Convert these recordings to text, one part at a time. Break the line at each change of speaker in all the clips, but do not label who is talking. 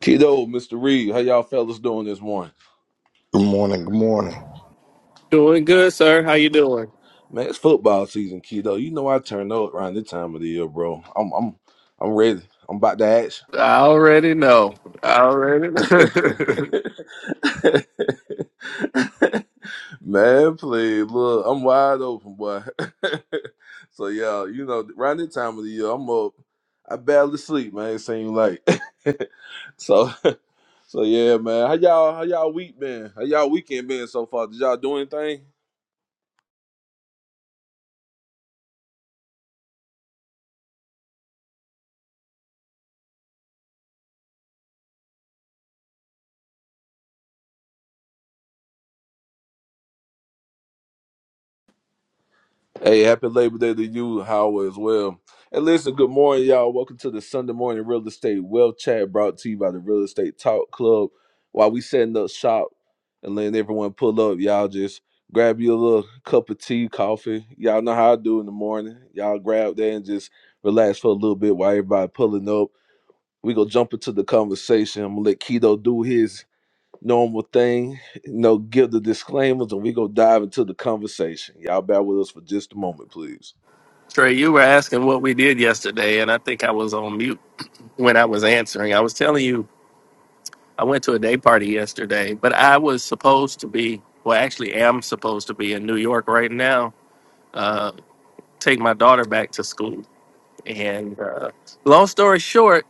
Kiddo, Mr. Reed, how y'all fellas doing this morning?
Good morning. Good morning.
Doing good, sir. How you doing?
Man, it's football season, kiddo. You know I turn up around this time of the year, bro. I'm I'm I'm ready. I'm about to action.
I already know. I already know.
Man, please, look, I'm wide open, boy. so yeah, you know, around this time of the year, I'm up. I barely sleep, man. It seems like. so so yeah, man. How y'all how y'all week been? How y'all weekend been so far? Did y'all do anything? Hey, happy Labor Day to you, Howard, as well. And listen, good morning, y'all. Welcome to the Sunday morning real estate well chat brought to you by the Real Estate Talk Club. While we setting up shop and letting everyone pull up, y'all just grab you a little cup of tea, coffee. Y'all know how I do in the morning. Y'all grab that and just relax for a little bit while everybody pulling up. We gonna jump into the conversation. I'm gonna let Keto do his normal thing, you know, give the disclaimers and we go dive into the conversation. Y'all bear with us for just a moment, please.
Trey, you were asking what we did yesterday, and I think I was on mute when I was answering. I was telling you I went to a day party yesterday, but I was supposed to be, well, actually am supposed to be in New York right now, uh, take my daughter back to school. And uh, long story short,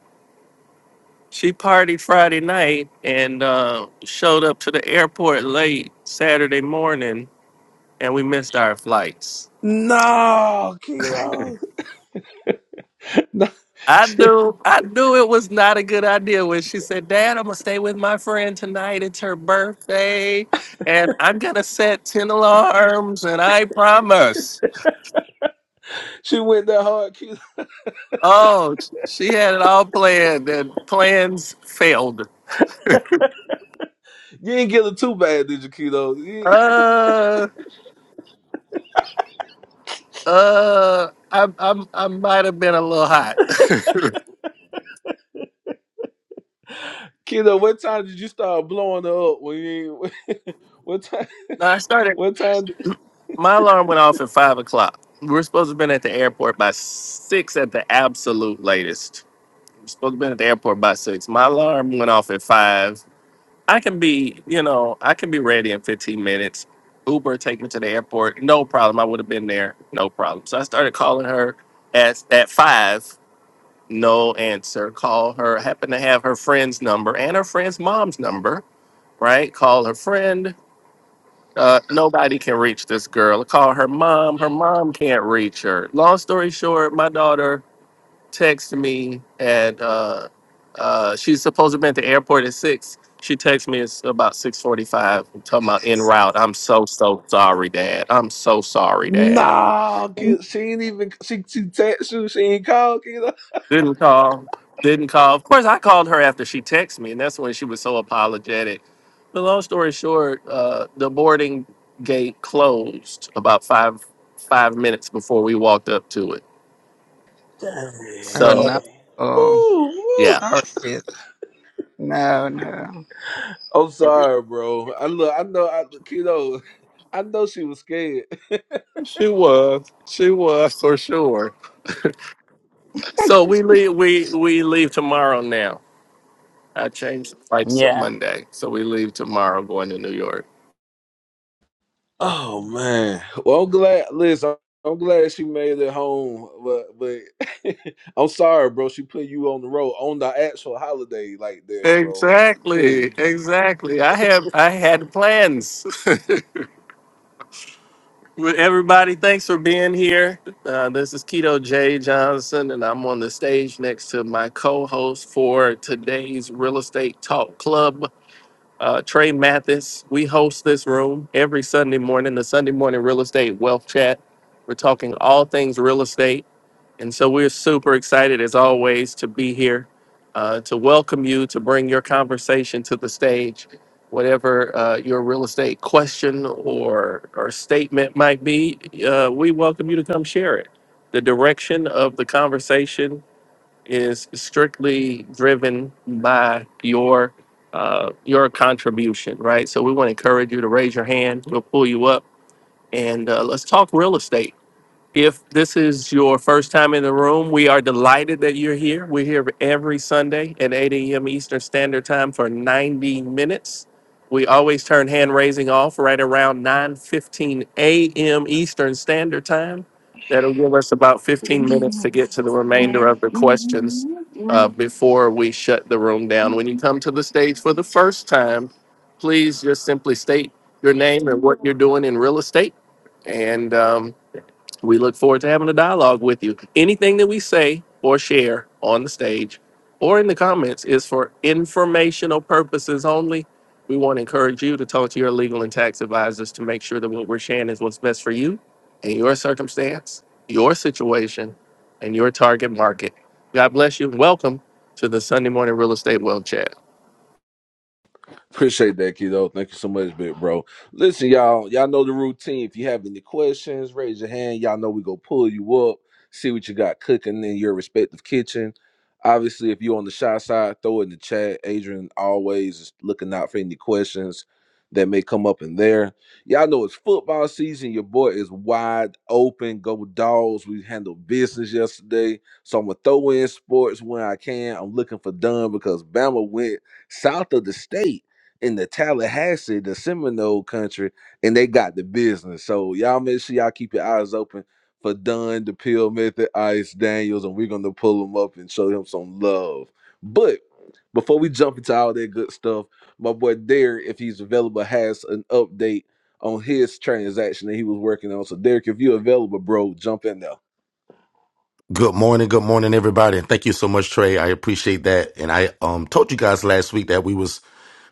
she partied Friday night and uh, showed up to the airport late Saturday morning, and we missed our flights.
No, Keto. No.
I
She,
knew I knew it was not a good idea when she said, Dad, I'm gonna stay with my friend tonight. It's her birthday, and I'm gonna set 10 alarms, and I promise.
she went that hard, Keto.
Oh, she had it all planned, and plans failed.
You didn't get her too bad, did you, Keto? You-
Uh uh I i I might have been a little hot.
Keto, what time did you start blowing her up? When you, what time?
No, I started
What time? did-
my alarm went off at five o'clock. We are supposed to have been at the airport by six at the absolute latest. supposed to be at the airport by six. My alarm went off at five. I can be, you know, I can be ready in 15 minutes. Uber take me to the airport, no problem. I would have been there, no problem. So I started calling her at at five, no answer. Call her. I Happen to have her friend's number and her friend's mom's number. Right? Call her friend. Uh, nobody can reach this girl. Call her mom. Her mom can't reach her. Long story short, my daughter texted me at uh, uh, she's supposed to be at the airport at six. She texted me it's about six forty five. Talking about en route. I'm so so sorry, Dad. I'm so sorry, Dad.
No, Keto. She ain't even. She she text you. She ain't called, Keto.
Didn't call. Didn't call. Of course, I called her after she texted me, and that's when she was so apologetic. But long story short, uh, the boarding gate closed about five five minutes before we walked up to it.
Oh
Dang.
no.
So
Oh,
Woo,
yeah,
woo.
sorry. kid. No, no.
I'm sorry, bro. I look. I know. I Keto. I know she was scared.
she was. She was for sure. So we leave. We we leave tomorrow. Now I changed the flights to
Yeah.
Monday, so we leave tomorrow, going to New York.
Oh
Yeah.
man. Well, I'm glad. Listen, I'm glad she made it home. But but I'm sorry, bro. She put you on the road on the actual holiday like that, bro.
Exactly,
Good
exactly. I have I had plans. Well, Everybody, thanks for being here. Uh, this is Keto J Johnson, and I'm on the stage next to my co-host for today's Real Estate Talk Club. Uh, Trey Mathis, we host this room every Sunday morning, the Sunday morning real estate wealth chat. We're talking all things real estate And so we're super excited, as always, to be here, uh, to welcome you, to bring your conversation to the stage. Whatever uh, your real estate question or, or statement might be, uh, we welcome you to come share it. The direction of the conversation is strictly driven by your uh, your contribution, right? So we want to encourage you to raise your hand. We'll pull you up and uh, let's talk real estate if this is your first time in the room, we are delighted that you're here. We're here every Sunday at 8 a.m. Eastern Standard Time for 90 minutes. We always turn hand raising off right around 9:15 a.m. Eastern Standard Time. That'll give us about 15 minutes to get to the remainder of the questions uh, before we shut the room down. When you come to the stage for the first time, please just simply state your name and what you're doing in real estate. And um, we look forward to having a dialogue with you. Anything that we say or share on the stage or in the comments is for informational purposes only. We want to encourage you to talk to your legal and tax advisors to make sure that what we're sharing is what's best for you and your circumstance, your situation, and your target market. God bless you and welcome to the Sunday Morning Real Estate Wealth Chat.
Appreciate that, kiddo. Thank you so much, big bro. Listen, y'all, y'all know the routine. If you have any questions, raise your hand. Y'all know we go pull you up, see what you got cooking in your respective kitchen. Obviously, if you're on the shy side, throw it in the chat. Adrian always is looking out for any questions that may come up in there. Y'all know it's football season. Your boy is wide open. Go dogs. We handled business yesterday. So I'm gonna throw in sports when I can. I'm looking for done because Bama went south of the state in the Tallahassee, the Seminole country, and they got the business. So y'all make sure y'all keep your eyes open for Dunn, the Pill Method, Ice Daniels, and we're gonna pull him up and show him some love. But before we jump into all that good stuff, my boy Derek, if he's available, has an update on his transaction that he was working on. So Derek, if you're available, bro, jump in there.
Good morning, good morning, everybody, and thank you so much, Trey. I appreciate that. And I um told you guys last week that we was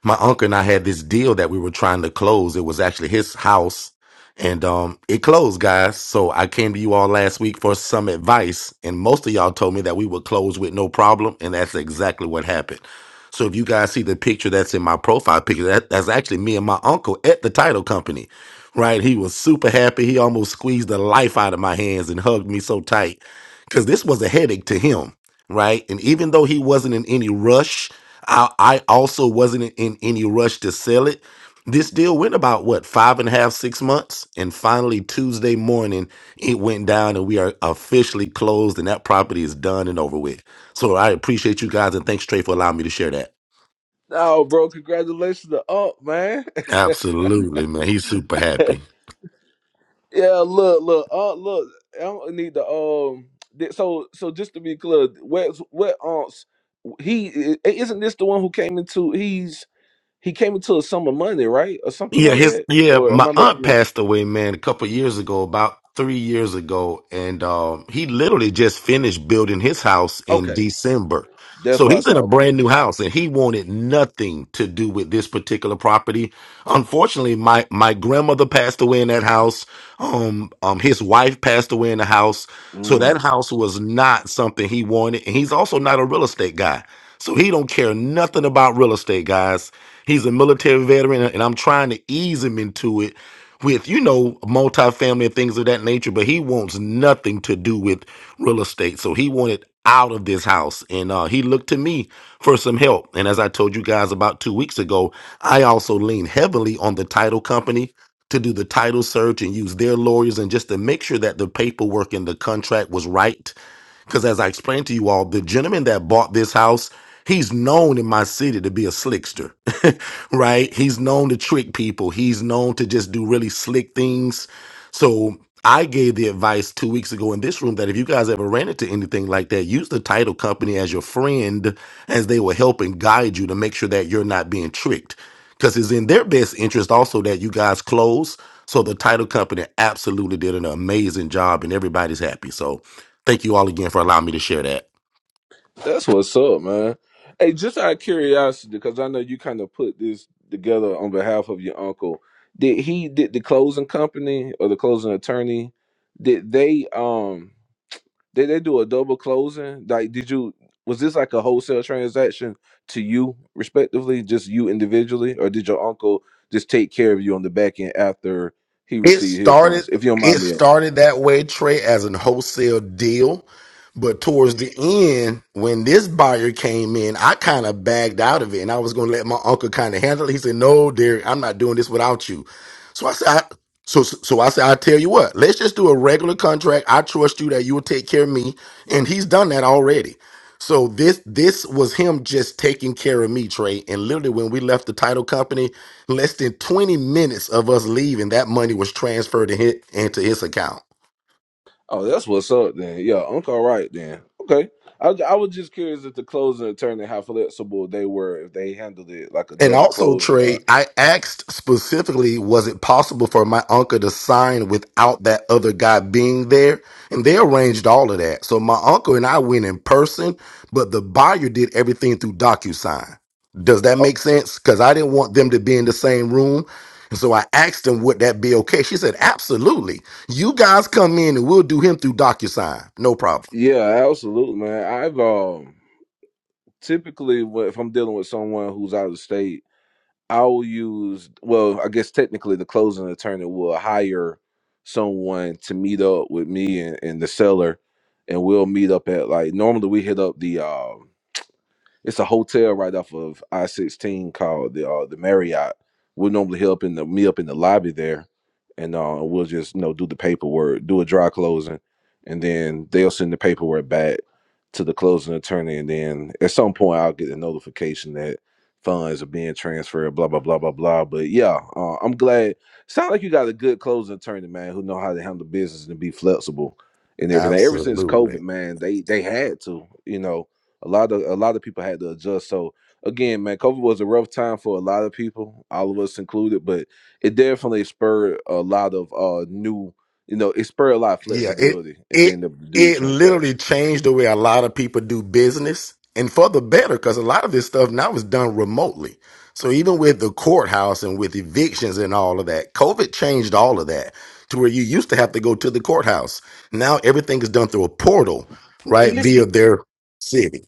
my uncle and I had this deal that we were trying to close. It was actually his house, and um it closed, guys. So I came to you all last week for some advice, and most of y'all told me that we would close with no problem, and that's exactly what happened. So if you guys see the picture that's in my profile picture, that, that's actually me and my uncle at the title company. Right, he was super happy. He almost squeezed the life out of my hands and hugged me so tight because this was a headache to him, right? And even though he wasn't in any rush, I, I also wasn't in in any rush to sell it. This deal went about what five and a half, six months, and finally Tuesday morning it went down, and we are officially closed, and that property is done and over with. So I appreciate you guys, and thanks Trey for allowing me to share that.
Oh, bro, congratulations to Up, man.
Absolutely, man. He's super happy.
Yeah, look, look, uh, look. I don't need the um. th- So, so just to be clear, wet, wet aunts. He i- isn't this the one who came into. He's he came into a sum of money, right, or something
Yeah,
like
his
that.
yeah,
Or am
my
I
aunt
making up?
passed away, man, a couple years ago, about three years ago, and um, he literally just finished building his house in
Okay,
December.
that's
So
what I
he's in a
thought. Okay,
brand new house, and he wanted nothing to do with this particular property. Unfortunately, my my grandmother passed away in that house. Um, um, his wife passed away in the house. So that
Mm,
house was not something he wanted, and he's also not a real estate guy. So he don't care nothing about real estate, guys. He's a military veteran, and I'm trying to ease him into it with you know multifamily and things of that nature but he wants nothing to do with real estate so he wanted out of this house and uh, he looked to me for some help and as i told you guys about two weeks ago i also leaned heavily on the title company to do the title search and use their lawyers and just to make sure that the paperwork and the contract was right because as I explained to you all, the gentleman that bought this house, he's known in my city to be a slickster. right? He's known to trick people. He's known to just do really slick things. So I gave the advice two weeks ago in this room that if you guys ever ran into anything like that, use the title company as your friend as they will help and guide you to make sure that you're not being tricked. Because it's in their best interest also that you guys close. So the title company absolutely did an amazing job and everybody's happy. So thank you all again for allowing me to share that.
that's what's up, man. Hey, just out of curiosity, because I know you kind of put this together on behalf of your uncle. Did he did the closing company or the closing attorney? Did they um? Did they do a double closing? Like, did you was this like a wholesale transaction to you respectively, just you individually, or did your uncle just take care of you on the back end after he
It
received his
started
funds? If you don't
it
mind me asking.
started that way, Trey, as a wholesale deal. But towards the end, when this buyer came in, I kind of bagged out of it and I was gonna let my uncle kind of handle it. He said, No, Derek, I'm not doing this without you. So I said, I, so so I said, i tell you what, let's just do a regular contract. I trust you that you will take care of me. And he's done that already. So this this was him just taking care of me, Trey. And literally when we left the title company, Less than 20 minutes of us leaving, that money was transferred to his, into his account.
Oh, that's what's up then. Yeah, uncle, all right then. Okay. I, I was just curious if the closing attorney how flexible they were if they handled it like a
And
double
also,
closing or.
Trey, I asked specifically, was it possible for my uncle to sign without that other guy being there? And they arranged all of that. So my uncle and I went in person, but the buyer did everything through DocuSign. Does that
Oh,
make sense? Because I didn't want them to be in the same room. And so I asked them, would that be okay? She said, absolutely. You guys come in and we'll do him through DocuSign. No problem.
yeah, absolutely, man. I've um typically when- if I'm dealing with someone who's out of state. I will use well, I guess technically the closing attorney will hire someone to meet up with me and, and the seller and we'll meet up at like normally we hit up the um it's a hotel right off of I sixteen called the uh, the Marriott. We'll normally help in the me up in the lobby there, and uh, we'll just you know do the paperwork, do a dry closing, and then they'll send the paperwork back to the closing attorney, and then at some point I'll get a notification that funds are being transferred. Blah blah blah blah blah. But yeah, uh, I'm glad. Sound like you got a good closing attorney, man, who know how to handle business and be flexible and everything. Ever since
Absolutely.
COVID, man, they they had to, you know a lot of a lot of people had to adjust. So again, man, COVID was a rough time for a lot of people, all of us included, but it definitely spurred a lot of uh new, you know, it spurred a lot of
Yeah, it
flexibility in
it
being able to do the
it literally
transactions.
changed the way a lot of people do business and for the better cuz a lot of this stuff now is done remotely. So even with the courthouse and with evictions and all of that, COVID changed all of that to where you used to have to go to the courthouse. Now everything is done through a portal, right?
english
Via their city.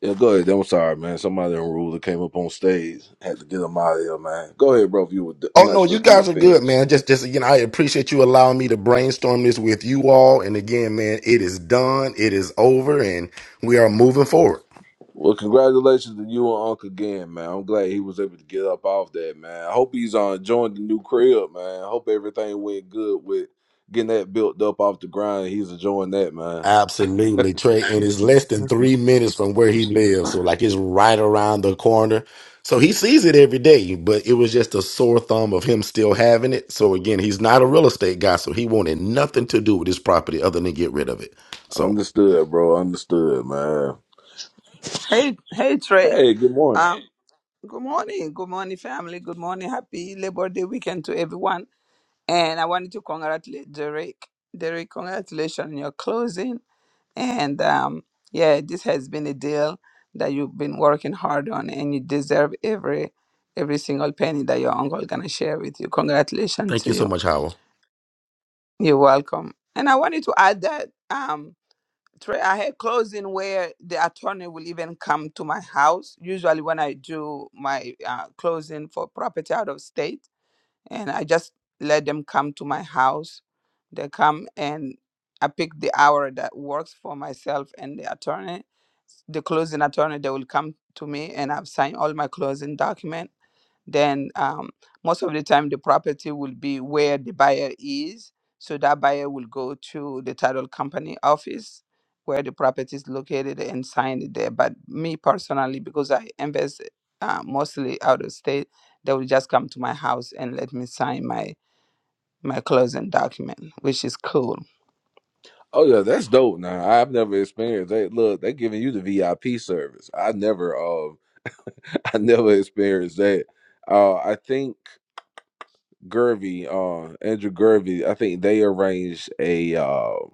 Yeah, go ahead. I'm sorry, man. Somebody on ruler came up on stage, had to get them out of here, man. Go ahead, bro. If you were, I'm
Oh
not
no,
sure
you
if you were
guys are good,
finished.
man. Just just again, I appreciate you allowing me to brainstorm this with you all. And again, man, it is done. It is over and we are moving forward.
Well, congratulations to you and Unc again, man. I'm glad he was able to get up off that, man. I hope he's uh, enjoying the new crib, man. I hope everything went good with getting that built up off the ground. He's enjoying that, man.
Absolutely, Trey. And it's less than three minutes from where he lives. So like it's right around the corner. So he sees it every day, but it was just a sore thumb of him still having it. So again, he's not a real estate guy, so he wanted nothing to do with his property other than get rid of it. So
Understood, bro. Understood, man.
Hey, hey, Trey.
Hey, good morning.
Um. Good morning. Good morning, family. Good morning. Happy Labor Day weekend to everyone. And I wanted to congratulate Derek. Derek, congratulations on your closing. And um, yeah, this has been a deal that you've been working hard on, and you deserve every every single penny that your uncle gonna share with you. Congratulations
thank
to
you so
you.
much, Howell.
You're welcome. And I wanted to add that. Um. tra- I had closing where the attorney will even come to my house. Usually, when I do my uh, closing for property out of state, and I just let them come to my house. They come and I pick the hour that works for myself and the attorney. The closing attorney, they will come to me, and I've signed all my closing document then um, most of the time the property will be where the buyer is. So that buyer will go to the title company office where the property is located and sign it there. But me personally, because I invest uh, mostly out of state, they will just come to my house and let me sign my my closing document, which is cool.
Oh yeah, that's dope. Now I've never experienced that. Look, they giving you the VIP service. I never, uh, I never experienced that. Uh, I think Gervy, uh, Andrew Gervy, I think they arranged a. Uh,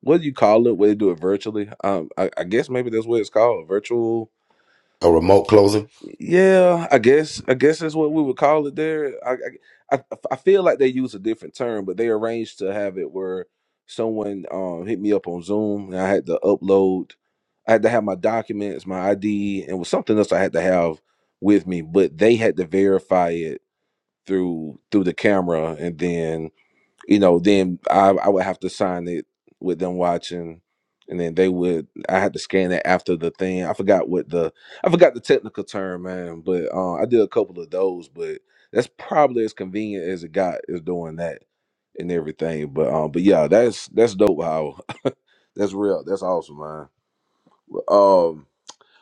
what do you call it? Where they do it virtually? Um, I, I guess maybe that's what it's called, virtual.
A remote closing.
Yeah, I guess I guess that's what we would call it there. I I, I I feel like they use a different term, but they arranged to have it where someone um hit me up on Zoom and I had to upload, I had to have my documents, my ID, and was something else I had to have with me, but they had to verify it through through the camera and then you know, then I, I would have to sign it with them watching, and then they would. I had to scan it after the thing. I forgot what the I forgot the technical term, man. But uh, I did a couple of those, but that's probably as convenient as it got is doing that and everything. But um, but yeah, that's that's dope. How that's real. That's awesome, man. But um,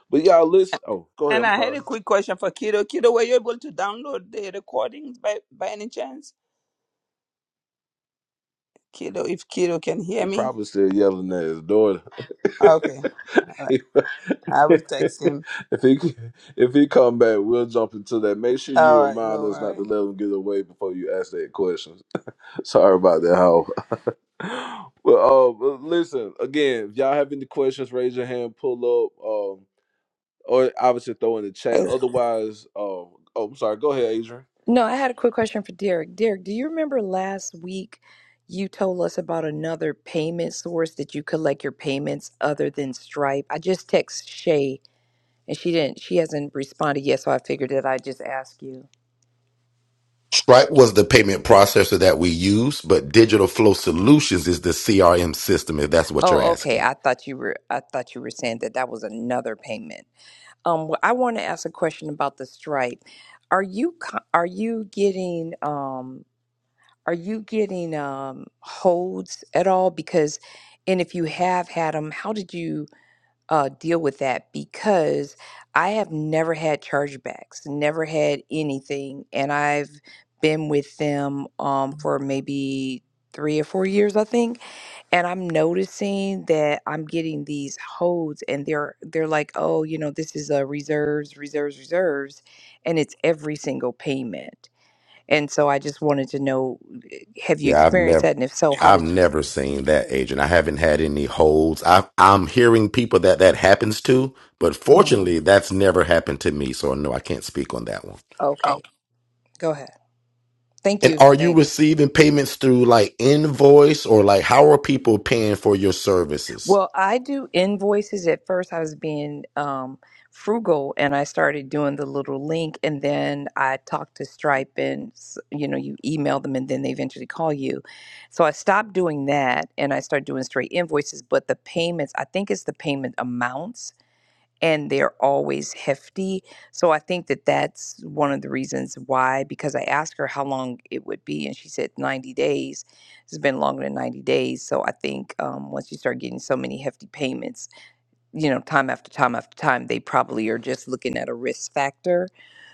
but y'all listen. Oh, go ahead.
And
I'm
I had
sorry.
a quick question for Kido. Kido, were you able to download the recordings by by any chance? Kido, if Kido can hear
He
me,
probably still yelling at his daughter.
okay. All right, I will
if
text him.
he if he come back, we'll jump into that. Make sure
All
you
right, no,
remind
all
us not
right.
to let him get away before you ask that question. Sorry about that, how. Well, uh, but listen again. If y'all have any questions, raise your hand, pull up, um, or obviously throw in the chat.
Hey,
Otherwise, um, oh, I'm sorry. Go ahead, Adrian.
no, I had a quick question for Derek. Derek, do you remember last week you told us about another payment source that you collect your payments other than Stripe? I just text Shay and she didn't she hasn't responded yet, so I figured that I'd just ask you.
Stripe was the payment processor that we use, but Digital Flow Solutions is the CRM system, if that's what you're
Oh, okay.
asking.
I thought you were I thought you were saying that that was another payment. Um, well, I want to ask a question about the Stripe. Are you co- are you getting um Are you getting um, holds at all? Because, and if you have had them, how did you uh, deal with that? Because I have never had chargebacks, never had anything, and I've been with them um, for maybe three or four years, I think. And I'm noticing that I'm getting these holds, and they're they're like, oh, you know, this is a reserves, reserves, reserves, and it's every single payment. And so I just wanted to know have you
Yeah, I've
experienced
never
that? And if so, how
I've
did you?
never seen that agent. I haven't had any holds. I I'm hearing people that that happens to, but
Mm,
fortunately that's never happened to me, so no, I can't speak on that one. Oh,
Okay, go ahead. Thank
And
you.
are you
Thanks.
receiving payments through like invoice or like how are people paying for your services?
Well, I do invoices. At first, I was being um, frugal and I started doing the little link. And then I talked to Stripe and, s- you know, you email them and then they eventually call you. So I stopped doing that and I started doing straight invoices. But the payments, I think it's the payment amounts and they're always hefty. So I think that that's one of the reasons why, because I asked her how long it would be, and she said 90 days. It's been longer than 90 days. So I think um, once you start getting so many hefty payments, you know, time after time after time, they probably are just looking at a risk factor.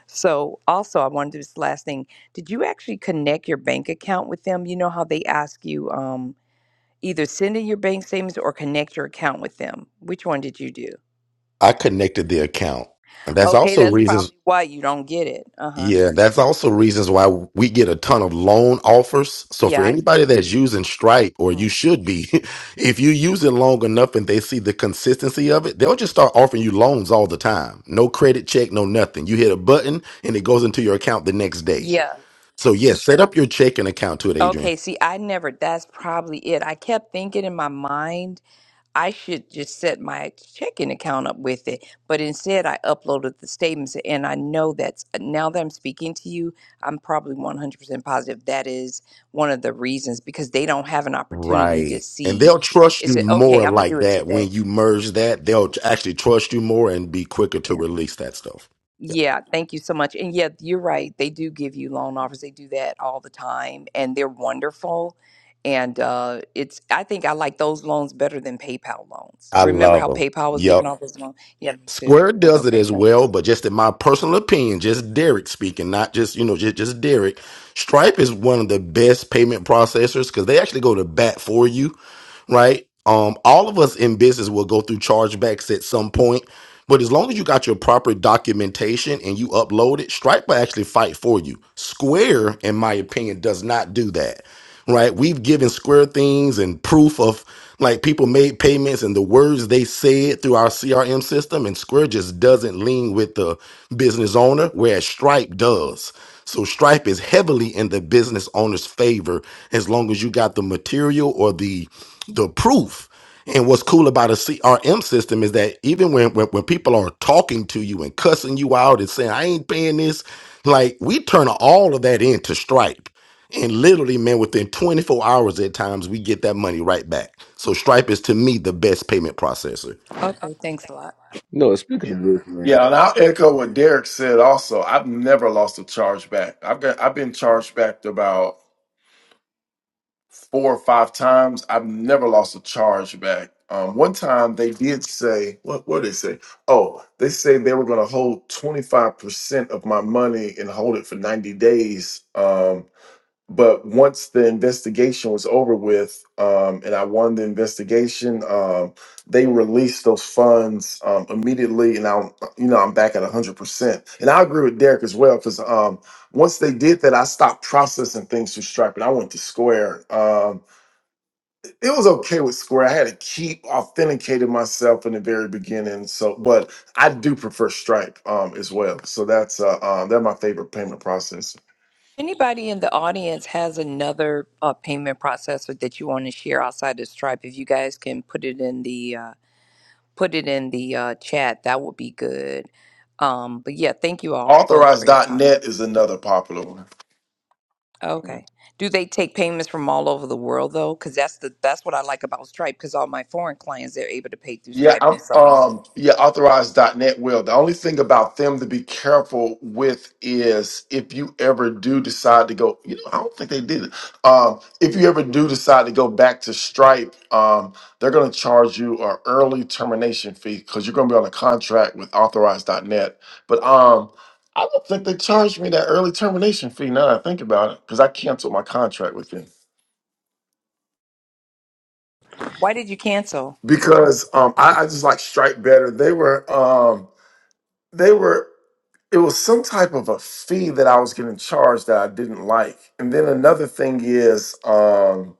So also, I wanted to do this last thing. Did you actually connect your bank account with them? You know how they ask you um, either send in your bank statements or connect your account with them. Which one did you do?
I connected the account. And that's
Okay,
also
that's
reasons
probably why you don't get it. Uh huh.
Yeah, that's also reasons why we get a ton of loan offers. So
Yeah.
for
I-
anybody that's using Stripe, or
mm.
you should be, if you use it long enough and they see the consistency of it, they'll just start offering you loans all the time. No credit check, no nothing. You hit a button and it goes into your account the next day.
Yeah.
So yes, set up your checking account to it, Adrian.
Okay, see, I never, that's probably it. I kept thinking in my mind, I should just set my checking account up with it. But instead, I uploaded the statements, and I know that's, uh, now that I'm speaking to you, I'm probably 100% positive that is one of the reasons because they don't have an opportunity to
Right. And
see.
they'll trust
Is
you
it okay?
more
I'm going to do
like
it
that when
today.
you merge that. They'll actually trust you more and be quicker to
yeah.
release that stuff.
Yeah, thank you so much. And yeah, you're right. They do give you loan offers. They do that all the time, and they're wonderful. And uh, it's I think I like those loans better than PayPal loans.
I
Remember
love
how
them.
PayPal was giving
Yep.
all those loans? Yeah, me too.
Square does it
Okay,
as
thanks.
well, but just in my personal opinion, just Derek speaking, not just you know just just Derek. Stripe is one of the best payment processors because they actually go to bat for you, right? Um, all of us in business will go through chargebacks at some point, but as long as you got your proper documentation and you upload it, Stripe will actually fight for you. Square, in my opinion, does not do that. Right? We've given Square things and proof of like people made payments and the words they said through our CRM system, and Square just doesn't lean with the business owner, whereas Stripe does. So Stripe is heavily in the business owner's favor as long as you got the material or the the proof and what's cool about a CRM system is that even when, when when people are talking to you and cussing you out and saying I ain't paying this, like we turn all of that into Stripe. And literally, man, within 24 hours at times, we get that money right back. So Stripe is to me the best payment processor.
Okay, thanks a lot.
No, speaking of this, man.
Yeah, and I'll echo what Derek said also. I've never lost a chargeback. I've got I've been charged back about four or five times. I've never lost a chargeback. Um, one time they did say, what what did they say? Oh, they say they were gonna hold 25% of my money and hold it for 90 days. Um, but once the investigation was over with um, and i won the investigation um, they released those funds um, immediately and i'm you know i'm back at 100% and i agree with derek as well because um, once they did that i stopped processing things through stripe and i went to square um, it was okay with square i had to keep authenticating myself in the very beginning so but i do prefer stripe um, as well so that's uh, uh, they're my favorite payment processor
Anybody in the audience has another uh, payment processor that you want to share outside of Stripe? If you guys can put it in the uh, put it in the uh, chat, that would be good. Um, but yeah, thank you all both for your comments.
Authorize.net is another popular one. Hmm.
Okay. Do they take payments from all over the world though? Because that's the that's what I like about Stripe. Because all my foreign clients they're able to pay through
Yeah,
Stripe and
I'm
it's so easy.
um yeah, authorized.net will. The only thing about them to be careful with is if you ever do decide to go, you know, I don't think they did it. Um, if you ever do decide to go back to Stripe, um, they're gonna charge you an early termination fee because you're gonna be on a contract with authorized.net. But um I don't think they charged me that early termination fee now that I think about it, because I canceled my contract with them.
Why did you cancel?
Because um I, I just like Stripe better. They were um they were it was some type of a fee that I was getting charged that I didn't like. And then another thing is um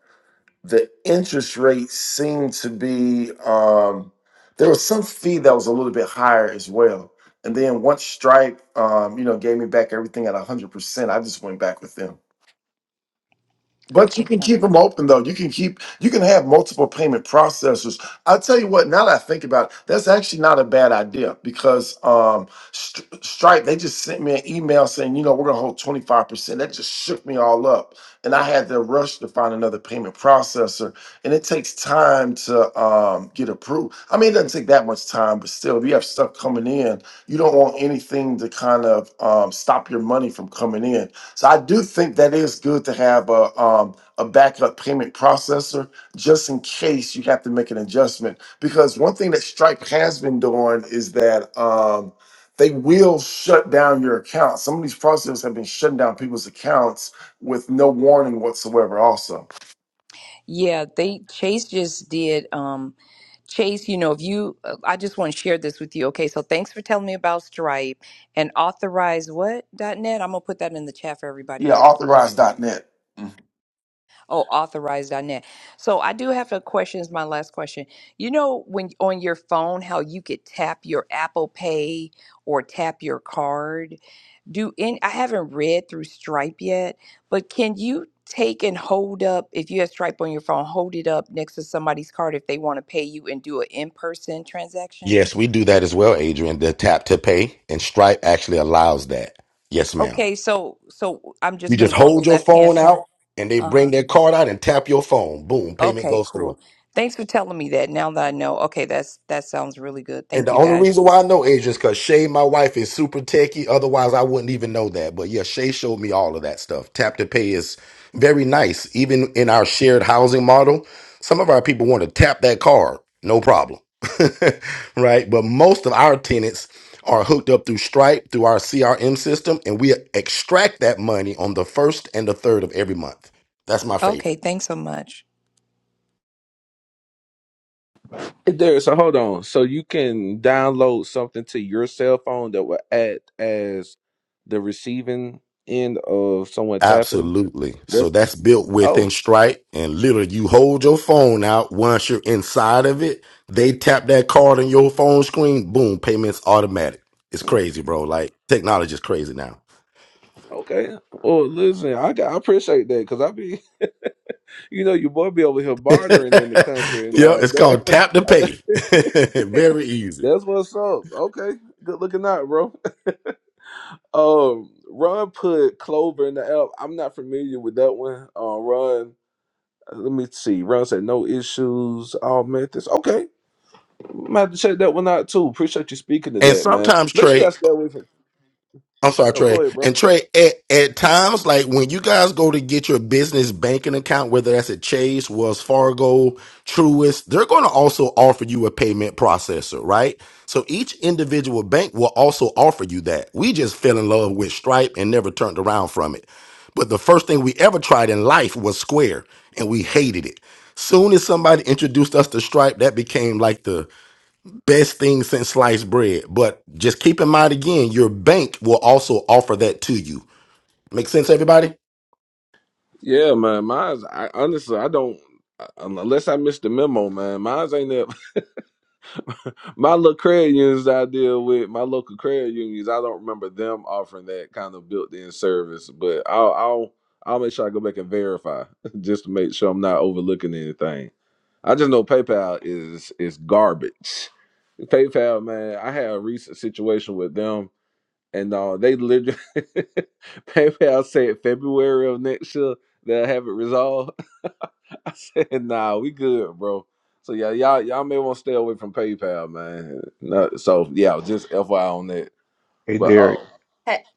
the interest rate seemed to be um there was some fee that was a little bit higher as well. And then once Stripe um, you know, gave me back everything at one hundred percent, I just went back with them. But you
Okay,
can keep
thanks.
them open though. You can keep you can have multiple payment processors. I'll tell you what, now that I think about it, that's actually not a bad idea because um Stri- Stripe, they just sent me an email saying, you know, we're gonna hold 25%. That just shook me all up. And I had to rush to find another payment processor. And it takes time to um get approved. I mean, it doesn't take that much time, but still, if you have stuff coming in, you don't want anything to kind of um stop your money from coming in. So I do think that is good to have a um, a backup payment processor just in case you have to make an adjustment. Because one thing that Stripe has been doing is that um, they will shut down your account. Some of these processors have been shutting down people's accounts with no warning whatsoever. Also,
Yeah, they Chase just did. Um, Chase, you know, if you, uh, I just want to share this with you. Okay, so thanks for telling me about Stripe and authorize what dot net. I'm gonna put that in the chat for everybody
yeah,
else.
authorize.net.
Oh, authorized.net. So I do have a question. Is my last question. You know, when on your phone, how you could tap your Apple Pay or tap your card. Do in I haven't read through Stripe yet, but can you take and hold up if you have Stripe on your phone, hold it up next to somebody's card if they want to pay you and do an in person transaction?
Yes, we do that as well, Adrian. The tap to pay and Stripe actually allows that. Yes, ma'am.
Okay, so so I'm just
You
gonna
just
go on the
hold your
left hand
phone
side.
out and they
Uh huh.
bring their card out and tap your phone. Boom, payment
Okay,
goes through.
cool. Thanks for telling me that. Now that I know, okay, that's that sounds really good.
And
Thank
the
you
only
guys.
reason why I know Asia is because Shay, my wife, is super techie. Otherwise, I wouldn't even know that. But yeah, Shay showed me all of that stuff. Tap to pay is very nice. Even in our shared housing model, some of our people want to tap that card, no problem. right? But most of our tenants are hooked up through Stripe, through our CRM system, and we extract that money on the first and the third of every month. That's my favorite.
Okay, thanks so much.
There, so hold on. So you can download something to your cell phone that will act as the receiving end of someone tapping.
Absolutely.
That
So that's built within
oh,
Stripe, and literally, you hold your phone out. Once you're inside of it, they tap that card on your phone screen. Boom, payments automatic. It's
mm,
crazy, bro. Like technology is crazy now.
okay. Well, listen, I got, I appreciate that because I be, you know, your boy be over here
yeah,
bartering in the country and uh,
it's
that
called tap to pay. Very easy.
that's what's up. Okay, good looking out, bro. Um, Ron put Clover in the app. I'm not familiar with that one. Uh, Ron, let me see. Ron said no issues. Oh man, this okay. Might have to check that one out too. Appreciate you speaking to
And
that, man.
sometimes
Make sure
Trey,
y'all stay away from.
I'm sorry,
No,
Trey.
go ahead, bro.
And Trey, at, at times, like when you guys go to get your business banking account, whether that's at Chase, Wells Fargo, Truist, they're going to also offer you a payment processor, right? So each individual bank will also offer you that. We just fell in love with Stripe and never turned around from it. But the first thing we ever tried in life was Square, and we hated it. Soon as somebody introduced us to Stripe, that became like the best thing since sliced bread. But just keep in mind again, your bank will also offer that to you. Make sense, everybody?
Yeah, man. Mine's I honestly I don't unless I missed the memo, man. Mine's ain't that my little credit unions I deal with, my local credit unions, I don't remember them offering that kind of built in service. But I'll I'll I'll make sure I go back and verify just to make sure I'm not overlooking anything. I just know PayPal is is garbage. PayPal, man, I had a recent situation with them and uh, they literally PayPal said February of next year they'll have it resolved. I said, "Nah, we good, bro." So yeah, y'all y'all may want to stay away from PayPal, man. No, so yeah, just FYI on that.
Hey,
But
Derek,
oh,
Hey,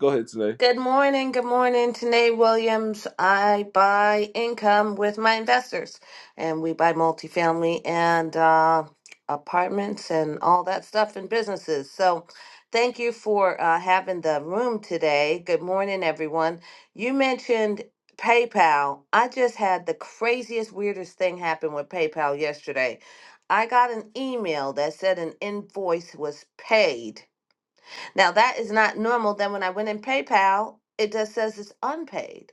go ahead today.
good morning. Good morning. Tanae Williams. I buy income with my investors, and we buy multifamily and uh, apartments and all that stuff and businesses. So, thank you for uh, having the room today. Good morning, everyone. You mentioned PayPal. I just had the craziest, weirdest thing happen with PayPal yesterday. I got an email that said an invoice was paid now that is not normal. Then when I went in PayPal, it just says it's unpaid.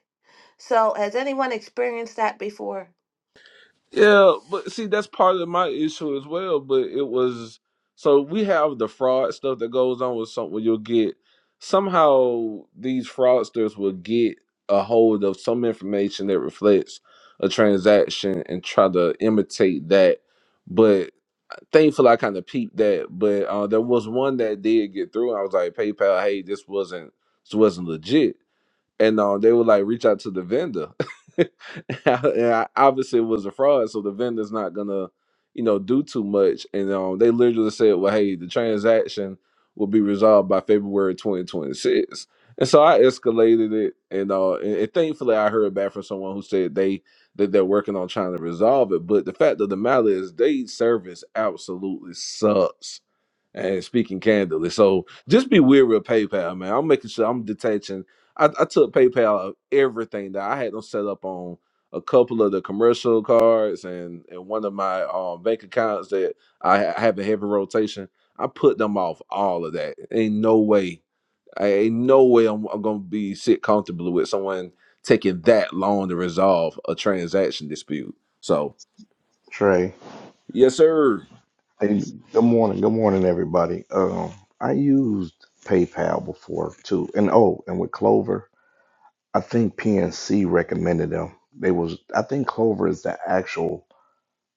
So has anyone experienced that before?
Yeah, but see, that's part of my issue as well. But it was so we have the fraud stuff that goes on with something where you'll get somehow these fraudsters will get a hold of some information that reflects a transaction and try to imitate that. But uh, thankfully, I kind of peeped that, but uh, there was one that did get through. And I was like, PayPal, hey, this wasn't this wasn't legit and uh, they would like reach out to the vendor. and I, obviously, it was a fraud, so the vendor's not gonna, you know, do too much. And um, they literally said, "Well, hey, the transaction will be resolved by February 2026." And so I escalated it, and uh, and, and thankfully, I heard back from someone who said they that they're working on trying to resolve it. But the fact of the matter is, they service absolutely sucks and speaking candidly. So just be weary of PayPal, man. I'm making sure I'm detaching. I, I took PayPal of everything that I had them set up on a couple of the commercial cards and, and one of my um, bank accounts that I ha- have a heavy rotation. I put them off all of that. Ain't no way. I, ain't no way I'm, I'm gonna be sit comfortably with someone taking that long to resolve a transaction dispute. So
Trey.
yes, sir.
Hey, good morning. Good morning, everybody. Um, I used PayPal before too, and oh, and with Clover, I think PNC recommended them. They was, I think Clover is the actual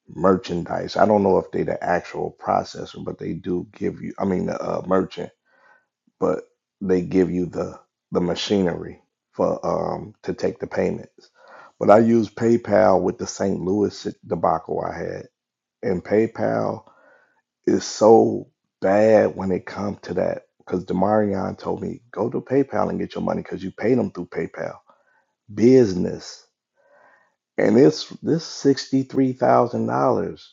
merchandise. I don't know if they the actual processor, but they do give you. I mean, the uh, merchant, but they give you the the machinery for um to take the payments. But I used PayPal with the St. Louis debacle I had and PayPal is so bad when it comes to that. Because Demarion told me, go to PayPal and get your money because you paid them through PayPal. Business. And it's this $63,000.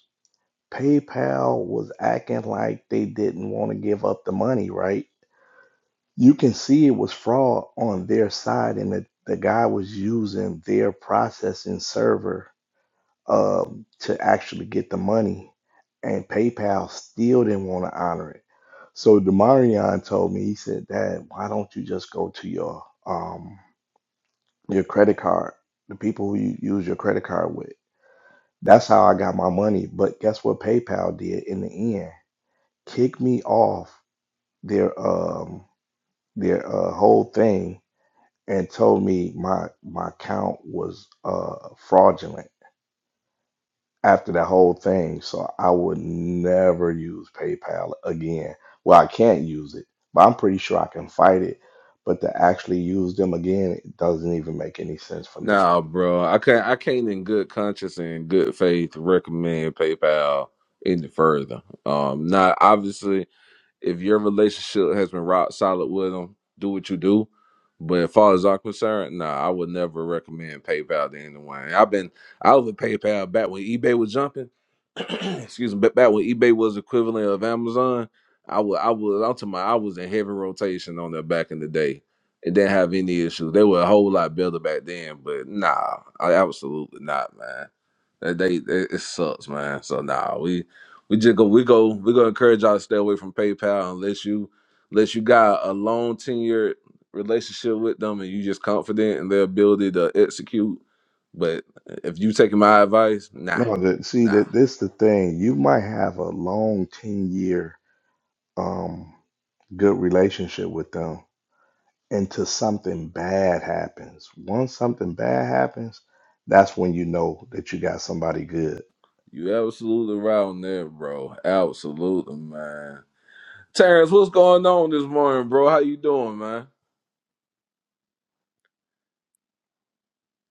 PayPal was acting like they didn't want to give up the money, right? You can see it was fraud on their side and that the guy was using their processing server um, to actually get the money, and PayPal still didn't want to honor it. So Demarion told me, he said, "Dad, why don't you just go to your um, your credit card, the people who you use your credit card with?" That's how I got my money. But guess what PayPal did in the end? Kicked me off their um, their uh, whole thing and told me my my account was uh, fraudulent after that whole thing. So I would never use PayPal again. Well, I can't use it, but I'm pretty sure I can fight it. But to actually use them again, it doesn't even make any sense for me.
Nah, bro. I can't I can't in good conscience and good faith recommend PayPal any further. Um not obviously if your relationship has been rock solid with them, do what you do. But as far as I'm concerned, nah, I would never recommend PayPal to anyone. I've been I was with PayPal back when eBay was jumping. excuse me, ba- back when eBay was equivalent of Amazon. I was I was I'm talking about I was in heavy rotation on that back in the day. It didn't have any issues. They were a whole lot better back then, but nah, I, absolutely not, man. That they, they it sucks, man. So nah, we we just go we go we gonna encourage y'all to stay away from PayPal unless you unless you got a long tenured relationship with them and you just confident in their ability to execute. But if you taking my advice, nah,
No, the, see
nah.
that this the thing. You might have a long ten year um good relationship with them until something bad happens. Once something bad happens, that's when you know that you got somebody good
You absolutely right on there, bro. Absolutely, man. Terrence, what's going on this morning, bro? How you doing, man?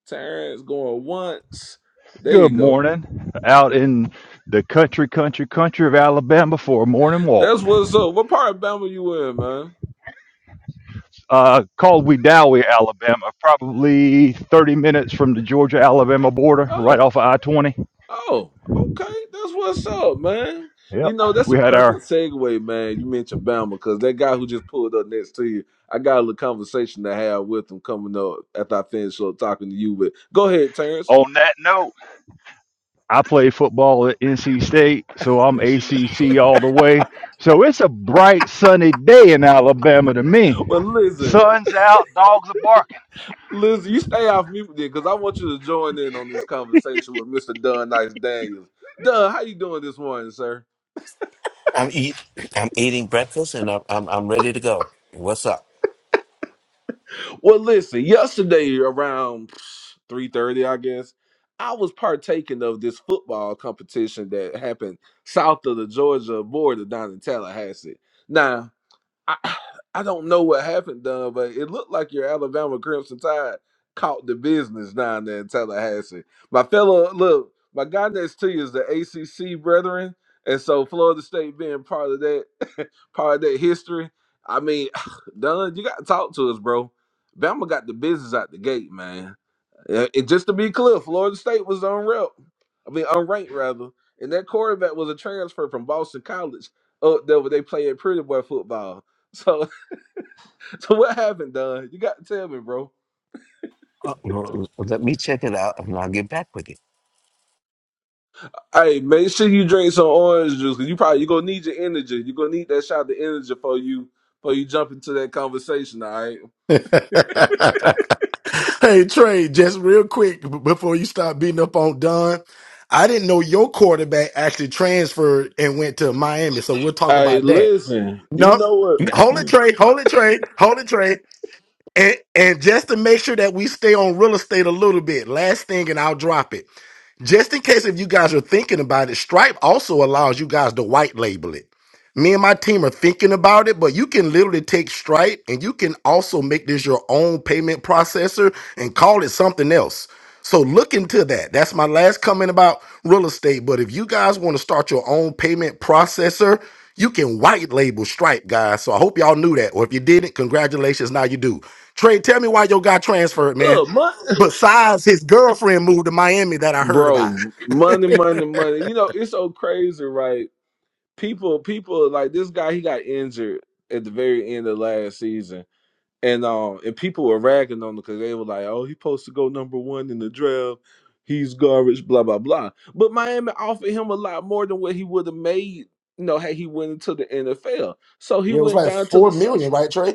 Terrence going once. There you
Good
go.
morning. Out in the country, country, country of Alabama for a morning walk.
That's what's up. What part of Bama you in, man?
Uh, called Wedowie, Alabama, probably 30 minutes from the Georgia Alabama border,
Oh.
right off of I 20.
Oh, okay. That's what's up, man.
Yep.
You know, that's a
We had
perfect
our,
segue, man. You mentioned Bama because that guy who just pulled up next to you, I got a little conversation to have with him coming up after I finish up talking to you. But go ahead, Terrence.
on that note, I played football at NC State, so I'm ACC all the way. So it's a bright, sunny day in Alabama to me.
But listen,
Sun's out, dogs are barking.
listen, you stay off mute there because I want you to join in on this conversation with Mr. Dunn Nice Daniels. Dunn, how you doing this morning, sir?
I'm eat. I'm eating breakfast, and I'm I'm, I'm ready to go. What's up?
Well, listen, yesterday around 3:30, I guess, I was partaking of this football competition that happened south of the Georgia border down in Tallahassee. Now. I, I don't know what happened, Don, but it looked like your Alabama Crimson Tide caught the business down there in Tallahassee. My fellow, look, my guy next to you is the ACC brethren, and so Florida State being part of that, part of that history. I mean, Don, you got to talk to us, bro. Bama got the business out the gate, man. Uh, And just to be clear, Florida State was unranked. I mean, unranked rather. And that quarterback was a transfer from Boston College up there where they play at Pretty Boy football. So, so what happened, Don? You got to tell me, bro.
Uh, Let me check it out, and I'll get back with you.
Hey, make sure you drink some orange juice because you probably you gonna need your energy. You gonna need that shot of energy for you for you jump into that conversation. All right.
hey, Trey, just real quick b- before you stop beating up on Don, I didn't know your quarterback actually transferred and went to Miami. So we'll talk
Hey,
about that.
listen. You
No,
know what?
hold it, Trey. Hold it, Trey. Hold it, Trey. And, and just to make sure that we stay on real estate a little bit, last thing, and I'll drop it. Just in case if you guys are thinking about it, Stripe also allows you guys to white label it. Me and my team are thinking about it, but you can literally take Stripe and you can also make this your own payment processor and call it something else. So look into that. That's my last comment about real estate. But if you guys want to start your own payment processor, you can white label Stripe, guys. So I hope y'all knew that. Or if you didn't, congratulations. Now you do. Trey, tell me why your guy transferred, man.
Look, money,
Besides his girlfriend moved to Miami that I heard about.
bro. Money, money, money. You know it's so crazy, right? people people like this guy he got injured at the very end of last season and um and people were ragging on him because they were like oh he's supposed to go number one in the draft he's garbage blah blah blah but miami offered him a lot more than what he would have made you know had he went into the nfl so he
Yeah, it was
went
like
down to
four
the sun
million, right,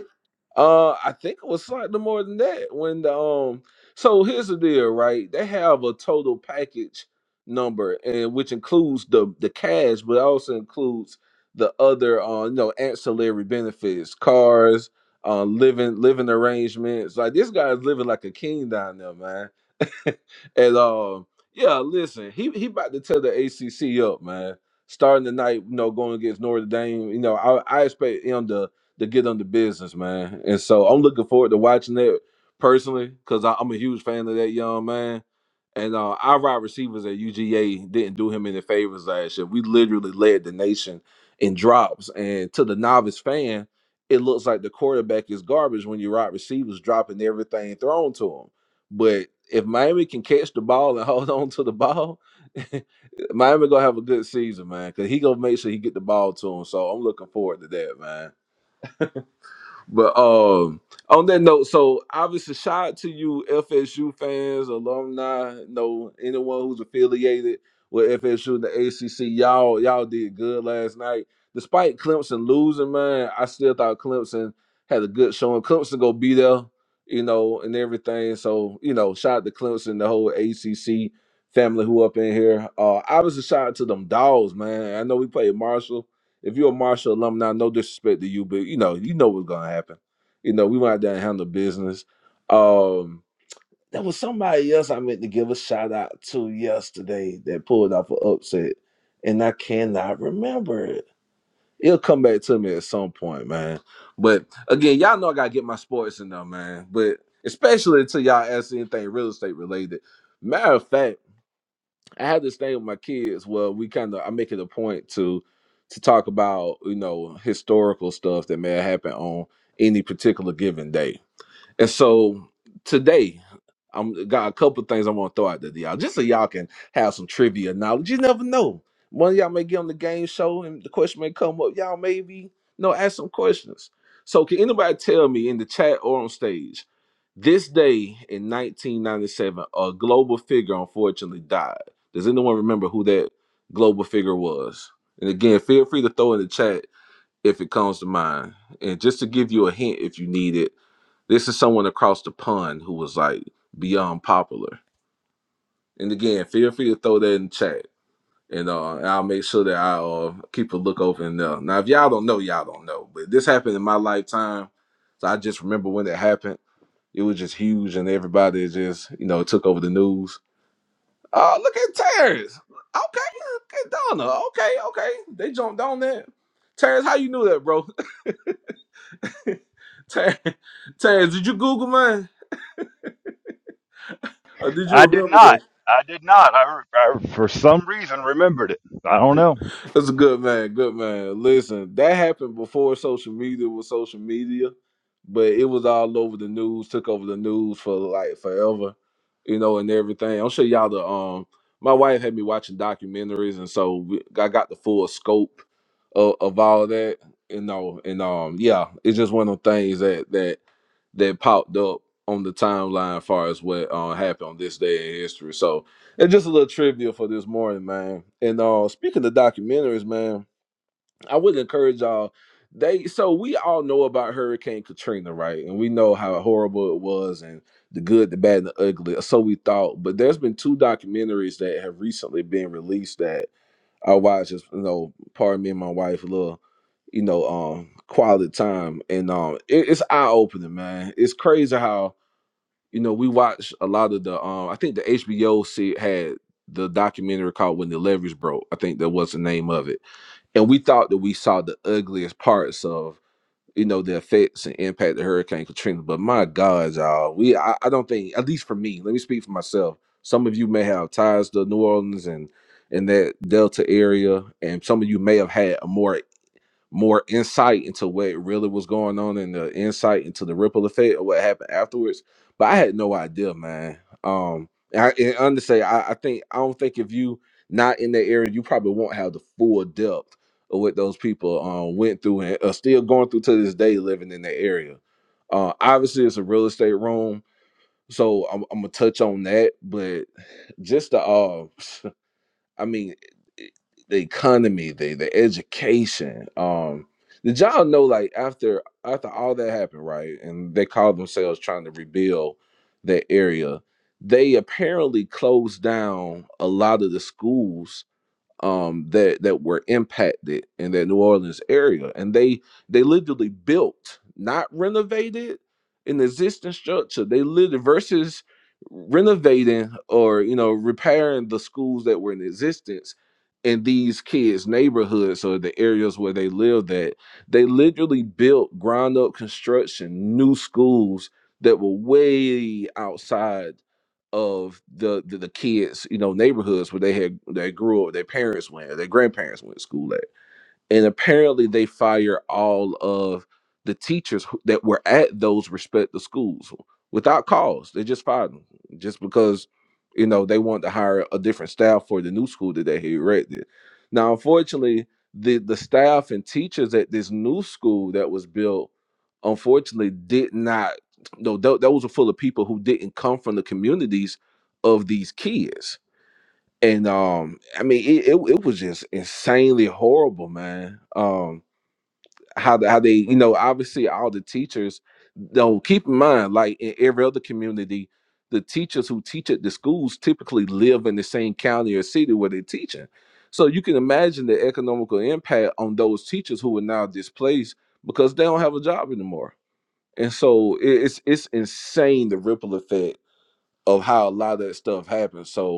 uh, I think it was slightly more than that. When the um, so here's the deal, right? They have a total package number, and which includes the the cash, but also includes the other uh, you know, ancillary benefits, cars, uh, living living arrangements. Like this guy's living like a king down there, man. and um, yeah, listen, he he about to tear the ACC up, man. Starting tonight, you know, going against Notre Dame, you know, I, I expect him to to get on the business, man. And so I'm looking forward to watching that personally because I'm a huge fan of that young man. And uh, our wide receivers at UGA didn't do him any favors last year. We literally led the nation in drops, and to the novice fan, it looks like the quarterback is garbage when your wide receivers dropping everything thrown to him. But if Miami can catch the ball and hold on to the ball, Miami gonna have a good season, man. Cause he gonna make sure he get the ball to him. So I'm looking forward to that, man. But um, on that note, so obviously, shout out to you, FSU fans, alumni, you know anyone who's affiliated with FSU and the ACC. Y'all, y'all did good last night. Despite Clemson losing, man, I still thought Clemson had a good showing. Clemson go be there, you know, and everything. So you know, shout out to Clemson, the whole ACC family who up in here. Uh, obviously, shout out to them dogs, man. I know we played Marshall. If you're a Marshall alumni, no disrespect to you, but you know, you know what's gonna happen. You know, we went out there and handled business. Um, there was somebody else I meant to give a shout out to yesterday that pulled off an upset, and I cannot remember it. It'll come back to me at some point, man. But again, y'all know I gotta get my sports in there, man. But especially until y'all ask anything real estate related. Matter of fact. I have this thing with my kids where we kind of I make it a point to to talk about you know historical stuff that may have happened on any particular given day. And so today, I'm got a couple of things I want to throw out there to y'all, just so y'all can have some trivia knowledge. You never know. One of y'all may get on the game show and the question may come up. Y'all maybe you know ask some questions. So can anybody tell me in the chat or on stage? This day in 1997, a global figure unfortunately died. Does anyone remember who that global figure was? And again, feel free to throw in the chat if it comes to mind. And just to give you a hint if you need it, this is someone across the pond who was like beyond popular. And again, feel free to throw that in the chat. And uh, I'll make sure that I uh, keep a look over in there. Now, if y'all don't know, y'all don't know. But this happened in my lifetime. So I just remember when it happened it was just huge, and everybody just you know took over the news. Oh, look at Terrence. Okay, look at Donna. Okay, okay, they jumped on that. Terrence, how you knew that, bro? Ter, Terrence, did you Google mine or did you
I did not.
remember
I did not. I, I for some reason remembered it. I don't know.
That's a good man. Good man. Listen, that happened before social media was social media, but it was all over the news, took over the news for like forever, you know, and everything. I'm sure y'all the um my wife had me watching documentaries and so we, I got the full scope of, of all that, you know, and um yeah, it's just one of the things that that that popped up on the timeline as far as what uh, happened on this day in history. So and just a little trivia for this morning, man. And uh speaking of documentaries, man, I would encourage y'all. They so we all know about Hurricane Katrina, right? And we know how horrible it was and the good, the bad, and the ugly. or So we thought. But there's been two documentaries that have recently been released that I watched just, you know, pardon me and my wife a little, you know, um quality time. And um it, it's eye opening, man. It's crazy how you know, we watch a lot of the um I think the HBO se- had the documentary called When the Leverage Broke. I think that was the name of it. And we thought that we saw the ugliest parts of you know the effects and impact of Hurricane Katrina. But my God, y'all, we I, I don't think at least for me, let me speak for myself. Some of you may have ties to New Orleans and and that Delta area, and some of you may have had a more more insight into what really was going on and the insight into the ripple effect of what happened afterwards. But I had no idea, man. Um, and, I, and honestly, I, I think I don't think if you not in the area, you probably won't have the full depth of what those people um, went through and are still going through to this day, living in the area. Uh, obviously, it's a real estate room, so I'm, I'm gonna touch on that. But just the uh, I mean, it- the economy, the the education. Um, did y'all know like after after all that happened, right? And they called themselves trying to rebuild that area. They apparently closed down a lot of the schools um, that that were impacted in that New Orleans area, and they they literally built, not renovated, an existing structure. They literally versus renovating or you know repairing the schools that were in existence in these kids' neighborhoods or the areas where they lived at. They literally built ground up construction, new schools that were way outside of the, the the kids, you know, neighborhoods where they had they grew up, their parents went, their grandparents went to school at and apparently they fire all of the teachers who- that were at those respective schools without cause. They just fired them just because you know they wanted to hire a different staff for the new school that they had erected. Now, unfortunately, the the staff and teachers at this new school that was built, unfortunately, did not. No, tho- those were full of people who didn't come from the communities of these kids and um i mean it, it, it was just insanely horrible man um how the, how they you know obviously all the teachers though keep in mind like in every other community the teachers who teach at the schools typically live in the same county or city where they're teaching so you can imagine the economical impact on those teachers who are now displaced because they don't have a job anymore and so it, it's it's insane the ripple effect of how a lot of that stuff happens so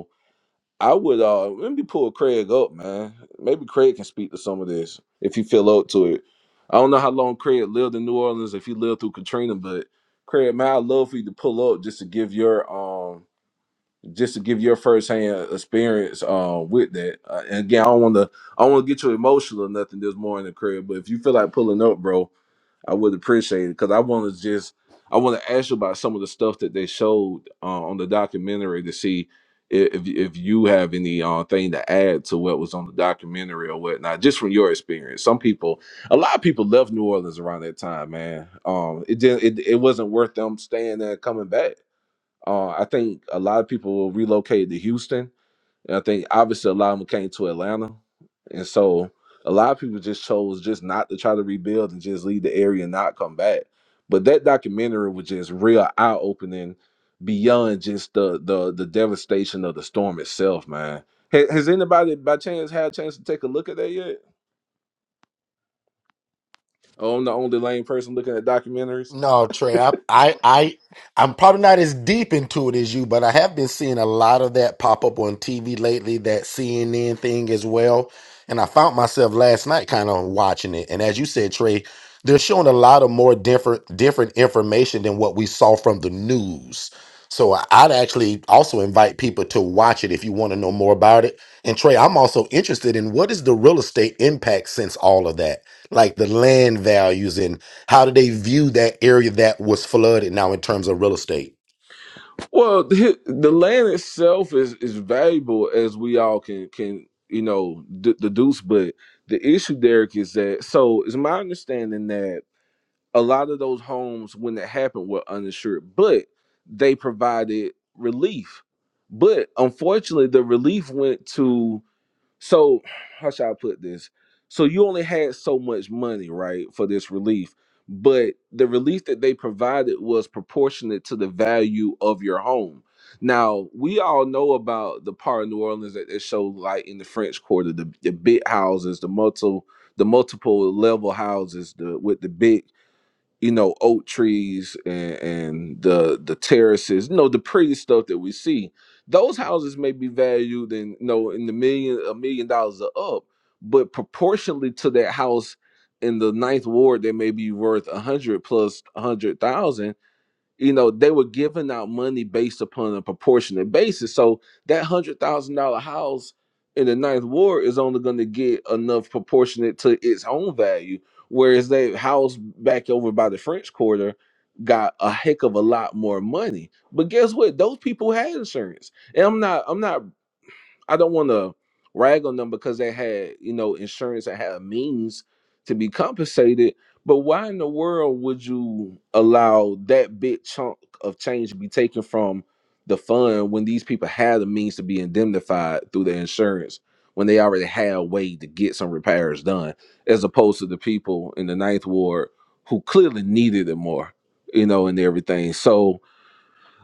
I would uh let me pull Craig up, man. Maybe Craig can speak to some of this if he feel up to it. I don't know how long Craig lived in New Orleans if he lived through Katrina, but Craig, man, I'd love for you to pull up just to give your um just to give your firsthand experience uh, with that. Uh, and again, I don't want to I don't want to get you emotional or nothing this morning, Craig. But if you feel like pulling up, bro, I would appreciate it because I want to just I want to ask you about some of the stuff that they showed uh, on the documentary to see i- if if you have any uh, thing to add to what was on the documentary or whatnot, just from your experience. Some people, a lot of people left New Orleans around that time, man. Um, it didn't it, it wasn't worth them staying there and coming back. Uh, I think a lot of people relocated to Houston and I think obviously a lot of them came to Atlanta. And so a lot of people just chose just not to try to rebuild and just leave the area and not come back. But that documentary was just real eye opening beyond just the the the devastation of the storm itself, man. Ha- Has anybody by chance had a chance to take a look at that yet? Oh, I'm the only lame person looking at documentaries.
No, Trey, I, I, I, I'm probably not as deep into it as you, but I have been seeing a lot of that pop up on TV lately, that CNN thing as well. And I found myself last night kind of watching it. And as you said, Trey, they're showing a lot of more different, different information than what we saw from the news. So I- I'd actually also invite people to watch it if you want to know more about it. And Trey, I'm also interested in what is the real estate impact since all of that, like the land values and how do they view that area that was flooded now in terms of real estate?
Well, the, the land itself is is valuable as we all can can you know d- deduce, but the issue, Derek, is that so it's my understanding that a lot of those homes when it happened were uninsured, but they provided relief. But unfortunately, the relief went to so how should I put this? So you only had so much money, right, for this relief, but the relief that they provided was proportionate to the value of your home. Now we all know about the part of New Orleans that they show like in the French Quarter, the, the big houses, the multiple the multiple level houses, the with the big you know oak trees and, and the the terraces you know the pretty stuff that we see those houses may be valued in you know in the million a million dollars or up but proportionally to that house in the ninth ward they may be worth a hundred plus a hundred thousand you know they were giving out money based upon a proportionate basis so that hundred thousand dollar house in the ninth ward is only going to get enough proportionate to its own value whereas that house back over by the french quarter got a heck of a lot more money but guess what those people had insurance and i'm not i'm not I don't want to rag on them because they had, you know, insurance and had a means to be compensated. But why in the world would you allow that big chunk of change to be taken from the fund when these people had the means to be indemnified through their insurance when they already had a way to get some repairs done, as opposed to the people in the ninth ward who clearly needed it more, you know, and everything. So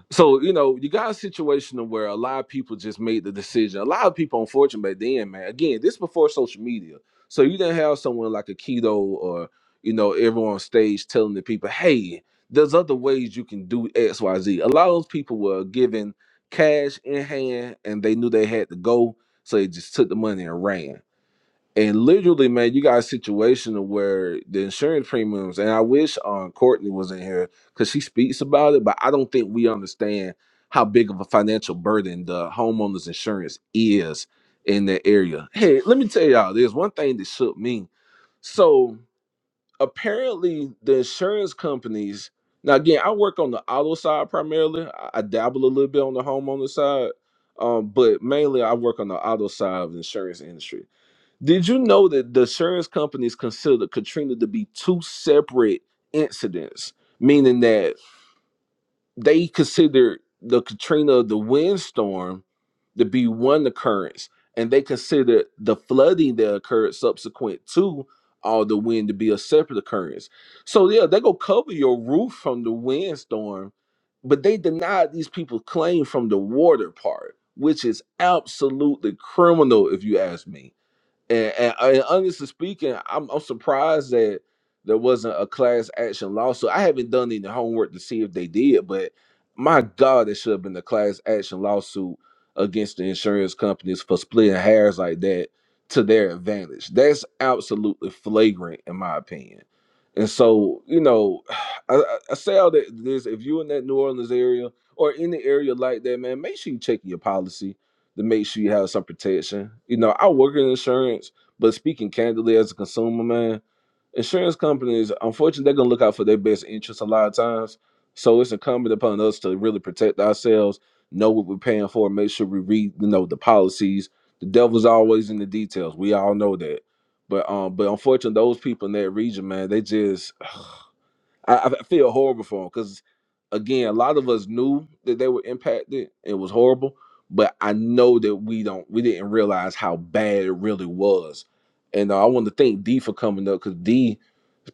so you know, you got a situation where a lot of people just made the decision. A lot of people, unfortunately, back then, man. Again, this before social media, so you didn't have someone like a keto or you know everyone on stage telling the people, "Hey, there's other ways you can do X, Y, Z. A lot of those people were given cash in hand, and they knew they had to go, so they just took the money and ran. And literally, man, you got a situation where the insurance premiums, and I wish um, Courtney was in here because she speaks about it, but I don't think we understand how big of a financial burden the homeowner's insurance is in that area. Hey, let me tell y'all, there's one thing that shook me. So apparently, the insurance companies, now again, I work on the auto side primarily, I, I dabble a little bit on the homeowner side, um, but mainly I work on the auto side of the insurance industry did you know that the insurance companies consider Katrina to be two separate incidents, meaning that they consider the Katrina, the windstorm, to be one occurrence, and they consider the flooding that occurred subsequent to all the wind to be a separate occurrence. So yeah, they go cover your roof from the windstorm, but they denied these people claim from the water part, which is absolutely criminal if you ask me. And, and, and honestly speaking, I'm, I'm surprised that there wasn't a class action lawsuit. I haven't done any homework to see if they did, but my God, it should have been a class action lawsuit against the insurance companies for splitting hairs like that to their advantage. That's absolutely flagrant, in my opinion. And so, you know, I, I I say all that this if you're in that New Orleans area or any area like that, man, make sure you check your policy to make sure you have some protection. You know, I work in insurance, but speaking candidly as a consumer, man, insurance companies, unfortunately, they're gonna look out for their best interests a lot of times. So it's incumbent upon us to really protect ourselves, know what we're paying for, make sure we read, you know, the policies. The devil's always in the details. We all know that. But um, but unfortunately, those people in that region, man, they just I, I feel horrible for them because again, a lot of us knew that they were impacted. It was horrible, but I know that we don't we didn't realize how bad it really was. And uh, I want to thank D for coming up because D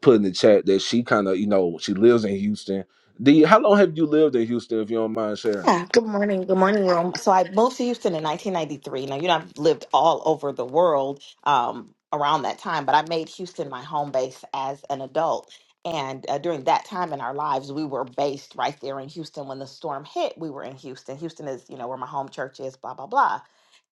put in the chat that she kind of you know she lives in Houston. D, how long have you lived in Houston? If you don't mind sharing.
Yeah, good morning. Good morning, Rome. So I moved to Houston in 1993. Now, you know, I've lived all over the world um, around that time, but I made Houston my home base as an adult. And uh, during that time in our lives, we were based right there in Houston. When the storm hit, we were in Houston. Houston is, you know, where my home church is, blah, blah, blah.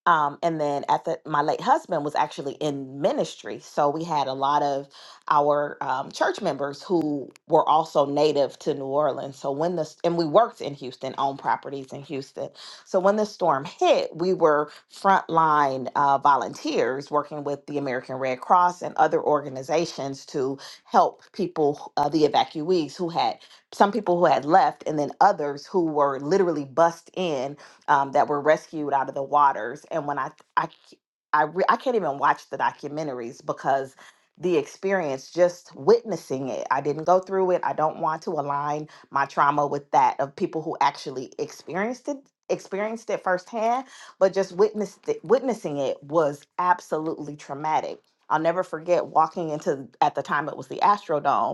Um, and then at the, my late husband was actually in ministry. So we had a lot of our um, church members who were also native to New Orleans. So when this, and we worked in Houston, on properties in Houston. So when this storm hit, we were frontline uh, volunteers working with the American Red Cross and other organizations to help people, uh, the evacuees who had, some people who had left, and then others who were literally bussed in um, that were rescued out of the waters. And when I I c- I, re- I can't even watch the documentaries because the experience just witnessing it i didn't go through it i don't want to align my trauma with that of people who actually experienced it experienced it firsthand but just witnessed it, witnessing it was absolutely traumatic i'll never forget walking into at the time it was the astrodome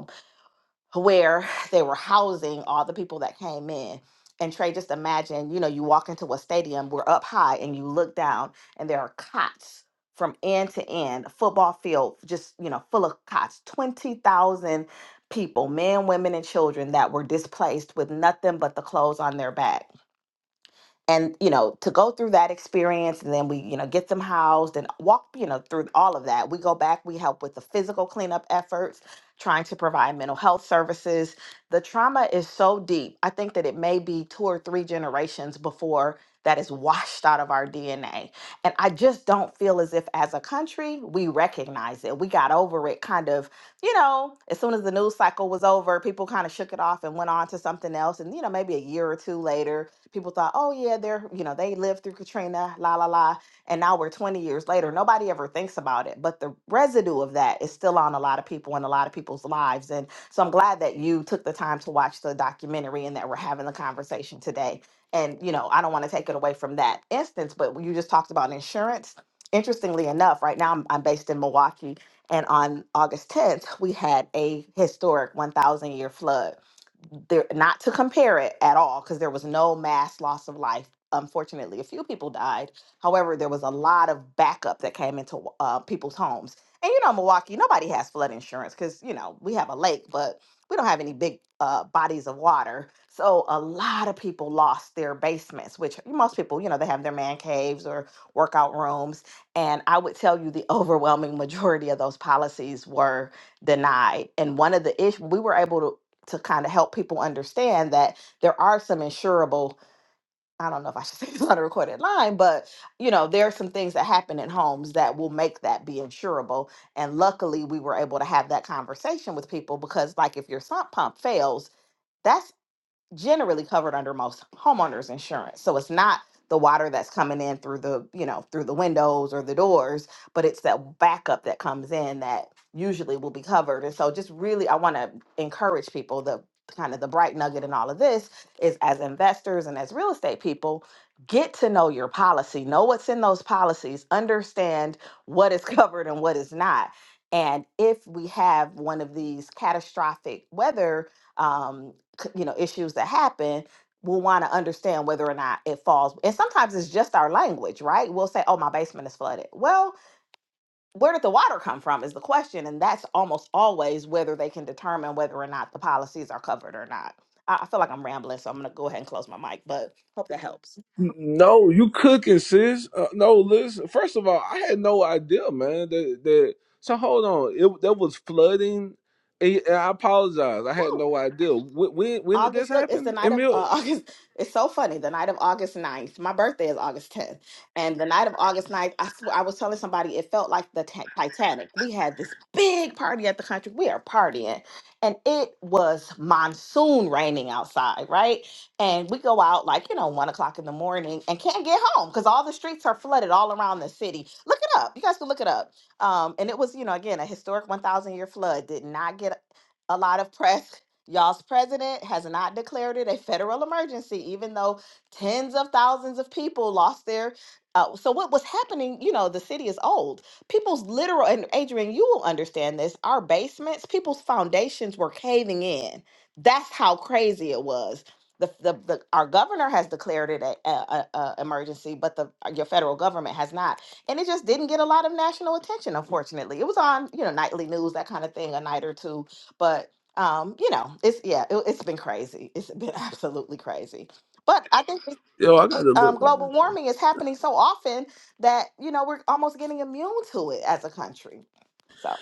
where they were housing all the people that came in. And Trey, just imagine, you know, you walk into a stadium, we're up high, and you look down, and there are cots from end to end, a football field, just, you know, full of cots, 20,000 people, men, women, and children that were displaced with nothing but the clothes on their back and you know to go through that experience and then we you know get them housed and walk you know through all of that we go back we help with the physical cleanup efforts trying to provide mental health services the trauma is so deep i think that it may be two or three generations before that is washed out of our dna and i just don't feel as if as a country we recognize it we got over it kind of you know as soon as the news cycle was over people kind of shook it off and went on to something else and you know maybe a year or two later People thought, oh yeah, they're you know they lived through Katrina, la la la, and now we're 20 years later. Nobody ever thinks about it, but the residue of that is still on a lot of people and a lot of people's lives. And so I'm glad that you took the time to watch the documentary and that we're having the conversation today. And you know, I don't want to take it away from that instance, but you just talked about insurance. Interestingly enough, right now I'm, I'm based in Milwaukee, and on August 10th, we had a historic 1,000 year flood there not to compare it at all because there was no mass loss of life unfortunately a few people died however there was a lot of backup that came into uh, people's homes and you know milwaukee nobody has flood insurance because you know we have a lake but we don't have any big uh, bodies of water so a lot of people lost their basements which most people you know they have their man caves or workout rooms and i would tell you the overwhelming majority of those policies were denied. And one of the issues we were able to to kind of help people understand that there are some insurable i don't know if i should say this on a recorded line but you know there are some things that happen in homes that will make that be insurable and luckily we were able to have that conversation with people because like if your sump pump fails that's generally covered under most homeowners insurance. So it's not the water that's coming in through the, you know, through the windows or the doors, but it's that backup that comes in that usually will be covered. And so just really I want to encourage people the kind of the bright nugget in all of this is as investors and as real estate people, get to know your policy, know what's in those policies, understand what is covered and what is not. And if we have one of these catastrophic weather um, c- you know issues that happen we'll want to understand whether or not it falls and sometimes it's just our language right we'll say oh my basement is flooded well where did the water come from is the question and that's almost always whether they can determine whether or not the policies are covered or not i, I feel like i'm rambling so i'm going to go ahead and close my mic but hope that helps
No, you cooking, sis. Uh, no, listen. First of all, I had no idea, man. That that. So hold on. It that was flooding. And and I apologize. I had no idea. When when, when did this
August, look, it's the
happen,
night of uh,
Emil?
August. It's so funny. The night of August ninth, My birthday is August 10th. And the night of August ninth, I swear, I was telling somebody it felt like the Ti- Titanic. We had this big party at the country. We are partying. And it was monsoon raining outside, right? And we go out like, you know, one o'clock in the morning and can't get home because all the streets are flooded all around the city. Look it up. You guys can look it up. Um, and it was, you know, again, a historic 1,000 year flood. Did not get a lot of press Y'all's president has not declared it a federal emergency, even though tens of thousands of people lost their. Uh, so what was happening? You know, the city is old. People's literal and Adrian, you will understand this. Our basements, people's foundations were caving in. That's how crazy it was. The, the, the our governor has declared it a, a, a a emergency, but the your federal government has not, and it just didn't get a lot of national attention. Unfortunately, it was on you know nightly news, that kind of thing, a night or two, but um you know it's yeah it, it's been crazy it's been absolutely crazy but i think with,
Yo, I
with
gotta
um,
look. That
global
up.
warming is happening so often that you know we're almost getting immune to it as a country so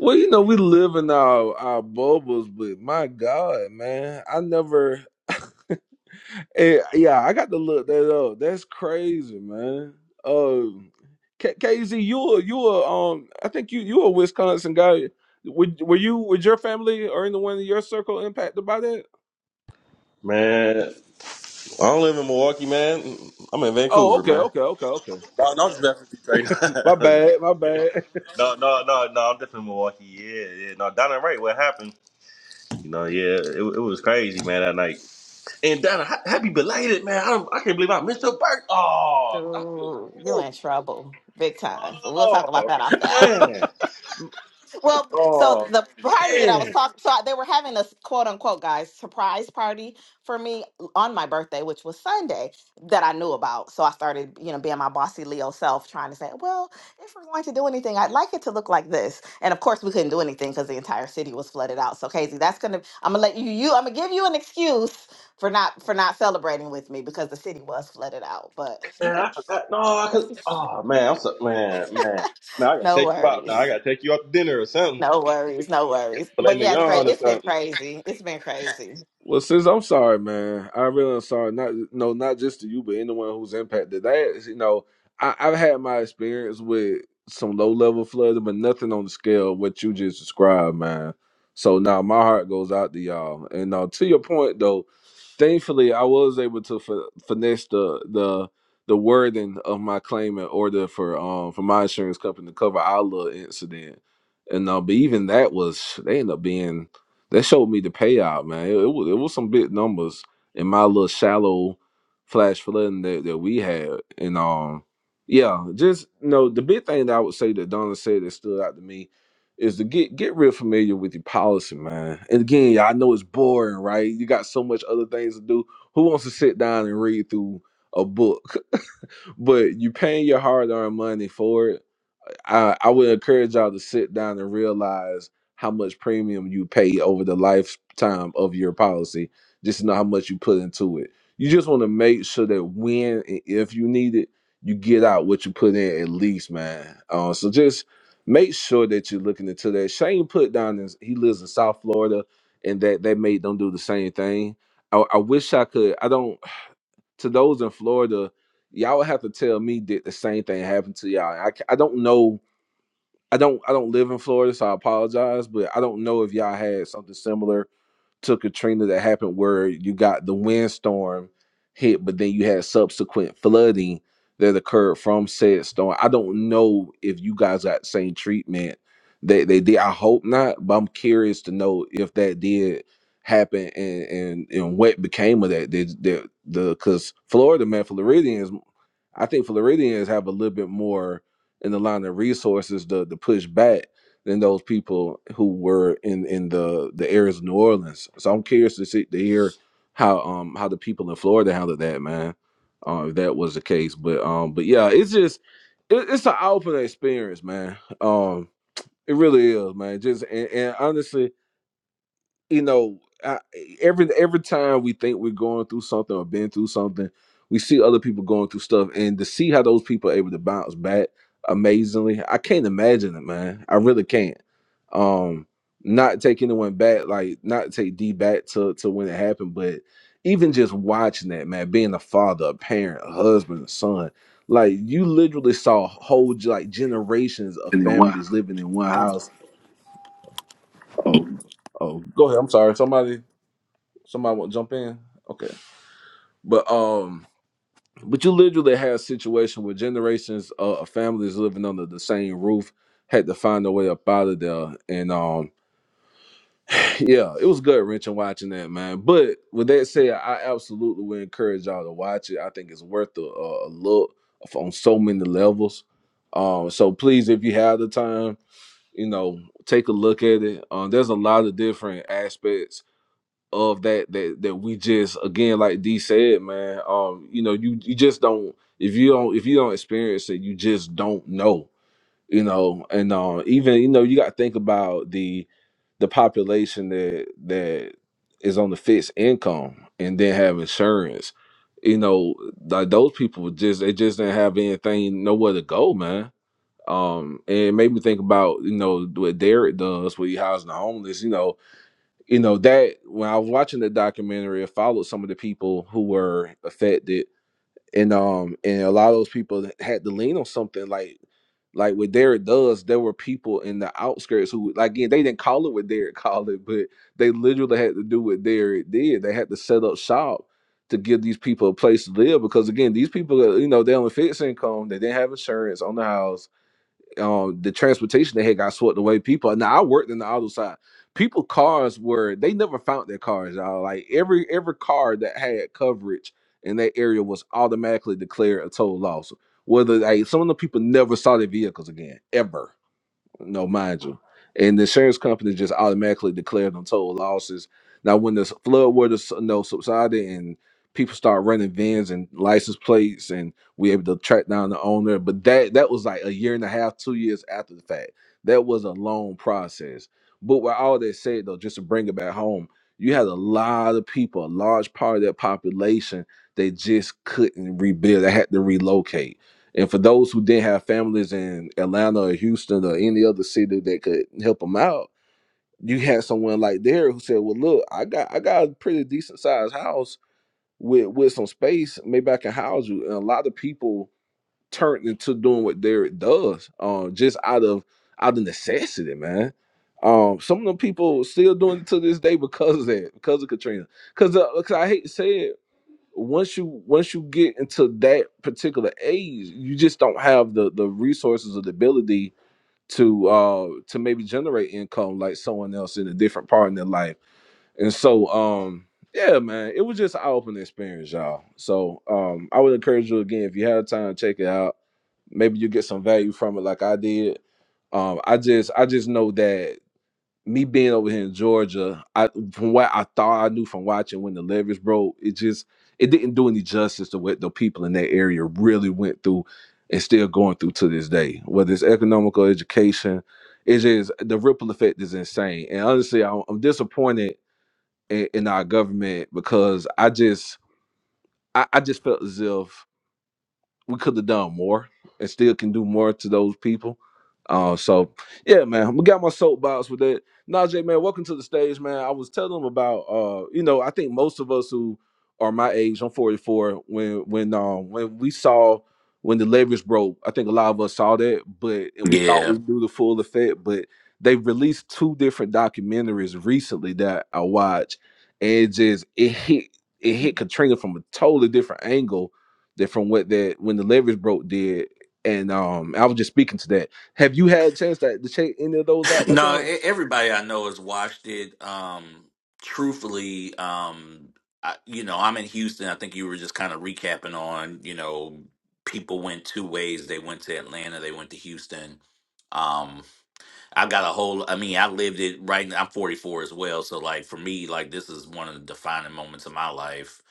Well, you know, we live in our our bubbles, but my God, man, I never. Eh, yeah, I got to look that up. That's crazy, man. Uh, K- KZ, you a you were um, I think you you a Wisconsin guy. Were, were you was your family or anyone in your circle impacted by that?
Man, I don't live in Milwaukee, man. I'm in
Oh,
Vancouver,
okay,
man.
okay, okay, okay.
No, no, I'm just messing with you right
My
now.
bad, my bad.
no, no, no, no. I'm definitely in Milwaukee. Yeah, yeah. No, Donna, right? What happened? You know, yeah, it, it was crazy, man, that night. And Donna, ha- happy belated, man. I, don't, I can't believe I missed your birthday. Oh, I feel
ooh, you're in
horrible.
trouble big time but we'll talk about
Oh
that off the app
man.
Well, so
Oh
the party that I was
man.
talking, so they were having a quote unquote guys surprise party for me on my birthday, which was Sunday, that I knew about. So I started, you know, being my bossy Leo self, trying to say, well, if we're going to do anything, I'd like it to look like this. And of course, we couldn't do anything because the entire city was flooded out. So Casey, that's gonna, I'm gonna let you, you, I'm gonna give you an excuse for not for not celebrating with me because the city was flooded out. But you
Man,
can,
I forgot. No, I could. Oh man, I'm so man, man, man. I gotta
no
take you out now. I
worries.
gotta take you out to dinner or something.
No worries, no worries.
Filet
But yeah, Trey,
mignon or
it's been
something.
crazy. It's been crazy.
Well, sis, I'm sorry, man. I really am sorry. Not no, not just to you, but anyone who's impacted. That is, you know, I, I've had my experience with some low level flooding, but nothing on the scale of what you just described, man. So now my heart goes out to y'all. And uh, to your point, though, thankfully I was able to fi- finesse the the the wording of my claim in order for um for my insurance company to cover our little incident. And uh, but even that was they end up being that showed me the payout, man. It, it was it was some big numbers in my little shallow flash flooding that, that we had. And um yeah, just you know, the big thing that I would say that Donna said that stood out to me is to get get real familiar with your policy, man. And again, y'all, I know it's boring, right? You got so much other things to do. Who wants to sit down and read through a book? but you paying your hard earned money for it. I, I would encourage y'all to sit down and realize how much premium you pay over the lifetime of your policy, just to know how much you put into it. You just want to make sure that when and if you need it, you get out what you put in at least, man. Uh, so just make sure that you're looking into that. Shane put down this, he lives in South Florida, and that they made them do the same thing. I, I wish I could. I don't to those in Florida, y'all would have to tell me did the same thing happen to y'all. I, ca- I don't know. I don't I don't live in Florida, so I apologize, but I don't know if y'all had something similar to Katrina that happened where you got the windstorm hit, but then you had subsequent flooding that occurred from said storm. I don't know if you guys got the same treatment that they did. I hope not, but I'm curious to know if that did happen and and, and what became of that. Did, did the because Florida man, Floridians I think Floridians have a little bit more in the line of resources to, to push back than those people who were in in the the areas of New Orleans. So I'm curious to see to hear how um how the people in Florida handled that, man. Uh, if that was the case, but um, but yeah, it's just it, it's an eye opening experience, man. Um, it really is, man. Just and, and honestly you know, I, every every time we think we're going through something or been through something, we see other people going through stuff, and to see how those people are able to bounce back amazingly, I can't imagine it, man. I really can't. Um, not to take anyone back, like not to take D back to to when it happened, but even just watching that, man, being a father, a parent, a husband, a son, like you literally saw whole like generations of families living in one house. Oh, go ahead. I'm sorry. Somebody. Somebody want to jump in? Okay. But um, but you literally had a situation where generations of of families living under the same roof had to find a way up out of there. And um, yeah, it was gut wrenching watching that, man. But with that said, I absolutely would encourage y'all to watch it. I think it's worth a, a a look on so many levels. Um, so please, if you have the time, you know, take a look at it. Um, there's a lot of different aspects of that that that we just again like D said, man. Um, you know, you you just don't if you don't if you don't experience it, you just don't know. You know, and uh, even you know you got to think about the the population that that is on the fixed income and then have insurance. You know, like those people just they just didn't have anything nowhere to go, man. Um, and it made me think about you know what Derek does when he housing the homeless. You know, you know that when I was watching the documentary, I followed some of the people who were affected, and um, and a lot of those people that had to lean on something like, like what Derek does. There were people in the outskirts who, like, again, they didn't call it what Derek called it, but they literally had to do what Derek did. They had to set up shop to give these people a place to live because, again, these people, you know, they only fixed income, they didn't have insurance on the house um the transportation they had got swept away. People now I worked in the auto side. People cars were they never found their cars, y'all. Like every every car that had coverage in that area was automatically declared a total loss. Whether like some of the people never saw their vehicles again, ever. No, mind you. And the insurance company just automatically declared them total losses. Now, when the s- flood water s- you know, subsided and people start running vans and license plates, and we able to track down the owner, but that that was like a year and a half, two years after the fact. That was a long process. But with all that said, though, just to bring it back home, you had a lot of people, a large part of that population, they just couldn't rebuild. They had to relocate and for those who didn't have families in Atlanta or Houston or any other city that could help them out, you had someone like there who said, "Well, look, I got I got a pretty decent sized house with with some space. Maybe I can house you." And a lot of people turned into doing what Derek does, um, just out of out of necessity, man. Um, some of them people still doing it to this day because of that, because of Katrina. Because I hate to say it, once you once you get into that particular age, you just don't have the the resources or the ability to uh to maybe generate income like someone else in a different part in their life. And so um yeah, man, it was just an eye-opening experience, y'all. So um I would encourage you again if you have time, check it out. Maybe you get some value from it like I did. Um I just I just know that me being over here in Georgia, I from what I thought I knew from watching when the levees broke, it just it didn't do any justice to what the people in that area really went through and still going through to this day. Whether it's economical education, it's just the ripple effect is insane. And honestly, I'm, I'm disappointed in, in our government because I just I, I just felt as if we could have done more and still can do more to those people. Uh, so yeah, man, we got my soapbox with that. Najee, man, welcome to the stage, man. I was telling him about, uh, you know, I think most of us who are my age, I'm 44. When when um when we saw when the leverage broke, I think a lot of us saw that, but and we thought
Yeah.
we knew the full effect. But they released two different documentaries recently that I watched, and it just it hit it hit Katrina from a totally different angle that from what that when the levees broke did, and um, I was just speaking to that. Have you had a chance to, to check any of those out by
No, e-
chance?
everybody I know has watched it. Um, truthfully, um, I, you know, I'm in Houston. I think you were just kind of recapping on, you know, people went two ways. They went to Atlanta, they went to Houston. um, I got a whole. I mean, I lived it right. now- I'm 44 as well, so like for me, like this is one of the defining moments of my life.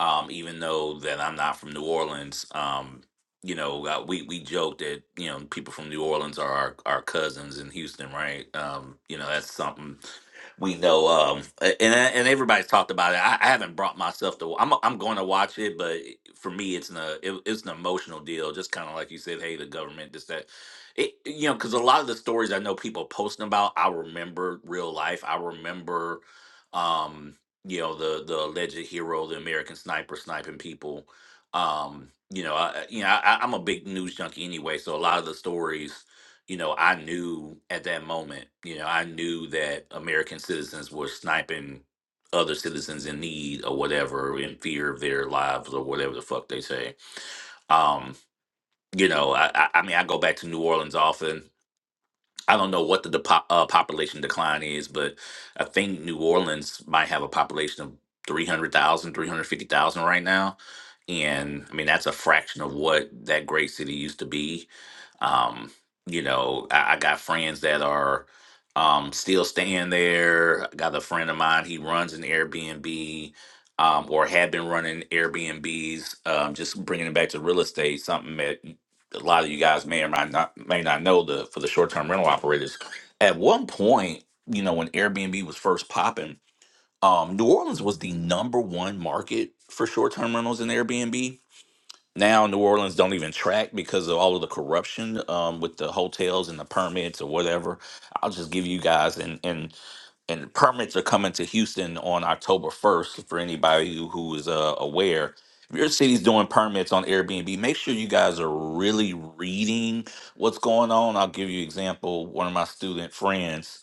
Um, even though that I'm not from New Orleans, um, you know, uh, we we joke that you know people from New Orleans are our, our cousins in Houston, right? Um, you know, that's something we know um a- and and everybody's talked about it i, I haven't brought myself to i'm, I'm going to watch it but for me it's an uh, it, it's an emotional deal just kind of like you said hey the government this that it, you know because a lot of the stories i know people posting about i remember real life i remember um you know the the alleged hero the american sniper sniping people um you know i I- you know I, I- i'm a big news junkie anyway so a lot of the stories you know, I knew at that moment, you know, I knew that American citizens were sniping other citizens in need or whatever, in fear of their lives or whatever the fuck they say. Um, you know, I, I, I mean, I go back to New Orleans often. I don't know what the depo- uh, population decline is, but I think New Orleans might have a population of 300,000, 350,000 right now. And I mean, that's a fraction of what that great city used to be um, you know, I, I got friends that are um, still staying there. I got a friend of mine, he runs an Airbnb um, or had been running Airbnbs, um, just bringing it back to real estate, something that y- a lot of you guys may or might not, may not know the, for the short term rental operators. At one point, you know, when Airbnb was first popping, um, New Orleans was the number one market for short term rentals in Airbnb now New Orleans don't even track because of all of the corruption um, with the hotels and the permits or whatever. I'll just give you guys and and and permits are coming to Houston on October 1st for anybody who, who is uh, aware. If your city's doing permits on Airbnb, make sure you guys are really reading what's going on. I'll give you an example. One of my student friends,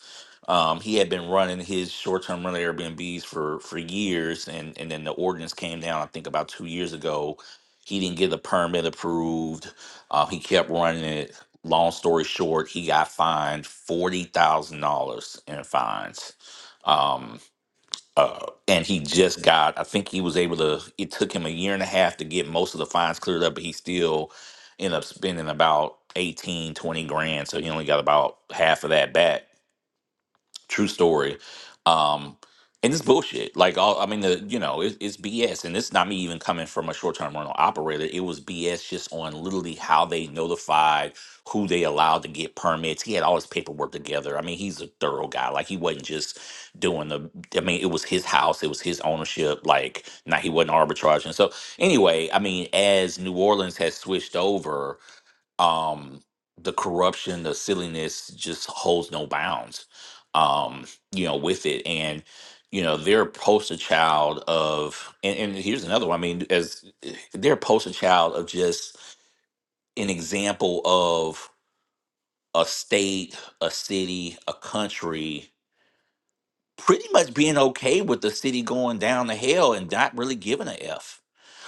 um, he had been running his short-term rental Airbnbs for for years, and and then the ordinance came down. I think about two years ago, he didn't get the permit approved. Uh, he kept running it. Long story short, he got fined forty thousand dollars in fines um, uh, and he just got, I think he was able to, it took him a year and a half to get most of the fines cleared up, but he still ended up spending about 18, 20 grand. So he only got about half of that back True story. Um, and it's bullshit. Like, all, I mean, the, you know, it, it's BS. And it's not me even coming from a short term rental operator. It was BS just on literally how they notified who they allowed to get permits. He had all his paperwork together. I mean, he's a thorough guy. Like, he wasn't just doing the, I mean, it was his house, it was his ownership. Like, now he wasn't arbitraging. So, anyway, I mean, as New Orleans has switched over, um the corruption the silliness just holds no bounds um you know with it and you know they're a poster child of and, and here's another one i mean as they're a poster child of just an example of a state a city a country pretty much being okay with the city going down to hell and not really giving a f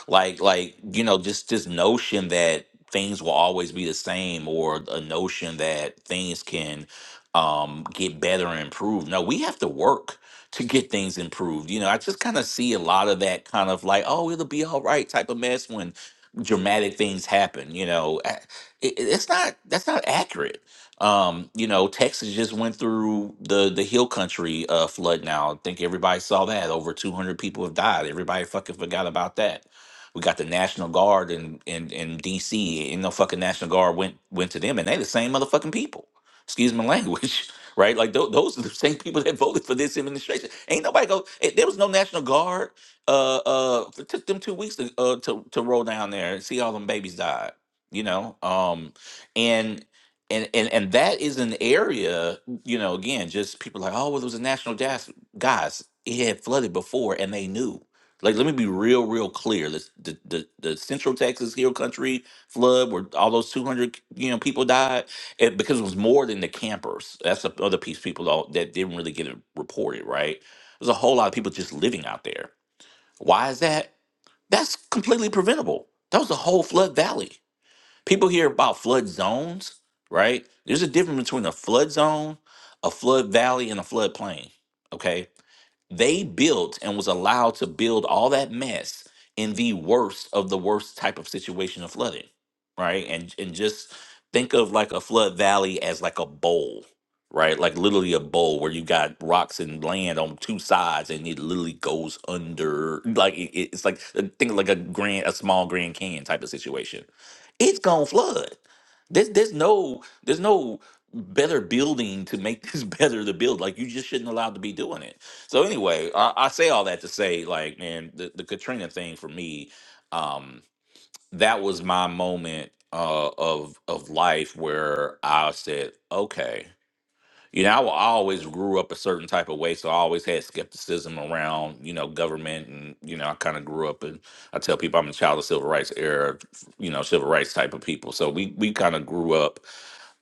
like like you know just this notion that things will always be the same or a notion that things can um get better and improve no we have to work to get things improved you know i just kind of see a lot of that kind of like oh it'll be all right type of mess when dramatic things happen you know I- it, it's not that's not accurate um you know texas just went through the the hill country uh flood now i think everybody saw that over 200 people have died everybody fucking forgot about that we got the National Guard in in, in DC. Ain't no fucking National Guard went went to them, and they the same motherfucking people. Excuse my language, right? Like tho- those are the same people that voted for this administration. Ain't nobody go. eh, There was no National Guard. Uh, uh, it took them two weeks to uh, to to roll down there and see all them babies died. You know, um, and and and and that is an area. You know, again, just people like, oh, well, there was a national gas. Guys, it had flooded before, and they knew like, let me be real, real clear. The the the, the Central Texas Hill Country flood, where all those two hundred you know people died, it, because it was more than the campers. That's the other piece people don't, that didn't really get it reported. Right, there's a whole lot of people just living out there. Why is that? That's completely preventable. That was the whole flood valley. People hear about flood zones, right? There's a difference between a flood zone, a flood valley, and a flood plain. Okay, they built and was allowed to build all that mess in the worst of the worst type of situation of flooding, right? And and just think of like a flood valley as like a bowl, right? Like literally a bowl where you got rocks and land on two sides, and it literally goes under. Like it, it- it's like uh, think of like a grand, a small Grand Canyon type of situation it's gonna flood. There's there's no there's no better building to make this better to build. Like you just shouldn't allowed to be doing it. So anyway, I, I say all that to say, like, man, the, the Katrina thing for me, um, that was my moment uh, of of life where I said, okay you know, I wa- I always grew up a certain type of way, so I always had skepticism around, you know, government, and you know, I kind of grew up, and I tell people I'm a child of civil rights era, you know, civil rights type of people. So we we kind of grew up,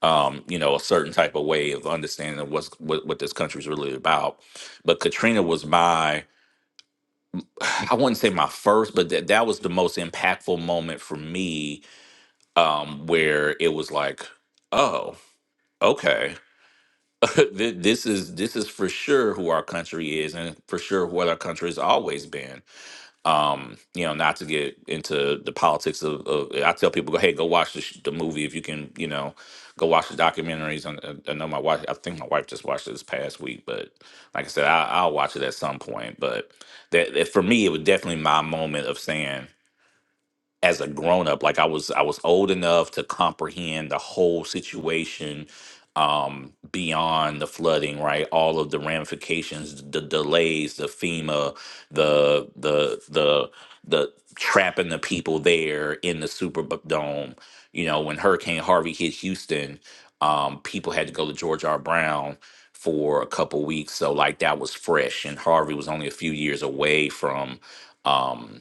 um, you know, a certain type of way of understanding what's what what this country's really about. But Katrina was my, I wouldn't say my first, but that that was the most impactful moment for me, um, where it was like, oh, okay Th- this is this is for sure who our country is and for sure what our country has always been um you know not to get into the politics of, of i tell people go hey go watch the, sh- the movie if you can you know go watch the documentaries and and i know my wife i think my wife just watched it this past week but like i said I, i'll watch it at some point but that, that for me it was definitely my moment of saying as a grown up like i was i was old enough to comprehend the whole situation um beyond the flooding right all of the ramifications the delays the fema the the the the trapping the people there in the superdome you know when hurricane harvey hit houston um people had to go to george r brown for a couple weeks so like that was fresh and harvey was only a few years away from um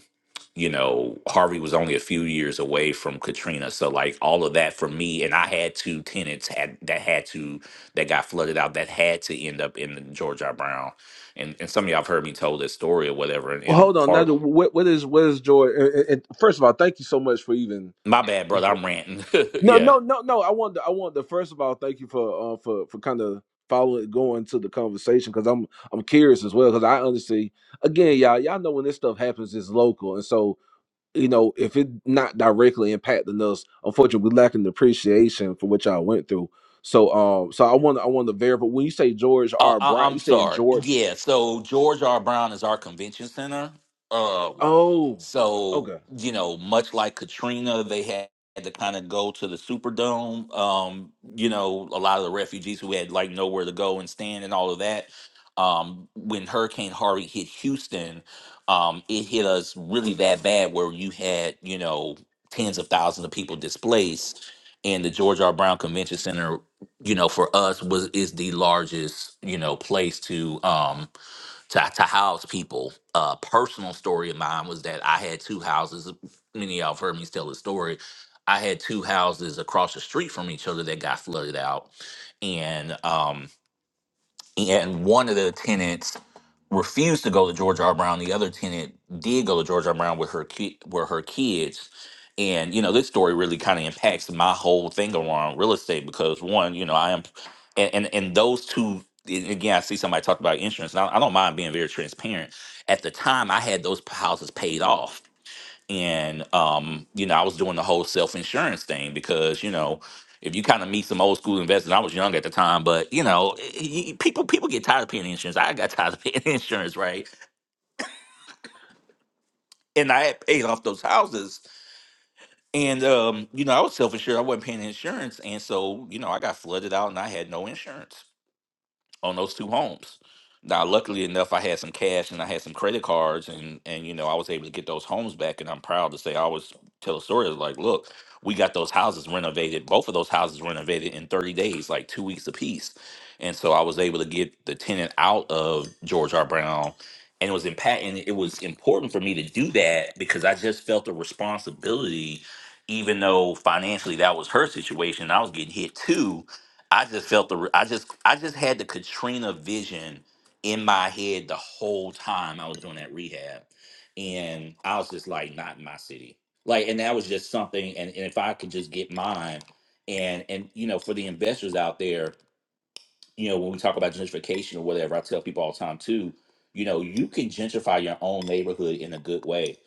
you know, Harvey was only a few years away from Katrina. So like all of that for me, and I had two tenants had that had to that got flooded out that had to end up in the George R. Brown. And and some of y'all have heard me tell this story or whatever. And,
Well,
and
hold on, now
part
the- what what is what is joy? And, and- and first of all, thank you so much for even
my bad, brother, I'm ranting.
no
yeah.
no no no. I want to, I want to first of all thank you for uh, for for kind of following going to the conversation because I'm I'm curious as well because I honestly again y'all y'all know when this stuff happens it's local and so you know, if it not directly impacting us, unfortunately, we lacking the appreciation for what y'all went through. So, um, so I want I want to verify when you say George
I,
R.
I,
Bryant,
I'm
you saying
sorry.
George?
Yeah. So George R. Brown is our convention center. Um
Oh,
So,
okay.
you know, much like Katrina, they had to kind of go to the Superdome. Um, you know, a lot of the refugees who had like nowhere to go and stand and all of that. Um, when Hurricane Harvey hit Houston, um, it hit us really that bad where you had, you know, tens of thousands of people displaced. And the George R. Brown Convention Center, you know, for us was is the largest, you know, place to um to, to house people. A personal story of mine was that I had two houses. Many of y'all have heard me tell this story. I had two houses across the street from each other that got flooded out, and um, and one of the tenants refused to go to George R. Brown. The other tenant did go to George R. Brown with her ki- with her kids. And you know, this story really kind of impacts my whole thing around real estate because one, you know, I am, and and, and those two. and Again, I see somebody talk about insurance. And I, I don't mind being very transparent. At the time, I had those houses paid off and um, you know, I was doing the whole self insurance thing because you know, if you kind of meet some old school investors, I was young at the time, but you know, y- y- people people get tired of paying insurance. I got tired of paying insurance, right? And I had paid off those houses, and um, you know, I was self insured. I wasn't paying insurance, and so you know, I got flooded out, and I had no insurance. on those two homes. Now, luckily enough, I had some cash and I had some credit cards, and and you know I was able to get those homes back, and I'm proud to say I always tell a story of like, look, we got those houses renovated, both of those houses renovated in 30 days, like two weeks apiece, and so I was able to get the tenant out of George R. Brown, and it was impact, and it was important for me to do that because I just felt a responsibility, even though financially that was her situation, I was getting hit too I just felt the I just I just had the Katrina vision in my head the whole time I was doing that rehab. And I was just like, not in my city. Like, and that was just something, and, and if I could just get mine and and you know, for the investors out there, you know, when we talk about gentrification or whatever, I tell people all the time too, you know, you can gentrify your own neighborhood in a good way.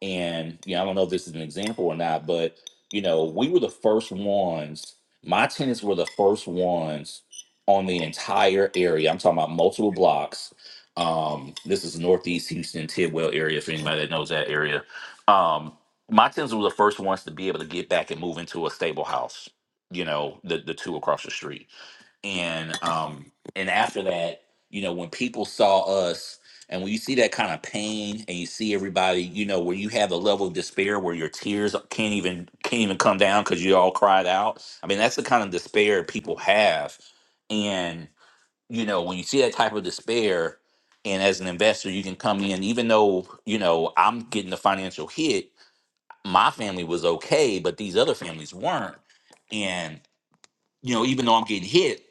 And, you know, I don't know if this is an example or not, but, you know, we were the first ones, my tenants were the first ones on the entire area. I'm talking about multiple blocks. Um, this is Northeast Houston, Tidwell area, for anybody that knows that area. Um, my tenants were the first ones to be able to get back and move into a stable house, you know, the, the two across the street and um and after that you know when people saw us and when you see that kind of pain and you see everybody you know where you have a level of despair where your tears can't even can't even come down because you all cried out i mean that's the kind of despair people have and you know when you see that type of despair and as an investor you can come in even though you know i'm getting the financial hit my family was okay but these other families weren't and you know even though i'm getting hit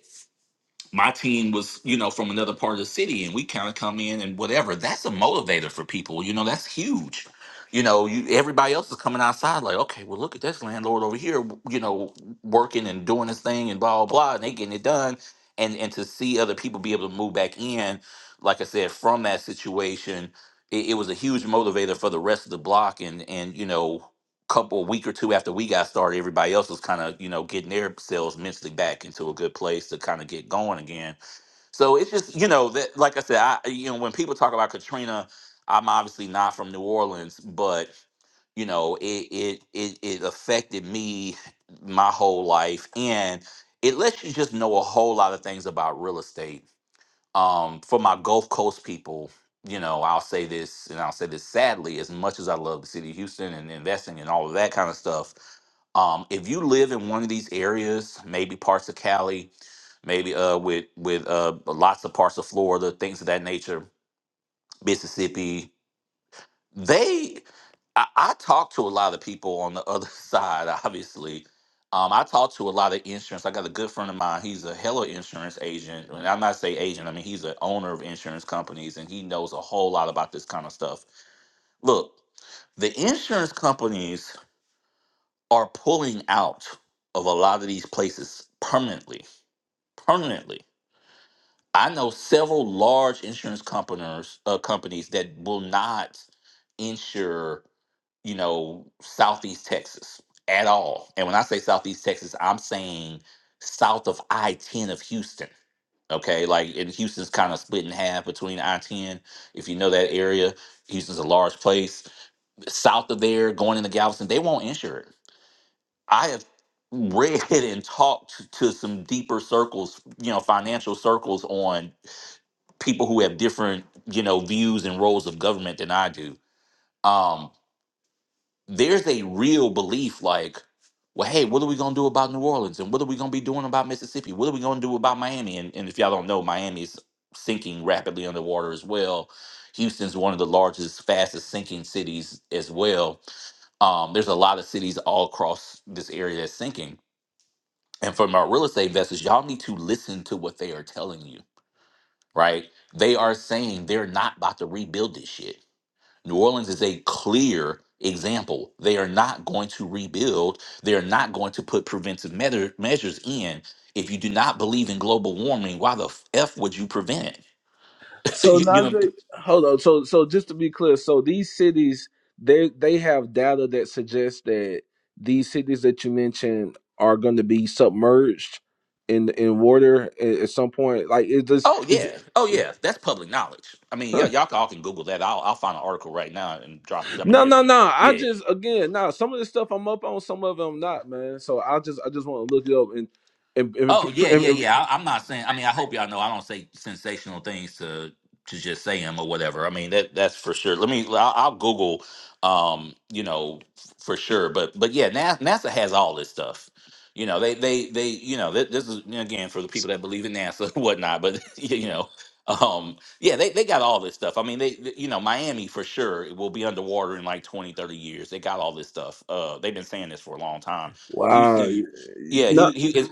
my team was, you know, from another part of the city and we kind of come in and whatever. That's a motivator for people. You know, that's huge. You know, you everybody else is coming outside like, okay, well, look at this landlord over here, you know, working and doing his thing and blah, blah, blah, and they getting it done. And and to see other people be able to move back in, like I said, from that situation, it, it was a huge motivator for the rest of the block. And and you know, couple a week or two after we got started, everybody else was kind of you know getting their selves mentally back into a good place to kind of get going again. So it's just you know that like I said, I you know when people talk about Katrina, I'm obviously not from New Orleans, but you know it it it, it affected me my whole life and. It lets you just know a whole lot of things about real estate um for my gulf coast people you know i'll say this and i'll say this sadly as much as i love the city of houston and investing and all of that kind of stuff um if you live in one of these areas maybe parts of cali maybe uh with with uh lots of parts of florida things of that nature mississippi they I, I talk to a lot of people on the other side, obviously. Um, I talk to a lot of insurance. I got a good friend of mine. He's a hella insurance agent. And I'm not say agent, I mean he's an owner of insurance companies and he knows a whole lot about this kind of stuff. Look, the insurance companies are pulling out of a lot of these places permanently. Permanently. I know several large insurance companies uh, companies that will not insure you know, Southeast Texas at all. And when I say Southeast Texas, I'm saying south of I 10 of Houston. Okay. Like, and Houston's kind of split in half between I 10. If you know that area, Houston's a large place. South of there, going into Galveston, they won't insure it. I have read and talked to some deeper circles, you know, financial circles on people who have different, you know, views and roles of government than I do. Um, there's a real belief like, well, hey, what are we gonna do about New Orleans? And what are we gonna be doing about Mississippi? What are we gonna do about Miami? And, and if y'all don't know, Miami's sinking rapidly underwater as well. Houston's one of the largest, fastest sinking cities as well. Um, there's a lot of cities all across this area that's sinking. And for my real estate investors, y'all need to listen to what they are telling you, right? They are saying they're not about to rebuild this shit New Orleans is a clear example. They are not going to rebuild. They are not going to put preventive measure, measures in. If you do not believe in global warming, why the f would you prevent it?
So
you, you
now,
know?
that- hold on. So, so just to be clear, so these cities, they they have data that suggests that these cities that you mentioned are going to be submerged in in water at, at some point. Like it just,
Oh
it's.
yeah, oh yeah. That's public knowledge. I mean, y- y'all can all can Google that. I'll I'll find an article right now and drop. I mean,
No,
it's
no, no. I
yeah.
just again, nah. Some of this stuff I'm up on, some of them not, man. So I just, I just want to look it up and and, and,
Oh yeah,
and,
yeah,
and
yeah. I, I'm not saying. I mean, I hope y'all know I don't say sensational things to to just say them or whatever. I mean that that's for sure. Let me. I'll, I'll Google. Um, you know, f- for sure. But but yeah, NASA, NASA has all this stuff. You know, they they they. You know, th- this is you know, again for the people that believe in NASA and whatnot. But you know, um, yeah, they they got all this stuff. I mean, they they- you know Miami for sure will be underwater in like 20, 30 years. They got all this stuff. Uh, they've been saying this for a long time.
wow,
Houston. Yeah,
no,
he he.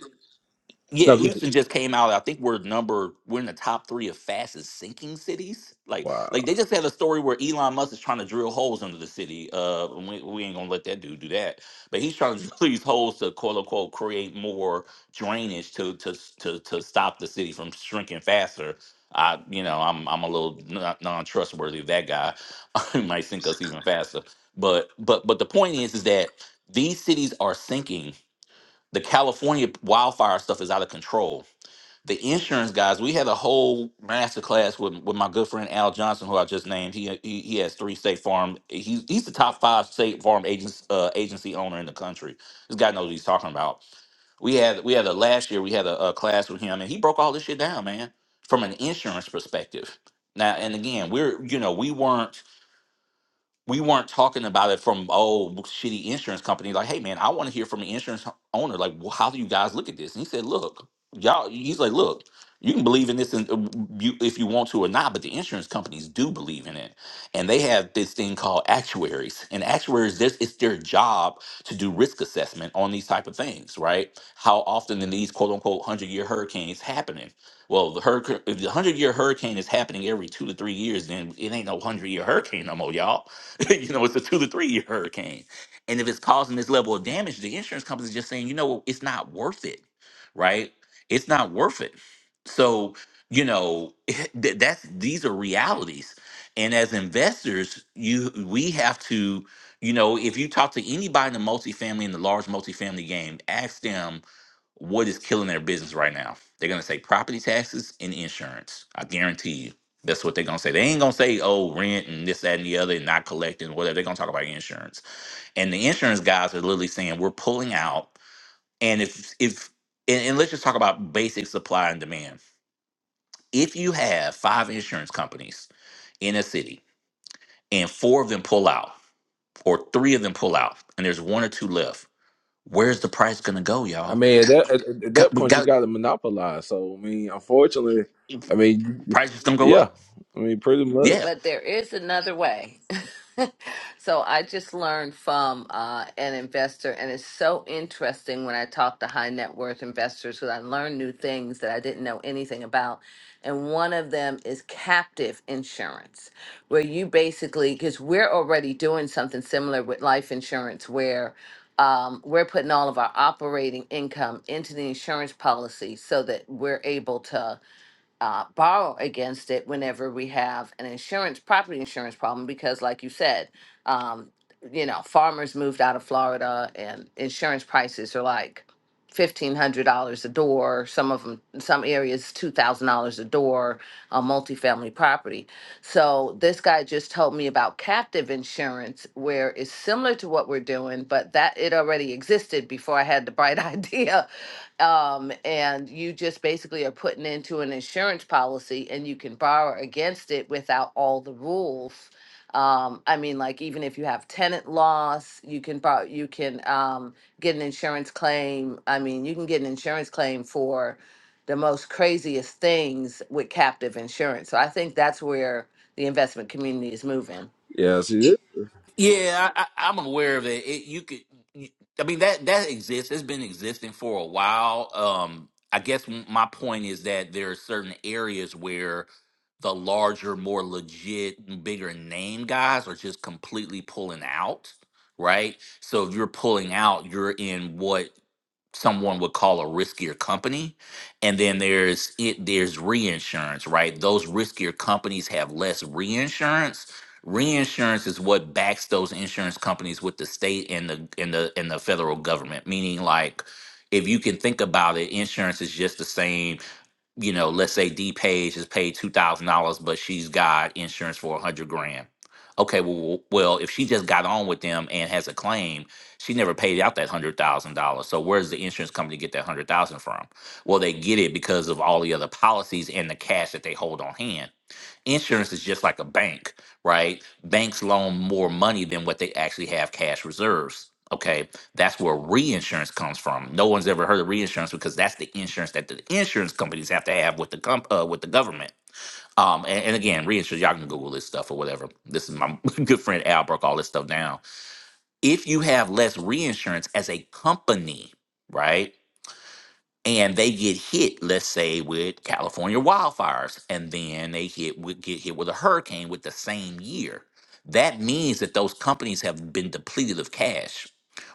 Yeah,
no,
Houston just came out. I think we're number we're in the top three of fastest sinking cities. Like like they
wow.
just had a story where Elon Musk is trying to drill holes under the city. Uh, and we, we ain't gonna let that dude do that. But he's trying to drill these holes to quote unquote create more drainage to to to to stop the city from shrinking faster. I you know I'm I'm a little non trustworthy of that guy. he might sink us even faster. But but but the point is is that these cities are sinking the California wildfire stuff is out of control. The insurance guys, we had a whole master class with, with my good friend Al Johnson, who I just named. He he, he has three state farm. He's he's the top five state farm agents uh, agency owner in the country. This guy knows what he's talking about. We had we had a last year we had a, a class with him, and he broke all this shit down, man, from an insurance perspective. Now and again, we're you know we weren't we weren't talking about it from oh shitty insurance company like hey man i want to hear from an insurance ho- owner like well, how do you guys look at this and he said look y'all he's like look you can believe in this and, uh, you, if you want to or not but the insurance companies do believe in it and they have this thing called actuaries and actuaries this it's their job to do risk assessment on these type of things right how often in these quote unquote 100 year hurricanes happening well the hurricane if the 100 year hurricane is happening every two to three years then it ain't no 100 year hurricane no more y'all you know, it's a two to three year hurricane. And if it's causing this level of damage, the insurance company's just saying, you know, what, it's not worth it, right? It's not worth it. So, you know, th- that's these are realities. And as investors, you we have to, you know, if you talk to anybody in the multifamily in the large multifamily game, ask them what is killing their business right now? They're gonna say property taxes and insurance. I guarantee you. That's what they're gonna say. They ain't gonna say, oh, rent and this, that, and the other, and not collecting, whatever. They're gonna talk about insurance. And the insurance guys are literally saying, we're pulling out. And if if and, and let's just talk about basic supply and demand. If you have five insurance companies in a city and four of them pull out, or three of them pull out, and there's one or two left, where's the price gonna go,
I
y'all?
mean, at that, at, at that
Got, we
point, you
got
got to monopolize. So I mean, unfortunately, I mean,
price is gonna go
yeah,
up.
I mean, pretty much,
Yeah.
but there is another way. so I just learned from uh, an investor, and it's so interesting when I talk to high net worth investors because I learn new things that I didn't know anything about. And one of them is captive insurance, where you basically, because we're already doing something similar with life insurance, where um, we're putting all of our operating income into the insurance policy so that we're able to uh, borrow against it whenever we have an insurance, property insurance problem, because like you said, um, you know, farmers moved out of Florida and insurance prices are like fifteen hundred dollars a door. Some of them, some areas, two thousand dollars a door on multifamily property. So this guy just told me about captive insurance, where it's similar to what we're doing, but that it already existed before I had the bright idea um, and you just basically are putting into an insurance policy and you can borrow against it without all the rules. Um, I mean, like even if you have tenant loss, you can borrow, you can um, get an insurance claim. I mean, you can get an insurance claim for the most craziest things with captive insurance. So I think that's where the investment community is moving.
yeah. See,
Yeah, I, I, I'm aware of it. it you could, you, I mean that that exists. It's been existing for a while. Um, I guess m- my point is that there are certain areas where the larger, more legit, bigger name guys are just completely pulling out. Right. So if you're pulling out, you're in what someone would call a riskier company and then there's it there's reinsurance right those riskier companies have less reinsurance reinsurance is what backs those insurance companies with the state and the and the and the federal government meaning like if you can think about it insurance is just the same you know, let's say D Page is paid two thousand dollars, but she's got insurance for a hundred grand. Okay, well, well, if she just got on with them and has a claim, she never paid out that hundred thousand dollars. So where does the insurance company get that hundred thousand from? Well, they get it because of all the other policies and the cash that they hold on hand insurance is just like a bank, right? Banks loan more money than what they actually have cash reserves. Okay, that's where reinsurance comes from. No one's ever heard of reinsurance because that's the insurance that the insurance companies have to have with the comp- uh, with the government. Um, and, and again, reinsurance, y'all can Google this stuff or whatever. This is my good friend Al broke all this stuff down. If you have less reinsurance as a company, right? and they get hit, let's say, with California wildfires, and then they hit with, get hit with a hurricane with the same year. That means that those companies have been depleted of cash.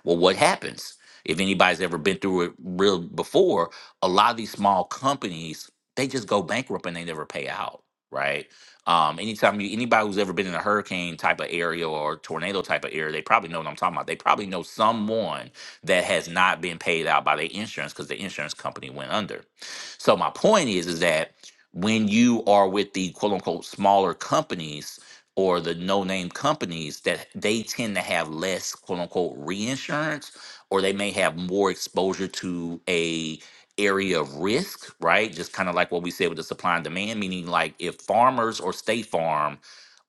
Well, what happens if anybody's ever been through it real before? A lot of these small companies they just go bankrupt and they never pay out, right? Um, anytime you, anybody who's ever been in a hurricane type of area or tornado type of area, they probably know what I'm talking about. They probably know someone that has not been paid out by the insurance because the insurance company went under. So my point is, is that when you are with the quote unquote smaller companies or the no name companies that they tend to have less quote unquote reinsurance or they may have more exposure to a area of risk, right? Just kind of like what we said with the supply and demand, meaning like if farmers or state farm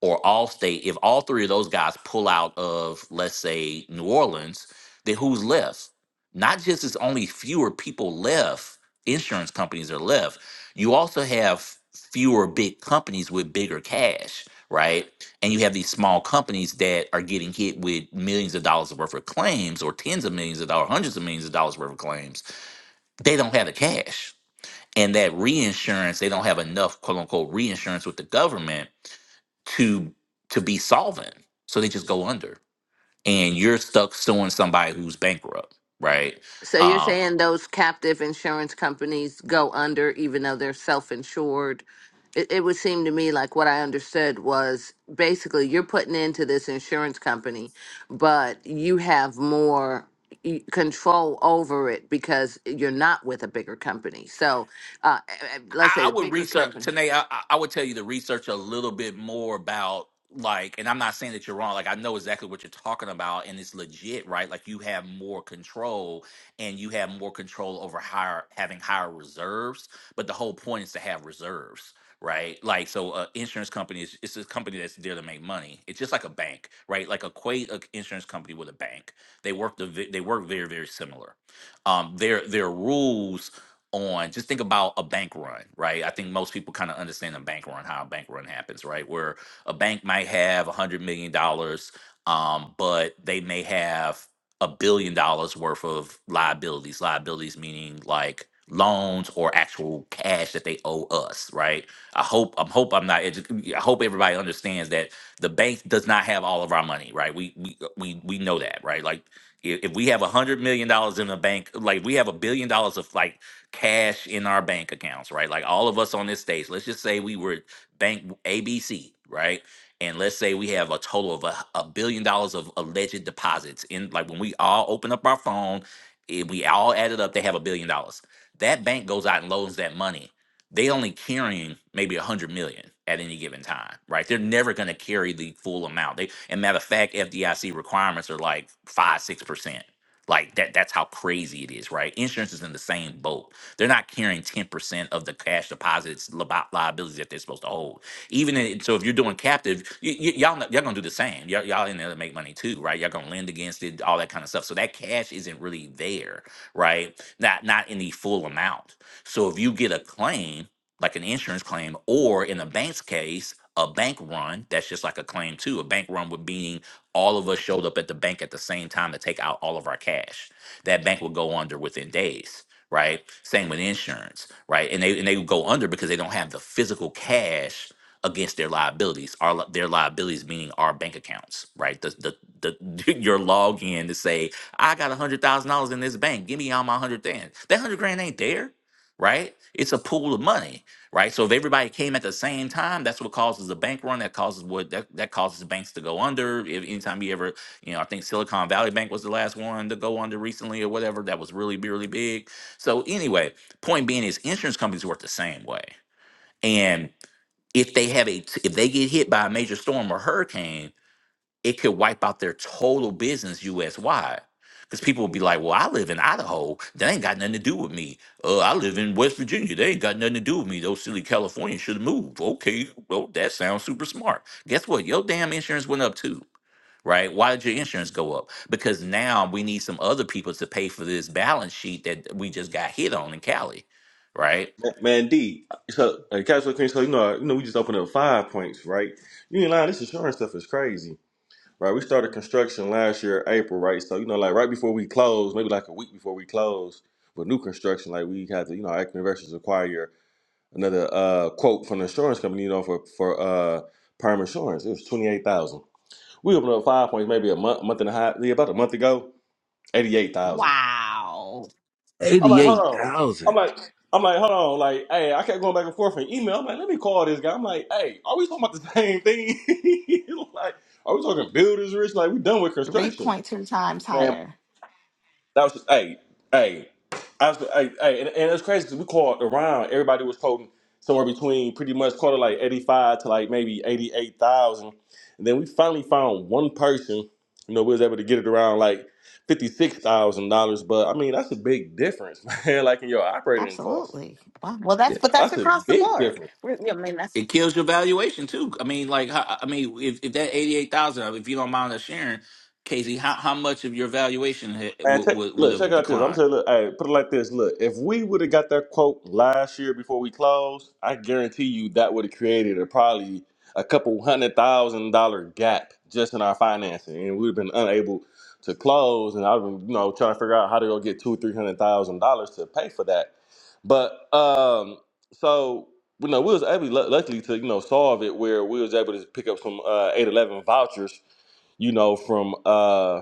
or all state, if all three of those guys pull out of, let's say, New Orleans, then who's left? Not just it's only fewer people left, insurance companies are left. You also have fewer big companies with bigger cash, right? And you have these small companies that are getting hit with millions of dollars worth of claims or tens of millions of dollars, hundreds of millions of dollars worth of claims. They don't have the cash. And that reinsurance, they don't have enough quote unquote reinsurance with the government to to be solvent. So they just go under and you're stuck suing somebody who's bankrupt, right?
So you're
Um,
saying those captive insurance companies go under even though they're self-insured? It, it would seem to me like what I understood was basically you're putting into this insurance company, but you have more y- control over it because you're not with a bigger company. So, uh, eh, eh, let's
I,
say
I
the
would
bigger
research
company.
Tanae. I, I I would tell you to research a little bit more about like, and I'm not saying that you're wrong. Like I know exactly what you're talking about, and it's legit, right? Like you have more control, and you have more control over higher having higher reserves. But the whole point is to have reserves. Right, like so, uh, insurance company is it's a company that's there to make money. It's just like a bank, right? Like equate an insurance company with a bank. They work the they work very very similar. Um, their their rules on just think about a bank run right i think most people kind of understand a bank run how a bank run happens right where a bank might have a hundred million dollars um but they may have a billion dollars worth of liabilities liabilities meaning like loans or actual cash that they owe us right i hope i am hope i'm not edu- i hope everybody understands that the bank does not have all of our money right we we uh, we, we know that right like if if we have a hundred million dollars in the bank, like we have a billion dollars of like cash in our bank accounts, right? Like all of us on this stage, let's just say we were bank ABC, right? And let's say we have a total of a, a billion dollars of alleged deposits in like when we all open up our phone, if we all add it up, they have a billion dollars. That bank goes out and loans that money. They only carrying maybe a hundred million at any given time, right? They're never gonna carry the full amount. They and matter of fact, FDIC requirements are like five, six percent. Like that that's how crazy it is, right? Insurance is in the same boat they're not carrying 10% of the cash deposits, li- liabilities that they're supposed to hold. Even in, so, if you're doing captive, y- y- y'all, know- y'all gonna do the same. Y'all, y'all in there to make money too, right? Y'all gonna lend against it, all that kind of stuff. So, that cash isn't really there, right? Not, not in the full amount. So, if you get a claim, like an insurance claim, or in a bank's case, a bank run, that's just like a claim too. A bank run would meaning all of us showed up at the bank at the same time to take out all of our cash. That bank would go under within days right? Same with insurance, right? And they and they go under because they don't have the physical cash against their liabilities. Our li- their liabilities meaning our bank accounts, right? The the, the your login to say I got a hundred thousand dollars in this bank. Give me all my hundred grand. That hundred grand ain't there, right? It's a pool of money, right? So if everybody came at the same time, that's what causes a bank run. That causes what that, that causes banks to go under. If anytime you ever, you know, I think Silicon Valley Bank was the last one to go under recently or whatever. That was really really big so anyway, point being is insurance companies work the same way. And if they have a if they get hit by a major storm or hurricane, it could wipe out their total business US wide. Because people will be like, well, I live in Idaho. They ain't got nothing to do with me. Uh, I live in West Virginia. They ain't got nothing to do with me. Those silly Californians should have moved. Okay, well, that sounds super smart. Guess what? Your damn insurance went up too right? Why did your insurance go up? Because now we need some other people to pay for this balance sheet that we just got hit on in Cali, right?
Man, man, D, so uh, Casual Queen, so you know, you know, we just opened up five points, right? You ain't lying. This insurance stuff is crazy, right? We started construction last year, April, right? So you know, like right before we closed, maybe like a week before we closed, with new construction, like we had to, you know, our investors acquire another uh quote from the insurance company, you know, for for uh perm insurance. It was twenty eight thousand. We opened up five points, maybe a month, month and a half, yeah, about a month ago, eighty eight thousand.
Wow.
I'm like, hold
eighty-eight
on. I'm
thousand.
like, I'm like, hold on. Like, hey, I kept going back and forth in email. I'm like, let me call this guy. I'm like, hey, are we talking about the same thing? like, are we talking builders rich? Like, we done with construction,
3.2 times
man.
higher.
That was hey, hey. I was hey, hey, and, and it's crazy because we called around. Everybody was quoting somewhere between pretty much quarter like eighty five to like maybe eighty eight thousand, and then we finally found one person. You know, we was able to get it around like fifty six thousand dollars. But I mean, that's a big difference, man. Like in your operating costs,
Absolutely. Wow. Well, that's but that's
that's a
across the
big
board.
difference.
We're- yeah, I mean, that's
It kills your valuation too. I mean, like, how- I mean, if, if that eighty-eight thousand, if you don't mind us sharing, Casey, how, how much of your valuation ha-
Man,
would
take,
would would
look, check
have
out this. I'm
declined?
saying, look, hey, put it like this. Look, if we would have got that quote last year before we closed, I guarantee you that would have created a probably a couple hundred thousand dollar gap just in our financing, and we'd have been unable to close. And I've been, you know, trying to figure out how to go get two or three hundred thousand dollars to pay for that. But um, so you know, we was able, lu- luckily, to you know, solve it where we was able to pick up some uh, 811 vouchers you know, from uh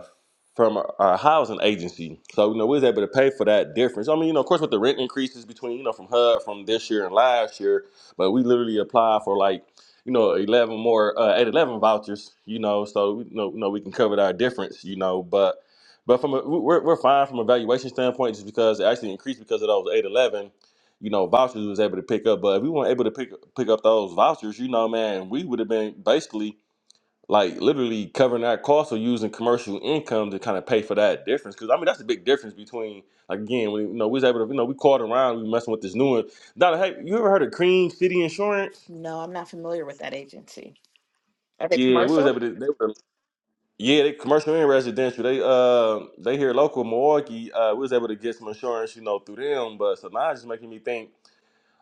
from our our housing agency. So, you know, we was able to pay for that difference. I mean, you know, of course with the rent increases between, you know, from HUD from this year and last year, but we literally applied for like, you know, eleven more uh eight eleven vouchers, you know, so you know, you know we can cover our difference, you know, but but from a, we- we're, we're fine from a valuation standpoint just because it actually increased because of those eight eleven, you know, vouchers we was able to pick up. But if we weren't able to pick pick up those vouchers, you know, man, we would have been basically like literally covering that cost or using commercial income to kind of pay for that difference. Because I mean, that's the big difference between like, again, we you know we was able to you know we called around, we messing with this new one. Donna, hey, you ever heard of Cream City Insurance?
no, I'm not familiar with that agency. Are they
Yeah, we
commercial?
was able to. They were, yeah, they commercial and residential. They uh they here local in Milwaukee. Uh, we was able to get some insurance, you know, through them. But so now it's just making me think.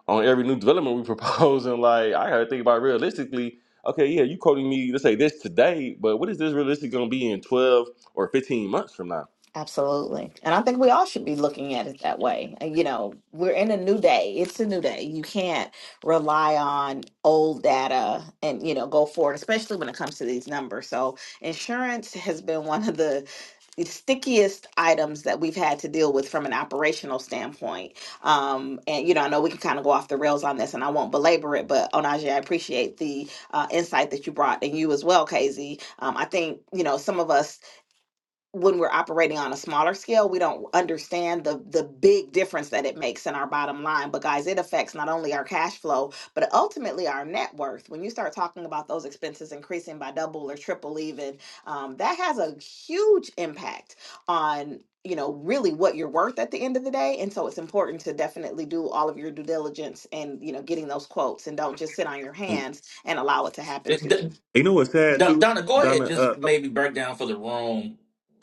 on every new development we propose, and like I gotta think about realistically. Okay, yeah, you quoting me. Let's say this today, but what is this realistic gonna be in twelve or fifteen months from now?
Absolutely. And I think we all should be looking at it that way. And, You know, we're in a new day. It's a new day. You can't rely on old data and, you know, go forward, especially when it comes to these numbers. So, insurance has been one of the the stickiest items that we've had to deal with from an operational standpoint. Um, and, you know, I know we can kind of go off the rails on this and I won't belabor it, but Onaje, I appreciate the uh, insight that you brought and you as well, Casey. Um, I think, you know, some of us when we're operating on a smaller scale, we don't understand the the big difference that it makes in our bottom line. But guys, it affects not only our cash flow, but ultimately our net worth. When you start talking about those expenses increasing by double or triple, even um, that has a huge impact on you know really what you're worth at the end of the day. And so it's important to definitely do all of your due diligence and you know getting those quotes and don't just sit on your
And
hands and allow it to happen to you.
You know what's sad
Don-
too,
Donna, go
Donna.
ahead.
Uh,
Just maybe break down for the room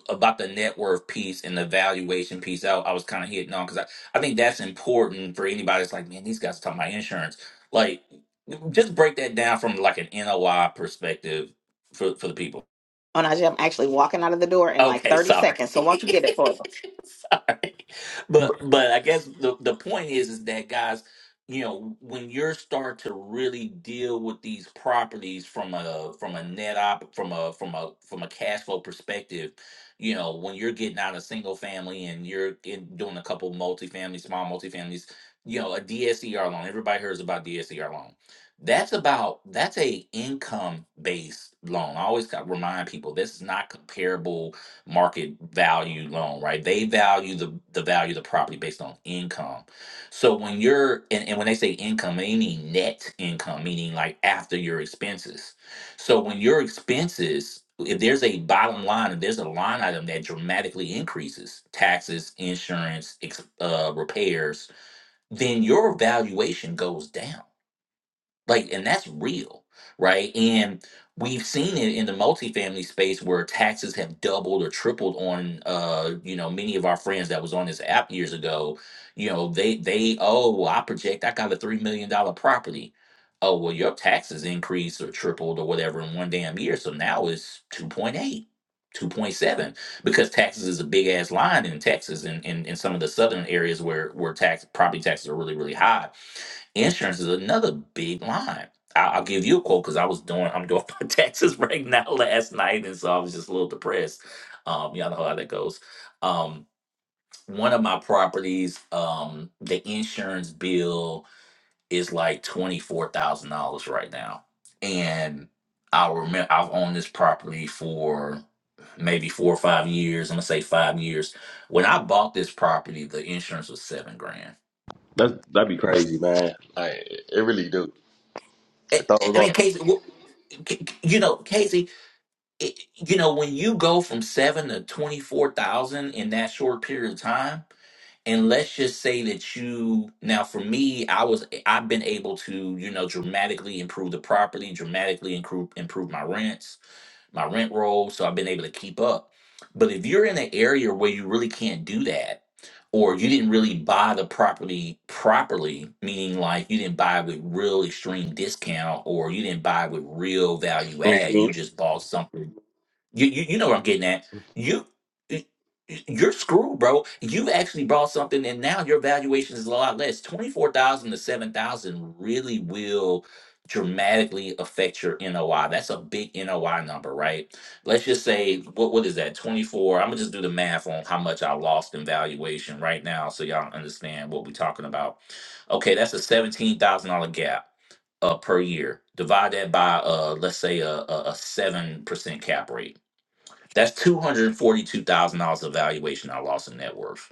about the net worth piece and the valuation piece. I, I was kind of hitting on because I, I think that's important for anybody that's like, man, these guys talking about insurance. Like, just break that down from like an NOI perspective for, for the people.
Oh, Najee, I'm actually walking out of the door in like
Okay,
30
sorry.
seconds. So won't you get it for me?
sorry. But but I guess the the point is is that guys, you know, when you're start to really deal with these properties from a from a net op from a from a from a cash flow perspective, you know, when you're getting out of single family and you're in, doing a couple multifamily, small multifamilies, you know, a DSCR loan. Everybody hears about DSCR loan. That's about that's a income based loan. I always got remind people this is not comparable market value loan, right? They value the the value of the property based on income. So when you're and, and when they say income, they mean net income, meaning like after your expenses. So when your expenses, if there's a bottom line, if there's a line item that dramatically increases, taxes, insurance, ex, uh, repairs, then your valuation goes down like, and that's real, right? And we've seen it in the multifamily space where taxes have doubled or tripled on, uh, you know, many of our friends that was on this app years ago. You know, they they oh, well, I project I got a three million dollar property. Oh, well, your taxes increased or tripled or whatever in one damn year. So now it's two point eight, two point seven because taxes is a big ass line in Texas and in, in, in some of the southern areas where where tax property taxes are really, really high Insurance is another big line. I- I'll give you a quote because I was doing I'm doing my taxes right now last night, and so I was just a little depressed. Um, y'all know how that goes. Um, one of my properties, um, the insurance bill is like twenty four thousand dollars right now, and I remember I've owned this property for maybe four or five years. I'm gonna say five years. When I bought this property, the insurance was seven grand.
that that'd be crazy, man. Like it really do.
I
It throws
I- I
off.
mean, Casey, wh- c- c- you know, Casey, it, you know, when you go from seven to 24,000 in that short period of time, and let's just say that you, now for me, I was, I've been able to, you know, dramatically improve the property, dramatically improve, improve my rents, my rent roll. So I've been able to keep up. But if you're in an area where you really can't do that, or you didn't really buy the property properly, meaning like you didn't buy with real extreme discount or you didn't buy with real value add,
hmm
you just bought something you, you you know where I'm getting at. You y- y- you're screwed, bro. You actually bought something, and now your valuation is a lot less. Twenty four thousand to seven thousand really will dramatically affect your NOI. That's a big NOI number, right? Let's just say what what is that? Twenty four. I'm gonna just do the math on how much I lost in valuation right now, so y'all understand what we're talking about. Okay, that's a seventeen thousand dollar gap uh, per year. Divide that by uh, let's say a seven percent cap rate that's two hundred forty-two thousand dollars of valuation I lost in net worth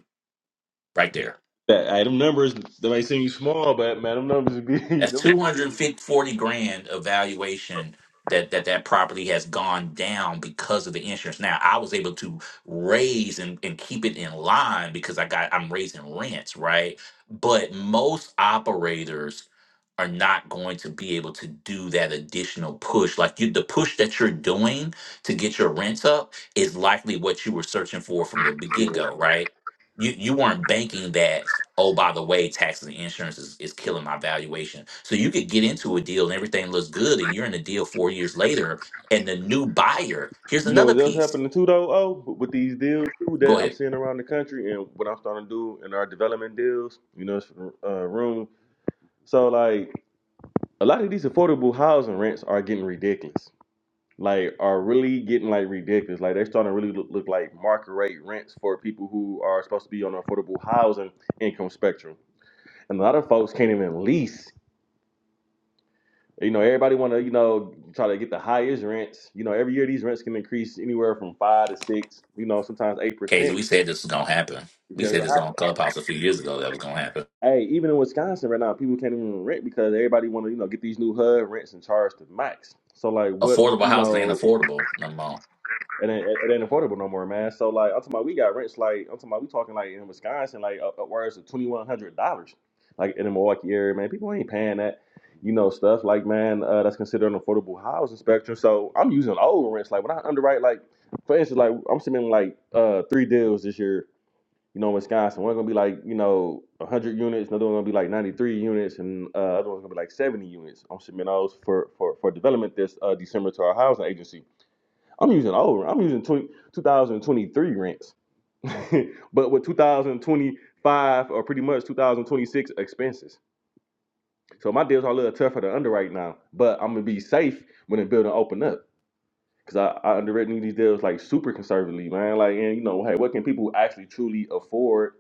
right there.
That hey, them numbers they may seem small, but man, them numbers would be them
That's
numbers.
two hundred
Yeah.
forty grand of valuation that that that property has gone down because of the insurance. Now I was able to raise and, and keep it in line because I got I'm raising rents, right? But most operators are not going to be able to do that additional push. Like you, the push that you're doing to get your rents up is likely what you were searching for from the get go, right? You you weren't banking that, oh, by the way, taxes and insurance is, is killing my valuation. So you could get into a deal and everything looks good, and you're in a deal four years later, and the new buyer, here's
You know
another
what else
piece.
happening too though? Oh, with with these deals too
Go
that I'm
ahead.
seeing around the country and what I'm starting to do in our development deals. You know, it's, uh, rooms. So like a lot of these affordable housing rents are getting ridiculous. Like are really getting like ridiculous. Like they're starting to really look, look like market rate rents for people who are supposed to be on the affordable housing income spectrum. And a lot of folks can't even lease. You know, everybody want to you know try to get the highest rents. You know, every year these rents can increase anywhere from five to six. You know, sometimes eight
Casey,
percent.
we said this is gonna happen. We said this on Clubhouse a few years ago that was gonna happen.
Hey, even in Wisconsin right now, people can't even rent because everybody want to you know get these new HUD rents and charge the max. So like, what
Affordable
you
housing ain't
know?
affordable no more.
it ain't, it ain't affordable no more, man. So like, I'm talking about we got rents like I'm talking about we talking like in Wisconsin like up- upwards of twenty one hundred dollars, like in the Milwaukee area, man. People ain't paying that, you know, stuff like man uh, that's considered an affordable housing spectrum. So I'm using old rents. Like when I underwrite, like for instance, like I'm submitting like uh three deals this year, you know, in Wisconsin. One's gonna be like you know hundred units, another one gonna be like ninety three units, and uh, other one's gonna be like seventy units. I'm submitting those for for for development this uh December to our housing agency. I'm using old. I'm using 20, twenty twenty-three rents, but with 2025 or pretty much 2026 expenses. So my deals are a little tougher to underwrite now, but I'm gonna be safe when the building open up because I, I underwritten these deals like super conservatively, man. Like, and you know, hey, what can people actually truly afford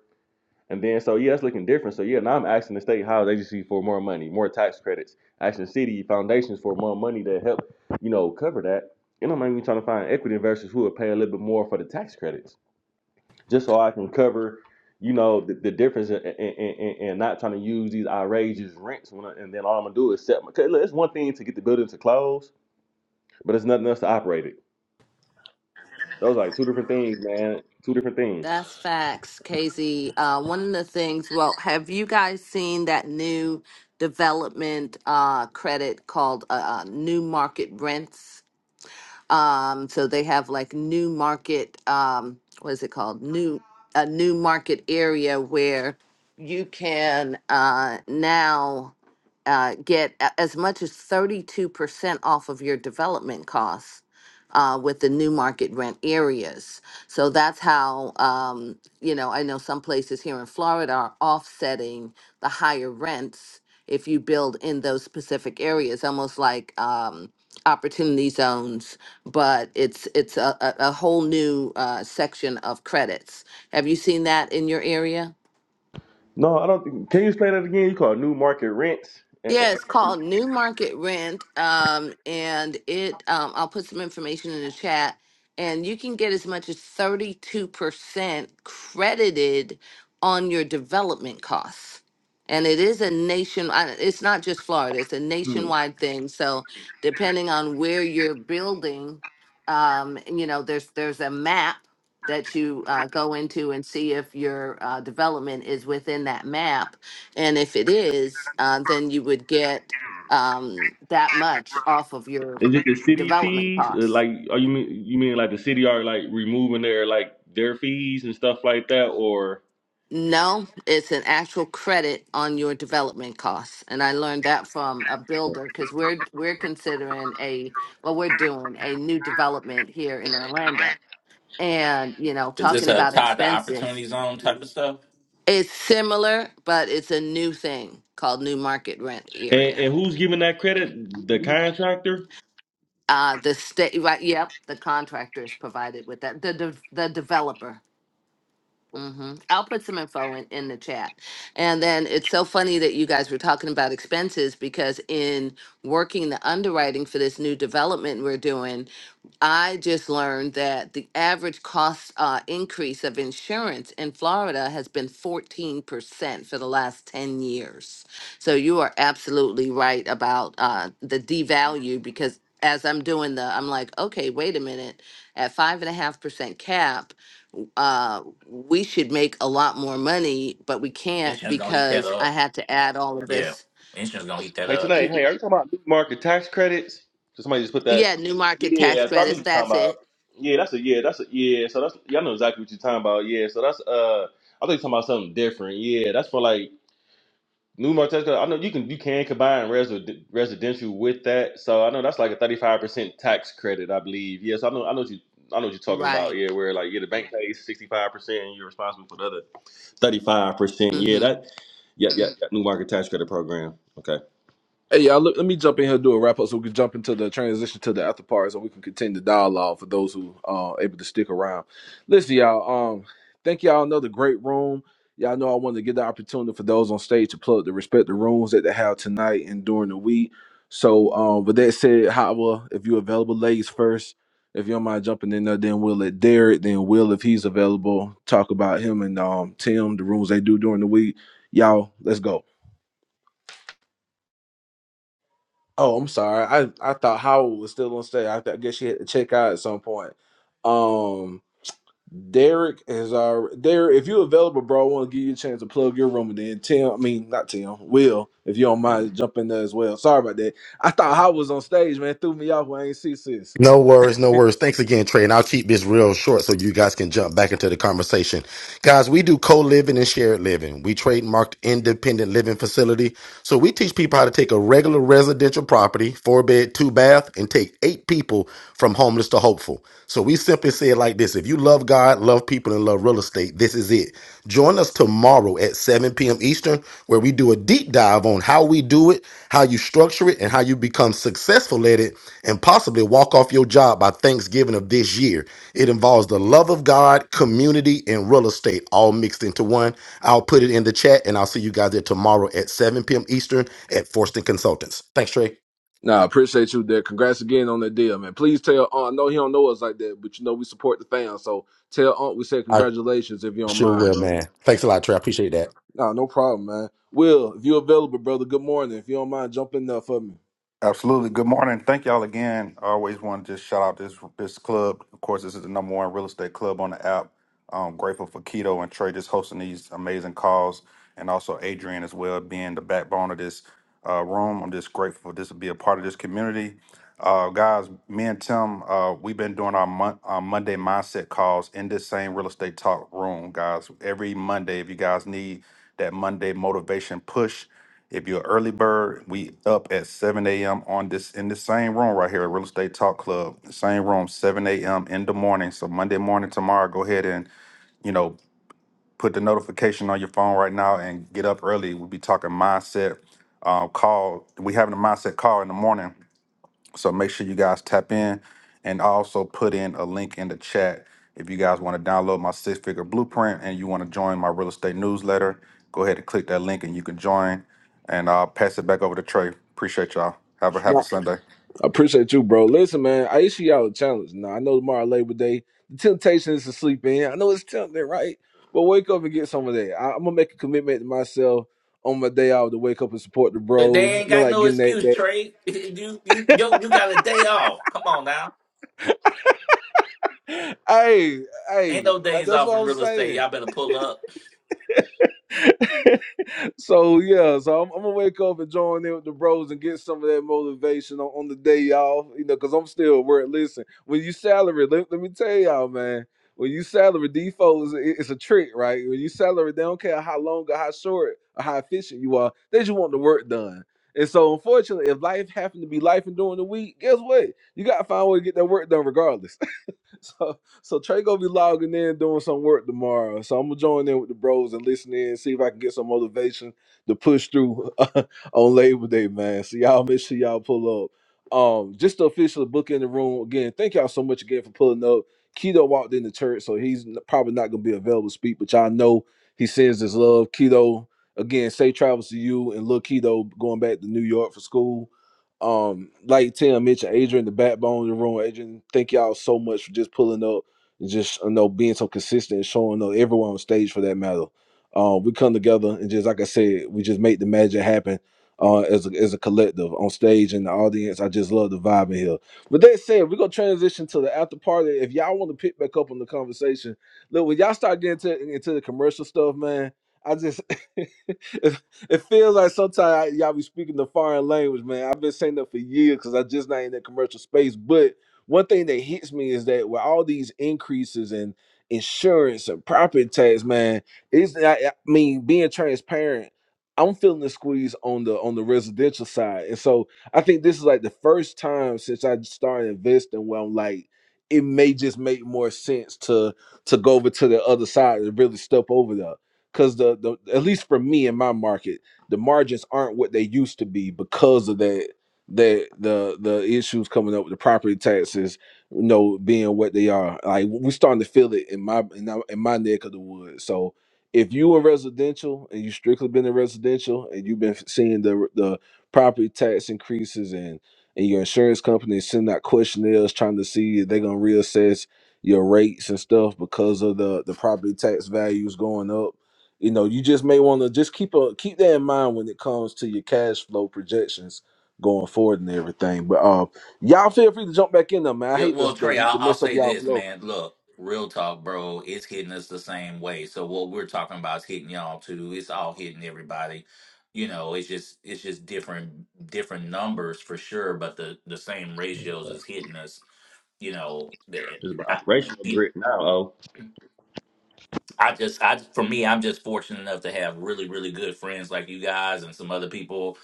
and then so yeah, it's looking different. So yeah, now I'm asking the state housing agency for more money, more tax credits, asking city foundations for more money to help, you know, cover that. And I'm even trying to find equity investors who will pay a little bit more for the tax credits, just so I can cover, you know, the, the difference and and not trying to use these outrageous rents. When I, and then all I'm gonna do is set. My, 'Cause look, it's one thing to get the building to close, but it's nothing else to operate it. Those are like two different things, man. Two different things.
That's facts, Casey. Uh, one of the things, well, have you guys seen that new development uh, credit called uh, uh, New Market Rents? Um, so they have like new market, um, what is it called? New a new market area where you can uh, now uh, get a- as much as 32% off of your development costs uh, with the new market rent areas. So that's how, um, you know, I know some places here in Florida are offsetting the higher rents if you build in those specific areas, almost like um, opportunity zones, but it's it's a, a, a whole new uh, section of credits. Have you seen that in your area?
No, I don't. think- Can you explain that again? You call it new market rents?
Yeah, it's called New Market Rent. Um, and it um, I'll put some information in the chat, and you can get as much as 32% credited on your development costs. And it is a nation, I- it's not just Florida, it's a nationwide thing. So depending on where you're building, um, you know, there's there's a map that you uh, go into and see if your uh, development is within that map and if it is, uh, then you would get um, that much off of your
Is it the city
development
fees? Uh,
costs.
Like, are you mean you mean like the city are like removing their like their fees and stuff like that, or
No, it's an actual credit on your development costs, and I learned that from a builder because we're we're considering a well, we're doing a new development here in Orlando, and you know,
Is this
talking
a
about
tied to opportunity
expenses,
zone type of stuff?
it's similar, but it's a new thing called new market rent area.
and, and who's giving that credit? The contractor?
Uh, the state, right? Yep, the contractor is provided with that. The de- the developer. hmm I'll put some info in, in the chat. And then it's so funny that you guys were talking about expenses because in working the underwriting for this new development we're doing, I just learned that the average cost uh, increase of insurance in Florida has been 14% for the last 10 years. So you are absolutely right about uh, the devalue because as I'm doing the, I'm like, okay, wait a minute. At five and a half percent cap, uh, we should make a lot more money, but we can't
Insurance gonna eat that
because I
up.
had to add all of
Yeah.
this.
Insurance gonna eat that
Hey,
up.
tonight, hey, are you talking about new market tax credits? So somebody just put that.
Yeah, new market tax
Yeah, so I knew
credits.
you talking
That's
about.
it.
Yeah, that's a yeah, that's a yeah. So that's y'all know exactly what you're talking about. Yeah, so that's uh, I thought you talking about something different. Yeah, that's for like New Martesco, I know you can you can combine resi- residential with that, so I know that's like a thirty five percent tax credit, I believe. Yes, I know, I know what you, I know what you're talking about.
Right.
Yeah, where like yeah, the bank pays sixty five percent, and you're responsible for the other thirty five percent. Yeah,
Mm-hmm.
that, yeah, yeah, yeah, New Market Tax Credit Program. Okay,
Hey, y'all, look, let me jump in here, and do a wrap up so we can jump into the transition to the after party so we can continue the dialogue for those who uh, able to stick around. Listen, y'all, um, thank y'all another great room. Y'all know I wanted to get the opportunity for those on stage to plug the respect the rooms that they have tonight and during the week. So, um, with that said, Hava, if you're available, ladies first. If you don't mind jumping in there, then we'll let Derek, then Will, if he's available, talk about him and um, Tim, the rooms they do during the week. Y'all, let's go. Oh, I'm sorry. I, I thought Howell was still on stage. I, th- I guess she had to check out at some point. Um, Derek is our Derek. If you're available, bro, I want to give you a chance to plug your room. And then Tim, I mean not Tim, Will, if you don't mind, jump in there as well. Sorry about that. I thought Howell was on stage, man. Threw me off when I ain't see sis.
No worries, no worries. Thanks again, Trey. And I'll keep this real short so you guys can jump back into the conversation. Guys, we do co living and shared living. We trademarked independent living facility. So we teach people how to take a regular residential property, four bed, two bath, and take eight people from homeless to hopeful. So we simply say it like this if you love God, love people, and love real estate, this is it. Join us tomorrow at 7 p.m. Eastern, where we do a deep dive on how we do it, how you structure it, and how you become successful at it and possibly walk off your job by Thanksgiving of this year. It involves the love of God, community, and real estate all mixed into one. I'll put it in the chat and I'll see you guys there tomorrow at 7 p.m. Eastern at Forston Consultants. Thanks, Trey.
Nah, I appreciate you, Derek. Congrats again on the deal, man. Please tell Aunt. I know he don't know us like that, but you know we support the fans. So tell Aunt we said
I
congratulations if you don't
sure
mind,
will,
bro.
man. Thanks a lot, Trey. I appreciate that.
Nah, no problem, man. Will, if you available, brother, good morning. If you don't mind jumping up for me.
Absolutely. Good morning. Thank y'all again. I always want to just shout out this this club. Of course, this is the number one real estate club on the app. I'm grateful for Keto and Trey just hosting these amazing calls, and also Adrian as well being the backbone of this uh, room. I'm just grateful for this to be a part of this community. Uh, guys, me and Tim, uh, we've been doing our, mon- our Monday mindset calls in this same real estate talk room, guys. Every Monday, if you guys need that Monday motivation push, if you're an early bird, we up at 7 a.m. on this in the same room right here at Real Estate Talk Club. Same room, 7 a.m. in the morning. So Monday morning tomorrow, go ahead and you know put the notification on your phone right now and get up early. We'll be talking mindset uh, call. We having a mindset call in the morning so make sure you guys tap in and I also put in a link in the chat if you guys want to download my six figure blueprint and you want to join my real estate newsletter. Go ahead and click that link and you can join. And I'll pass it back over to Trey. Appreciate y'all. Have a happy
Nah,
Sunday.
I appreciate you, bro. Listen, man, I issue y'all a challenge. Now, I know tomorrow Labor Day, the temptation is to sleep in. I know it's tempting, right? But wake up and get some of that. I, am going to make a commitment to myself on my day off to wake up and support the
They
bros.
ain't
Not
got
like
no
getting
excuse,
that.
Trey. You you you, you got a day off. Come on now.
that. hey,
Ain't
hey,
no days
that's
off
what
in
I'm
real estate.
saying.
Y'all better pull up.
so yeah, so I'm, I'm gonna wake up and join in with the bros and get some of that motivation on, on the day off, you know, because I'm still work. Listen, when you salary, let, let me tell y'all, man, when you salary default is it- it's a trick, right? When you salary, they don't care how long or how short or how efficient you are, they just want the work done. And so, unfortunately, if life happened to be life and during the week, guess what? You gotta find a way to get that work done regardless. So so Trey gonna be logging in doing some work tomorrow. So I'm gonna join in with the bros and listen in, see if I can get some motivation to push through on Labor Day, man. So y'all make sure y'all pull up. Um, just the official book in the room again. Thank y'all so much again for pulling up. Keto walked in the church, so he's n- probably not gonna be available to speak, but y'all know he sends his love. Keto, again, safe travels to you and Lil Keto going back to New York for school. Um, like Tim mentioned, Adrian, the backbone of the room. Adrian, thank y'all so much for just pulling up and just you know being so consistent and showing up everyone on stage for that matter. Um, we come together and just like I said, we just make the magic happen uh as a, as a collective on stage and the audience. I just love the vibe in here. With that said, we're gonna transition to the after party. If y'all want to pick back up on the conversation, look when y'all start getting to, into the commercial stuff, man. I just it's it feels like sometimes y'all be speaking the foreign language, man. I've been saying that for years because I just not in that commercial space. But one thing that hits me is that with all these increases in insurance and property tax, man, it's I, I mean being transparent. I'm feeling the squeeze on the on the residential side, and so I think this is like the first time since I started investing where I'm like, it may just make more sense to to go over to the other side and really step over there because the, the at least for me in my market, the margins aren't what they used to be because of that that the the issues coming up with the property taxes, you know, being what they are. Like we're starting to feel it in my in, our- in my neck of the woods. So if you are residential and you strictly been in residential and you've been seeing the the property tax increases and and your insurance company is sending out questionnaires trying to see if they're gonna reassess your rates and stuff because of the the property tax values going up you know you just may want to just keep a keep that in mind when it comes to your cash flow projections going forward and everything but um y'all feel free to jump back in though, man i
Yeah,
hate the
well,
the,
Trey,
the
I'll, I'll
mess up
say
y'all
this,
flow
man. Look, real talk, bro. It's hitting us the same way. So what we're talking about is hitting y'all too. It's all hitting everybody. You know, it's just it's just different different numbers for sure, but the the same ratios
so
is hitting us. You know, that-
it's about operational
I-
grit now. Oh,
I just, I for me, I'm just fortunate enough to have really, really good friends like you guys and some other people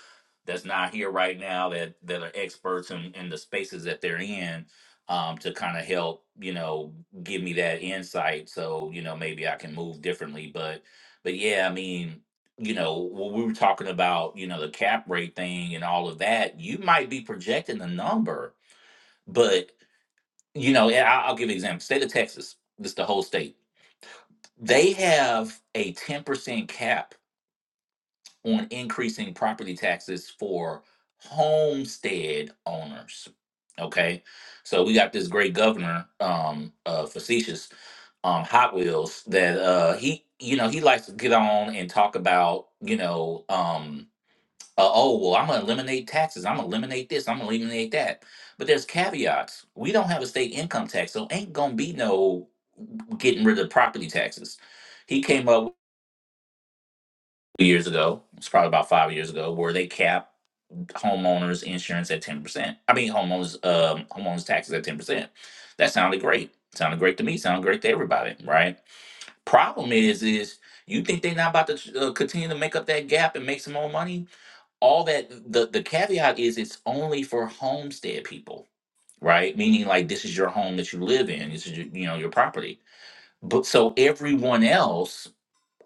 that's not here right now that that are experts in, in the spaces that they're in um, to kind of help, you know, give me that insight. So you know, maybe I can move differently. But, but yeah, I mean, you know, when we were talking about, you know, the cap rate thing and all of that, you might be projecting a number, but you know, and I- I'll give you an example. State of Texas, just the whole state they have a 10% cap on increasing property taxes for homestead owners. Okay. So we got this great governor, um, uh, facetious, um, Hot Wheels that, uh, he, you know, he likes to get on and talk about, you know, um, uh, oh, well, I'm going to eliminate taxes. I'm going to eliminate this. I'm going to eliminate that. But there's caveats. We don't have a state income tax, so ain't going to be no getting rid of property taxes. He came up years ago. It's probably about five years ago, where they capped homeowners insurance at ten percent. I mean, homeowners um, homeowners taxes at ten percent. That sounded great. Sounded great to me. Sounded great to everybody, right? Problem is, is you think they're not about to uh, continue to make up that gap and make some more money? All that the the caveat is, it's only for homestead people, right? Meaning, like this is your home that you live in. This is your, you know your property. But so everyone else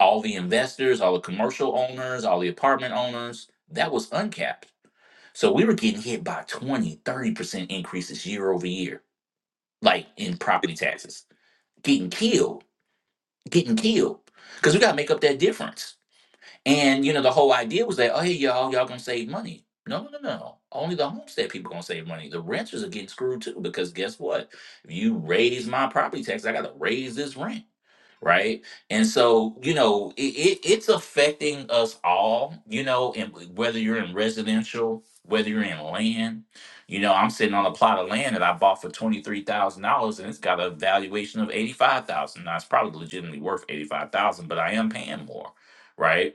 all the investors, all the commercial owners, all the apartment owners, that was uncapped. So we were getting hit by twenty, thirty percent increases year over year, like in property taxes, getting killed, getting killed. Because we got to make up that difference. And, you know, the whole idea was that, oh, hey, y'all, y'all going to save money. No, no, no, no. Only the homestead people going to save money. The renters are getting screwed too, because guess what? If you raise my property tax, I got to raise this rent right? And so, you know, it, it, it's affecting us all, you know, and whether you're in residential, whether you're in land, you know, I'm sitting on a plot of land that I bought for $23,000 and it's got a valuation of 85,000. Now it's probably legitimately worth 85,000, but I am paying more, right?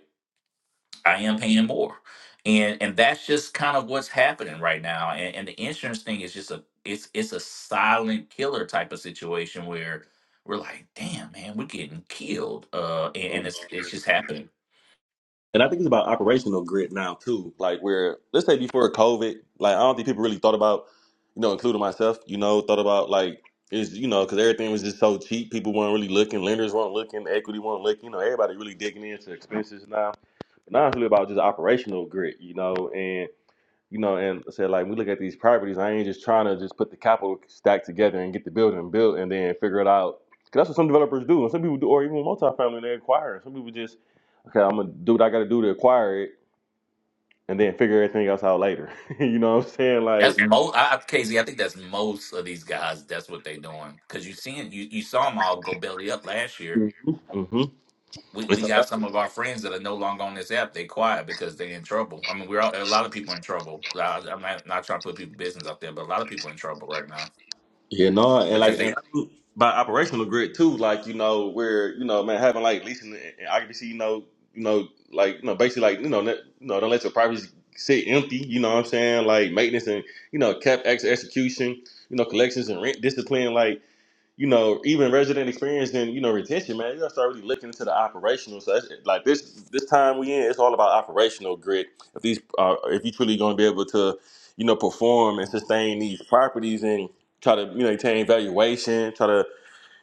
I am paying more. And and that's just kind of what's happening right now. And, and the insurance thing is just a it's it's a silent killer type of situation where we're like, damn man, we're getting killed. Uh and,
Um,
and it's it's just happening.
And I think it's about operational grit now too. Like where let's say before COVID, like I don't think people really thought about, you know, including myself, you know, thought about like is you know because everything was just so cheap. People weren't really looking. Lenders weren't looking. Equity weren't looking. You know, everybody really digging into expenses now. And now it's really about just operational grit, you know, and you know, and I said like we look at these properties. I ain't just trying to just put the capital stack together and get the building built and then figure it out. 'Cause that's what some developers do, and some people do, or even multifamily they acquire. Some people just okay, I'm gonna do what I gotta do to acquire it, and then figure everything else out later. you know what I'm saying?
That's
Like,
most I, I- Casey, I think that's most of these guys, that's what they doing. Cause you seen you you saw them all go belly up last year.
hmm
We we got some of our friends that are no longer on this app. They quiet because they in trouble. I mean, we're all, a lot of people in trouble. I, I'm not, not trying to put people business out there, but a lot of people in trouble right now.
yeah, no, and
because
like, and
they.
I'm- by operational grit too, like you know, where you know, man, having like leasing and and occupancy, you know, you know, like you know, basically like you know, ne- you know, don't let your properties sit empty. You know what I'm saying? Like maintenance and you know, cap ex- execution, you know, collections and rent discipline, like. you know, even resident experience and you know retention, man, you gotta start really looking into the operational. So that's, like this this time we in, it's all about operational grit. If these uh, if you truly gonna be able to, you know, perform and sustain these properties and try to you know maintain valuation, try to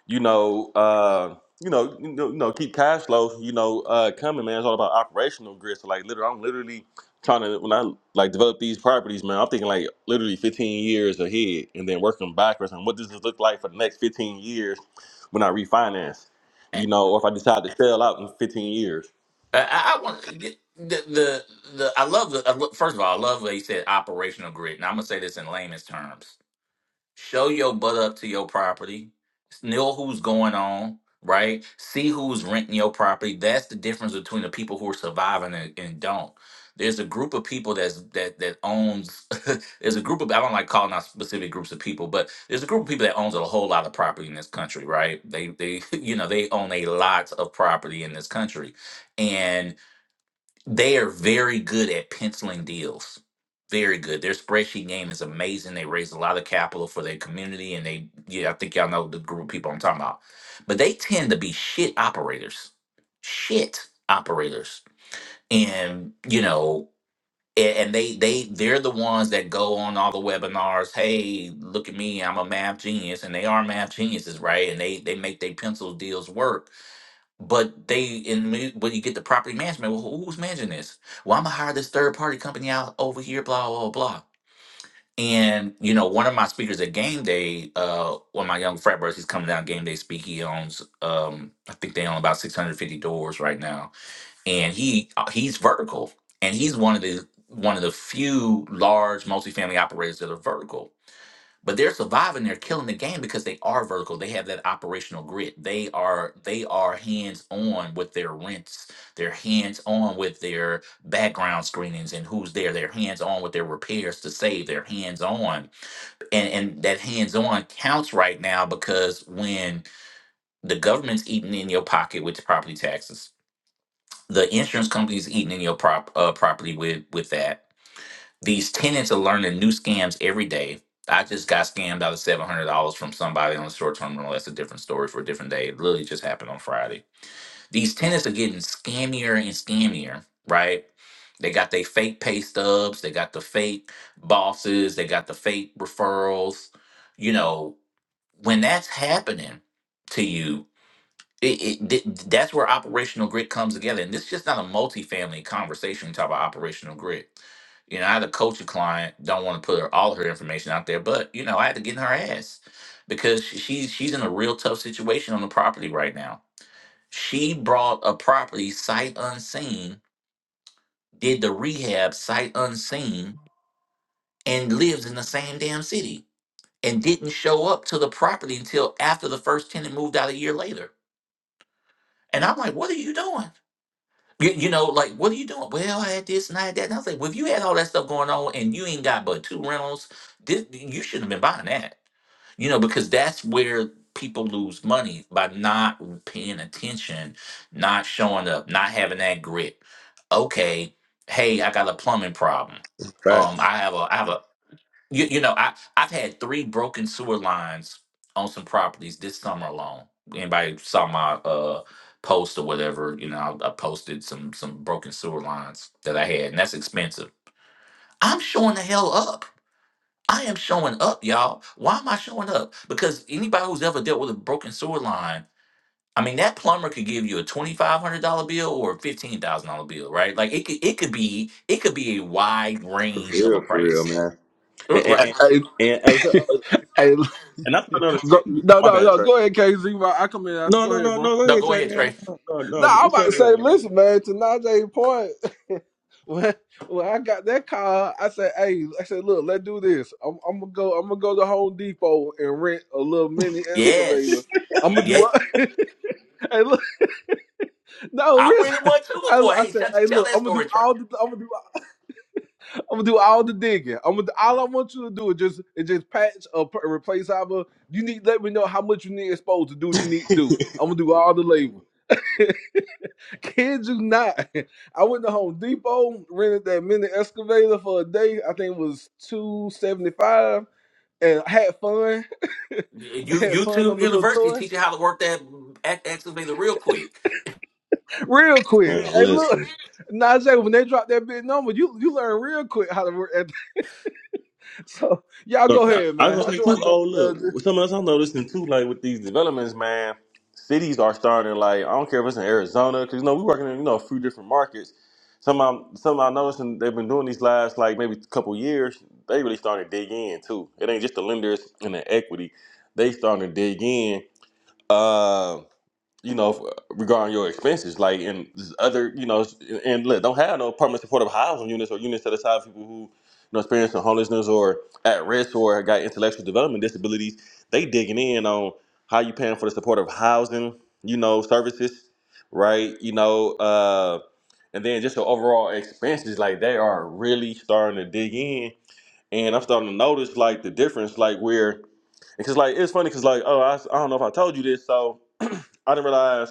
you know, uh, you know, you know, you know, keep cash flow, you know, uh, coming, man. It's all about operational grit. So like, literally, I'm literally trying to when I like develop these properties, man. I'm thinking like literally 15 years ahead, and then working backwards. And what does this look like for the next 15 years when I refinance?
eh,
You know, or if I decide to sell out in 15 years.
I, I want the the the. I love the. I lo- First of all, I love what he said. Operational grid. Now I'm gonna say this in layman's terms. show your butt up to your property, know who's going on, right? See who's renting your property. That's the difference between the people who are surviving and, and don't. There's a group of people that's that that owns. there's a group of I don't like calling out specific groups of people, but there's a group of people that owns a whole lot of property in this country, right? They they you know they own a lot of property in this country, they are very good at penciling deals. Very good. Their spreadsheet game is amazing. They raise a lot of capital for their community, and they yeah, I think y'all know the group of people I'm talking about. But they tend to be shit operators, shit operators, and you know, a- and they they they're the ones that go on all the webinars. Hey, look at me, I'm a math genius, and they are math geniuses, right? And they they make their pencil deals work but they in mu- but you get the property management. Well, who- who's managing this? Well, I'm gonna hire this third party company out over here, blah blah blah. And you know, one of my speakers at game day, uh, one of my young frat brothers, he's coming down game day speak. He owns, um, I think they own about 650 doors right now, and he uh, he's vertical, and he's one of the one of the few large multifamily operators that are vertical but they're surviving they're killing the game because they are vertical they have that operational grit they are they are hands on with their rents they're hands on with their background screenings and who's there they're hands on with their repairs to save they're hands on and and that hands on counts right now because when the government's eating in your pocket with the property taxes the insurance company's eating in your prop uh, property with with that these tenants are learning new scams every day. I just got scammed out of seven hundred dollars from somebody on a short term rental. That's a different story for a different day. It literally just happened on Friday. These tenants are getting scammier and scammier, right? They got their fake pay stubs, they got the fake bosses, they got the fake referrals. You know, when that's happening to you, it, it, th- that's where operational grit comes together. And this is just not a multifamily conversation type of operational grit. You know, I had to coach a client, don't want to put her, all her information out there, but you know, I had to get in her ass because she- she's she's in a real tough situation on the property right now. She brought a property sight unseen, did the rehab sight unseen, and lives in the same damn city and didn't show up to the property until after the first tenant moved out a year later. And I'm like, what are you doing? You, you know, like, what are you doing? Well, I had this and I had that. And I was like, well, if you had all that stuff going on and you ain't got but two rentals, this, you shouldn't have been buying that. You know, because that's where people lose money by not paying attention, not showing up, not having that grit. Okay, hey, I got a plumbing problem. Um,
Facts,
I have a I have a you, you know, I I've had three broken sewer lines on some properties this summer alone. Anybody saw my uh post or whatever? You know, I, I posted some some broken sewer lines that I had, and that's expensive. I'm showing the hell up. I am showing up, y'all. Why am I showing up? Because anybody who's ever dealt with a broken sewer line, I mean, that plumber could give you a twenty five hundred dollar bill or a fifteen thousand dollar bill, right? Like it could it could be it could be a wide
for
range of a
real, for real,
price,
man. And
R-
and,
right?
and,
Hey,
and hey, so,
hey,
uh,
hey,
and I'm trying to know the
Go,
city.
no,
My
no,
bad,
no.
Trey.
Go ahead, KZ. I I come in after.
No,
Go
no,
ahead,
no,
bro.
no. Go
No,
ahead,
go
Trey,
ahead,
man.
Trey.
No, no, no,
No,
no.
I'm
This
about
your
to
room,
say, listen,
my
man. To Najee's point, when when I got that car, I said, hey, I said, look, let's do this. I'm, I'm gonna go. I'm gonna go to Home Depot and rent a little mini excavator.
Yes.
I'm gonna do
Yes.
what? Hey, look, no,
I
Riz.
went in one too
I,
before.
I
Hey,
said,
shut,
hey,
tell
look,
that
I'm gonna
story,
do
Trey.
all the, I'm gonna do, I'm gonna do all the digging. I'm gonna, all I want you to do is just, is just patch or put- replace however you need. Let me know how much you need exposed to do what you need to
man.
do. I'm gonna do all the labor. Kid you not. I went to Home Depot, rented that mini excavator for a day. I think it was two seventy five, and I had fun.
You
had fun on
YouTube
the little
University
toy.
teaching how to work that act activator real quick.
real quick.
Man,
Hey, look,
listen.
Nas when they drop that big number, you you learn real quick how to work. At, so y'all
Look,
go
No,
I,
ahead,
I
man.
was
I
but
gonna say
just
too.
want
but
to jump
Oh,
in there. Just,
look, something else I'm noticing too. Like with these developments, man, cities are starting. Like I don't care if it's in Arizona, because you know we working in you know a few different markets. Some I'm some I noticing they've been doing these last like maybe couple years. They really starting to dig in too. It ain't just the lenders and the equity. They starting to dig in. Um you know, regarding your expenses, like in other, you know, and look, don't have no permanent supportive housing units or units set aside for people who, you know, experiencing homelessness or at risk or got intellectual development disabilities. They digging in on how you paying for the supportive housing, you know, services, right? You know, uh, and then just the overall expenses, like they are really starting to dig in. And I'm starting to notice like the difference, like where, because like it's funny, because like oh, I s- I don't know if I told you this, so I didn't realize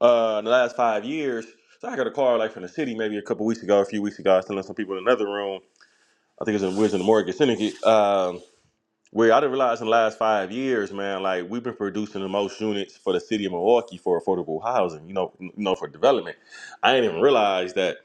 uh, in the last five years. So I got a call like from the city maybe a couple weeks ago, a few weeks ago. I was telling some people in another room. I think it was in Wisdom and Mortgage Syndicate. Um, where I didn't realize in the last five years, man, like we've been producing the most units for the city of Milwaukee for affordable housing, you know, you know, for development. I didn't even realize that,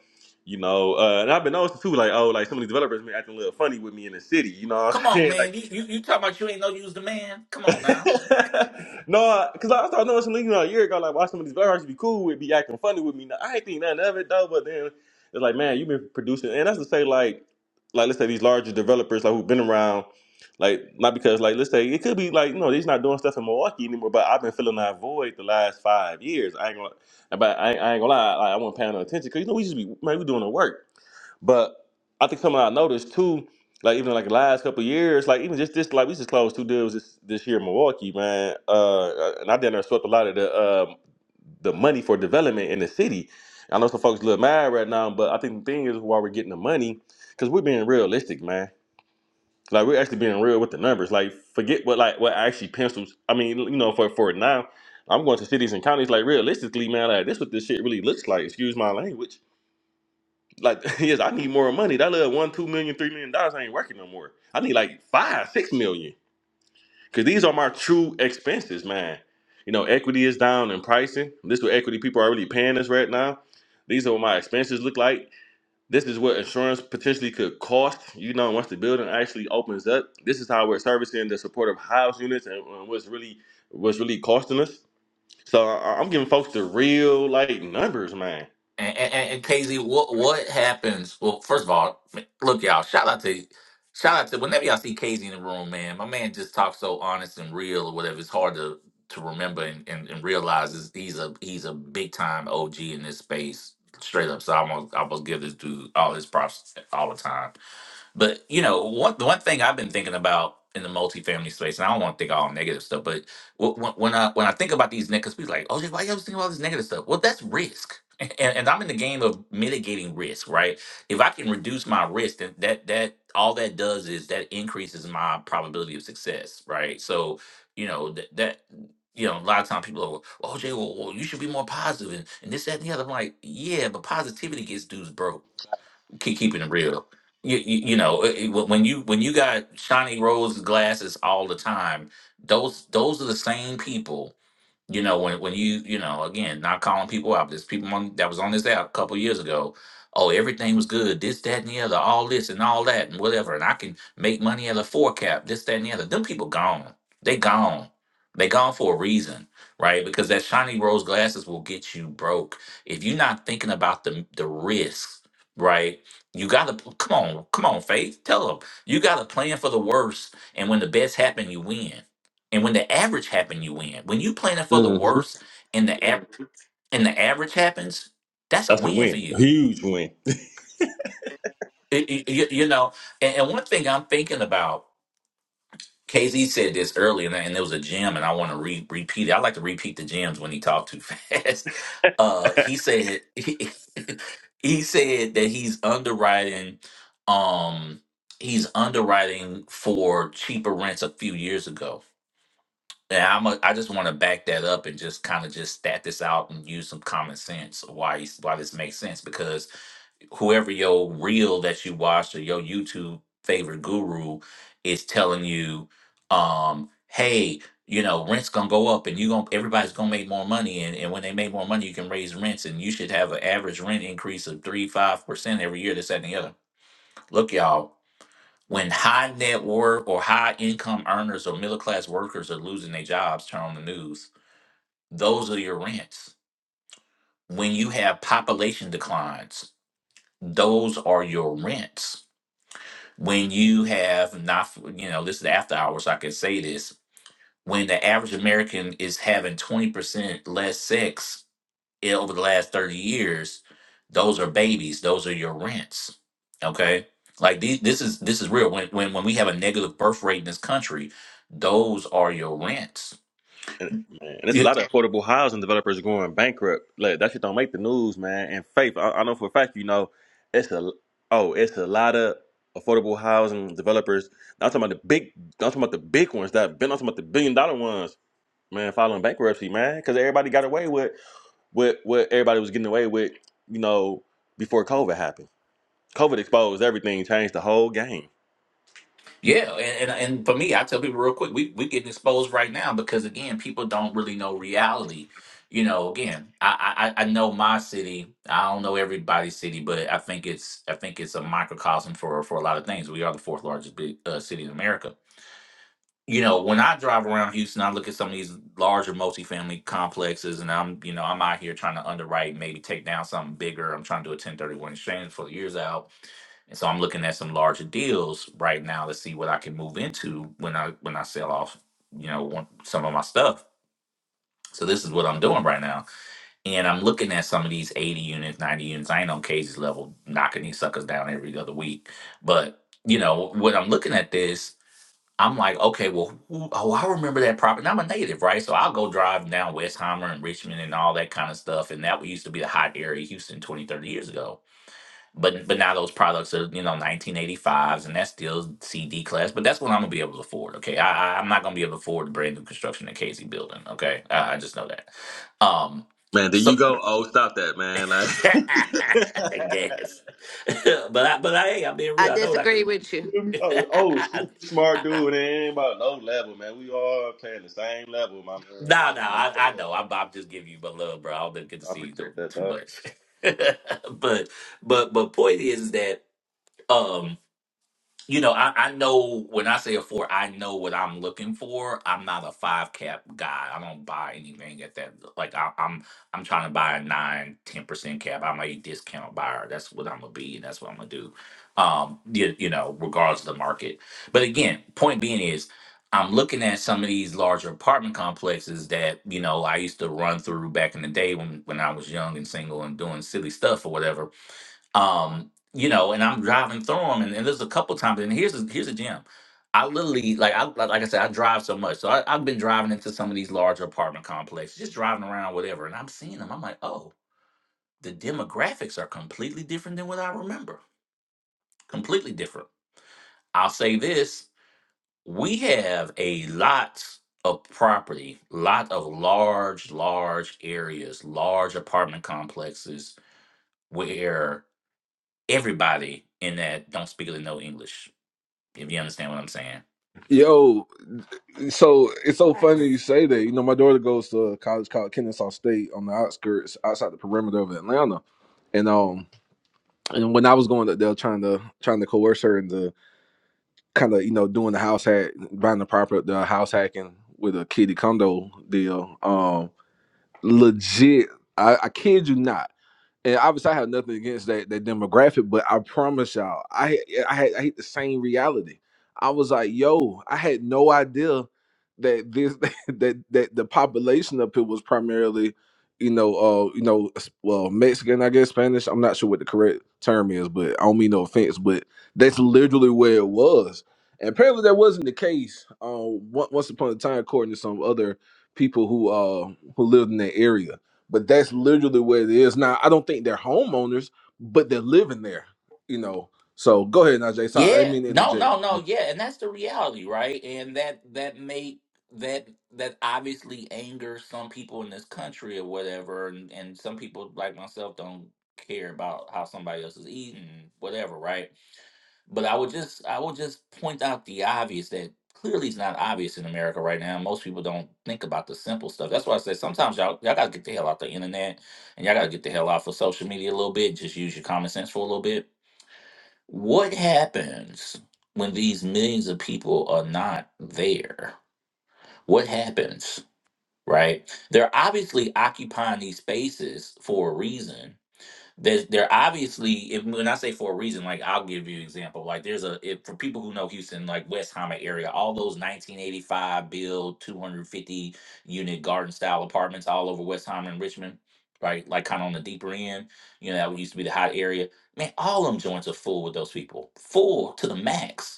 you know, uh, and I've been noticing too, like, oh, like some of these developers been acting a little funny with me in the city, you know what
come
I'm
on,
saying?
man. You you, you talking about you ain't no use the man? Come on now.
no, because I started knowing some niggas about a year ago, like, watch some of these black artists be cool with, be acting funny with me. Now, I ain't think nothing of it, though, but then it's like, man, you've been producing. And that's to say, like, like let's say these larger developers, like, who've been around, like, not because, like, let's say it could be like, no, they's not doing stuff in Milwaukee anymore, but I've been filling that void the last five years. I ain't gonna, but I, ain't- I ain't gonna lie, like, I won't pay no attention because, you know, we just be, man, we doing the work. But I think something I noticed too, like even like the last couple of years, like even just this, like we just closed two deals this, this year in Milwaukee, man. Uh, uh, and I done there swept a lot of the um the money for development in the city. I know some folks a little mad right now, but I think the thing is why we're getting the money because we're being realistic, man. Like we're actually being real with the numbers. Like forget what like what actually pencils. I mean, you know, for for now, I'm going to cities and counties. Like realistically, man, like this what this shit really looks like. Excuse my language like, yes, I need more money. That little one, two million, three million dollars ain't working no more. I need like five, six million. Cause these are my true expenses, man. You know, equity is down in pricing. This is what equity people are really paying us right now. These are what my expenses look like. This is what insurance potentially could cost, you know, once the building actually opens up. This is how we're servicing the supportive house units and and what's really what's really costing us. So I- I'm giving folks the real like numbers, man.
And, and, and KZ, what what happens? Well, first of all, look, y'all. Shout out to, shout out to. Whenever y'all see KZ in the room, man, my man just talks so honest and real, or whatever. It's hard to to remember and, and, and realize is he's a he's a big time OG in this space, straight up. So I almost I almost give this dude all his props all the time. But you know, one the one thing I've been thinking about in the multifamily space, and I don't want to think all negative stuff, but wh- wh- when I when I think about these niggas, people like, oh, why you always think about this negative stuff? Well, that's risk, and, and I'm in the game of mitigating risk, right? If I can reduce my risk, then that that all that does is that increases my probability of success, right? So you know that that. You know, a lot of times people are, well, OJ, well, well, you should be more positive and, and this, that, and the other. I'm like, yeah, but positivity gets dudes broke keep keeping it real. You, you, you know it- it- when you when you got shiny rose glasses all the time, those those are the same people you know, when when you you know, again, not calling people out. There's people on, that was on this app a couple years ago. Oh, everything was good. This, that, and the other. All this and all that and whatever. And I can make money at a four cap. This, that, and the other. Them people gone. They gone. They gone for a reason, right? Because that shiny rose glasses will get you broke if you're not thinking about the the risk, right? You gotta come on, come on, Faith. Tell them you got to plan for the worst, and when the best happen, you win and when the average happen, you win. When you planning for the
hmm
worst and the average and the average happens, that's a
That's a
win for
win. A
you.
huge win.
It- it- you, you know, and, and one thing I'm thinking about, KZ said this earlier, and, I- and there was a gem, and I want to re- repeat it. I like to repeat the gems when he talked too fast. Uh, he said he, he said that he's underwriting, um, he's underwriting for cheaper rents a few years ago Yeah, I'm a, I just want to back that up and just kind of just stat this out and use some common sense of why you- why this makes sense because whoever your reel that you watched or your YouTube favorite guru is telling you, um, hey, you know, rent's gonna go up and you gonna everybody's gonna make more money and, and when they make more money, you can raise rents and you should have an average rent increase of three five percent every year. This that, and the other. Look, y'all, when high net worth or high income earners or middle class workers are losing their jobs, turn on the news those are your rents. When you have population declines, those are your rents. When you have not, you know, this is the after hours, I can say this. When the average American is having 20% less sex i- over the last 30 years, those are babies, those are your rents. Okay. Like these, this is this is real. When, when when we have a negative birth rate in this country, those are your rents.
And, man, and it's a lot of affordable housing developers going bankrupt. Like that shit don't make the news, man. And faith, I, I know for a fact, you know, it's a oh, it's a lot of affordable housing developers. Not talking about the big, not talking about the big ones. That been not talking about the billion dollar ones, man. Filing bankruptcy, man, because everybody got away with what what everybody was getting away with, you know, before COVID happened. COVID exposed everything, changed the whole game.
Yeah, and, and and for me, I tell people real quick, we we getting exposed right now because again, people don't really know reality. You know, again, I, I I I know my city. I don't know everybody's city, but I think it's I think it's a microcosm for for a lot of things. We are the fourth largest big uh, city in America. You know, when I drive around Houston, I look at some of these larger multifamily complexes, and I'm you know I'm out here trying to underwrite, maybe take down something bigger. I'm trying to do a 1031 exchange for the years out and so I'm looking at some larger deals right now to see what I can move into when I when I sell off, you know, one, some of my stuff. So this is what I'm doing right now, and I'm looking at some of these 80 units, 90 units. I ain't on Casey's level knocking these suckers down every other week, but you know when I'm looking at this, I'm like, okay, well, who, oh, I remember that property. And I'm a native, right? So I'll go drive down Westheimer and Richmond and all that kind of stuff, and that used to be a hot area, of Houston, 20, 30 years ago but but now those products are you know 1985s and that's still CD class. But that's what I'm gonna be able to afford. Okay, I, I I'm not gonna be able to afford the brand new construction at Casey Building. Okay, I, I just know that. Um,
Man, there you
so
go. Oh, stop that, man.
I
Like.
guess. but I but I hey, I'm being
I
real. I know that
disagree
I
with you.
Oh, oh, super
can.
smart dude. It ain't about no level, man. We all playing the same level, my man.
No
Like,
no
like
I,
straight
I know.
up.
I'm, I'm just giving you my love, bro. I don't get to
I
see you too
appreciate that,
too
dog.
much. but but but point is that um you know, I, I know when I say a four, I know what I'm looking for. I'm not a five cap guy. I don't buy anything at that. Like I, I'm, I'm trying to buy a nine, ten percent cap. I'm a discount buyer. That's what I'm gonna be, and that's what I'm gonna do. Um, you, you know, regardless of the market. But again, point being is, I'm looking at some of these larger apartment complexes that you know I used to run through back in the day when when I was young and single and doing silly stuff or whatever um you know and i'm driving through them and, and there's a couple times and here's the here's a gem i literally like i like like i said i drive so much so I, i've been driving into some of these larger apartment complexes just driving around whatever and i'm seeing them i'm like oh the demographics are completely different than what i remember completely different i'll say this we have a lot of property lot of large large areas large apartment complexes where everybody in that don't speak or know english If you understand what I'm saying.
Yo, so it's so funny you
Facts.
say that. You know, my daughter goes to a college called Kennesaw State on the outskirts, outside the perimeter of Atlanta. And um, and when I was going up there, trying to trying to coerce her into kind of you know doing the house hack, buying the property, the house hacking with a kitty condo deal. Um, legit, I, I kid you not. and obviously I have nothing against that that demographic, but I promise y'all, I yeah, I had I hit the same reality. I was like, yo, I had no idea that this that that the population up here was primarily, you know, uh, you know, s- well, Mexican, I guess Spanish. I'm not sure what the correct term is, but I don't mean no offense, but that's literally where it was. And apparently that wasn't the case. Um, once upon a time, according to some other people who uh who lived in that area but that's literally what it is. Now, I don't think they're homeowners, but they're living there, you know. So go ahead, Najee. Sorry, I didn't
Yeah.
mean to
No,
interject.
no, no. Yeah, and that's the reality, right? And that that make that that obviously angers some people in this country or whatever, and and some people like myself don't care about how somebody else is eating, whatever, right? But I would just I would just point out the obvious that clearly is not obvious in America right now. Most people don't think about the simple stuff. That's why I said sometimes y'all y'all gotta get the hell out the internet and y'all gotta get the hell off of social media a little bit. Just use your common sense for a little bit. What happens when these millions of people are not there? What happens? Right? They're obviously occupying these spaces for a reason there's they're obviously if when I say for a reason, like I'll give you an example. Like there's a if, for people who know Houston, like West Hamlet area, all those 1985 build 250 unit garden style apartments all over West Hamlet and Richmond, right? Like kind of on the deeper end, you know, that used to be the hot area. Man, all them joints are full with those people, full to the max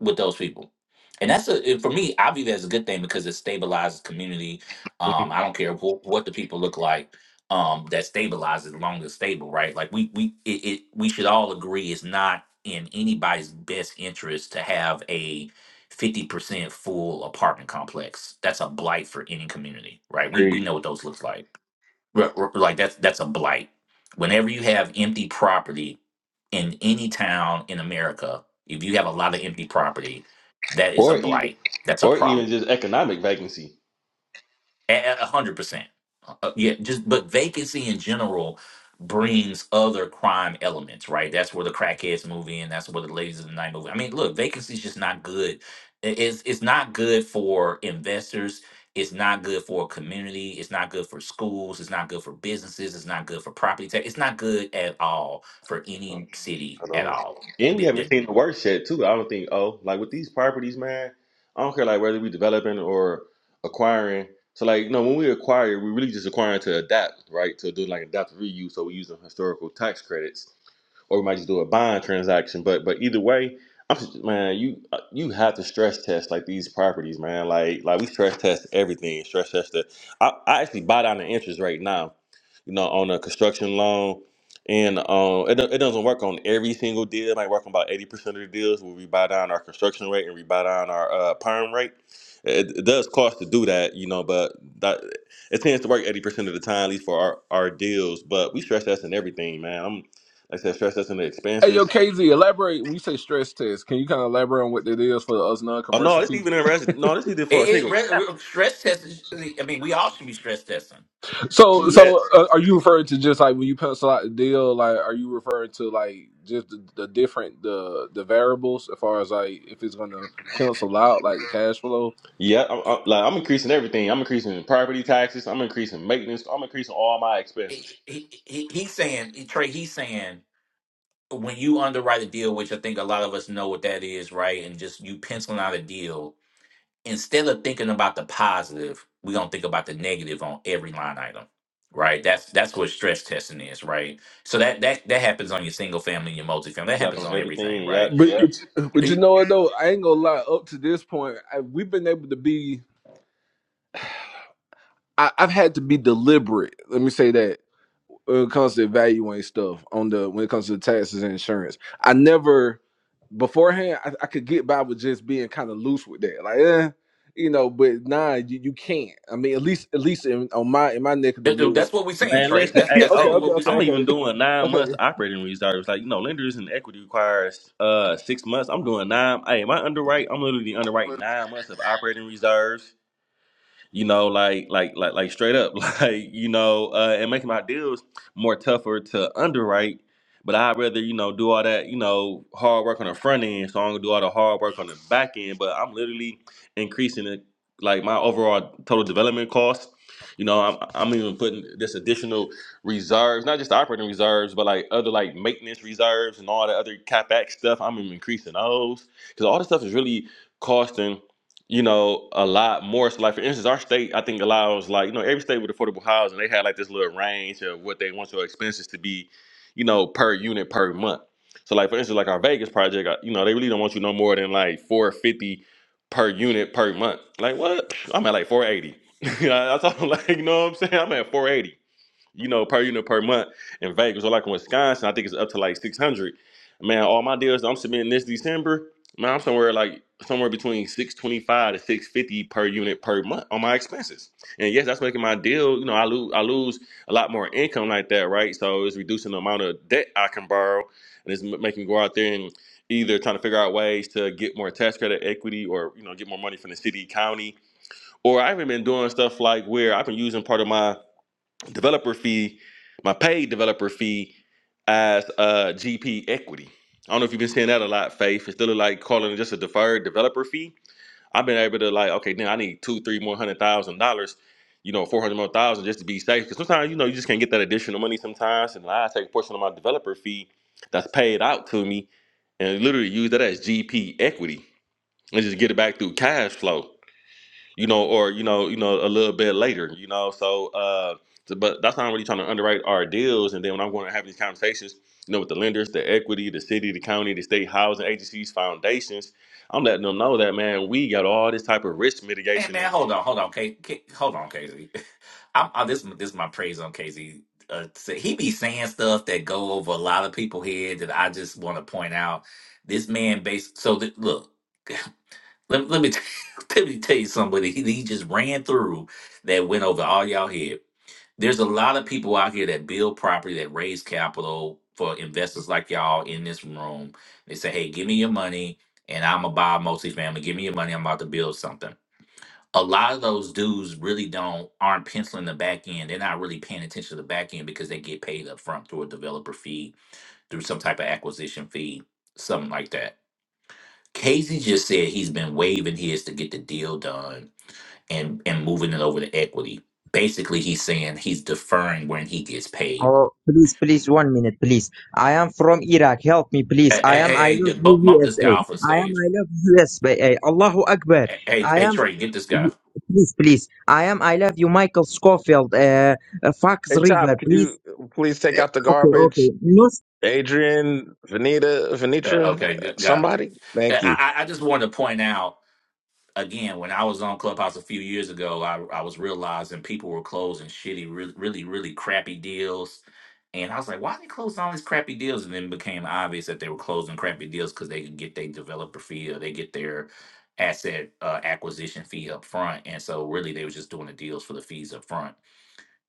with those people. And that's a it- for me. I view that as a good thing because it stabilizes community. Um, I don't care wh- what the people look like. Um, that stabilizes as long as it's stable, right? Like we we it, it we should all agree it's not in anybody's best interest to have a fifty percent full apartment complex. That's a blight for any community, right? We we know what those looks like. Re- re- Like that's that's a blight. Whenever you have empty property in any town in America, if you have a lot of empty property, that is a
Or even,
blight. That's a
or even
problem.
just economic vacancy.
A a hundred percent. Uh, yeah, just but vacancy in general brings other crime elements, right? That's where the crackheads move in. That's where the ladies of the night move. in. I mean, look, vacancy's just not good. I- It's it's not good for investors. It's not good for a community. It's not good for schools. It's not good for businesses. It's not good for property tax. It's not good at all for any
I
city at
know.
all.
And we
It,
haven't
it,
seen the worst yet, too. I don't think. Oh, like with these properties, man. I don't care, like whether we developing or acquiring. So, like, you know, when we acquire, we really just acquiring to adapt, right? To do like adaptive reuse. So we using historical tax credits. or we might just do a bond transaction. But but either way, I'm just- man, you uh, you have to stress test like these properties, man. Like like we stress test everything. Stress test the. I, I actually buy down the interest rate now, you know, on a construction loan. And um, it, do- it doesn't work on every single deal. It might work on about 80% of the deals where we buy down our construction rate and we buy down our uh, perm rate. It, it does cost to do that, you know, but that, it tends to work 80% of the time, at least for our, our deals. But we stress testing everything, man. Like I said, stress testing the
Hey,
expenses.
yo, KZ, elaborate. We say stress test. Can you kind of elaborate on what that is for us
Oh no,
non-commercial
this
people?
even interesting. No, this even for a
it-
single.
re- re- stress test. is- I mean, we all should be stress testing
So,
Yes.
so uh, are you referring to just like when you pencil out the deal? Like, are you referring to like just the, the different the the variables as far as like if it's going to cancel out like the cash flow?
Yeah. I'm, I'm- like I'm increasing everything. I'm increasing property taxes. I'm increasing maintenance. I'm increasing all my
he,
expenses.
he, he- he's saying Trey. He's saying when you underwrite a deal, which I think a lot of us know what that is, right? And just you penciling out a deal instead of thinking about the positive, we don't think about the negative on every line item, right? That's that's what stress testing is, right? So that that that happens on your single family, your multifamily. That
Yup,
happens
on
on everything,
everything. Yup,
right?
But,
yup.
but but you
That-
know what though, I ain't gonna lie. Up to this point, I, we've been able to be I, I've had to be deliberate. Let me say that when it comes to evaluating stuff on the when it comes to taxes and insurance, I never beforehand I, I could get by with just being kind of loose with that, like eh, you know. But nah, you, you can't. I mean, at least at least in, on my in my neck of the
that- That's
woods.
what we're saying,
Man,
Trey.
listen.
That's
Yeah,
Hey,
that's
okay,
exactly
oh,
okay,
what we're
okay,
I'm
saying.
okay,
even doing nine
okay.
months operating reserves. Like you know, lenders and equity requires uh six months. I'm doing nine. Hey, my underwrite. I'm literally underwriting nine months of operating reserves you know, like like like like straight up, like you know, uh, and making my deals more tougher to underwrite. But I'd rather you know do all that you know hard work on the front end, so I'm gonna do all the hard work on the back end. But I'm literally increasing it, like my overall total development cost. You know, I'm I'm even putting this additional reserves, not just operating reserves, but like other like maintenance reserves and all the other capex stuff. I'm even increasing those because all this stuff is really costing you know, a lot more. So, like for instance, our state I think allows like you know every state with affordable housing they had like this little range of what they want your expenses to be, you know, per unit per month. So like for instance, like our Vegas project, uh, you know, they really don't want you no more than like four fifty per unit per month. Like what? I'm at like four eighty. I I told them like you know what I'm saying. I'm at four eighty you know, per unit per month in Vegas or like in Wisconsin, I think it's up to like six hundred. Man, all my deals that I'm submitting this December, man, I'm somewhere like somewhere between six twenty five to six fifty per unit per month on my expenses. And yes, that's making my deal. You know, I lose I lose a lot more income like that, right? So it's reducing the amount of debt I can borrow, and it's m- making me go out there and either trying to figure out ways to get more tax credit equity or you know get more money from the city county or i've even been doing stuff like where i've been using part of my developer fee, my paid developer fee as uh, GP equity. I don't know if you've been seeing that a lot, Faith. Instead of like calling it just a deferred developer fee, I've been able to like, okay, now I need two, three more hundred thousand dollars, you know, four hundred more thousand just to be safe. Because sometimes you know you just can't get that additional money sometimes, and I take a portion of my developer fee that's paid out to me and literally use that as GP equity and just get it back through cash flow you know, or you know, you know, a little bit later, you know. So, uh, so- but that's how I'm really trying to underwrite our deals. And then when I'm going to have these conversations, you know, with the lenders, the equity, the city, the county, the state housing agencies, foundations, I'm letting them know that man, we got all this type of risk
Hey
mitigation
man,
in
hold
place.
on, hold on, Kate, hold on, Casey. I'm, I, this this is my praise on KZ. Uh, so he be saying stuff that go over a lot of people head that I just want to point out. This man, base. So th- look, let, let me t- let me tell you somebody he, he just ran through that went over all y'all head. There's a lot of people out here that build property that raise capital for investors like y'all in this room. They say, "Hey, give me your money, and I'm gonna buy a multifamily. Give me your money. I'm about to build something." a lot of those dudes really don't aren't penciling the back end. They're not really paying attention to the back end because they get paid up front through a developer fee, through some type of acquisition fee, something like that. Casey just said he's been waving his to get the deal done and and moving it over to equity. Basically, he's saying he's deferring when he gets paid.
Oh, please, please, one minute, please. I am from Iraq. Help me, please.
Hey,
I
hey,
am. I
hey, hey,
love you,
bu- bump this
USA.
guy off the
I am.
stage.
I love USA. Allahu Akbar.
Hey, hey,
I
hey,
am.
Trey, get this guy.
Please, please. I am. I love you, Michael Scofield. Uh, uh, Fox
Hey Top,
River.
could you
Please.
please take out the
Okay,
garbage?
okay. No
Adrian, Venita,
Yeah,
Venitra,
okay, g- got it.
somebody?
Yeah,
Thank you.
I, I I just wanted to point out. again, when I was on Clubhouse a few years ago, I, I was realizing people were closing shitty, really, really, really crappy deals. And I was like, why are they closing all these crappy deals? And then it became obvious that they were closing crappy deals because they could get their developer fee or they get their asset uh, acquisition fee up front. And so really they were just doing the deals for the fees up front.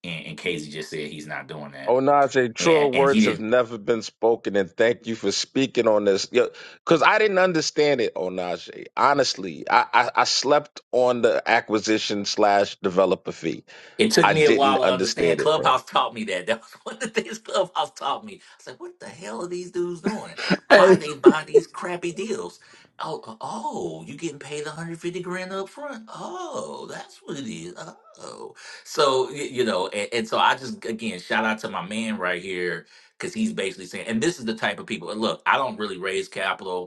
And, and Casey just said he's not doing that.
Oh Najee, truer
And and he
words have
didn't
never been spoken, and thank you for speaking on this. Because I didn't understand it, Oh Najee. Honestly, I, I, I slept on the acquisition slash developer fee.
It took
I
me a
didn't
while to understand.
understand it, bro.
Clubhouse taught me that. That was one of the things Clubhouse taught me. I said, "What the hell are these dudes doing? Why
Hey,
they buy these crappy deals?" Oh, uh, oh, you getting paid 150 grand up front? Oh, that's what it is. Oh, so y- you know, and, and so I just again shout out to my man right here because he's basically saying, and this is the type of people. And look, I don't really raise capital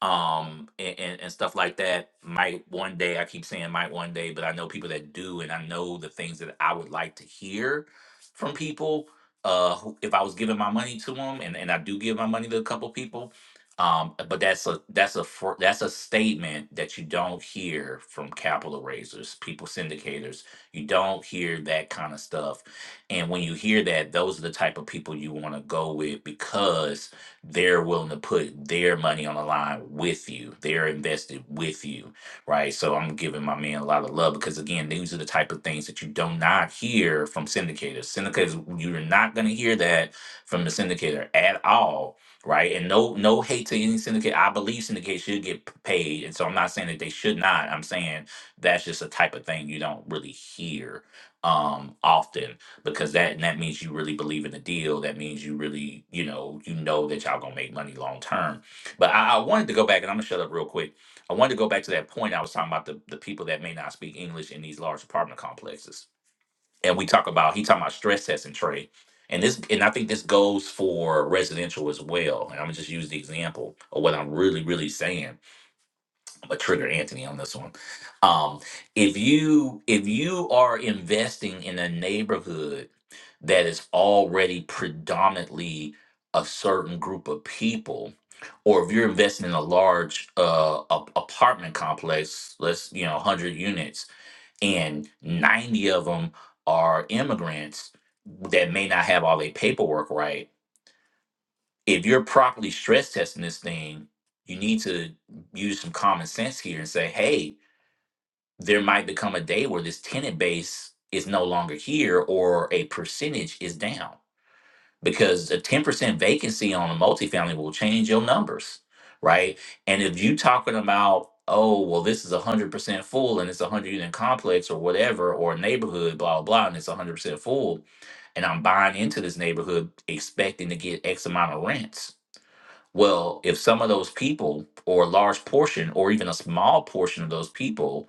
um and, and, and stuff like that might one day i keep saying might one day but i know people that do and i know the things that i would like to hear from people uh who, if i was giving my money to them and, and i do give my money to a couple people um but that's a that's a fr- that's a statement that you don't hear from capital raisers people syndicators you don't hear that kind of stuff and when you hear that those are the type of people you want to go with because they're willing to put their money on the line with you. They're invested with you, right? So I'm giving my man a lot of love because again, these are the type of things that you do not hear from syndicators. Syndicators, you're not going to hear that from the syndicator at all, right? And no, no hate to any syndicate. I believe syndicates should get p- paid, and so I'm not saying that they should not. I'm saying that's just a type of thing you don't really hear um often because that that means you really believe in the deal. That means you really, you know, you know that y'all gonna make money long term. But I, I wanted to go back, and I'm gonna shut up real quick. I wanted to go back to that point I was talking about the the people that may not speak English in these large apartment complexes, and we talk about he talking about stress testing trade, and this and I think this goes for residential as well. And I'm gonna just use the example of what I'm really really saying but trigger Anthony on this one. Um, if you if you are investing in a neighborhood that is already predominantly a certain group of people, or if you're investing in a large uh, a- apartment complex, let's you know, one hundred units, and ninety of them are immigrants that may not have all their paperwork right. If you're properly stress testing this thing, you need to use some common sense here and say, hey, there might become a day where this tenant base is no longer here or a percentage is down because a 10% vacancy on a multifamily will change your numbers right and if you talking about oh well this is 100% full and it's a 100 unit complex or whatever or a neighborhood blah blah and it's 100% full and i'm buying into this neighborhood expecting to get x amount of rents well if some of those people or a large portion or even a small portion of those people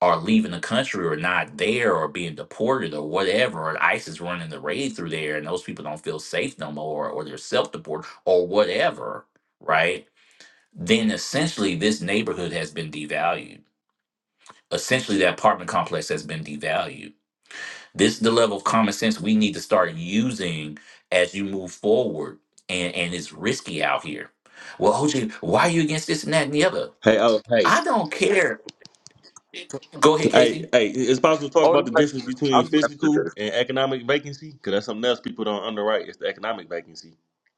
are leaving the country or not there or being deported or whatever, and ICE is running the raid through there, and those people don't feel safe no more, or they're self deported or whatever, right? Then essentially, this neighborhood has been devalued. Essentially, that apartment complex has been devalued. This is the level of common sense we need to start using as you move forward. And, and it's risky out here. Well, OJ, why are you against this and that and the other?
Hey, oh, hey,
I don't care. Go ahead, Casey.
hey, hey! It's possible to talk
Oh
about the
Najee,
difference between
I'm after
physical
this.
and economic vacancy, because that's something else people don't underwrite. It's the economic vacancy.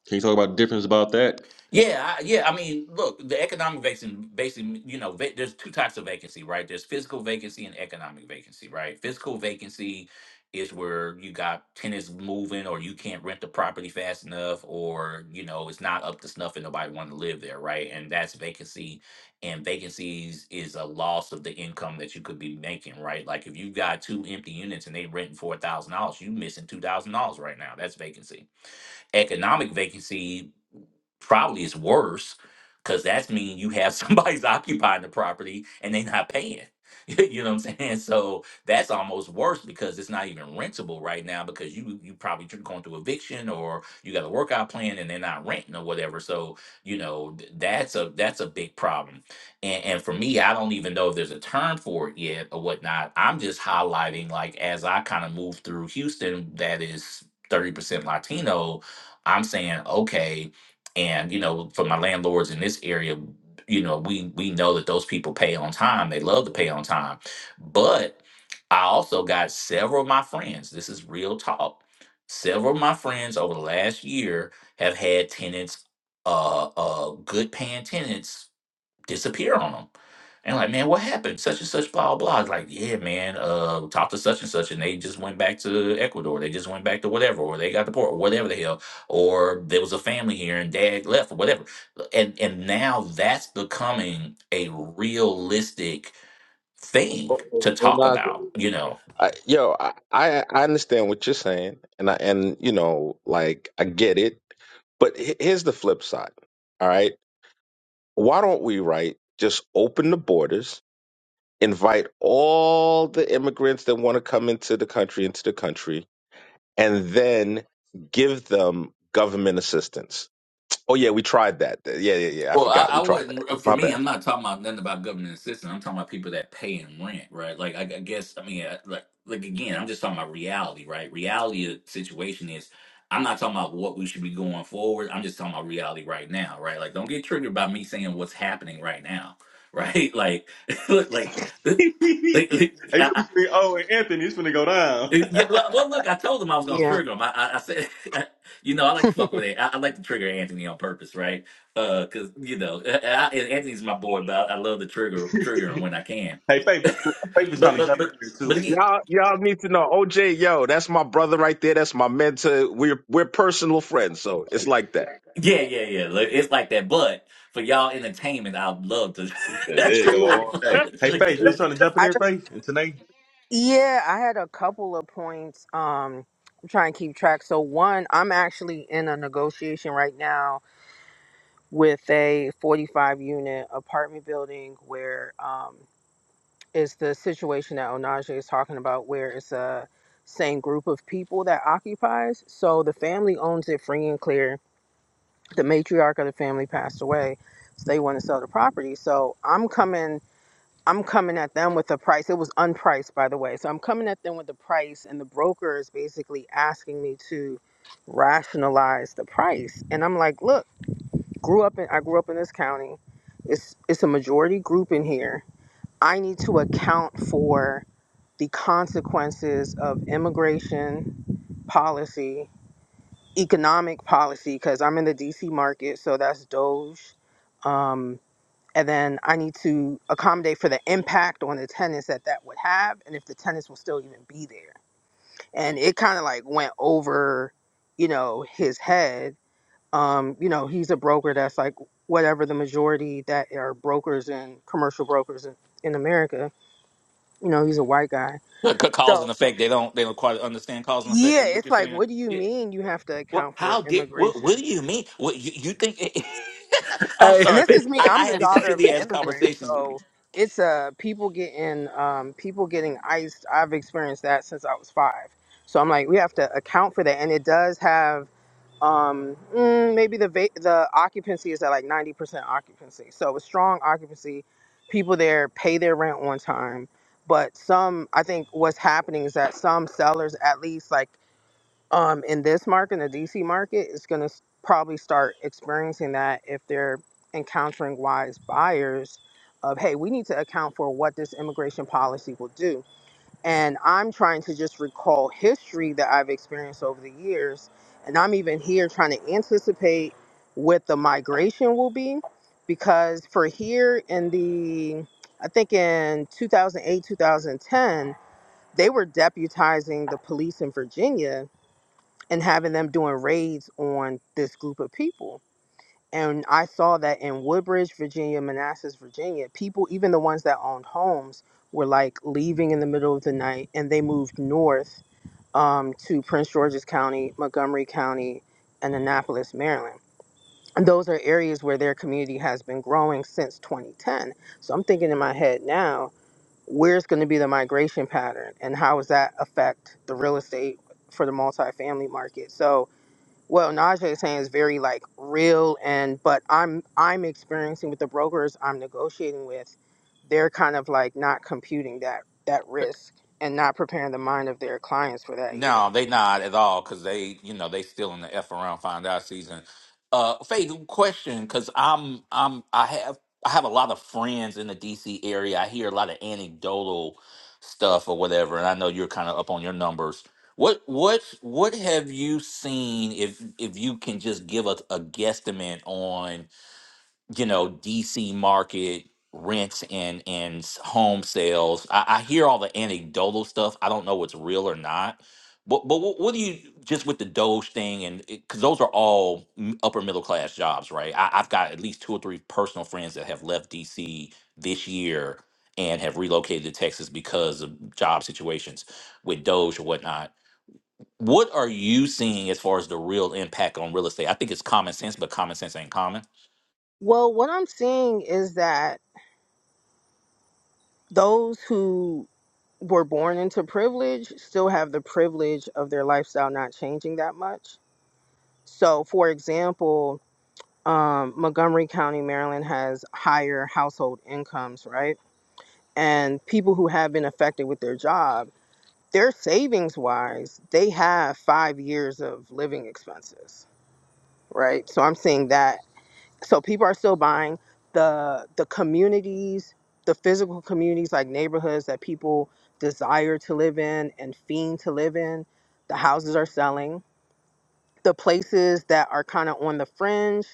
Can you talk about the difference about that?
Yeah, I, yeah. I mean, look, the economic vacancy, basically, you know, va- there's two types of vacancy, right? There's physical vacancy and economic vacancy, right? Physical vacancy is where you got tenants moving, or you can't rent the property fast enough, or you know, it's not up to snuff, and nobody want to live there, right? And that's vacancy. And vacancies is a loss of the income that you could be making, right? Like if you got two empty units and they renting four thousand dollars, you missing two thousand dollars right now. That's vacancy economic vacancy probably is worse because that's mean you have somebody's occupying the property and they are not paying. you know what I'm saying? So that's almost worse because it's not even rentable right now because you you probably tr- going through eviction or you got a workout plan and they're not renting or whatever. So you know th- that's a that's a big problem. And and for me, I don't even know if there's a term for it yet or whatnot. I'm just highlighting like as I kind of move through Houston, that is 30% Latino. I'm saying okay and you know for my landlords in this area you know we we know that those people pay on time they love to pay on time but i also got several of my friends this is real talk several of my friends over the last year have had tenants uh uh good paying tenants disappear on them. And like, man, what happened? Such and such, blah blah. It's like, yeah, man, uh, talked to such and such, and they just went back to Ecuador. They just went back to whatever, or they got deported, or whatever the hell, or there was a family here and dad left, or whatever. And and now that's becoming a realistic thing
Oh, oh,
to
oh,
talk
Najee.
about, you know
I, yo, I, I I understand what you're saying, and I and you know, like I get it, but he- here's the flip side. All right, why don't we right just open the borders, invite all the immigrants that want to come into the country into the country, and then give them government assistance. Oh yeah, we tried that. Yeah, yeah, yeah. I
Well, I,
forgot
I
we tried
wouldn't. uh,
that.
For
My
me,
bad.
I'm not talking about nothing about government assistance. I'm talking about people that pay and rent, right? Like, I, I guess, I mean, I- like, like again, I'm just talking about reality, right? Reality of the situation is, I'm not talking about what we should be going forward. I'm just talking about reality right now, right? Like, don't get triggered by me saying what's happening right now, right? Like, like,
hey,
like,
you
like,
know,
I,
between O and Anthony, it's gonna go
uh,
down.
Yeah, well, well, look, I told him I was gonna
Yeah,
trigger him. I, I, I said, you know, I like to fuck with it. I, I like to trigger Anthony on purpose, right? Uh, cause you know, I, I- Anthony's my boy, but I, I love to trigger trigger him when I can.
Hey, Faith,
but
Faith was trying to
but
jump in
but
there
but
too.
again,
Y'all, y'all need to know. OJ, yo, that's my brother right there. That's my mentor. We're we're personal friends, so
Oh,
it's like that.
yeah, yeah, yeah. Like, it's like that. But for y'all entertainment, I'd love to.
yeah, There you go
I
Absolutely.
all
love
day.
to
Hey,
trigger.
Faith, you was
understood.
trying to jump in
I
there, Faith, and today.
yeah, I had a couple of points. Um, I'm trying to keep track. So one, I'm actually in a negotiation right now with a 45 unit apartment building where um it's the situation that Onaje is talking about, where it's a same group of people that occupies. So the family owns it free and clear. The matriarch of the family passed away, so they want to sell the property. So I'm coming. I'm coming at them with a price. It was unpriced, by the way. So I'm coming at them with the price, and the broker is basically asking me to rationalize the price. And I'm like, look, grew up in I grew up in this county. It's it's a majority group in here. I need to account for the consequences of immigration policy, economic policy, because I'm in the DC market, so that's Doge. um, and then I need to accommodate for the impact on the tenants that that would have, and if the tenants will still even be there. And it kind of like went over, you know, his head. Um, you know, he's a broker that's like whatever the majority that are brokers and commercial brokers in, in America. You know, he's a white guy.
What, ca- cause and
So
effect? They don't. They don't quite understand cause and effect.
yeah,
Is what
it's
you're
like,
saying?
what do you mean you have to
Well,
account for
how did? What,
immigration?
what do you mean? What you, you think? I'm
hey,
and
sorry,
this
Faith.
is me
I,
i'm
I
the
have these
daughter of an
silly ass
immigrant
conversations. with
so
these-
it's uh people getting um people getting iced i've experienced that since i was five so i'm like we have to account for that and it does have um mm, maybe the va- the occupancy is at like 90% occupancy so with strong occupancy people there pay their rent on time but some i think what's happening is that some sellers at least like um, in this market, in the DC market, is going to probably start experiencing that if they're encountering wise buyers of, hey, we need to account for what this immigration policy will do. And I'm trying to just recall history that I've experienced over the years. And I'm even here trying to anticipate what the migration will be because for here in the, I think in 2008, 2010, they were deputizing the police in Virginia and having them doing raids on this group of people. And I saw that in Woodbridge, Virginia, Manassas, Virginia, people, even the ones that owned homes, were like leaving in the middle of the night and they moved north um, to Prince George's County, Montgomery County, and Annapolis, Maryland. And those are areas where their community has been growing since 2010. So I'm thinking in my head now, where's going to be the migration pattern and how does that affect the real estate for the multifamily market? So well, Najee is saying is very like real and but I'm I'm experiencing with the brokers I'm negotiating with, they're kind of like not computing that that risk and not preparing the mind of their clients for that
No,
either.
they not at all because they, you know, they still in the f around find out season. Uh, Faith, question because I'm, I'm, I have, I have a lot of friends in the DC area. I hear a lot of anecdotal stuff or whatever, and I know you're kind of up on your numbers. What, what, what have you seen? If, if you can just give us a guesstimate on you know DC market rents and and s- home sales. I, I hear all the anecdotal stuff. I don't know what's real or not. But but what, what do you just with the Doge thing and because those are all m- upper middle class jobs, right? I, I've got at least two or three personal friends that have left DC this year and have relocated to Texas because of job situations with Doge or whatnot. What are you seeing as far as the real impact on real estate? I think it's common sense, but common sense ain't common.
Well, what I'm seeing is that those who were born into privilege still have the privilege of their lifestyle not changing that much. So, for example, um, Montgomery County, Maryland has higher household incomes, right? and people who have been affected with their job, their savings wise, they have five years of living expenses, right? So I'm seeing that. So people are still buying the the communities, the physical communities like neighborhoods that people desire to live in and fiend to live in. The houses are selling the places that are kind of on the fringe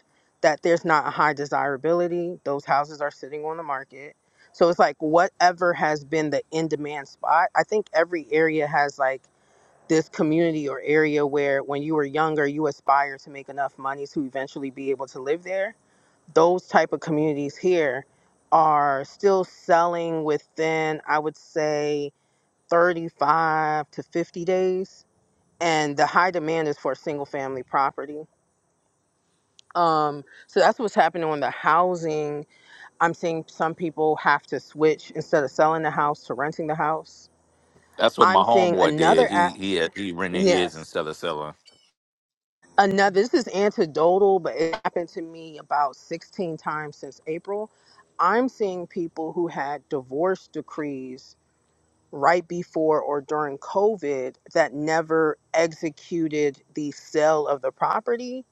that there's not a high desirability those houses are sitting on the market so it's like whatever has been the in demand spot i think every area has like this community or area where when you were younger you aspire to make enough money to eventually be able to live there those type of communities here are still selling within i would say 35 to 50 days and the high demand is for single family property um, so that's what's happening on the housing. I'm seeing some people have to switch instead of selling the house to renting the house.
That's what my
I'm seeing
homeboy
another
did.
app.
He he had, he rented his
Yes,
instead of selling.
another. This is anecdotal, but it happened to me about 16 times since April. I'm seeing people who had divorce decrees right before or during COVID that never executed the sale of the property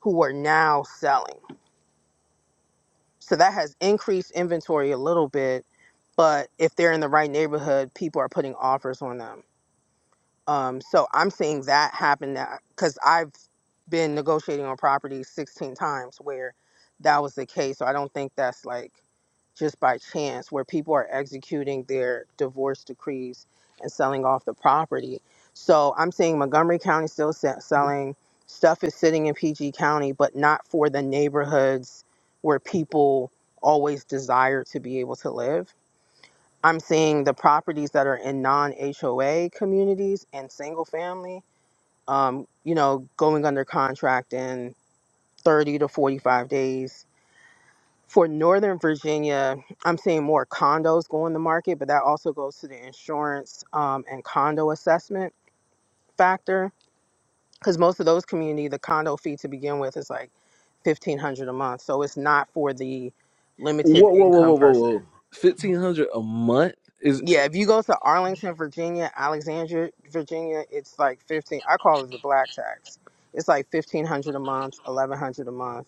who are now selling. So that has increased inventory a little bit, but if they're in the right neighborhood, people are putting offers on them. Um, so I'm seeing that happen now because I've been negotiating on properties 16 times where that was the case. So I don't think that's like just by chance where people are executing their divorce decrees and selling off the property. So I'm seeing Montgomery County still se- selling. Stuff is sitting in PG County, but not for the neighborhoods where people always desire to be able to live. I'm seeing the properties that are in non HOA communities and single family, um, you know, going under contract in 30 to 45 days for Northern Virginia, I'm seeing more condos go on the market, but that also goes to the insurance um, and condo assessment factor. Because most of those community, the condo fee to begin with is like fifteen hundred a month, so it's not for the limited
whoa, whoa, whoa,
income
whoa, whoa,
person.
whoa. Fifteen hundred a month is
Yeah, if you go to Arlington, Virginia, Alexandria, Virginia, it's like fifteen. I call it the black tax. It's like fifteen hundred a month, eleven hundred a month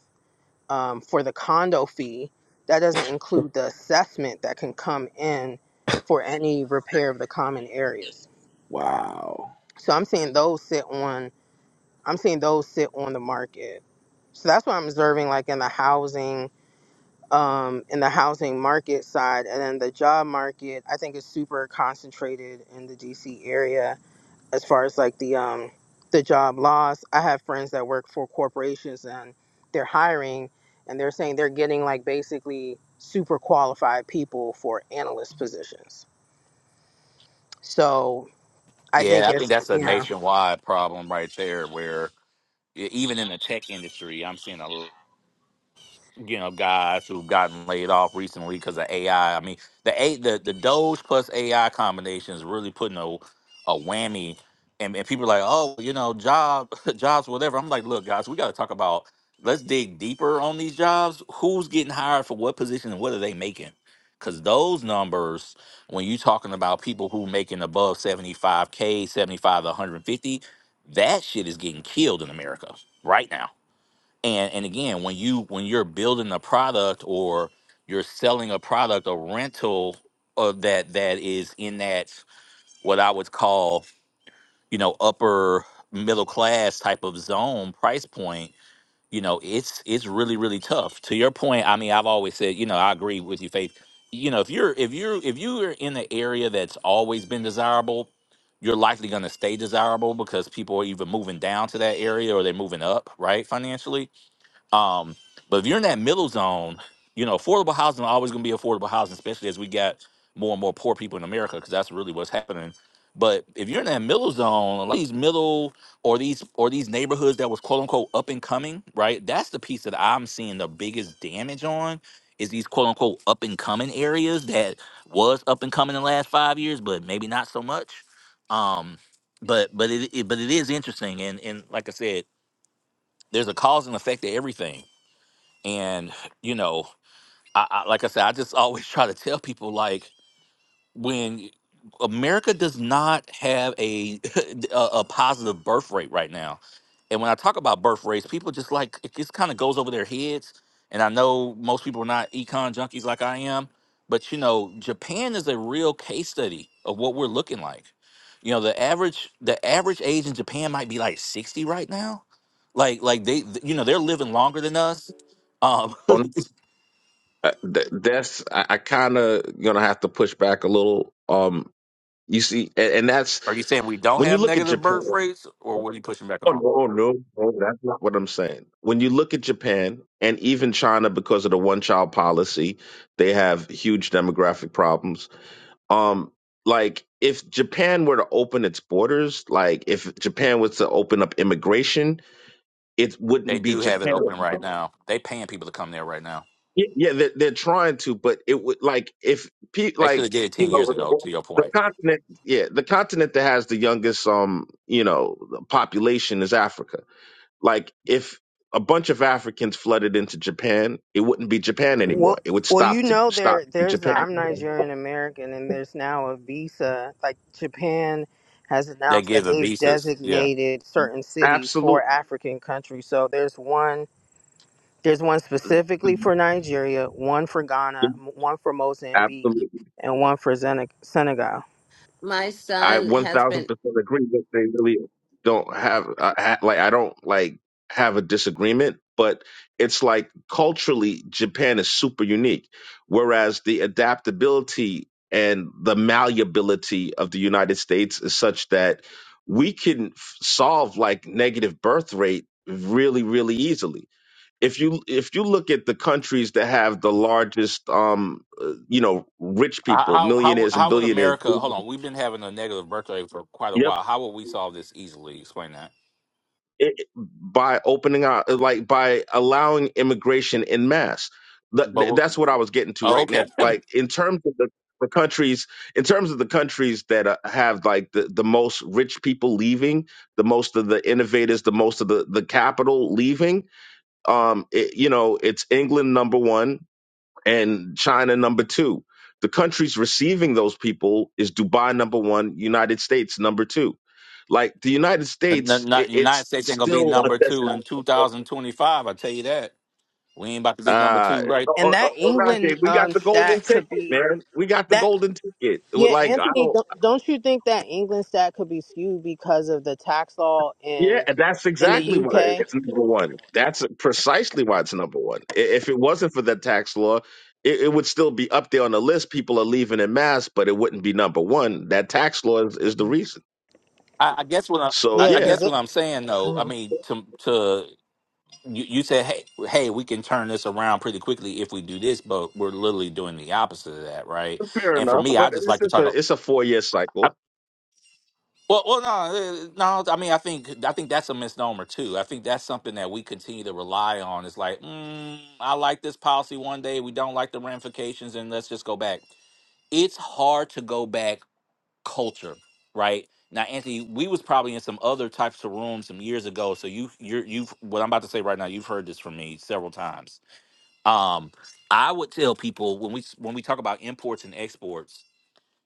um, for the condo fee. That doesn't include the assessment that can come in for any repair of the common areas.
wow.
So I'm seeing those sit on. I'm seeing those sit on the market. So that's what I'm observing, like in the housing, um, in the housing market side, and then the job market. I think is super concentrated in the D.C. area as far as like the um the job loss i have friends that work for corporations and they're hiring and they're saying they're getting like basically super qualified people for analyst positions so i think
Yeah, I think
it's
that's a
yeah
nationwide problem right there. Where e- even in the tech industry, I'm seeing a you know guys who've gotten laid off recently because of AI. I I mean, the a the the Doge plus AI combination is really putting a a whammy, and, and people are like, oh, you know, job jobs whatever. I'm like, look, guys, we got to talk about. Let's dig deeper on these jobs. Who's getting hired for what position and what are they making? Because those numbers, when you're talking about people who making above 75K, 75 to 150, that shit is getting killed in America right now and and again when you when you're building a product or you're selling a product a rental of that that is in that what i would call you know upper middle class type of zone price point you know it's it's really really tough to your point i mean i've always said you know i agree with you faith you know if you're if you're if you're in an area that's always been desirable you're likely going to stay desirable because people are either moving down to that area or they're moving up right financially um, but if you're in that middle zone, you know, affordable housing is always going to be affordable housing, especially as we got more and more poor people in America, because that's really what's happening. But if you're in that middle zone, like these middle or these or these neighborhoods that was quote unquote up and coming, right? That's the piece that I'm seeing the biggest damage on is these quote unquote up and coming areas that was up and coming in the last five years, but maybe not so much. Um, but but it, it but it is interesting, and and like I said, there's a cause and effect to everything and you know I, I like i said i just always try to tell people like when america does not have a a, a positive birth rate right now and when i talk about birth rates people just like it just kind of goes over their heads and i know most people are not econ junkies like i am but you know japan is a real case study of what we're looking like you know the average the average age in japan might be like 60 right now like like they you know they're living longer than us um
On uh, th- that's I, I kind of gonna have to push back a little. Um, you see, and, and that's
Are you saying we don't
when you
have
look at
negative
Japan.
birth rates, or what are you pushing back
Oh
on?
no, oh, no, no, that's not what I'm saying. When you look at Japan and even China, because of the one child policy, they have huge demographic problems. Um, like if Japan were to open its borders, like if Japan was to open up immigration, it
They
wouldn't be
do have it
Japan.
open right now. They paying people to come there right now.
Yeah, yeah, they're, they're trying to, but it would like if pe
They should have
like
did it
you
ten
know
years ago. To your
the
point,
continent, yeah, the continent that has the youngest um you know population is Africa. Like if a bunch of Africans flooded into Japan, it wouldn't be Japan anymore.
well
It would
well you
stop to
know
stop
there there's
Japan.
i'm nigerian american and there's now a visa like japan has
they
announced that
give the
they've
visas. Yeah.
designated certain cities for
Absolutely,
african countries so there's one There's one specifically for Nigeria, one for Ghana, m- one for Mozambique,
absolutely.
and one for Zen- Senegal.
My
I
son
one
has been
thousand percent agree that they really don't have uh, ha- like I don't like have a disagreement, but it's like culturally Japan is super unique, whereas the adaptability and the malleability of the United States is such that we can f- solve like negative birth rate really really easily. If you if you look at the countries that have the largest um uh, you know rich people,
How how
millionaires and
how would
billionaires,
America? Hold on, we've been having a negative birth rate for quite a
yep.
while. How would we solve this easily? Explain that.
it, by opening out like by allowing immigration in mass Th-
But
th- that's
we're-
what i was getting to
oh,
right now
okay, the
like in terms of the, the countries in terms of the countries that uh, have like the, the most rich people leaving the most of the innovators the most of the, the capital leaving um it, you know it's england number one and China number two. The countries receiving those people is Dubai number one, United States number two. Like the United
the-
States, i
not- United
it's
States ain't gonna be
still
number two in two thousand twenty five. I tell you that. We ain't about to be number
uh,
two, right?
Oh,
And
O-
that
O-
England
Olave, we got
um,
the
stat
golden ticket,
could be
man. We got the
that.
golden ticket. It was
Yeah,
Like I
Anthony,
don't,
don't, don't you think that England stat could be skewed because of the tax law
yeah,
in
that's
in
exactly
the
why
UK?
it's number one. That's precisely why it's number one. I- If it wasn't for the tax law, it, it would still be up there on the list. People are leaving in mass, but it wouldn't be number one. That tax law is, is the reason.
I, I guess what
So
I, I
Yeah,
I
yeah,
because
guess what
it.
I'm saying though. I
Mhm.
mean, to to you, you said, hey, hey, we can turn this around pretty quickly if we do this, but we're literally doing the opposite of that, right?
fair
And for
enough.
me, I
But
just
it's
like to
just
talk.
a
About,
it's a four year cycle.
well, well, no, uh, no. I mean, I think I think that's a misnomer too. I think that's something that we continue to rely on. It's like, mm, I like this policy one day, we don't like the ramifications, and let's just go back. It's hard to go back culture, right? Now, Anthony, we was probably in some other types of rooms some years ago. So you, you're, you've what I'm about to say right now. You've heard this from me several times Um, I would tell people when we when we talk about imports and exports,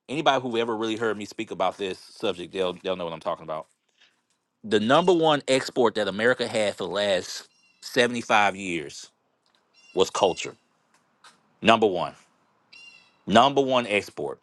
anybody who ever really heard me speak about this subject, they'll they'll know what I'm talking about. The number one export that America had for the last 75 years was culture. Number one. Number one export.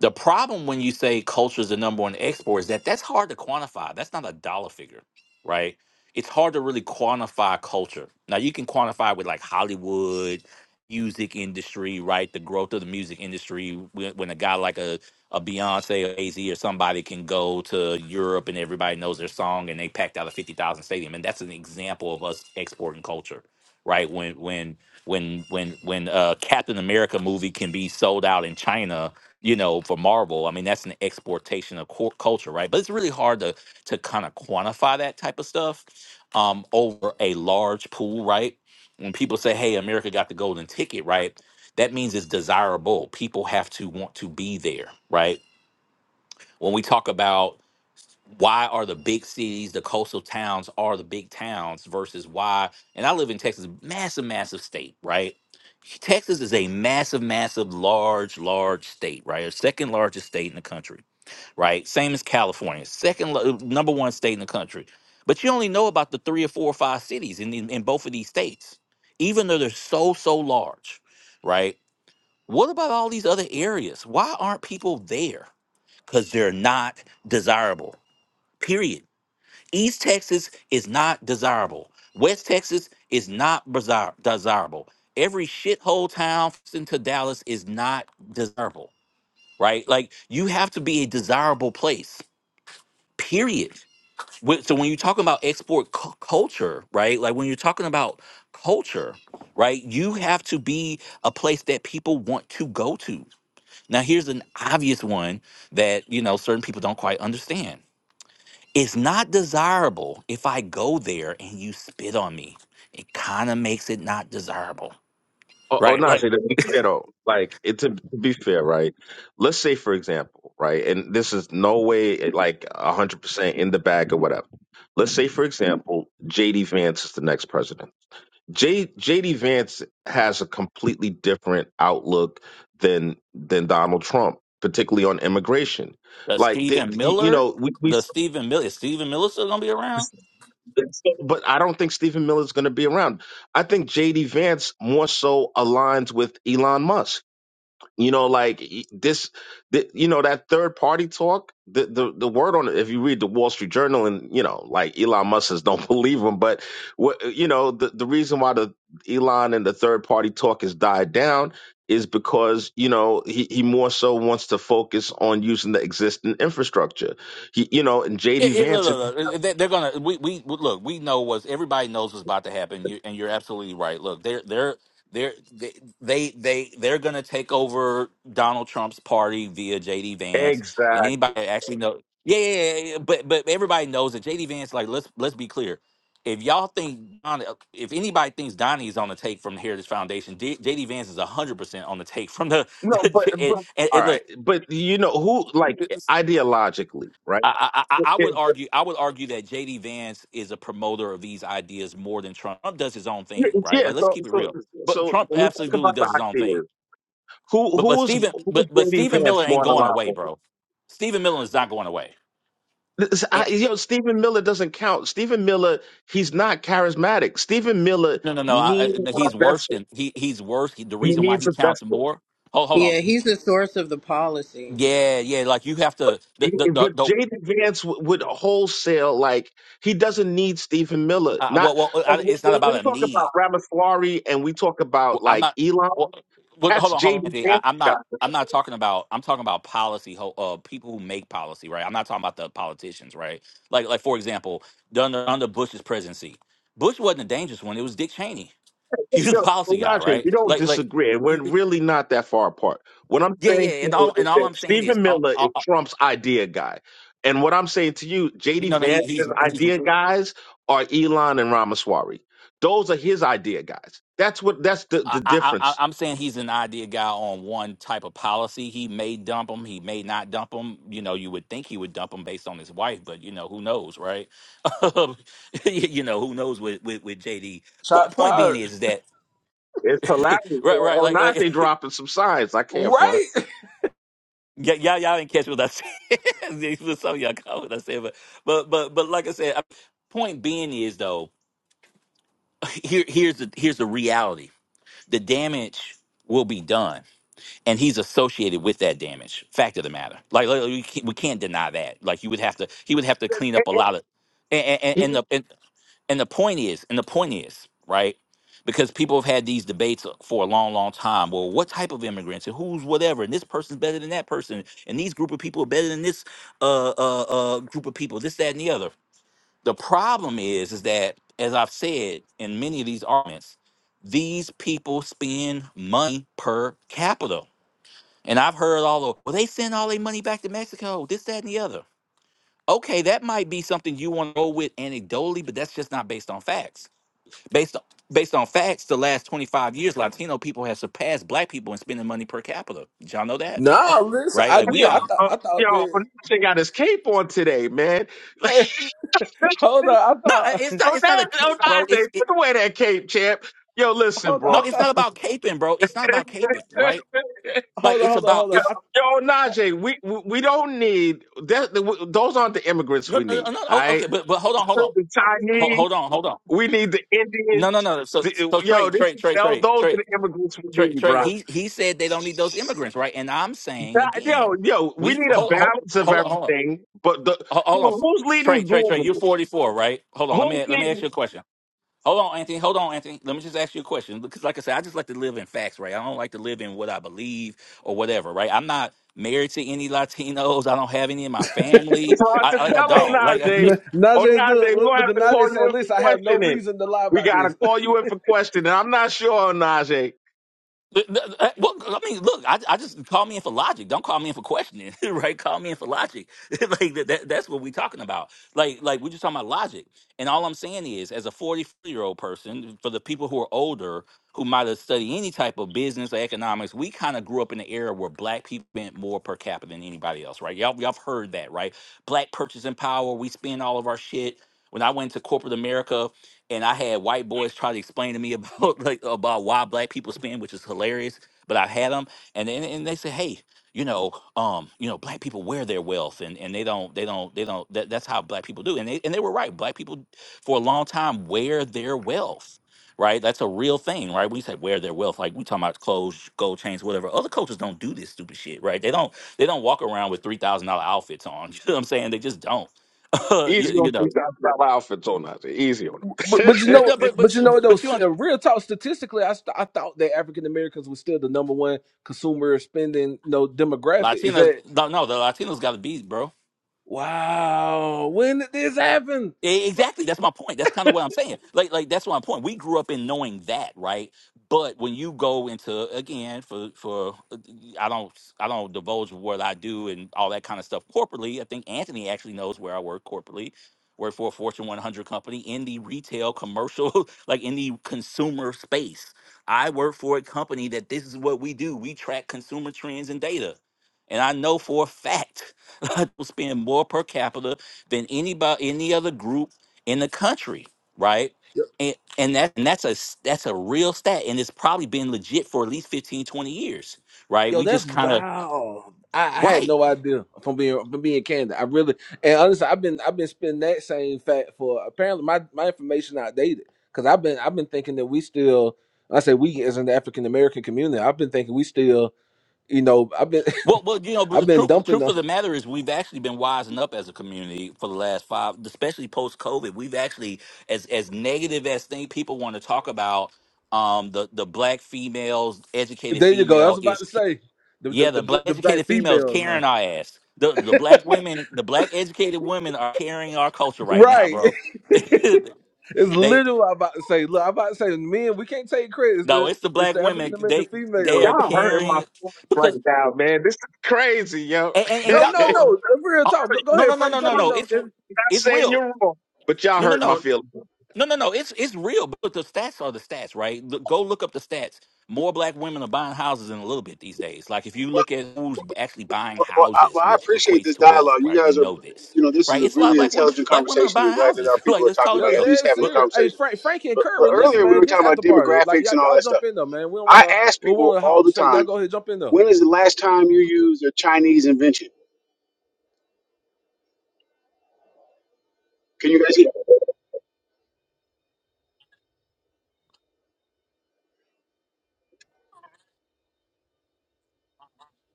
The problem when you say culture is the number one export is that that's hard to quantify. That's not a dollar figure, right? It's hard to really quantify culture. Now you can quantify with like Hollywood, music industry, right? The growth of the music industry when, when a guy like a a Beyonce or AZ or somebody can go to Europe and everybody knows their song and they packed out a 50,000 stadium and that's an example of us exporting culture, right? When when when when when a Captain America movie can be sold out in China you know, for Marvel. I mean, that's an exportation of cul- culture, right? But it's really hard to to kind of quantify that type of stuff um, over a large pool, right? When people say, "Hey, America got the golden ticket," right? That means it's desirable. People have to want to be there, right? When we talk about why are the big cities, the coastal towns are the big towns versus why? And I live in Texas, massive, massive state, right? Texas is a massive, massive, large, large state, right? The second largest state in the country, right? Same as California, second lo- number one state in the country. But you only know about the three or four or five cities in, in, in both of these states, even though they're so, so large, right? What about all these other areas? Why aren't people there? Because they're not desirable, period East Texas is not desirable. West Texas is not bizarre, desirable. Every shithole town into Dallas is not desirable, right? Like you have to be a desirable place, period. Wh- So when you're talking about export cu- culture, right? Like when you're talking about culture, right? You have to be a place that people want to go to. Now here's an obvious one that you know certain people don't quite understand it's not desirable if I go there and you spit on me. It kind of makes it not desirable,
Oh, oh
right? Like
Najee, to be fair though, like it to be fair, right? Let's say for example, right, and this is no way eh, like hundred percent in the bag or whatever. Let's say for example, JD Vance is the next president. J JD Vance has a completely different outlook than than Donald Trump, particularly on immigration.
the
Like,
Stephen
th- you, you
Miller,
know, we, we
the Stephen Miller, is Stephen Miller still gonna be around?
but I don't think Stephen Miller is going to be around. I think JD Vance more so aligns with Elon Musk. You know, like e- this, th you know, that third party talk. The, the the word on it. If you read the Wall Street Journal, and you know, like Elon Musk says, don't believe him. But what you know, the the reason why the Elon and the third party talk has died down is because you know he he more so wants to focus on using the existing infrastructure. He you know, and
It,
JD
it, look,
Vance.
look, look, they- they're gonna. We, we look. We know what's everybody knows what's about to happen. You, and you're absolutely right. Look, they're they're they're they they, they they're gonna take over Donald Trump's party via JD Vance. And
Exactly.
anybody that actually know, yeah, yeah, yeah. yeah, But but everybody knows that JD Vance. Like, let's let's be clear. If y'all think Don, if anybody thinks Donnie is on the take from the Heritage Foundation, D, JD Vance is hundred percent on the take from the.
No, but but
and, and,
all
and
right, but you know who like
look,
ideologically, right?
I, I, I I
Yeah.
would argue I would argue that JD Vance is a promoter of these ideas more than Trump. Trump does his own thing, right?
yeah,
Like let's
So
keep it
so
real. But
so
Trump
when we talk
absolutely
about the
does his own thing.
ideas, who
But but
who's
Stephen
who's
but but
JD
Stephen
Vance
Miller
more
ain't going away,
aligned?
bro. Stephen Miller is not going away.
This-
And-
I, you know, Stephen Miller doesn't count. Stephen Miller, he's not charismatic. Stephen Miller
no no no, I,
needs
I- no, he's
a
worse
vessel.
than he he's worse. He, the
He
reason why
needs
he
a
counts
vessel.
more. Hold hold on.
Yeah, he's the source of the policy.
Yeah yeah, like you have
But,
to the the the,
but
the
Jaden Vance w- would wholesale like he doesn't need Stephen Miller.
uh,
Not
well well
like
I,
when
it's not
when when
about
we
a
talk about
need.
Ramaswamy and we talk about
Well, I'm
like
not.
Elon.
Well, but
That's
hold on, hold on,
Jaden
Anthony. I,
Vance's
I'm not.
guy.
I'm not talking about. I'm talking about policy. ho- Uh, people who make policy, right? I'm not talking about the politicians, right? Like, like for example, under under Bush's presidency, Bush wasn't a dangerous one. It was Dick Cheney. He was a
No,
policy guy,
Raja,
right?
we don't
Like, like,
disagree, and we're
yeah,
really not that far apart. What I'm saying
yeah.
to
And
you
all
is
and all
that
I'm saying is,
Stephen
all,
Miller
all,
is
all-
Trump's idea guy, and what I'm saying to you, JD
no, no. He, he's
Vance's
he's
idea guys are Elon and Ramaswamy. Those are his idea guys. That's what. That's the
I,
the
I, I,
difference.
I'm saying he's an idea guy on one type of policy. He may dump him. He may not dump him. You know, you would think he would dump him based on his wife, but you know, who knows, right? you you know, who knows with, with, with JD. Point
Shots
point being
fired.
is that
It's hilarious.
right, right,
Oh,
like
now
like
they dropping some signs. I can't front.
Right?
y- y'all y'all didn't catch what I said. Some of y'all caught what I said, but but but but like I said, I- point being is though here here's the here's the reality. The damage will be done and he's associated with that damage. Fact of the matter, like, like, we, can't, we can't deny that. Like you would have to, he would have to clean
And-
up a
and
lot of, and and,
He,
and the and, and the point is, and the point is, right? Because people have had these debates for a long, long time. Well, what type of immigrants and who's whatever, and this person's better than that person, and these group of people are better than this uh, uh, uh, group of people, this, that, and the other. The problem is, is that as I've said in many of these arguments, these people spend money per capita and I've heard all the well, they send all their money back to Mexico, this, that, and the other. Okay, that might be something you want to go with anecdotally, but that's just not based on facts. Based on based on facts, the last 25 years, Latino people have surpassed black people in spending money per capita. Did y'all know that?
oh,
Nah, listen,
Right?
I
Like we
yeah,
did. I
are
thought
uh,
I thought
yo, but
that.
this thing got his cape on today, man.
Hold on, I
no, I-
thought.
it's
Oh,
not it's
that,
not a
oh,
cape,
I
bro.
say,
It's it
put away that cape, champ. Yo, listen,
Hold on,
bro.
I
no, it's not
thought.
about caping, bro. It's not about caping, right? Like
Hold on,
it's
hold on,
about
hold on.
it's
I,
Yo, Najee, we, we we don't need that. the- Those aren't the immigrants
no
we
no no,
need.
no
All
oh,
right,
okay, but but hold on, hold on.
the
Hold,
Chinese.
hold on, hold on.
We need the
No, no,
Indians.
no. So so
The- yo,
trade,
this
trade,
is
trade,
tho-
trade,
those are
trade.
the immigrants we
Trey,
need,
Trey,
bro.
he he said they don't need those immigrants, right? And I'm saying
That-
again,
yo, yo, we
we
need a
hold hold
balance of
hold on, hold on,
everything. But the,
Ho-
you
hold on.
know, who's leading
Trey, Trey, Trey, you're
globally?
44, right? Hold on, let
Who's
me let me
leading?
ask you a question. Hold on, Anthony. Hold on, Anthony. Let me just ask you a question because, like I said, I just like to live in facts, right? I don't like to live in what I believe or whatever, right? I'm not married to any Latinos. I don't have any in my family.
So I
I
said,
I- like I
tell
don't like. I'm just
Onaje,
N- Najee,
Onaje,
look,
we're
look,
going to
look
have
at
to call
Najee
you
saying,
in for
"Listen, I have no
questioning.
reason to lie
We
about
got to
this."
call you in for questioning. I'm not sure, Onaje.
Th- th- th- uh, Well, I mean, look, I, I just call me in for logic. Don't call me in for questioning, right? Call me in for logic. like that, that, that's what we're talking about. Like, like we're just talking about logic. And all I'm saying is, as a 44 year old person, for the people who are older who might have studied any type of business or economics, we kind of grew up in an era where black people spent more per capita than anybody else, right? Y'all, y'all have heard that, right? Black purchasing power. We spend all of our shit. When I went to corporate America and I had white boys try to explain to me about like about why black people spend, which is hilarious. But I had them, and then and they said, hey, you know, um, you know, black people wear their wealth, and and they don't, they don't, they don't. That, that's how black people do, and they and they were right. Black people for a long time wear their wealth. Right, that's a real thing, right? We say wear their wealth, like we talking about clothes, gold chains, whatever. Other cultures don't do this stupid shit, right? They don't, they don't walk around with three thousand dollar outfits on. You know what I'm saying? They just don't. you,
Easy on
you know,
these about outfits, Onaje. Easy on
But,
them.
but you know,
but but but,
but you know, though,
but you
uh, real talk, statistically, I, st- I thought that African Americans was still the number one consumer spending, no demographic. Is
Latinos,
that
no, no, the Latinos got a beat, bro.
wow? When did this happen?
E- Exactly. That's my point. That's kind of what I'm saying. Like, like that's my point. We grew up in knowing that, right? But when you go into again for for uh, I don't I don't divulge what I do and all that kind of stuff corporately. I think Anthony actually knows where I work corporately. Work for a Fortune 100 company in the retail commercial, like in the consumer space. I work for a company that this is what we do. We track consumer trends and data. And I know for a fact I spend more per capita than anybody any other group in the country, right? And and that and that's a s- that's a real stat and it's probably been legit for at least 15, 20 years, right?
Yo,
We
that's
just kind of
wow. I, I had
right.
no idea from being from being candid. I really and honestly, I've been I've been spinning that same fact for apparently my my information outdated because I've been I've been thinking that we still I say we as an African American community I've been thinking we still you know I've been
Well, well, you know, but
I've
the
been
truth
dumping
truth
them.
of the matter is we've actually been wising up as a community for the last 5, especially post COVID. We've actually as as negative as thing people want to talk about um the the black females, educated
there you go I
female
was about
is
to say the the
Yeah, the
the,
black
the black
educated females
females now
carrying our ass. The the black women, the black educated women are carrying our culture right now,
right
bro.
it's
they
literally what I'm about to say look I'm about to say men we can't take credit it's
no,
the
it's the
it's
black
the African
women.
American
They they
females
are
Y'all hurting my
carrying
feelings right
because
now, man. This is crazy, yo.
and, and,
I'm
and
No,
y'all
no,
know it.
no. Real
Oh,
talk. Go, go
no
ahead,
no no
Frank.
no no
Jump in.
no.
Though.
It's
If-
not
it's
saying
real.
you're wrong, but y'all
No no
hurting my
no.
feelings.
No, no, no. It's it's real. But the stats are the stats, right? Look, go look up the stats. More black women are buying houses in a little bit these days. Like if you look at who's actually buying
Well, I,
houses,
well, I
which
appreciate
equates
this
to wealth,
dialogue. You
right? We
guys are,
know this,
you know, this is
right?
a
It's a lot of
really
black women.
intelligent
Black women are
conversation. I'm
buying
glad that our
houses. like
people are
let's
talking
call it
about
Yeah,
it, at
real.
least
dead
having the
But
serious. Hey,
conversation.
Frank, Frankie and
But, but
Curry, listen,
earlier we
man.
were
This
talking about
after party, like
demographics
y'all,
and all
y'all
that
jump
stuff.
in there, man. We don't
I
wanna,
ask
we
people
want to
all
halt
the
to say y'all
time,
go ahead, jump in there.
when is the last time you used a Chinese invention? Can you guys hear?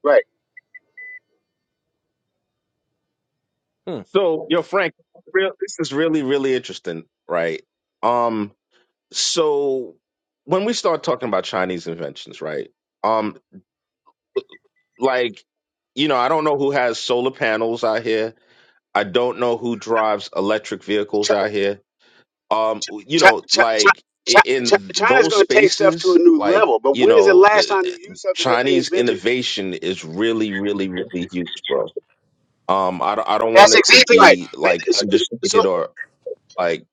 Right.
Hmm.
So, yo, Frank, real, this is really, really interesting, right? Um, so when we start talking about Chinese inventions, right? Um. like you know i don't know who has solar panels out here i don't know who drives electric
Ch-
vehicles out here um you
ch-
know
ch- ch-
like
ch-
i-
ch-
in
China's
those
going to take stuff to a
spaces
new
like
level, but
you
when is the
know
last
the
time you used something that they
chinese
invented?
innovation is really really really huge bro um i, don't- I don't want
That's
it to
exactly right.
be like
So, so- so,
understated or like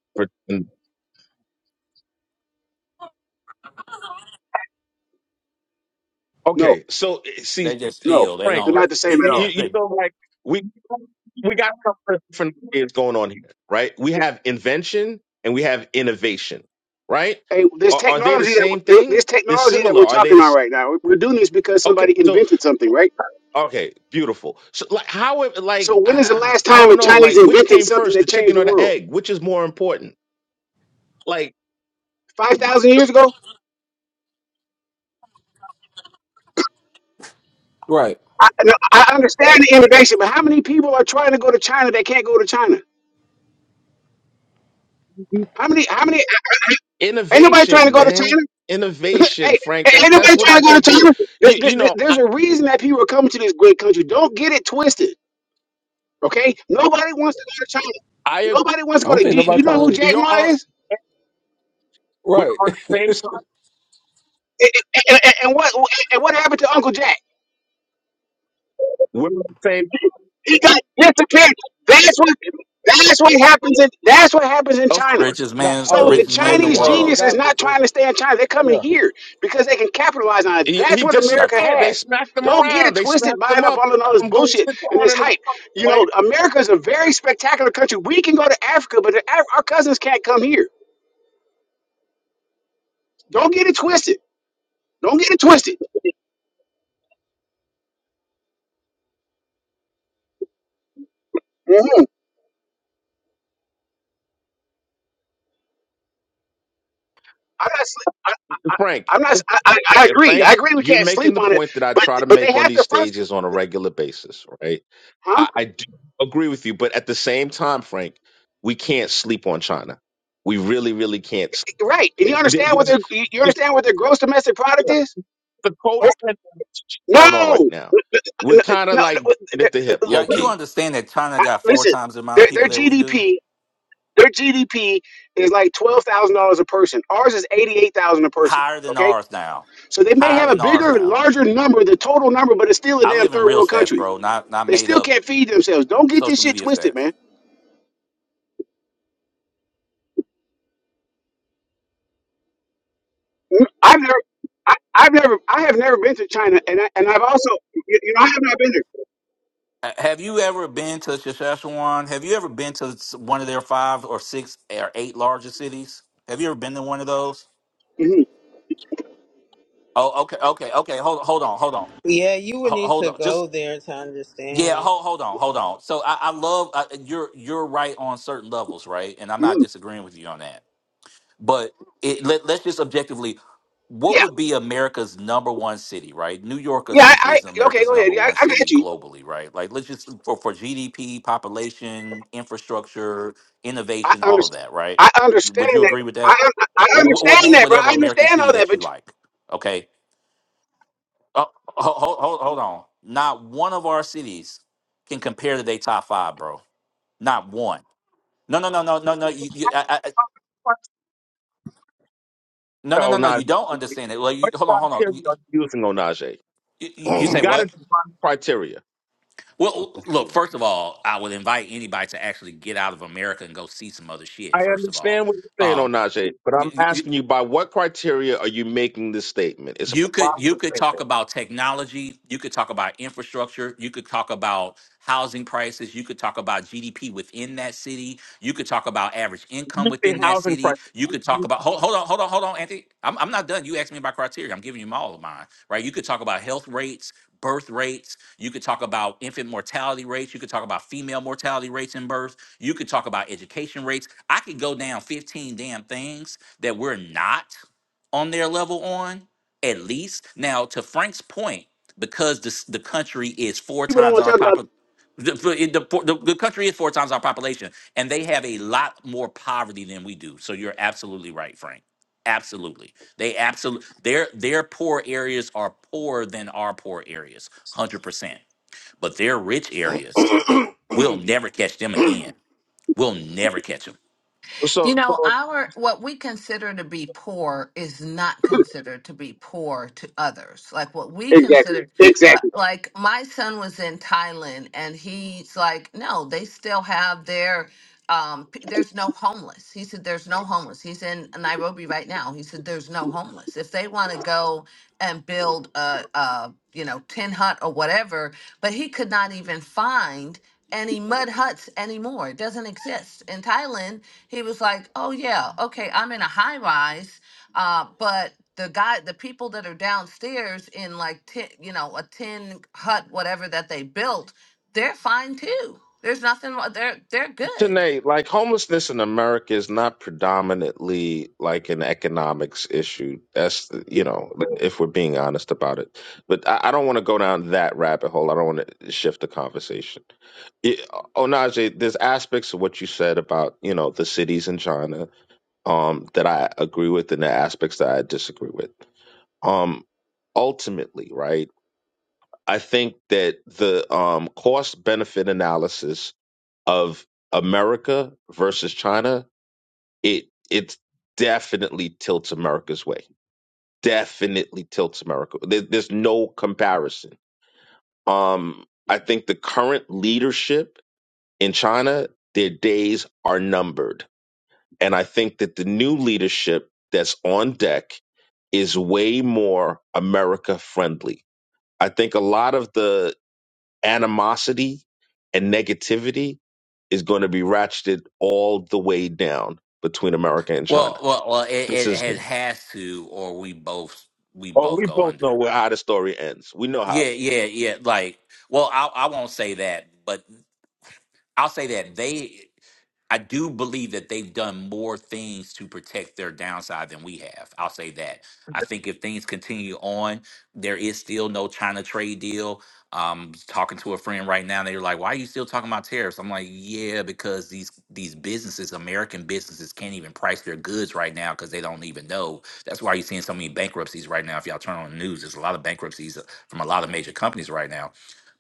no,
Okay, so eh, see,
they just
no,
steal. They
Frank,
they're
don't.
not the same at
you,
all.
Yeah,
you
they
feel like we we got something different ideas going on here, right? We have invention and we have innovation, right?
Hey, this
Are, are they the
technology that
same
this
thing? They're
technology that
similar.
we're
Are they
talking
the
about
s-
right now, we're doing this because
okay?
somebody
So
invented something, right?
okay, beautiful. So like how it-
So
like
when
I,
is the last
I I
time a
don't know
Chinese
like which
invented
came
something
first,
that
the
changed
chicken
the
or the
world?
egg? Which is more important? Like
Five thousand years ago?
Right.
I, no, I understand the innovation, but how many people are trying to go to China that can't go to China? How many? How many? Ain't nobody trying to
innovation,
go to
man,
China.
innovation,
hey,
Frank. That,
ain't ain't
that's
nobody
what
trying
I
to go
think.
to
You
China. Th-
you,
th-
you
th-
know I,
There's a reason that people are coming to this great country. Don't get it twisted, okay? Nobody wants to go to China.
I
Nobody wants
I
to go
don't
to.
think
Do you do you
nobody
know who
trying to.
Jack Ma
your
is?
We're
Right.
on the same side.
And, and- and- and what and what happened to Uncle Jack?
We're on the same.
He got disappeared. That's what that's what happens in that's what happens in
Of
China.
course,
richest
Not.
man, the
So
Oh.
the
richest man
Oh.
in the
The.
Chinese
Oh. The
genius
world
is
guy.
not
that the
trying to stay in China. They're coming
yeah.
here because they can capitalize on it.
he,
That's
he
what
got.
America
co-
disappeared. They
has.
smacked him
Don't get
around.
it
They
twisted
smacked
buying
him
up
up.
all
They
of all this
let him go
bullshit
sit
and
down
this
in the
hype. You
wait,
know, America is a very spectacular country. We can go to Africa, but the, Af- our cousins can't come here. Don't get it twisted. Don't get it twisted. Mm-hmm. I'm not. sle- I, I,
Frank.
I'm not. I, I I
eh,
agree. I
Frank,
agree. We
you're
can't
making
sleep
the
on it,
point that I
but
try to
but they
make on
have
these
to first,
stages on a regular basis, right?
huh?
I, I do agree with you, but at the same time, Frank, we can't sleep on China. We really, really can't. s-
Right. And you
there-
understand what
There's,
their you you
there's
understand what their gross domestic product is?
the
Oh,
codependent going on right
No,
now. We're
no,
kind of
no.
like
no,
at the hip,
they're-
Yeah,
low
you
key.
understand that China
I-
got four
Listen,
times the amount
their
of
their
people that we do,
GDP their GDP is like twelve thousand dollars a person. Ours is eighty eight thousand a person.
higher than
Okay,
ours now,
so they may
higher
have a
than ours
bigger,
now.
larger number, the total number, but it's still a
I
damn
live in
third
real
world
stats,
country.
bro, not not
They
made
still
up
can't feed themselves. Don't get this
social
shit
media
twisted, man.
stats.
I've never, I, I've never, I have never been to China, and I, and I've also, you, you know, I have not been there.
Ha- Have you ever been to Saskatchewan? Have you ever been to s- one of their five or six or eight largest cities? Have you ever been to one of those?
hmm
Oh, okay, okay, okay. Hold, hold on, hold on,
Yeah, you would
Ho-
need
hold
to
on.
go
Just
there to
yeah,
understand.
hold, hold on, hold on. So I, I love uh, you're you're right on certain levels, right? And I'm not
hmm
disagreeing with you on that But it, let, let's just objectively, what
Yeah,
would be America's number one city, right? New York
yeah.
essentially
I,
is
I okay,
America's
go ahead.
number
Yeah, I,
one
I
city
got you.
globally, right? Like let's just for, for GDP, population, infrastructure,
I
innovation, all of
understand.
that, right?
I
Would
understand
you
that.
agree with that?
I, I I
Or, or
understand
name
that, bro. I
whatever American
understand
city
all that,
that you
but
like, okay? Oh, hold, hold, hold on. Not one of our cities can compare to their top five, bro. Not one. No, no, no, no, no, no. You, you, I, I, I- no, no, no, no.
Onaje.
You don't understand it. Well, you,
What
hold on, hold
criteria
on.
are you using, Onaje?
Y- You
We
say
Thank
got to
what?
define criteria.
Well, look, first of all, I would invite anybody to actually get out of America and go see some other shit,
I
first of all.
understand what you're saying,
Um,
Onaje, but I'm asking you by what criteria are you making this statement? It's a
you could you
provocative
could talk
statement.
about technology you could talk about infrastructure you could talk about housing prices you could talk about gdp within that city you could talk about average income
You say
within that
housing
city
crisis.
you could talk about hold, hold on hold on hold on anthony I'm, I'm not done you asked me about criteria i'm giving you all of mine right you could talk about health rates birth rates you could talk about infant mortality rates you could talk about female mortality rates in birth you could talk about education rates i could go down 15 damn things that we're not on their level on at least. Now, to Frank's point, because this, the country is four
people don't
times
want to
our
talk about
population, the, the, the, the country is four times our population, and they have a lot more poverty than we do. So you're absolutely right, Frank. Absolutely, they absolutely their their poor areas are poorer than our poor areas, hundred percent. But their rich areas,
you,
we'll never catch them again. We'll never catch them.
You
So, so
know, our what we consider to be poor is not considered to be poor to others. Like what we
exactly,
consider, uh,
exactly.
like my son was in Thailand and he's like, no, they still have their, um, p- there's no homeless. He said, there's no homeless. He's in Nairobi right now. He said, there's no homeless. If they want to go and build a, a, you know, tin hut or whatever, but he could not even find any mud huts anymore. It doesn't exist in Thailand he was like, "Oh yeah, okay, I'm in a high rise, uh, but the guy, the people that are downstairs in like ten, you know, a tin hut, whatever that they built, they're fine too. There's nothing. wrong- They're they're good.
Tanae, like homelessness in America is not predominantly like an economics issue. That's you know, if we're being honest about it. But I, I don't want to go down that rabbit hole. I don't want to shift the conversation. It, Onaje, there's aspects of what you said about you know the cities in China um, that I agree with, and the aspects that I disagree with. Um, ultimately, right? I think that the um, cost benefit analysis of America versus China, it it definitely tilts America's way. Definitely tilts America. There, there's no comparison. Um, I think the current leadership in China, their days are numbered, and I think that the new leadership that's on deck is way more America friendly. I think a lot of the animosity and negativity is going to be ratcheted all the way down between America and
Well,
China.
well, well, it,
This
it,
is
it has to, or we both we
oh,
both
we
go
both know
under
where how the story ends. We know how
Yeah, yeah, yeah. Like, well, I I won't say that, but I'll say that they I do believe that they've done more things to protect their downside than we have. I'll say that. I think if things continue on, there is still no China trade deal. Um, talking to a friend right now, they were like, "Why are you still talking about tariffs?" I'm like, "Yeah, because these these businesses, American businesses, can't even price their goods right now because they don't even know. That's why you're seeing so many bankruptcies right now. If y'all turn on the news, there's a lot of bankruptcies uh, from a lot of major companies right now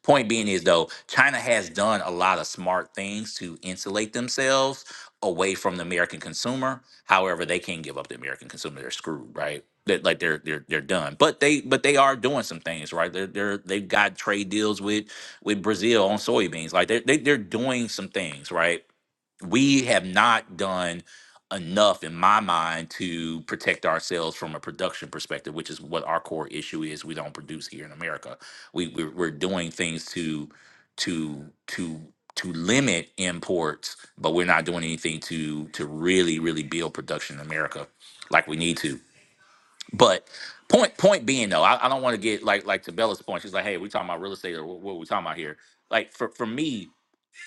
Point being is though, China has done a lot of smart things to insulate themselves away from the American consumer. However, they can't give up the American consumer; they're screwed, right? That like they're they're they're done. But they but they are doing some things, right? They're they're they've got trade deals with with Brazil on soybeans. Like they're they, they're doing some things, right? we have not done enough in my mind to protect ourselves from a production perspective which is what our core issue is we don't produce here in america we we're, we're doing things to to to to limit imports but we're not doing anything to to really really build production in america like we need to but point point being though i, I don't want to get like like to bella's point she's like hey we're talking about real estate or what, what are we talking about here like for for me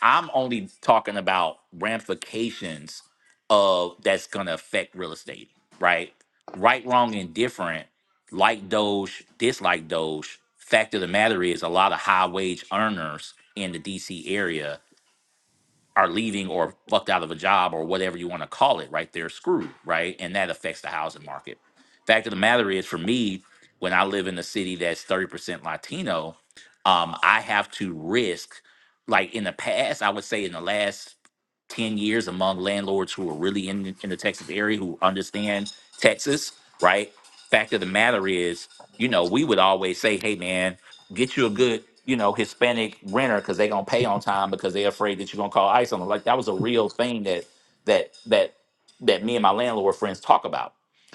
I'm only talking about ramifications of that's gonna affect real estate, right? Right, wrong, and different, like Doge, dislike Doge. Fact of the matter is, a lot of high wage earners in the DC area are leaving or fucked out of a job or whatever you want to call it, right? They're screwed, right? And that affects the housing market. Fact of the matter is, for me, when I live in a city that's 30% Latino, um, I have to risk, like in the past, I would say in the last 10 years among landlords who are really in, the- in the Texas area who understand Texas, right? Fact of the matter is, you know, we would always say, hey, man, get you a good, you know, Hispanic renter because they're gonna pay on time because they're afraid that you're gonna call ICE on them. Like that was a real thing that that that that me and my landlord friends talk about.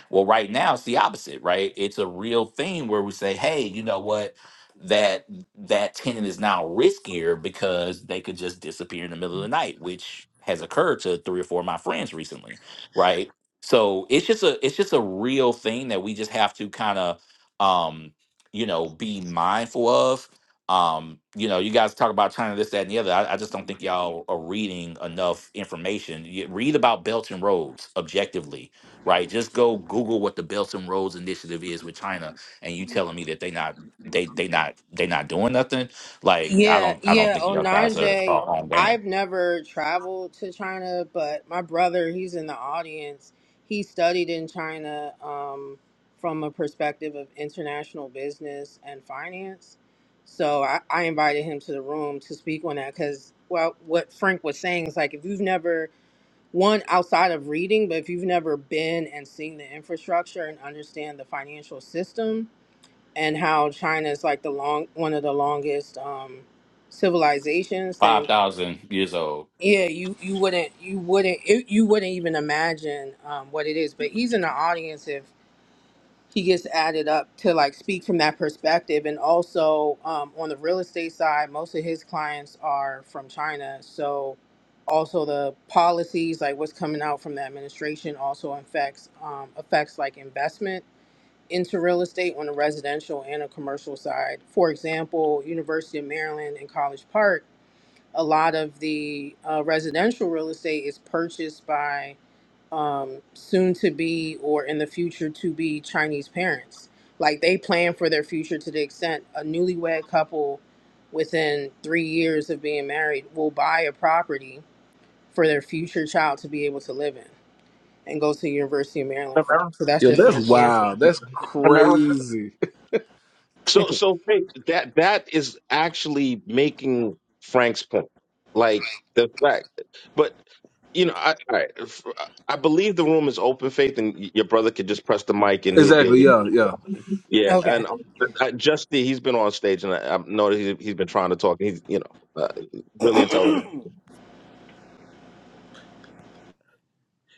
Well, right now it's the opposite, right? It's a real thing where we say, hey, you know what? That that tenant is now riskier because they could just disappear in the middle of the night, which has occurred to three or four of my friends recently, right? So it's just a it's just a real thing that we just have to kind of um you know, be mindful of. Um, you know, you guys talk about China, this, that, and the other. I, I just don't think y'all are reading enough information. You read about Belt and Roads objectively, right? Just go Google what the Belt and Roads Initiative is with China, and you telling me that they not they they not they not doing nothing. Like I
Yeah,
don't I don't
yeah.
think y'all guys are,
Onaje,
are on game.
I've never traveled to China, but my brother, he's in the audience. He studied in China um, from a perspective of international business and finance. So I, I invited him to the room to speak on that because, well, what Frank was saying is like if you've never, one, outside of reading, but if you've never been and seen the infrastructure and understand the financial system, and how China is like the long one of the longest um, civilizations, then
Five thousand years old.
yeah, you you wouldn't you wouldn't it, you wouldn't even imagine um, what it is. But he's in the audience if he gets added up to like speak from that perspective, and also um, on the real estate side, most of his clients are from China, so also the policies like what's coming out from the administration also affects um, affects like investment into real estate on the residential and a commercial side. For example, University of Maryland in College Park, a lot of the uh, residential real estate is purchased by um, soon to be or in the future to be Chinese parents. Like they plan for their future to the extent a newlywed couple within three years of being married will buy a property for their future child to be able to live in and go to the University of Maryland from.
America.
So that's
Yeah.
You
just an
That's
know.
example.
wild. That's
America.
crazy.
So so Faith, that that is actually making Frank's point, like the fact. But you know, I I, I believe the room is open, Faith, and your brother could just press the mic and he'll be
Exactly.
able.
Yeah. Yeah.
Yeah,
Okay.
and uh, Justy, he's been on stage, and I, I know that he's, he's been trying to talk. He's you know uh, really intelligent.
Ron.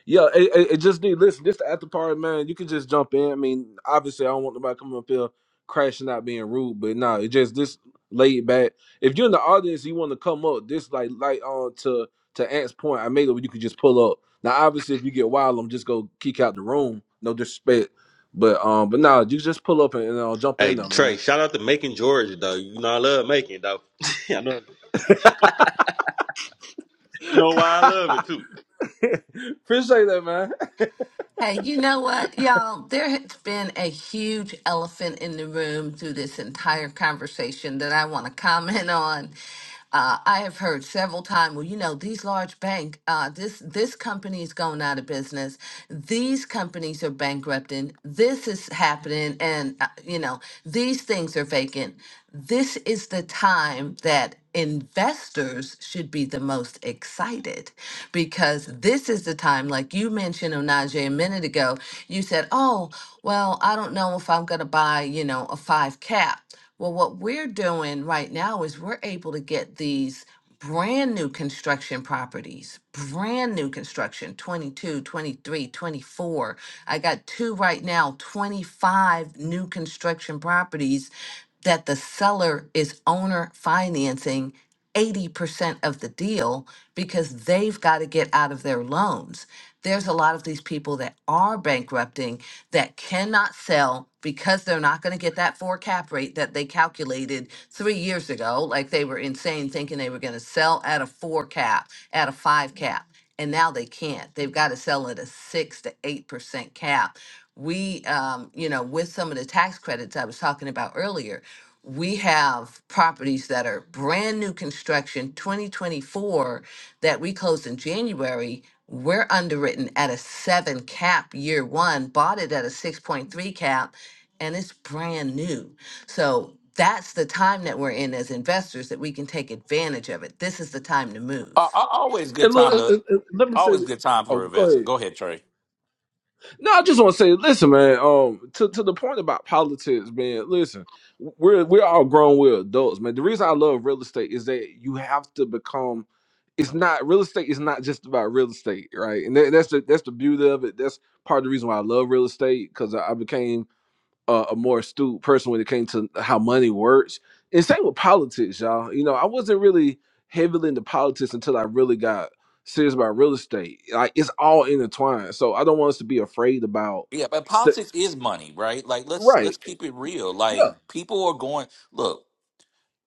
Yeah. It, it, it just need listen. This the after party, man. You can just jump in. I mean, obviously, I don't want nobody coming up here crashing out, being rude. But nah, it just this laid back. If you're in the audience, you want to come up. This like like on to to Ant's point. I made it where you could just pull up. Now, obviously, if you get wild, I'm just go kick out the room. No disrespect, but um, but nah, you just pull up and, and uh, jump
Hey,
in there,
Trey,
man.
shout out to Macon, Georgia, though. You know I love Macon, though. I know, you know why I love it too.
Appreciate that, man.
Hey, you know what, y'all? There has been a huge elephant in the room through this entire conversation that I want to comment on. Uh, I have heard several times, well, you know, these large bank, uh, this this company is going out of business. These companies are bankrupting. This is happening, and uh, you know, these things are vacant. This is the time time that investors should be the most excited because this is the time, like you mentioned, Onaje, a minute ago, you said, oh, well, I don't know if I'm going to buy, you know, a five cap. Well, what we're doing right now is we're able to get these brand new construction properties, brand new construction 22, 23, 24. I got two right now, 25 new construction properties that the seller is owner financing 80% of the deal because they've got to get out of their loans. There's a lot of these people that are bankrupting that cannot sell because they're not going to get that four cap rate that they calculated three years ago. Like they were insane thinking they were going to sell at a four cap, at a five cap. And now they can't. They've got to sell at a six to 8% cap we um, you know with some of the tax credits i was talking about earlier we have properties that are brand new construction 2024 that we closed in January. We're underwritten at a seven cap year one, bought it at a 6.3 cap, and it's brand new. So that's the time that we're in as investors that we can take advantage of it. This is the time to
Uh,
move.
uh, always good
And
time
look, and-
to
and- and let me say,
always good time
oh,
for a
go
vest.
ahead.
Go ahead, Trey.
No, I just want to say, listen, man. Um, to, to the point about politics, man. Listen, we're we're all grown, we're adults, man. The reason I love real estate is that you have to become. It's not real estate. is not just about real estate, right? And that, that's the that's the beauty of it. That's part of the reason why I love real estate because I, I became uh, a more astute person when it came to how money works. And same with politics, y'all. You know, I wasn't really heavily into politics until I really got serious about real estate. Like it's all intertwined. So I don't want us to be afraid about
Yeah, but
st-
politics is money, right? Like let's let's
right.
keep it real. Like
Yeah.
people are going look,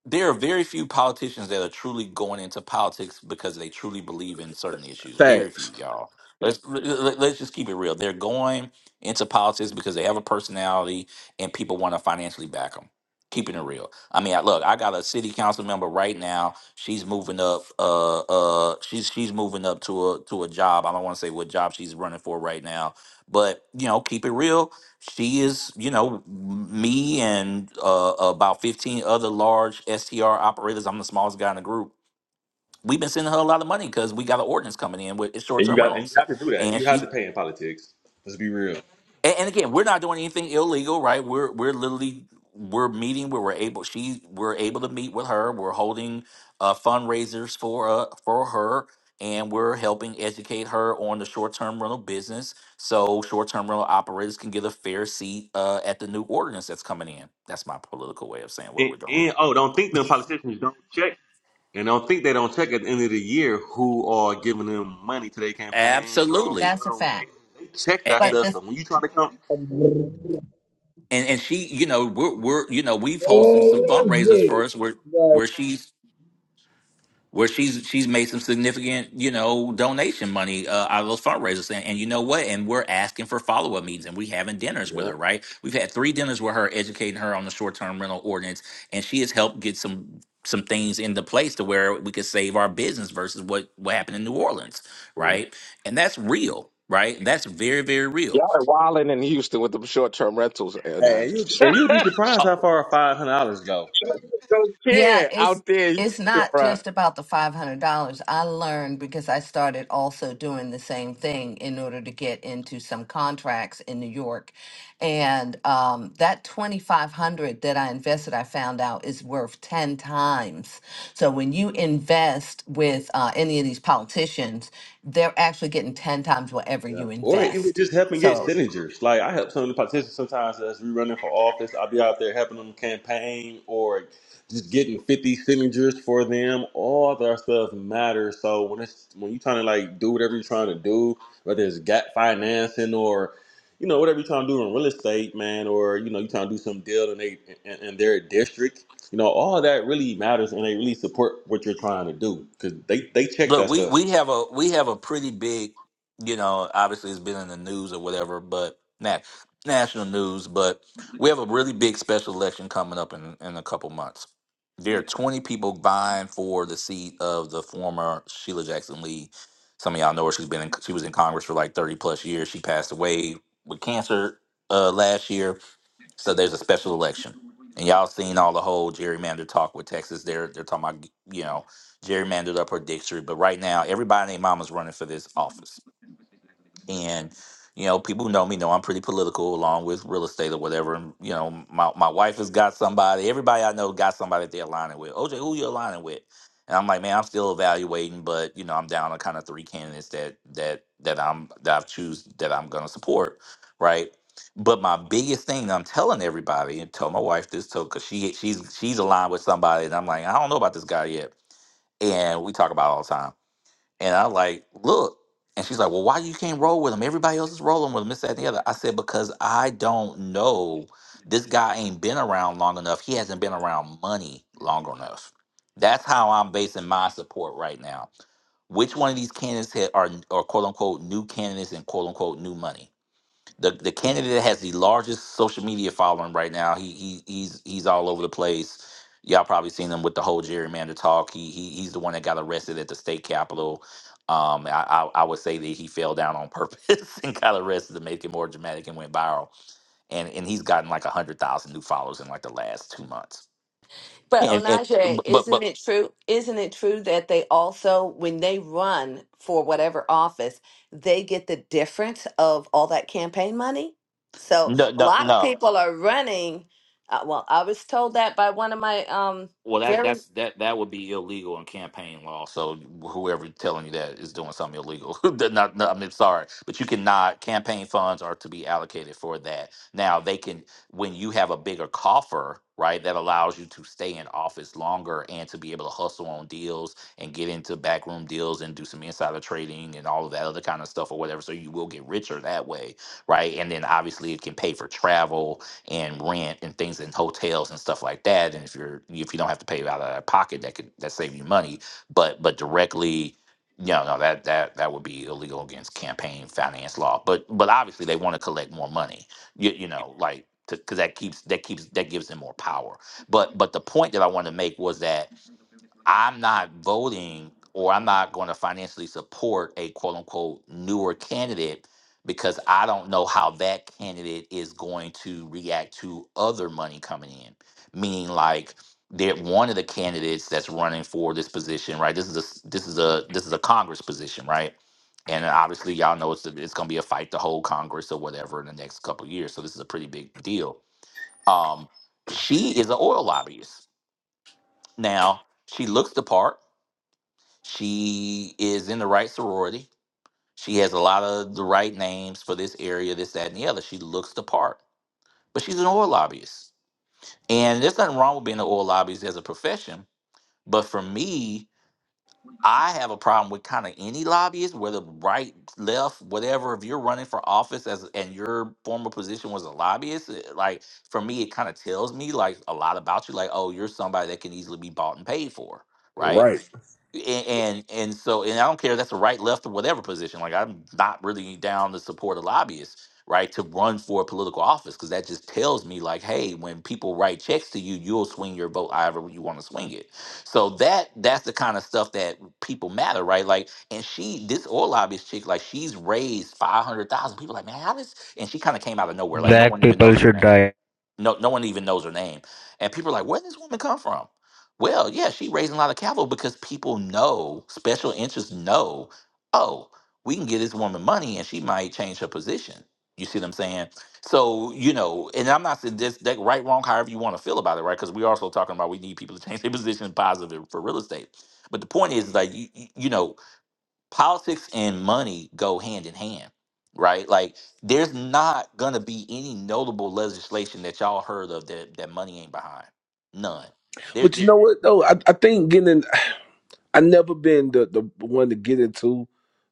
there are very few politicians that are truly going into politics because they truly believe in certain issues. Very few,
Facts.
y'all. Let's let- let- let's just keep it real. They're going into politics because they have a personality and people want to financially back them. Keeping it real. I mean, I, look, I got a city council member right now. She's moving up. Uh, uh, she's she's moving up to a to a job. I don't want to say what job she's running for right now, but you know, keep it real she is, you know, m- me and uh, about 15 other large STR operators. I'm the smallest guy in the group. We've been sending her a lot of money because we got an ordinance coming in with it's
And you
short-term
got and you
rentals.
have to do that.
And
You have to
she
pay in politics. Let's be real.
and, and again, we're not doing anything illegal, right? We're we're literally we're meeting where we're able. She we're able to meet with her. We're holding uh, fundraisers for uh for her, and we're helping educate her on the short term rental business, so short term rental operators can get a fair seat uh, at the new ordinance that's coming in. That's my political way of saying what
And,
we're doing.
and oh, don't think them politicians don't check, and don't think they don't check at the end of the year who are giving them money to their campaigns or
Absolutely,
That's a fact.
check
and
that
and,
But
stuff.
the
So when you try to come,
Where
and and she, you know, we're we're you know we've hosted some
is
fundraisers for us
it?
where where she's where she's she's made some significant you know donation money uh, out of those fundraisers and, and you know what and we're asking for follow-up meetings and we having dinners with
yeah,
her right we've had three dinners with her educating her on the short-term rental ordinance and she has helped get some some things into place to where we could save our business versus what what happened in new orleans
yeah.
right and that's real right that's very very real
Y'all are wilding in Houston with the short term rentals, and I
Hey, and you and you'll be surprised
Uh,
how far five hundred dollars go.
don't
Yeah,
care
it's
out there, in Houston,
it's not
bruh.
just about the five hundred dollars. I learned because I started also doing the same thing in order to get into some contracts in New York, and um, that twenty five hundred that I invested, I found out is worth ten times. So when you invest with uh, any of these politicians, they're actually getting ten times whatever
Yeah.
you
Or even
invest.
just helping get
So
signatures. Like I help some of the politicians sometimes as we running for office. I'll be out there helping them campaign or just getting fifty signatures for them. All that stuff matters. So when it's when you're trying to like do whatever you're trying to do, whether it's gap financing or you know whatever you're trying to do in real estate, man, or you know you're trying to do some deal in they in, in their district. You know all that really matters, and they really support what you're trying to do because they they check
Look,
that
we
stuff.
we have a we have a pretty big, you know, obviously it's been in the news or whatever, but nat- national news, but we have a really big special election coming up in in a couple months. There are 20 people vying for the seat of the former Sheila Jackson Lee. Some of y'all know her. She's been in, she was in Congress for like 30 plus years. She passed away with cancer uh, last year so there's a special election, and y'all seen all the whole gerrymander talk with Texas. They're they're talking about you know gerrymandered up her district, but right now everybody and their mama's running for this office and you know people who know me know i'm pretty political along with real estate or whatever and, you know my, my wife has got somebody everybody i know got somebody that they're aligning with oj who you aligning with and i'm like man i'm still evaluating but you know i'm down to kind of three candidates that that that i'm that i've choose that i'm going to support right but my biggest thing that i'm telling everybody and tell my wife this too because she she's she's aligned with somebody and i'm like i don't know about this guy yet and we talk about it all the time and I like, look. And she's like, well, why you can't roll with him? Everybody else is rolling with him, this, that, and the other. I said, because I don't know. This guy ain't been around long enough. He hasn't been around money long enough. That's how I'm basing my support right now. Which one of these candidates ha- are, are quote unquote new candidates and quote unquote new money? the the candidate that has the largest social media following right now. He he he's he's all over the place. Y'all probably seen him with the whole gerrymander talk. He he he's the one that got arrested at the state capitol. Um, I, I I would say that he fell down on purpose and got arrested to make it more dramatic and went viral. And and he's gotten like a hundred thousand new followers in like the last two months.
But
And, and
Onaje,
but
isn't
but
it true? Isn't it true that they also, when they run for whatever office, they get the difference of all that campaign money? So
no
a
no
lot of
no
people are running. Uh, well, I was told that by one of my um
Well, that
very
that's that that would be illegal in campaign law. So whoever telling you that is doing something illegal. not, not, no, I mean, sorry, but you cannot. Campaign funds are to be allocated for that. Now they can when you have a bigger coffer, right? That allows you to stay in office longer and to be able to hustle on deals and get into backroom deals and do some insider trading and all of that other kind of stuff or whatever. So you will get richer that way, right? And then obviously it can pay for travel and rent and things in hotels and stuff like that. And if you're if you don't have to pay out of pocket, that could that save you money. But but directly, no, no, that that that would be illegal against campaign finance law. But but obviously they want to collect more money. You, you know, like because that keeps that keeps that gives them more power. But but the point that I wanted to make was that I'm not voting or I'm not going to financially support a quote unquote newer candidate because I don't know how that candidate is going to react to other money coming in. Meaning, like, that one of the candidates that's running for this position, right? This is a s- this is a this is a Congress position, right? And obviously, y'all know it's it's going to be a fight to hold Congress or whatever in the next couple years. So this is a pretty big deal. Um, she is an oil lobbyist. Now she looks the part she is in the right sorority. She has a lot of the right names for this area, this, that, and the other. She looks the part, but she's an oil lobbyist. And there's nothing wrong with being an oil lobbyist as a profession. But for me, I have a problem with kind of any lobbyist, whether right, left, whatever. If you're running for office as and your former position was a lobbyist, it- like for me, it kind of tells me like a lot about you. Like, oh, you're somebody that can easily be bought and paid for, right?
Right.
and and, and so and I don't care if that's a right, left, or whatever position. Like I'm not really down to support a lobbyist, right, to run for a political office because that just tells me like, hey, when people write checks to you, you'll swing your vote however you want to swing it. So that that's the kind of stuff that people matter, right? Like, and she this oil lobbyist chick, like she's raised five hundred thousand. People are like, man, how this? And she kind of came out of nowhere, like no
Black
one even
people
knows her
should
name.
die.
No, no one even knows her name. And people are like, where did this woman come from? Well, yeah, she raised a lot of capital because people know, special interests know, oh, we can get this woman money and she might change her position. You see what I'm saying? So, you know, and I'm not saying this, that right, wrong, however you want to feel about it, right? Because we're also talking about we need people to change their position positive for real estate. But the point is, like, you, you know, politics and money go hand in hand, right? Like there's not gonna be any notable legislation that y'all heard of that that money ain't behind. None. There,
But
there-
you know what though? I, I think getting in, I never been the the one to get into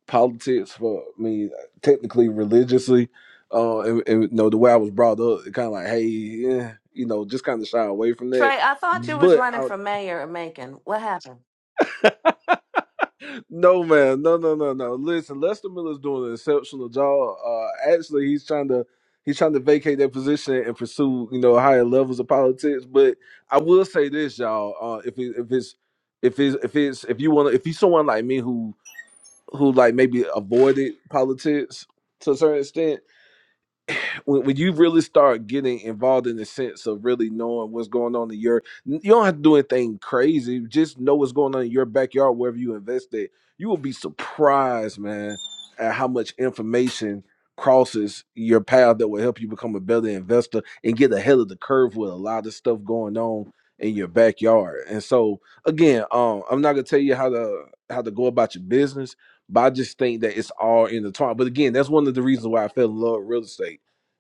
politics for I mean technically religiously. Uh, and, and you know the way I was brought up, it kind of like, hey, yeah, you know, just kind of shy away from that.
Trey. I thought you was
But
running
I,
for mayor of Macon. What happened?
no, man, no, no, no, no. Listen, Lester Miller's doing an exceptional job. Uh, actually, he's trying to he's trying to vacate that position and pursue you know higher levels of politics. But I will say this, y'all, uh, if it, if it's if it's if it's if you want to if he's someone like me who who like maybe avoided politics to a certain extent when, when you really start getting involved in the sense of really knowing what's going on in your you don't have to do anything crazy just know what's going on in your backyard wherever you invested you will be surprised man at how much information crosses your path that will help you become a better investor and get ahead of the curve with a lot of stuff going on in your backyard and so again um i'm not gonna tell you how to how to go about your business but i just think that it's all in the time but again that's one of the reasons why i fell in love with real estate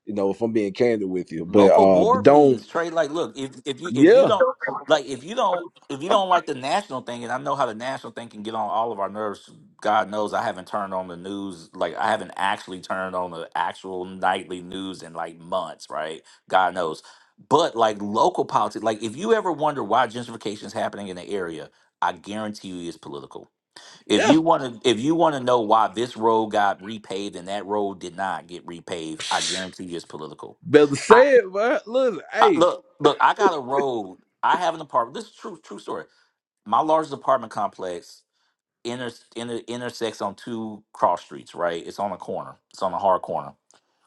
you know, if I'm being candid with you. But
local
uh but
board
don't
meetings trade like look if if you if you
yeah,
don't like if you don't if you don't like the national thing and i know how the national thing can get on all of our nerves god knows i haven't turned on the news like i haven't actually turned on the actual nightly news in like months right god knows but like local politics like if you ever wonder why gentrification is happening in the area i guarantee you it's political if
yeah.
you want to if you want to know why this road got repaved and that road did not get repaved i guarantee you it's political
Better say it, but listen,
I,
hey,
look, look, I got a road. I have an apartment. This is true, true story. My largest apartment complex inter, inter, intersects on two cross streets. Right, it's on a corner. It's on a hard corner.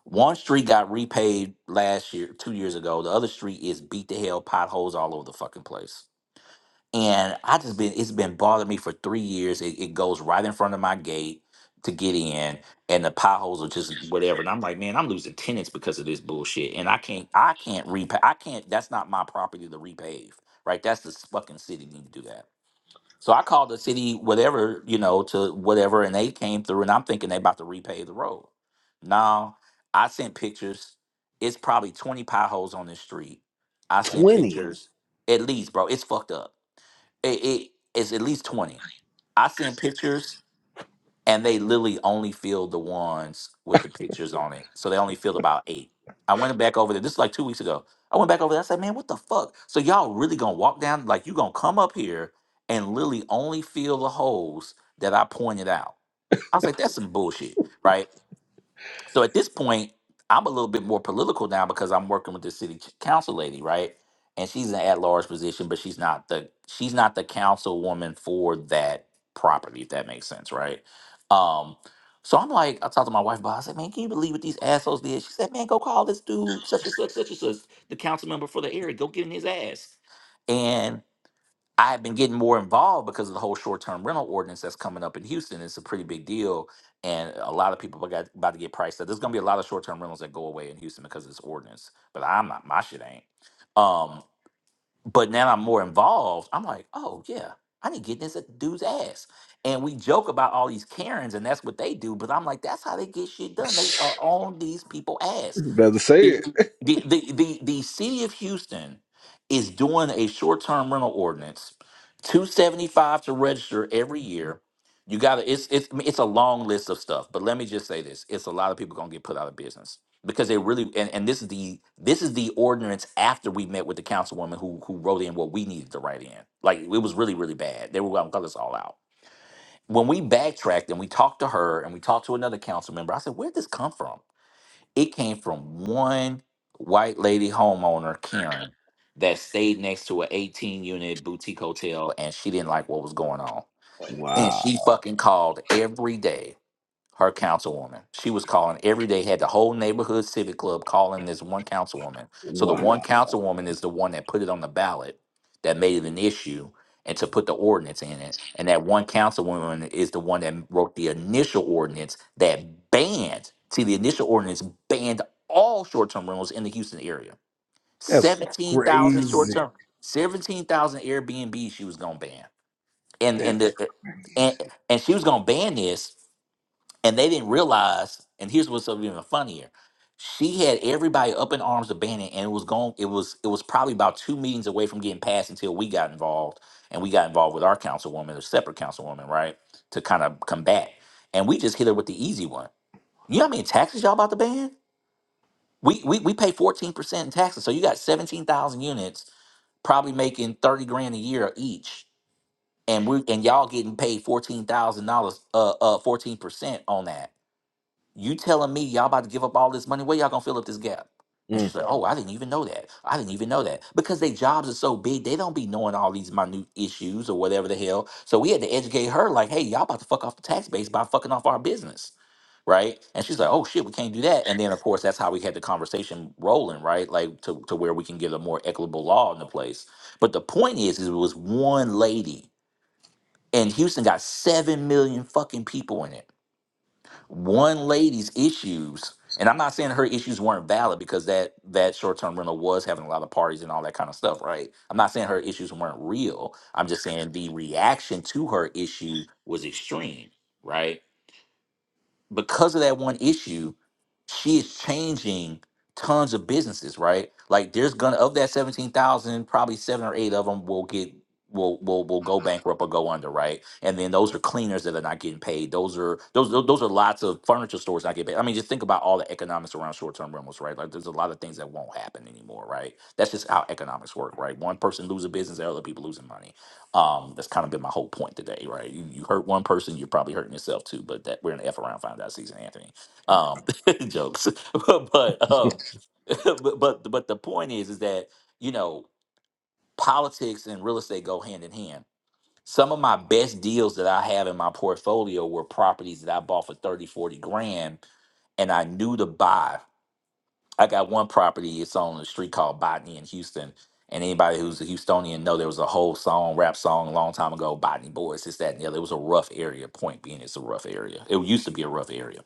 One street got repaved last year, two years ago. The other street is beat to hell, potholes all over the fucking place and I just been it's been bothering me for three years. It, it goes right in front of my gate to get in, and the potholes are just whatever. And I'm like, man, I'm losing tenants because of this bullshit, and I can't I can't repay I can't. That's not my property to repave, right? That's the fucking city need to do that. So I called the city, whatever you know, to whatever, and they came through, and I'm thinking they about to repave the road. Now I sent pictures. It's probably 20 potholes on this street. I sent Mhm.
twenty.
pictures at least, bro. It's fucked up it, it is at least 20 i seen pictures and they literally only filled the ones with the pictures on it so they only filled about eight i went back over there this is like two weeks ago i went back over there i said man what the fuck so y'all really gonna walk down like you gonna come up here and literally only fill the holes that i pointed out i was like that's some bullshit right so at this point, I'm a little bit more political now because I'm working with the city ch- council lady, right? And she's an at-large position, but she's not the she's not the councilwoman for that property, if that makes sense, right? Um, so I'm like, I talked to my wife about. it. I said, "Man, can you believe what these assholes did?" She said, "Man, go call this dude, such and such, such and such, the council member for the area. Go get in his ass." I have been getting more involved because of the whole short-term rental ordinance that's coming up in Houston. It's a pretty big deal, and a lot of people got about to get priced out. There's going to be a lot of short-term rentals that go away in Houston because of this ordinance. But I'm not. My shit ain't. Um, but now I'm more involved. I'm like, oh yeah, I need to get this at dude's ass. And we joke about all these Karens, and that's what they do. But I'm like, that's how they get shit done. They are on these people's ass
Better say
the
it.
the the the, the city of Houston is doing a short term rental ordinance, two seventy five to register every year. You got to it's it's I mean, it's a long list of stuff, but let me just say this: it's a lot of people gonna get put out of business because they really and, and this is the this is the ordinance after we met with the councilwoman who who wrote in what we needed to write in. Like it was really really bad. They were gonna cut us all out. When we backtracked and we talked to her and we talked to another council member, I said, "Where'd this come from?" It came from one white lady homeowner, Karen, that stayed next to an 18 unit boutique hotel and she didn't like what was going on. And
Wow.
she fucking called every day her councilwoman. She was calling every day, had the whole neighborhood civic club calling this one councilwoman. So the
Wow.
one councilwoman is the one that put it on the ballot that made it an issue and to put the ordinance in it. And that one councilwoman is the one that wrote the initial ordinance that banned, see, the initial ordinance banned all short term rentals in the Houston area.
That's
17,000 short
crazy.
term, 17,000 Airbnb she was going to ban. And,
That's
and the,
crazy.
and, and she was going to ban this and they didn't realize, and here's what's so even funnier. She had everybody up in arms of Bannon, and it was going. It was it was probably about two meetings away from getting passed until we got involved, and we got involved with our councilwoman, a separate councilwoman, right, to kind of combat. And we just hit her with the easy one. You know how many taxes y'all about to ban? We we we pay fourteen percent in taxes, so you got seventeen thousand units, probably making thirty grand a year each, and we and y'all getting paid fourteen thousand dollars, uh, uh, fourteen percent on that you telling me y'all about to give up all this money? Where y'all gonna fill up this gap? And
Mm.
she's like, Oh, I didn't even know that. I didn't even know that. Because their jobs are so big, they don't be knowing all these minute issues or whatever the hell. So we had to educate her, like, hey, y'all about to fuck off the tax base by fucking off our business. Right. And she's like, Oh shit, we can't do that. And then of course that's how we had the conversation rolling, right? Like to, to where we can get a more equitable law into place. But the point is, is it was one lady and Houston got seven million fucking people in it one lady's issues, and I'm not saying her issues weren't valid because that that short term rental was having a lot of parties and all that kind of stuff, right? I'm not saying her issues weren't real. I'm just saying the reaction to her issue was extreme, right? because of that one issue, she is changing tons of businesses, right? Like there's gonna of that seventeen thousand, probably seven or eight of them will get will will will go bankrupt or go under, right? And then those are cleaners that are not getting paid. Those are those those those are lots of furniture stores not getting paid. I mean, just think about all the economics around short term rentals, right? Like there's a lot of things that won't happen anymore, right? That's just how economics work, right? One person losing business, the other people losing money. Um, that's kind of been my whole point today, right? You, you hurt one person, you're probably hurting yourself too. But that we're in the F around find out season, Anthony. Um, jokes, but um, but but but the point is, is that you know politics and real estate go hand in hand. Some of my best deals that I have in my portfolio were properties that I bought for 30, 40 grand, and I knew to buy. I got one property. It's on a street called Botany in Houston. And anybody who's a Houstonian know there was a whole song, rap song, a long time ago, Botany Boys, this, that, and the other. It was a rough area. Point being, it's a rough area. It used to be a rough area.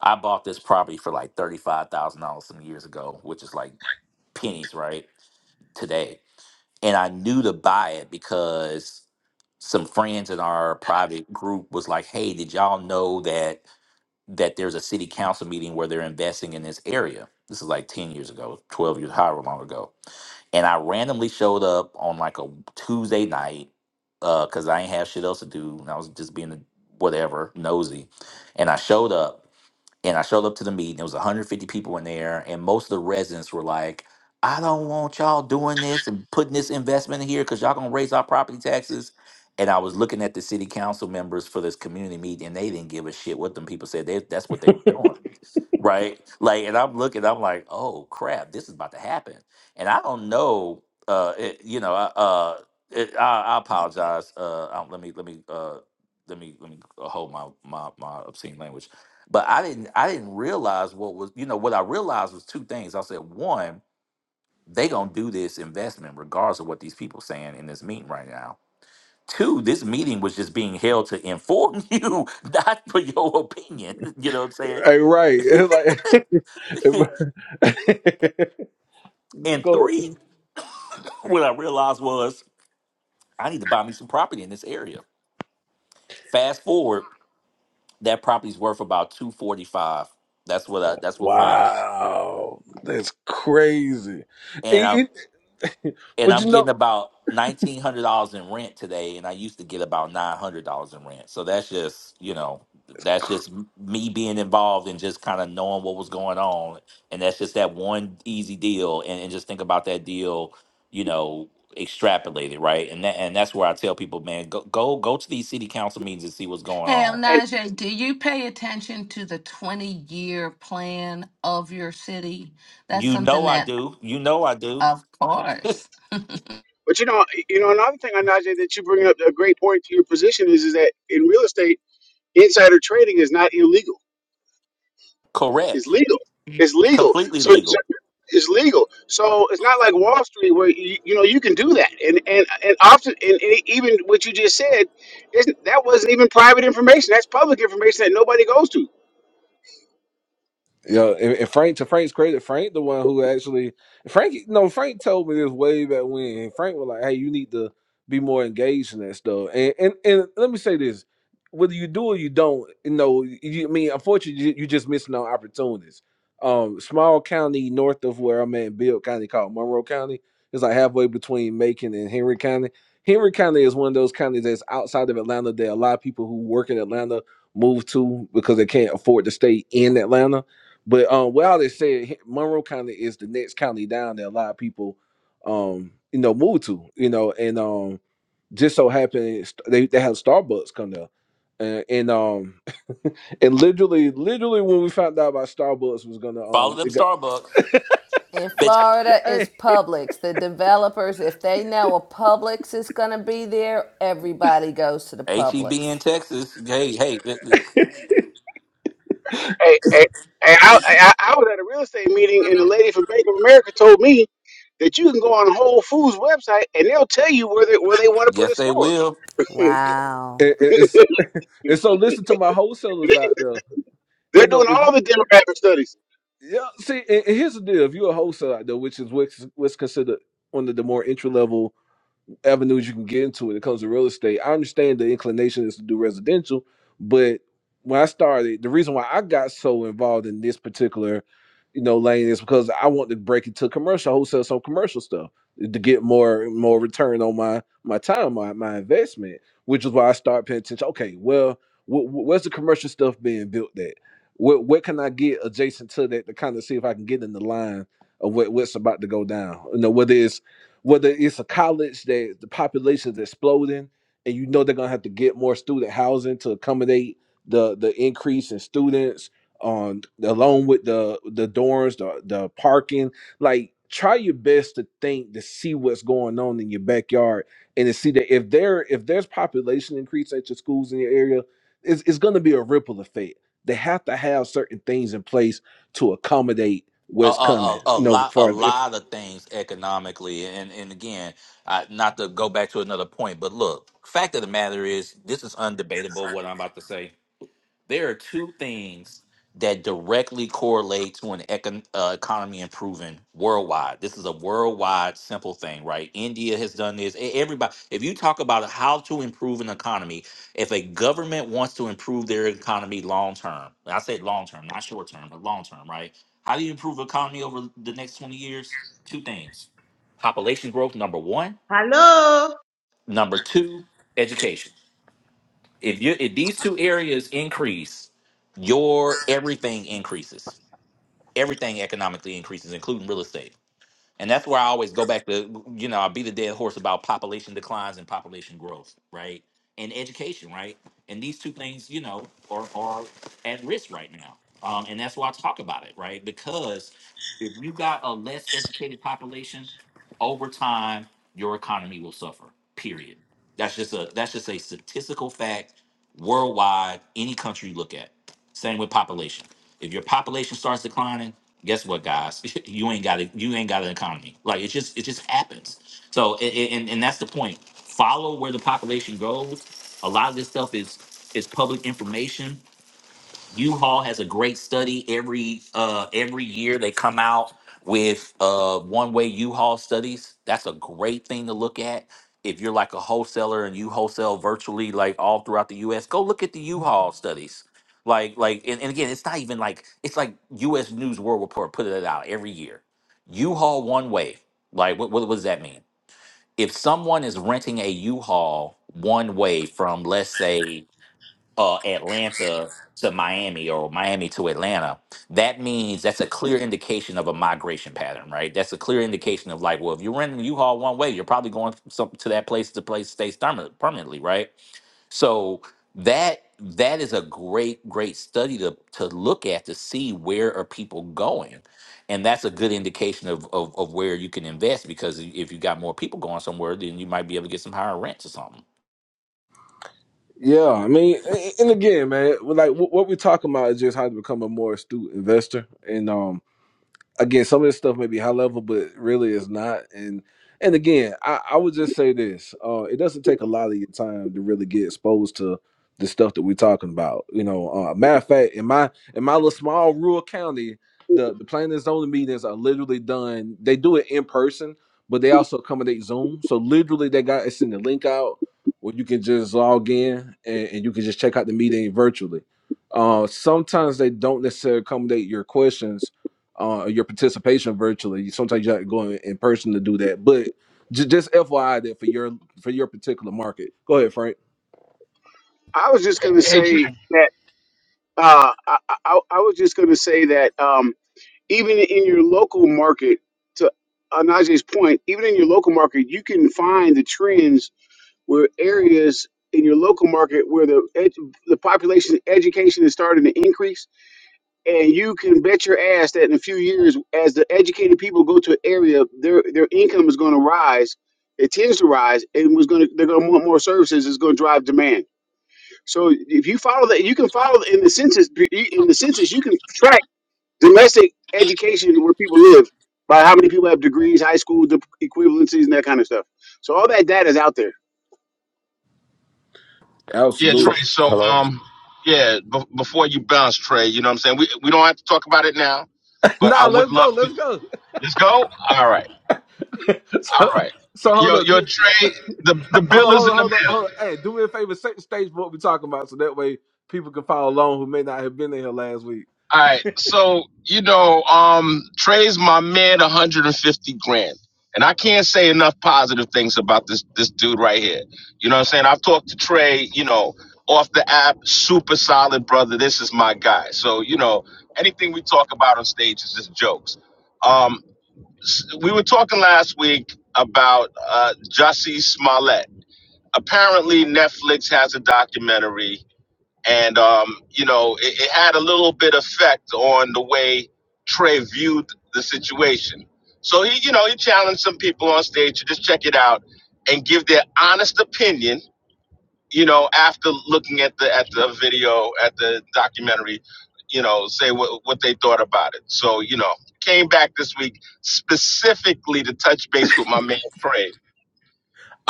I bought this property for like thirty-five thousand dollars some years ago, which is like pennies, right? Today, and I knew to buy it because some friends in our private group was like, "Hey, did y'all know that?" that there's a city council meeting where they're investing in this area. This is like 10 years ago, 12 years, however long ago. And I randomly showed up on like a Tuesday night because I ain't have shit else to do. And I was just being a- whatever, nosy. And I showed up and I showed up to the meeting. There was 150 people in there, and most of the residents were like, "I don't want y'all doing this and putting this investment in here because y'all gonna raise our property taxes." And I was looking at the city council members for this community meeting, and they didn't give a shit what them people said. They, that's what they were doing right? Like, and I'm looking, I'm like, oh crap, this is about to happen, and I don't know, uh, it, you know, I- uh, it, I, I apologize. Uh, I, don't- let me, let me, uh, let me, let me uh, hold my my my obscene language, but I didn't, I didn't realize what was, you know, what I realized was two things. I said, one, they gonna do this investment regardless of what these people saying in this meeting right now. Two, this meeting was just being held to inform you, not for your opinion. You know what I'm
Hey,
saying?
right. Like,
and
go ahead.
three, what I realized was I need to buy me some property in this area. Fast forward, that property's worth about two forty five. That's what I. That's what my
Wow. That's crazy.
and
It-
I
it-
and
but you
I'm
know?
getting about nineteen hundred dollars in rent today, and I used to get about nine hundred dollars in rent. So that's just you know that's just m- me being involved and just kind of knowing what was going on, and that's just that one easy deal, and, and just think about that deal, you know, extrapolated right, and that and that's where I tell people, man, go go go to these city council meetings and see what's going
Hey,
on.
And
Onaje, do you pay attention to the 20 year plan of your city? That's
You
something
know I
that,
do. You know I do.
of course.
but you know, you know, another thing, Anaje, that you bring up a great point to your position is, is that in real estate, insider trading is not illegal It's
Correct.
legal. It's
It's
legal.
completely
So it's
legal.
it's legal. So it's not like Wall Street where you, you know you can do that. And and and often and, and even what you just said isn't that wasn't even private information. That's public information that nobody goes to.
Yeah, and, and Frank to Frank's credit, Frank the one who actually Frank no Frank told me this way back when. and Frank was like, "Hey, you need to be more engaged in that stuff." And and, and let me say this: whether you do or you don't, you know, you, I mean, unfortunately, you, you just missing on opportunities. Um, small county north of where I'm at, Bill County, called Monroe County, it's like halfway between Macon and Henry County. Henry County is one of those counties that's outside of Atlanta that a lot of people who work in Atlanta move to because they can't afford to stay in Atlanta but um, well, they said he- Monroe County is the next county down that a lot of people, um, you know, move to, you know, and um, just so happened they they had Starbucks come there, and, and um, and literally, literally when we found out about Starbucks was gonna
Follow
um, it
them
got,
Starbucks.
In Florida, it's
hey,
Publix. The developers, if they know a Publix is going to be there, everybody goes to the
HEB in
Publix.
Texas. Hey, hey, th- th-
Hey, hey, hey I, I I was at a real estate meeting and the lady from Bank of America told me that you can go on Whole Foods website and they'll tell you where they where they want to put
yes,
a
they
store.
will.
Wow.
it, it- it's and so listen to my wholesalers out there,
They're
you know,
doing
if
all the demographic studies.
yeah, see, and, and here's the deal: if you're a wholesaler out there, which is what's what's considered one of the more entry level avenues you can get into when it comes to real estate. I understand the inclination is to do residential, but when I started, the reason why I got so involved in this particular, you know, lane is because I want to break into commercial, wholesale some commercial stuff to get more more return on my my time, my my investment, which is why I started paying attention. Okay, well, wh- wh- where's the commercial stuff being built at? What what can I get adjacent to that to kind of see if I can get in the line of what, what's about to go down? You know, whether it's whether it's a college that the population is exploding and you know they're gonna have to get more student housing to accommodate the the increase in students on along with the the dorms the, the parking like try your best to think to see what's going on in your backyard and to see that if there if there's population increase at your schools in your area it's, it's going to be a ripple effect they have to have certain things in place to accommodate
A,
what's
a,
coming
a, a
you know
lot, a
for
lot of things economically, and and again, I, not to go back to another point, but look, fact of the matter is, this is undebatable. What I'm about to say, There are two things that directly correlate to an econ- uh, economy improving worldwide. This is a worldwide simple thing, right? India has done this. E- Everybody, if you talk about how to improve an economy, if a government wants to improve their economy long term, I said long term, not short term, but long term, right? How do you improve economy over the next 20 years? Two things. Population growth number 1,
Hello.
number 2, education if you if these two areas increase, your everything increases. Everything economically increases, including real estate. And that's where I always go back to, you know, I beat the dead horse about population declines and population growth, right? And education, right? And these two things, you know, are, are at risk right now. Um, and that's why I talk about it, right? Because if you got a less educated population, over time, your economy will suffer. Period. That's just a that's just a statistical fact worldwide, any country you look at. Same with population. If your population starts declining, guess what, guys? you ain't got a, you ain't got an economy. Like it just it just happens. So a- a- and and that's the point. Follow where the population goes. A lot of this stuff is is public information U-Haul has a great study every uh every year they come out with uh one-way U-Haul studies. That's a great thing to look at. If you're like a wholesaler and you wholesale virtually like all throughout the US, go look at the U-Haul studies. Like like and, and again, it's not even like it's like US News World Report put it out every year. U-Haul one way. Like what, what what does that mean? If someone is renting a U-Haul one way from let's say uh, Atlanta to Miami or Miami to Atlanta, that means that's a clear indication of a migration pattern, right? That's a clear indication of like, well, if you're renting a U-Haul one way, you're probably going some, to that place to place stays perma- permanently, right? So that that is a great great study to to look at to see where are people going and that's a good indication of, of of where you can invest because if you got more people going somewhere then you might be able to get some higher rents or something
Yeah, I mean, and again, man, like what we're talking about is just how to become a more astute investor, and um, again, some of this stuff may be high level, but really it's not. And and again, I, I would just say this: uh, it doesn't take a lot of your time to really get exposed to the stuff that we're talking about. You know, uh, matter of fact, in my in my little small rural county, the the planning and zoning meetings are literally done. They do it in person, but they also accommodate Zoom. So literally, they got it's in the link out where you can just log in and, and you can just check out the meeting virtually. Uh, sometimes they don't necessarily accommodate your questions uh, your participation virtually. Sometimes you have to go in, in person to do that. But j- just FYI that for your for your particular market. Go ahead, Frank.
I was just going to say that. Uh, I, I, I was just going to say that um, even in your local market, to Anaje's point, even in your local market, you can find the trends where areas in your local market where the ed- the population education is starting to increase, and you can bet your ass that in a few years, as the educated people go to an area, their their income is going to rise. It tends to rise, and was going to they're going to want more services. It's going to drive demand. So if you follow that, you can follow the- in the census. In the census, you can track domestic education where people live by how many people have degrees, high school dip- equivalencies, and that kind of stuff. So all that data is out there.
Yeah, Trey.
F-
Absolutely.
So,
Hello.
um, yeah, b- before you bounce, Trey, you know what I'm saying? We, we don't have to talk about it now, but I
nah,
would
let's go.
love to.
Let's go.
Let's go. All right. All
so,
right.
so hold
Yo,
on.
yo, Trey, the,
Hold
the bill
on,
is
hold
in
on,
the
hold on,
mail.
hold on. Hey, do me a favor, set the stage for what we're talking about so that way people can follow along who may not have been in here last week.
All right, so you know, um, Trey's my man, 150 grand, and I can't say enough positive things about this this dude right here. You know what I'm saying? I've talked to Trey, you know, off the app, super solid brother. This is my guy. So you know, anything we talk about on stage is just jokes. Um, s- we were talking last week about uh, Jussie Smollett. Apparently, Netflix has a documentary and um, you know it, it had a little bit effect on the way Trey viewed the situation. So he, you know, he challenged some people on stage to just check it out and give their honest opinion. You know, after looking at the at the video at the documentary, you know, say what what they thought about it. So you know, came back this week specifically to touch base with my man Trey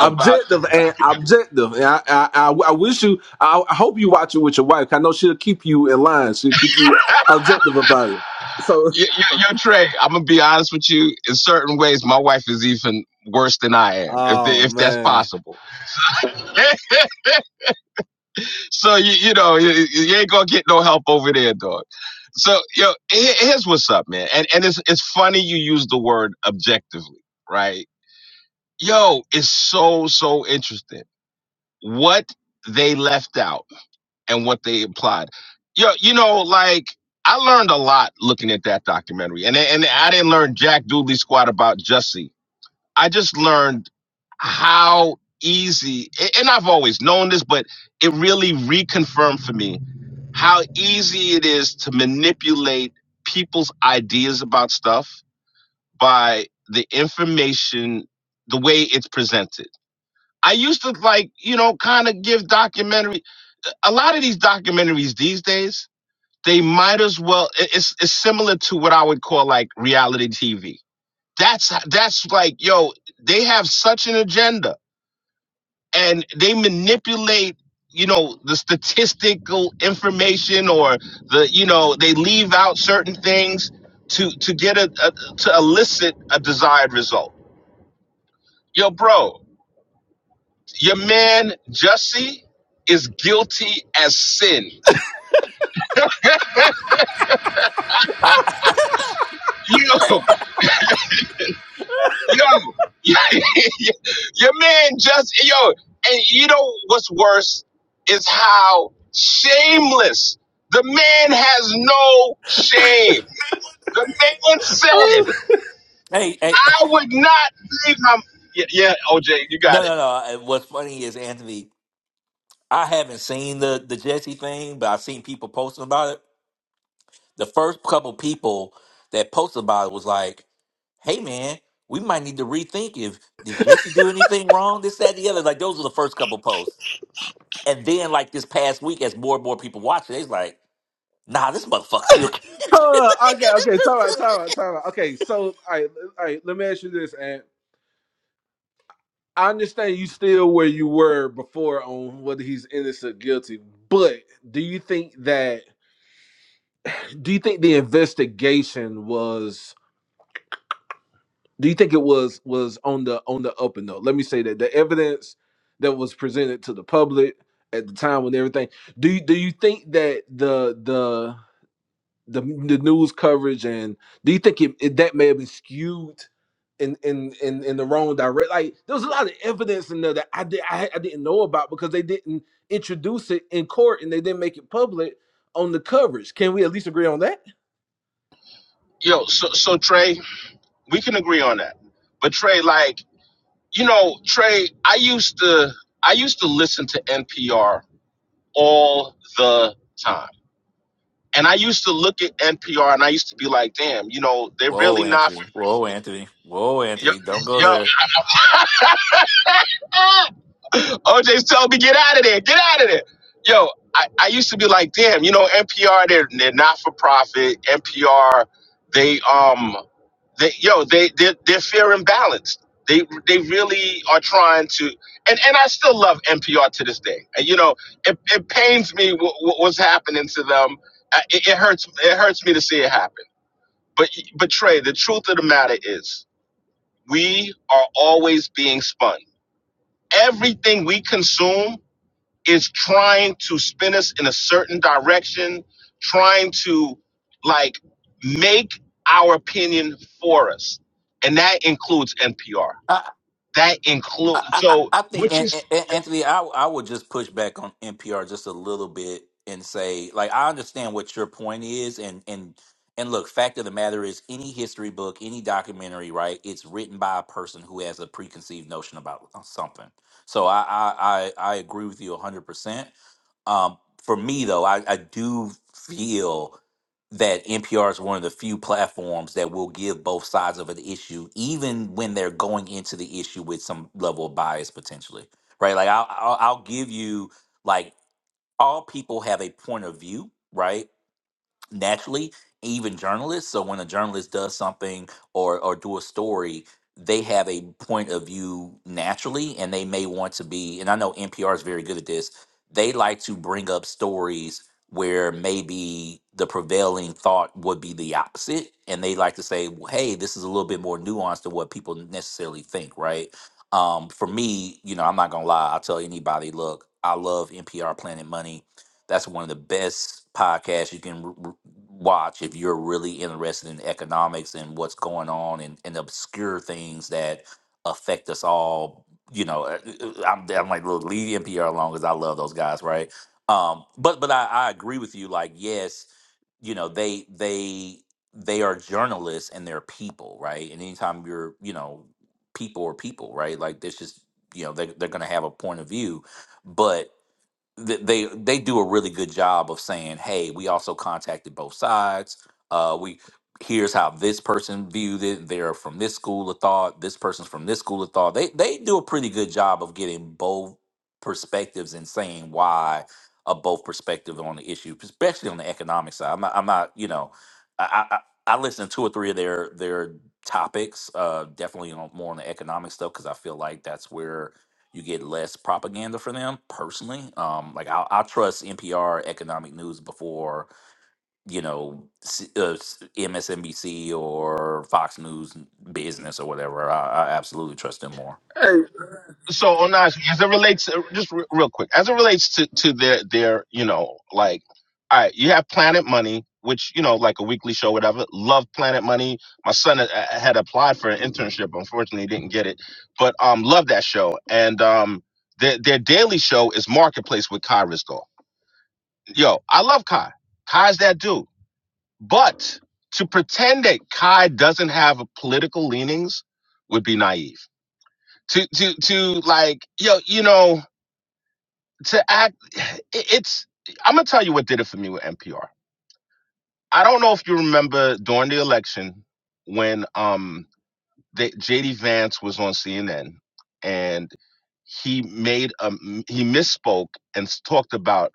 about
and objective. And I, I, I, I wish you, I, I hope you watch it with your wife. I know she'll keep you in line. She'll keep you objective about it. So,
Yo, yo, yo, Trey, I'm gonna be honest with you. In certain ways, my wife is even worse than I am, if the,
Oh
if that's
man.
possible. so you you know you, you ain't gonna get no help over there, dog. So yo, here- here's what's up, man. And and it's it's funny you use the word objectively, right? Yo, it's so so interesting what they left out and what they implied. Yo, you know, like I learned a lot looking at that documentary, and and I didn't learn Jack Dooley squat about Jussie I just learned how easy, a- and I've always known this, but it really reconfirmed for me how easy it is to manipulate people's ideas about stuff by the information, the way it's presented. I used to like, you know, kind of give documentary. A lot of these documentaries these days, they might as well. it- It's, it's similar to what I would call like reality TV that's that's like yo they have such an agenda and they manipulate you know the statistical information or the you know they leave out certain things to to get a, a to elicit a desired result yo bro your man jussie is guilty as sin yo Yo, your man just yo, and you know what's worse is how shameless the man has no shame. The man said,
I,
"I would not leave my." Yeah, yeah, OJ, you
No,
got it.
no, no. And What's funny is Anthony. I haven't seen the the Jesse thing, but I've seen people posting about it. The first couple people that posted about it was like, "Hey, man, we might need to rethink if did Jesse do anything wrong? This, that, the other." Like those were the first couple posts, and then like this past week, as more and more people watch it, it's like, "Nah, this motherfucker still." can't."
Huh, okay, okay. Time out, time out, time out. Okay, so all right, all right. Let me ask you this, and I understand you still where you were before on whether he's innocent or guilty, but do you think that do you think the investigation was do you think it was was on the on the up and up? Let me say that the evidence that was presented to the public at the time when everything do you, do you think that the the the news coverage and do you think it, it- that may have been skewed in in in in the wrong direct like there was a lot of evidence in there that I did I, I didn't know about because they didn't introduce it in court and they didn't make it public on the coverage can we at least agree on that
Yo, so so Trey, we can agree on that. But Trey, like you know, Trey, I used to I used to listen to NPR all the time And I used to look at NPR and I used to be like, damn, you know, they're
Whoa,
really not.
Anthony. Whoa, Anthony. Whoa,
Yo,
Anthony. Don't go
yo.
there.
OJ's telling me, get out of there, get out of there. Yo, I, I used to be like, damn, you know, NPR, they're, they're not for profit. NPR, they, um, they, yo, they, they're, they're fair and balanced. They, they really are trying to, and, and I still love NPR to this day. And, you know, it, it pains me what, what's happening to them. Uh, It, it hurts, it hurts me to see it happen but but Trey, the truth of the matter is, we are always being spun. Everything we consume is trying to spin us in a certain direction, trying to like make our opinion for us, and that includes NPR. That
I,
includes
I,
so
I think
which
An-
is
An- Anthony, I I would just push back on NPR just a little bit and say, like, I understand what your point is, and and and look, fact of the matter is, any history book, any documentary, right? It's written by a person who has a preconceived notion about something. So I I I, I agree with you hundred percent. Um, for me, though, I, I do feel that NPR is one of the few platforms that will give both sides of an issue, even when they're going into the issue with some level of bias potentially, right? Like I'll, I'll, I'll give you like all people have a point of view, right? naturally even journalists so when a journalist does something or or do a story they have a point of view naturally and they may want to be and i know npr is very good at this they like to bring up stories where maybe the prevailing thought would be the opposite and they like to say well, hey this is a little bit more nuanced than what people necessarily think right um, for me you know i'm not gonna lie i'll tell anybody look i love npr planet money that's one of the best podcasts you can r- r- watch if you're really interested in economics and what's going on and, and obscure things that affect us all. You know, uh, uh, uh, I'm, I'm like, look, leave NPR alone because I love those guys, right? Um, but but I, I agree with you. Like, yes, you know, they they they are journalists and they're people, right? And anytime you're, you know, people are people, right? Like, this just you know, they they're gonna have a point of view, but th- they they do a really good job of saying, "Hey, we also contacted both sides. Uh, we here's how this person viewed it. They're from this school of thought. This person's from this school of thought." They they do a pretty good job of getting both perspectives and saying why a both perspective on the issue, especially on the economic side. I'm not, I'm not you know, I, I I I listened to two or three of their their topics. Uh, definitely on, more on the economic stuff because I feel like that's where you get less propaganda for them personally um like i'll, I'll trust npr economic news before you know C- uh, s- msnbc or fox news business or whatever i, I absolutely trust them more
Hey,
so Onash, as it relates, uh, just re- real quick, as it relates to to their their, you know, like, all right, you have Planet Money, which you know, like a weekly show, whatever. Love Planet Money. My son uh, uh, had applied for an internship, unfortunately, didn't get it, but um, love that show. And um, their their daily show is Marketplace with Kai Risco. Yo, I love Kai. Kai's that dude, but to pretend that Kai doesn't have political leanings would be naive. To to to like, yo, you know to act it- it's i'm gonna tell you what did it for me with npr i don't know if you remember during the election when um the, jd vance was on cnn and he made a he misspoke and s- talked about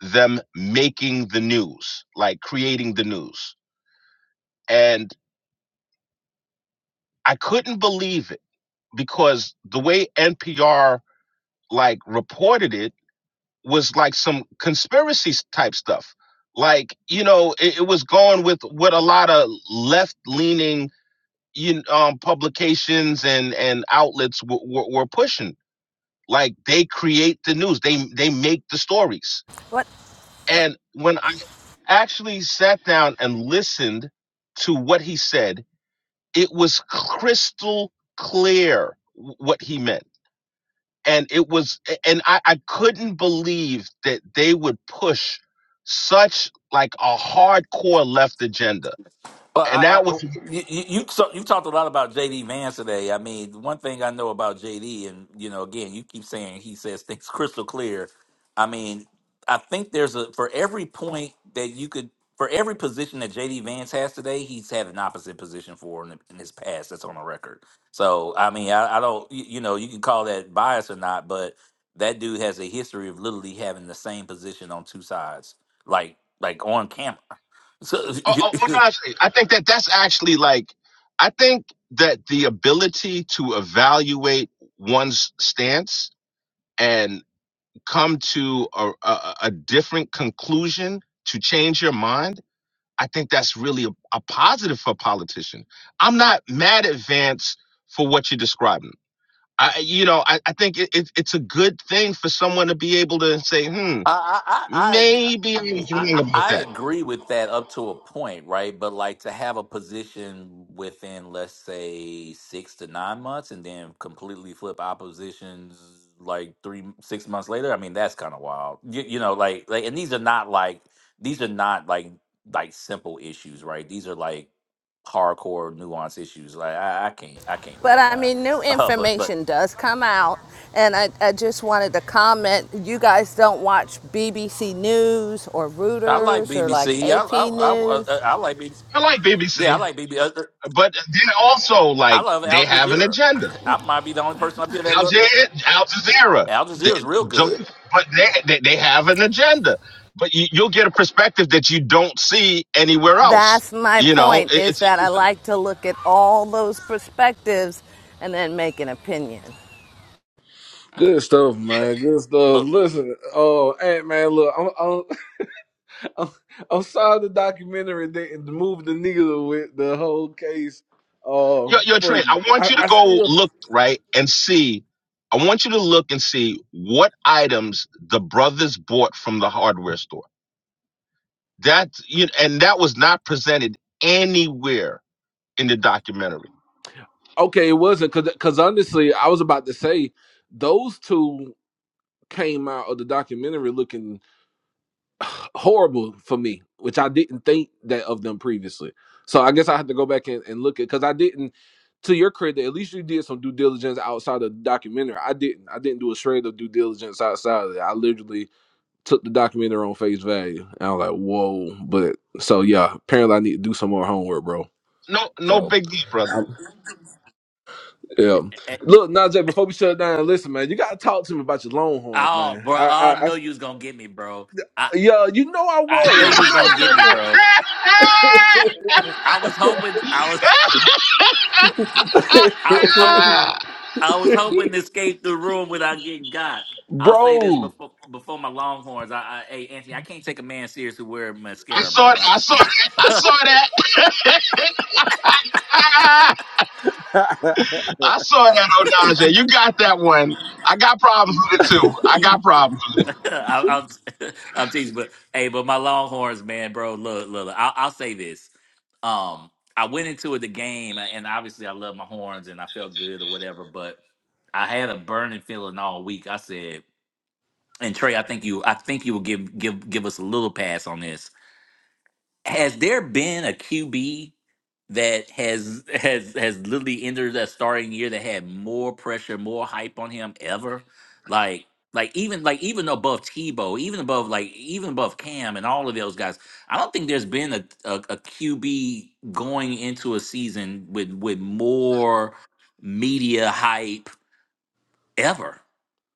them making the news like creating the news and i couldn't believe it because the way npr like reported it was like some conspiracy type stuff. Like you know, it, it was going with what a lot of left leaning you kn- um, publications and and outlets w- w- were pushing. Like they create the news, they they make the stories.
But,
And when I actually sat down and listened to what he said, it was crystal clear w- what he meant and it was and I, I couldn't believe that they would push such like a hardcore left agenda
Well,
and
I, I,
that was
you you you so- you talked a lot about JD Vance today. I mean, one thing I know about JD, and you know, again, you keep saying he says things crystal clear. I mean, I think there's a for every point that you could for every position that JD Vance has today, he's had an opposite position for in, in his past. That's on the record. So, I mean, I, I don't, you, you know, you can call that bias or not, but that dude has a history of literally having the same position on two sides, like like on camera. So
oh, oh, oh, no, i think that that's actually like i think that the ability to evaluate one's stance and come to a, a, a different conclusion to change your mind i think that's really a, a positive for a politician i'm not mad at vance for what you're describing I, you know, I, I think it, it, it's a good thing for someone to be able to say, hmm,
I I I
maybe I was
I
wrong about
I
that.
agree with that up to a point, right? But like to have a position within, let's say, six to nine months, and then completely flip oppositions like three six months later. I mean, that's kind of wild. You, you know, like like, and these are not like these are not like like simple issues, right? These are like hardcore nuance issues. Like I, I can't I can't with
but
that
I
guy.
mean, new
Uh, but but
information does come out. And I, I just wanted to comment you guys don't watch BBC News or
I like
Reuters or like
BBC. I
AP
I I, I uh, I
News.
like BBC.
I like
Yeah, I
BBC,
like BB.
but then also
I
like
love
they
Al
have an
Jazeera.
agenda.
I might be the only person up here that
Al
look.
Jazeera, Al Jazeera,
Al
they,
Jazeera's real good.
don't, but they, they they have an agenda. But you, you'll get a perspective that you don't see anywhere else.
That's my
You know,
point,
it,
is
it's
that I like to look at all those perspectives and then make an opinion.
good stuff, man. Good stuff.
Look,
Listen, oh, hey, man, look, I'm, I'm, I'm, I'm sorry the documentary didn't move the needle with the whole case uh,
your your
for
train. I
you. I,
want you to
I
go
still,
look right and see. I want you to look and see what items the brothers bought from the hardware store. That you and that was not presented anywhere in the documentary.
Okay, it wasn't because honestly, I was about to say those two came out of the documentary looking horrible for me, which I didn't think that of them previously. So I guess I had to go back and, and look at because I didn't. To your credit, at least you did some due diligence outside of the documentary. I didn't. I didn't do a shred of due diligence outside of it. I literally took the documentary on face value, and I was like, "Whoa!" But so yeah, apparently I need to do some more homework, bro.
No, no
So.
big deal, brother.
Yeah.
eh,
Look, Najee, before we shut it down, listen, man, you gotta talk to me about your Longhorns,
oh,
man.
bro,
I,
oh, I
I, I
know you was gonna get me, bro. I
yeah, you know I
I know
was.
you
You
was
know, at
gonna get
some
me,
point,
bro. I was hoping, I was, I was hope, I was hoping to escape the room without getting got. I'll say this
bro.
before before my Longhorns. I, I hey Anthony, I can't take a man serious who wear
I
mascara,
saw
bro.
that.
I
I
just
saw
can't.
that. I saw that. I saw that, Onaje. You got that one. I got problems with it too. I got problems with it.
I- I'm, I'm teasing, but hey, but my Longhorns, man, bro, look, look, look, I'll, I'll say this. Um, I went into the game, and obviously, I love my horns, and I felt good or whatever. But I had a burning feeling all week. I said, and Trey, I think you, I think you will give give give us a little pass on this has there been a QB that has has has literally entered that starting year that had more pressure, more hype on him ever? Like like even like even above Tebow, even above like even above Cam and all of those guys, I don't think there's been a, a, QB going into a season with with more media hype ever,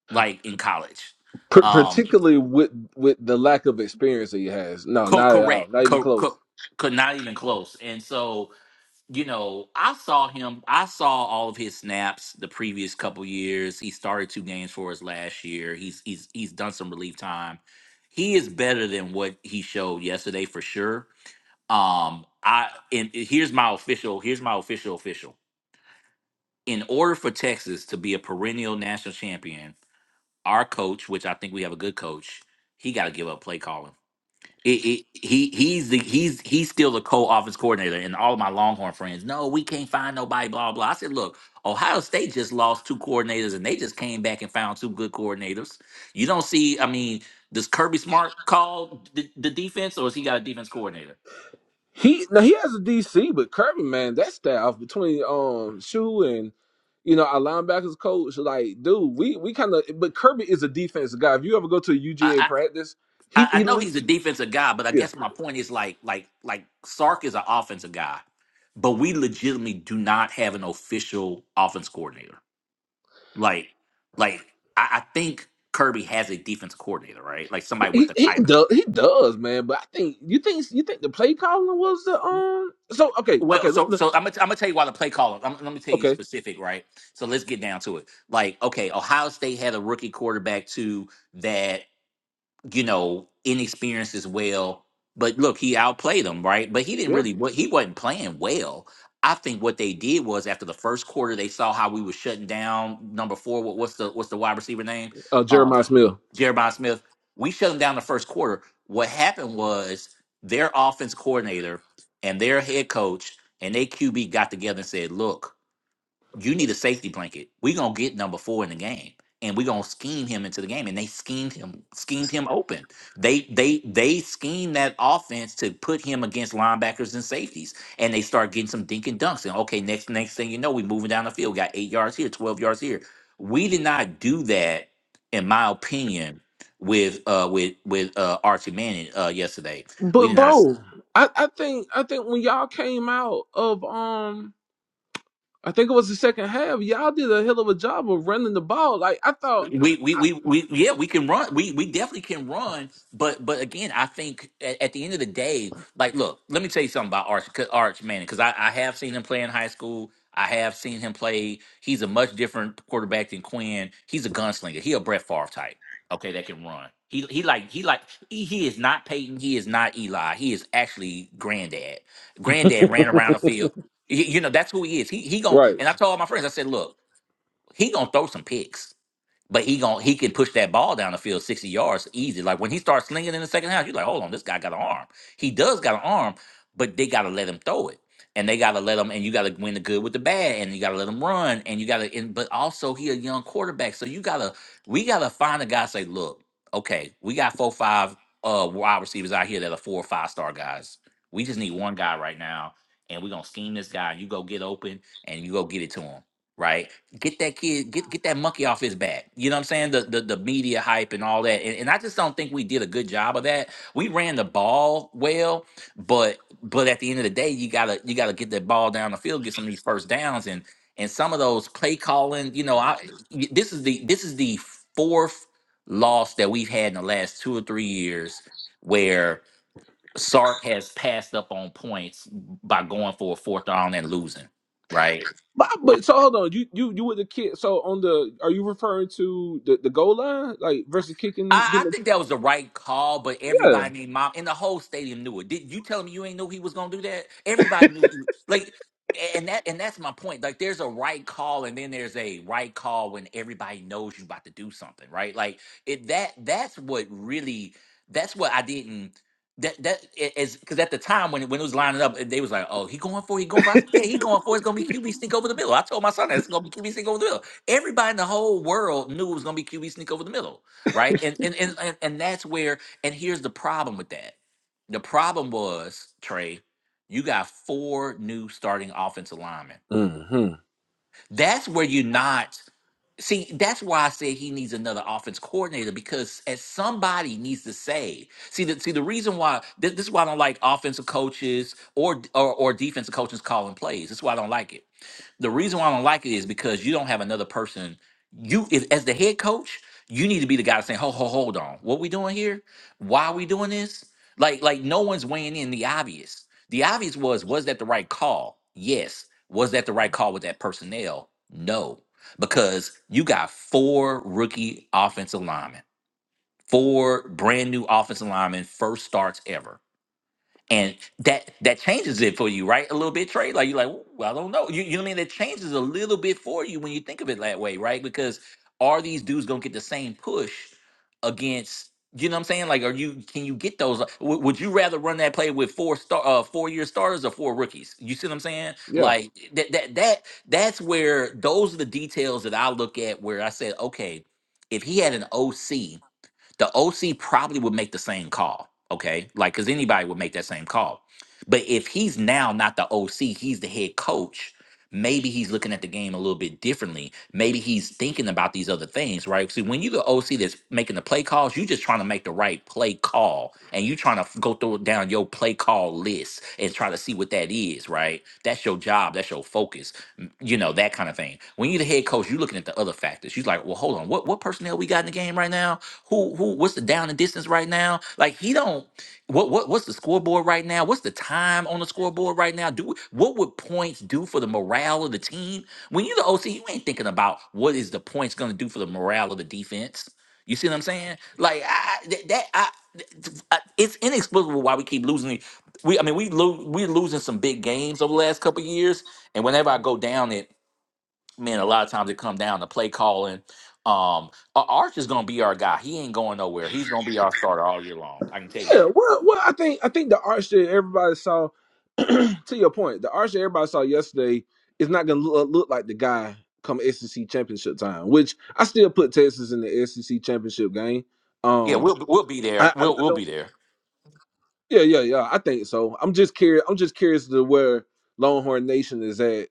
like in college.
P-
Um,
particularly with with the lack of experience that he has. No,
co-
not at all.
correct,
Not even
co-
close.
co- co- not even close. And so, you know, I saw him. I saw all of his snaps the previous couple years. He started two games for us last year. He's he's he's done some relief time. He is better than what he showed yesterday for sure. Um, I and here's my official. Here's my official official. In order for Texas to be a perennial national champion, our coach, which I think we have a good coach, he got to give up play calling it, it, he he's the he's he's still the co-office coordinator and all of my longhorn friends no we can't find nobody blah blah i said look ohio state just lost two coordinators and they just came back and found two good coordinators you don't see i mean does kirby smart call the, the defense or has he got a defense coordinator
He now he has a DC, but Kirby, man, that staff between um Shu and you know our linebackers coach, like, dude, we we kind of. But Kirby is a defensive guy. If you ever go to a UGA
I,
practice,
I
he
i I
he.
know
li-
he's a defensive guy but i
Yeah.
guess my point is like like like sark is an offensive guy but we legitimately do not have an official offense coordinator Like, like I, I think Kirby has a defense coordinator, right? Like
He
somebody with
he
the
he
title.
does he does man, but I think you think you think the play calling was the um. So okay okay
Well,
let-
so
let-
so I'm gonna, I'm gonna tell you why the play caller. I'm, let me tell you
okay
specific, right? So let's get down to it. Like, okay, Ohio State had a rookie quarterback too that you know inexperienced as well. But look, he outplayed them, right? But he didn't
yeah.
really. What he wasn't playing well. I think what they did was after the first quarter, they saw how we were shutting down number four. What, what's the what's the wide receiver name?
Uh,
Um,
Jeremiah Smith.
Jeremiah Smith. We shut them down the first quarter. What happened was their offense coordinator and their head coach and their QB got together and said, "Look, you need a safety blanket. We're gonna get number four in the game. And we're gonna scheme him into the game. And they schemed him, schemed him open. They they they schemed that offense to put him against linebackers and safeties. And they start getting some dink and dunks. And okay, next next thing you know, we moving down the field. Got eight yards here, twelve yards here. We did not do that, in my opinion, with uh with with uh Archie Manning uh yesterday. We
But
did not.
bro, I, I think I think when y'all came out of um, I think it was the second half. Y'all did a hell of a job of running the ball. Like I thought.
we, we we
I,
we yeah we can run we we definitely can run but but again i think at, at the end of the day like look let me tell you something about arch 'cause- arch manning because I, I have seen him play in high school i have seen him play he's a much different quarterback than quinn he's a gunslinger he a brett Favre type okay that can run he he like he like he, he is not peyton he is not eli he is actually granddad granddad ran around the field Y- you know that's who he is he, he going
right.
and i told all my friends i said look he gonna throw some picks but he gon' he can push that ball down the field 60 yards easy. Like when he starts slinging in the second half, you're like, hold on, this guy got an arm. He does got an arm, but they gotta let him throw it. And they gotta let him, and you gotta win the good with the bad, and you gotta let him run, and you gotta. And, but also, he a young quarterback, so you gotta. We gotta find a guy. Say, look, okay, we got four, five uh wide receivers out here that are four or five star guys. We just need one guy right now, and we're gonna scheme this guy. You go get open, and you go get it to him, right? get that kid get get that monkey off his back you know what i'm saying the the, the media hype and all that and, and i just don't think we did a good job of that we ran the ball well but but at the end of the day you gotta you gotta get that ball down the field get some of these first downs and and some of those play calling you know i y- this is the this is the fourth loss that we've had in the last two or three years where sark has passed up on points by going for a fourth down and losing right
But but so hold on. You you you were the kid. So on the are you referring to the the goal line like versus kicking?
I, I
Getting
think that was the right call, but
the,
everybody named mom and the whole stadium knew it. Did you tell me you ain't knew he was gonna do that? Everybody knew he was, like and that and that's my point. Like there's a right call and then there's a right call when everybody knows you about to do something, right? Like it that that's what really that's what I didn't that that is because at the time when it- when it was lining up, they was like, "Oh, he going for, it, he going for." it." I said, "Yeah, he going for. it. It's gonna be QB sneak over the middle." I told my son that it's gonna be QB sneak over the middle. Everybody in the whole world knew it was gonna be QB sneak over the middle right? And and and and, and that's where. And here's the problem with that. The problem was Trey. You got four new starting offensive linemen.
yeah. hmm
That's where you're not. See, that's why I said he needs another offense coordinator because as somebody needs to say. See, the, see the reason why this, this is why I don't like offensive coaches or, or or defensive coaches calling plays. This is why I don't like it the reason why I don't like it is because you don't have another person. You if, as the head coach, you need to be the guy saying, "Ho, ho, hold on. What we doing here? Why are we doing this?" Like, like no one's weighing in the obvious. The obvious was, was that the right call? Yes. Was that the right call with that personnel? No, because you got four rookie offensive linemen, four brand new offensive linemen, first starts ever and that that changes it for you, right? A little bit, Trey. Like you're like, "Ooh, well, I don't know. You, you know what I mean? That changes a little bit for you when you think of it that way, right? Because are these dudes gonna get the same push against? You know what I'm saying? Like, are you? Can you get those? like, w- would you rather run that play with four star, uh, four year starters or four rookies? You see what I'm saying?
Yeah.
Like that, that, that, that's where those are the details that I look at. Where I said, okay, if he had an OC, the OC probably would make the same call, okay? Like, because anybody would make that same call. But if he's now not the OC, he's the head coach Maybe he's looking at the game a little bit differently. Maybe he's thinking about these other things, right? See, when you go OC that's making the play calls, you just trying to make the right play call and you trying to go through down your play call list and try to see what that is, right? That's your job, that's your focus, m- you know, that kind of thing. When you're the head coach, you're looking at the other factors. You're like, well, hold on, what what personnel we got in the game right now? Who who what's the down and distance right now? Like he don't what what what's the scoreboard right now? What's the time on the scoreboard right now? Do what would points do for the morale of the team? When you're the OC, you ain't thinking about what is the points going to do for the morale of the defense. You see what I'm saying? Like I, I- that, that I, th- I- it's inexplicable why we keep losing. it. We I mean we lo- we're losing some big games over the last couple of years, and whenever I go down it, man, a lot of times it come down to play calling. Um, Ar- Arch is gonna be our guy. He ain't going nowhere. He's gonna be our starter all year long. I can tell you
Yeah,
that.
well, well, I think I think the arch that everybody saw, to your point, the arch that everybody saw yesterday is not going to look, look like the guy come SEC championship time. Which I still put Texas in the SEC championship game.
Yeah,
Um,
we'll we'll be
I,
there.
I,
We'll
I
we'll
don't.
be there.
Yeah, yeah, yeah. I think so. I'm just curious. I'm just curious to where Longhorn Nation is at.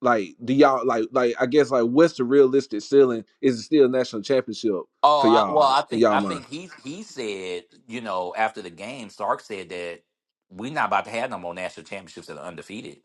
Like, do y'all like like I guess like what's the realistic ceiling? Is it still national championship for
Oh I, well,
y'all
I
in
think
y'all
I
mind?
think he he said you know after the game, Stark said that we're not about to have no more national championships that are undefeated.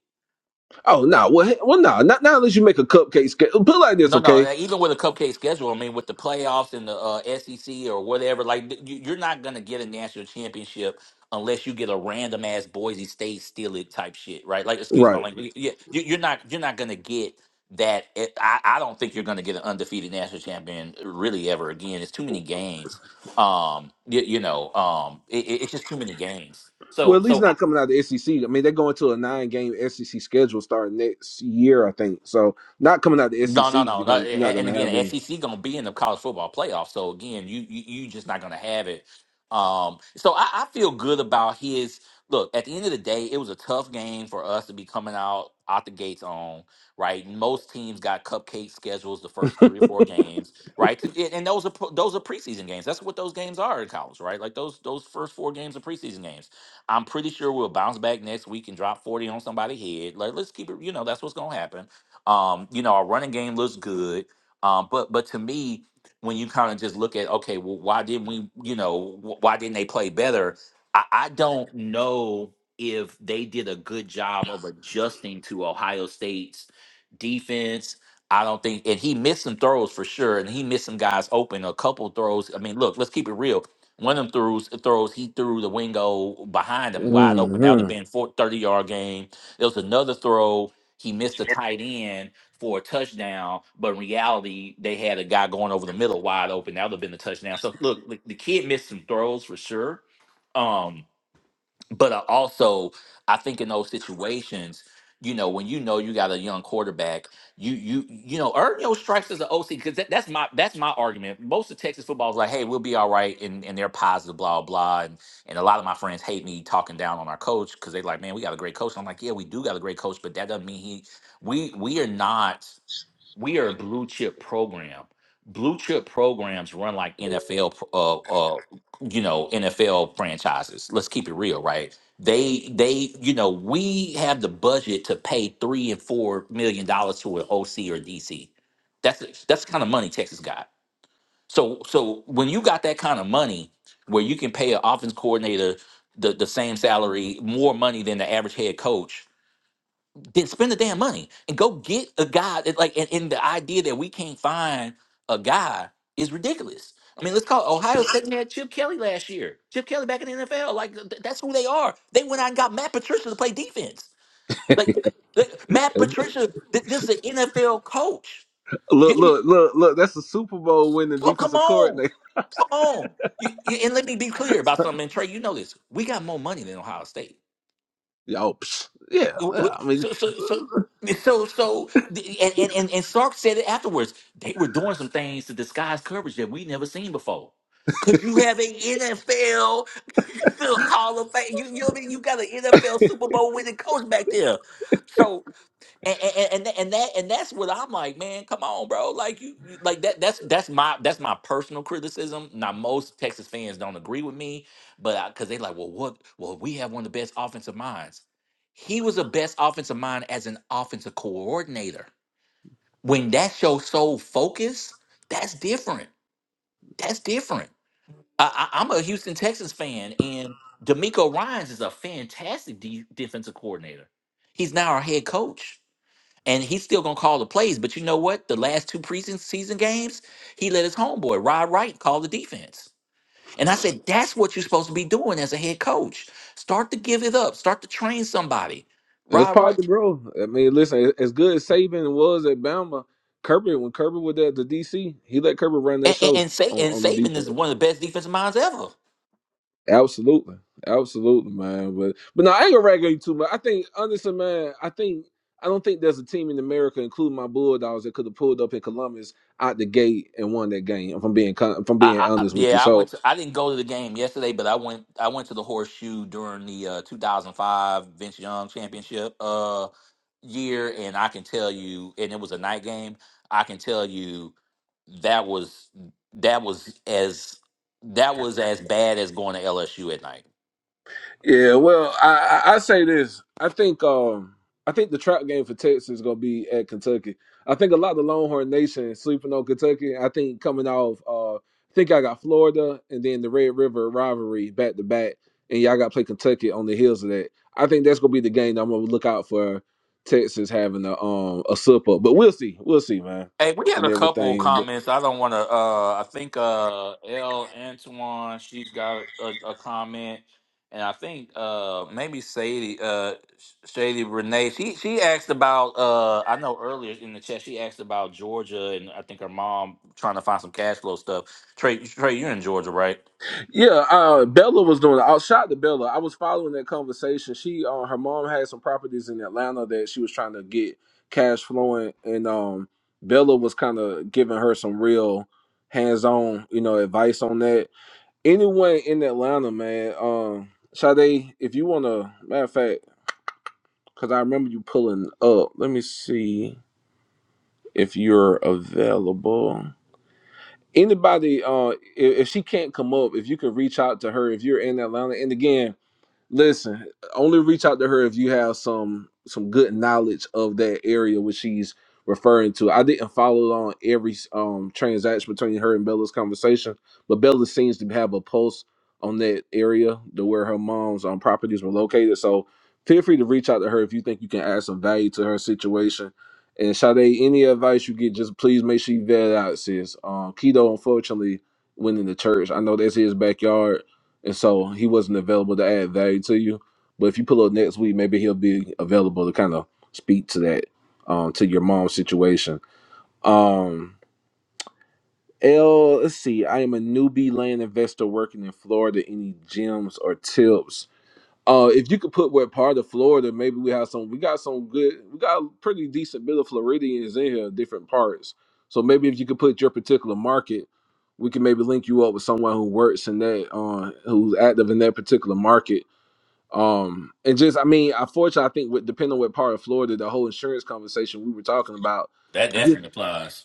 Oh no, nah, well, he- well no, nah, not not unless you make a cupcake scale. Put it like this,
No, no.
okay?
uh, Even with a cupcake schedule, I mean, with the playoffs and the uh, SEC or whatever, like th- you- you're not gonna get a national championship unless you get a random ass Boise State steal it type shit, right? Like, excuse my
Right.
language. Yeah, you- you're not you're not gonna get that. It- I I don't think you're gonna get an undefeated national champion really ever again. It's too many games. Um, you, you know, um, it, it- it's just too many games.
Well,
So,
at least
so
not coming out of the SEC. I mean, they're going to a nine game SEC schedule starting next year, I think. So, not coming out of the
No,
SEC,
no, no,
you're
no.
gonna not
a- And
gonna have
again,
any.
SEC gonna be in the college football playoff. So again, you you you just not gonna have it. Um, so I, I feel good about his look. At the end of the day, it was a tough game for us to be coming out out the gates on. Right, most teams got cupcake schedules the first three or four games. Right, 'Cause it- and those are pro- those are preseason games. That's what those games are in college. Right, like those those first four games are preseason games. I'm pretty sure we'll bounce back next week and drop forty on somebody's head. Like let's keep it. You know that's what's gonna happen. Um, you know, our running game looks good. Um, but but to me, when you kind of just look at okay, well, why didn't we? You know, wh- why didn't they play better? I, I don't know if they did a good job of adjusting to Ohio State's defense. I don't think, and he missed some throws for sure, and he missed some guys open. A couple throws. I mean, look, let's keep it real. One of them throws, throws he threw the wingo behind him wide open. That would have
hmm
been four- 30 yard game. There was another throw he missed a tight end for a touchdown, but in reality, they had a guy going over the middle wide open. That would have been the touchdown. So look, like, the kid missed some throws for sure. Um, but I also I think in those situations, you know, when you know you got a young quarterback, you you you know, earn your stripes as an OC because that, that's my that's my argument. Most of Texas football is like, hey, we'll be all right, and and they're positive, blah blah, and and a lot of my friends hate me talking down on our coach because they're like, man, we got a great coach. And I'm like, yeah, we do got a great coach, but that doesn't mean he we we are not we are a blue chip program. Blue chip programs run like NFL, pro- uh, uh, you know, NFL franchises. Let's keep it real, right? They, they, you know, we have the budget to pay three and four million dollars to an OC or DC. That's that's the kind of money Texas got. So, so when you got that kind of money, where you can pay an offense coordinator the, the same salary, more money than the average head coach, then spend the damn money and go get a guy that like and, and the idea that we can't find a guy is ridiculous. I mean, let's call Ohio State and they had Chip Kelly last year. Chip Kelly back in the NFL, like th- that's who they are. They went out and got Matt Patricia to play defense. Like, like, Matt Patricia, th- this is an NFL coach.
Look,
You, you-
look, look, look. That's the Super Bowl winning
oh, come
defensive
on,
coordinator.
come on. You, you, and let me be clear about something. And Trey, you know this. We got more money than Ohio State.
Yo, psh, yeah,
w- w-
yeah. I mean,
so so so so so the- and, and and and Sark said it afterwards. They were doing some things to disguise coverage that we never seen before. Cause you have a NFL Hall of Fame. You, you know what I mean? You got an NFL Super Bowl winning coach back there. so and and and, tha- and that and that's what I'm like, man. Come on, bro. Like you, you like that. That's that's my that's my personal criticism. Now most Texas fans don't agree with me, but because they like, well, what? Well, we have one of the best offensive minds. He was the best offensive mind as an offensive coordinator. When that's your sole focus, that's different. That's different. I, I, I'm a Houston Texans fan, and D'Amico Ryan's is a fantastic de- defensive coordinator. He's now our head coach and he's still gonna call the plays. But you know what? The last two preseason games, he let his homeboy Rod Wright call the defense. And I said, that's what you're supposed to be doing as a head coach. Start to give it up. Start to train somebody.
it's
Rod
part of the
Wright
growth. I mean, listen, as good as Saban was at Bama, Kirby, when Kirby was at the DC, he let Kirby run that
and and,
show
and, Sa-
on
and
on the
Saban
defense.
is one of the best defensive minds ever.
Absolutely, absolutely, man. But but no, I ain't gonna rag on you too much. I think honestly, man, I think I don't think there's a team in America, including my Bulldogs, that could have pulled up in Columbus out the gate and won that game. If I'm being con- if I'm being
I, I
honest with you,
yeah, I
so
went to I didn't go to the game yesterday, but I went I went to the horseshoe during the uh, 2005 Vince Young championship uh year and I can tell you and it was a night game. I can tell you that was that was as that was as bad as going to LSU at night.
Yeah, well, I, I I say this. I think um I think the trap game for Texas is gonna be at Kentucky. I think a lot of the Longhorn Nation is sleeping on Kentucky. I think coming off uh I think I got Florida and then the Red River rivalry back to back, and y'all gotta play Kentucky on the heels of that. I think that's gonna be the game that I'm gonna look out for Texas having a um a slip up. But we'll see. We'll see, man.
Hey, we had
And
a couple
everything.
comments. I don't want to. Uh, I think uh, L Antoine, she's got a, a comment, and I think uh, maybe Sadie, uh, Shady Renee. She she asked about. Uh, I know earlier in the chat, she asked about Georgia, and I think her mom trying to find some cash flow stuff. Trey, Trey, you're in Georgia, right?
Yeah, uh, Bella was doing. it. I shot to Bella. I was following that conversation. She, uh, her mom had some properties in Atlanta that she was trying to get cash flowing, and um, Bella was kind of giving her some real hands-on, you know, advice on that. Anyone in Atlanta, man, um, Sade, if you want to, matter of fact, because I remember you pulling up. Let me see if you're available anybody uh if, if she can't come up if you could reach out to her if you're in atlanta and again Listen, only reach out to her if you have some some good knowledge of that area which she's referring to. I didn't follow on every um transaction between her and Bella's conversation, but Bella seems to have a pulse on that area to where her mom's um properties were located. So feel free to reach out to her if you think you can add some value to her situation. And Sade, any advice you get, just please make sure you vet it out, sis. Um, Keto, unfortunately, went in the church. I know that's his backyard and so he wasn't available to add value to you. But if you pull up next week, maybe he'll be available to kind of speak to that, um, to your mom's situation. Um, L, let's see. I am a newbie land investor working in Florida. Any gems or tips? Uh, if you could put what part of Florida, maybe we have some. We got some good. We got a pretty decent bit of Floridians in here, different parts. So maybe if you could put your particular market, we can maybe link you up with someone who works in that, uh, who's active in that particular market um, and just I mean, unfortunately, I think with depending on what part of Florida, the whole insurance conversation we were talking about.
That
Yeah.
definitely applies.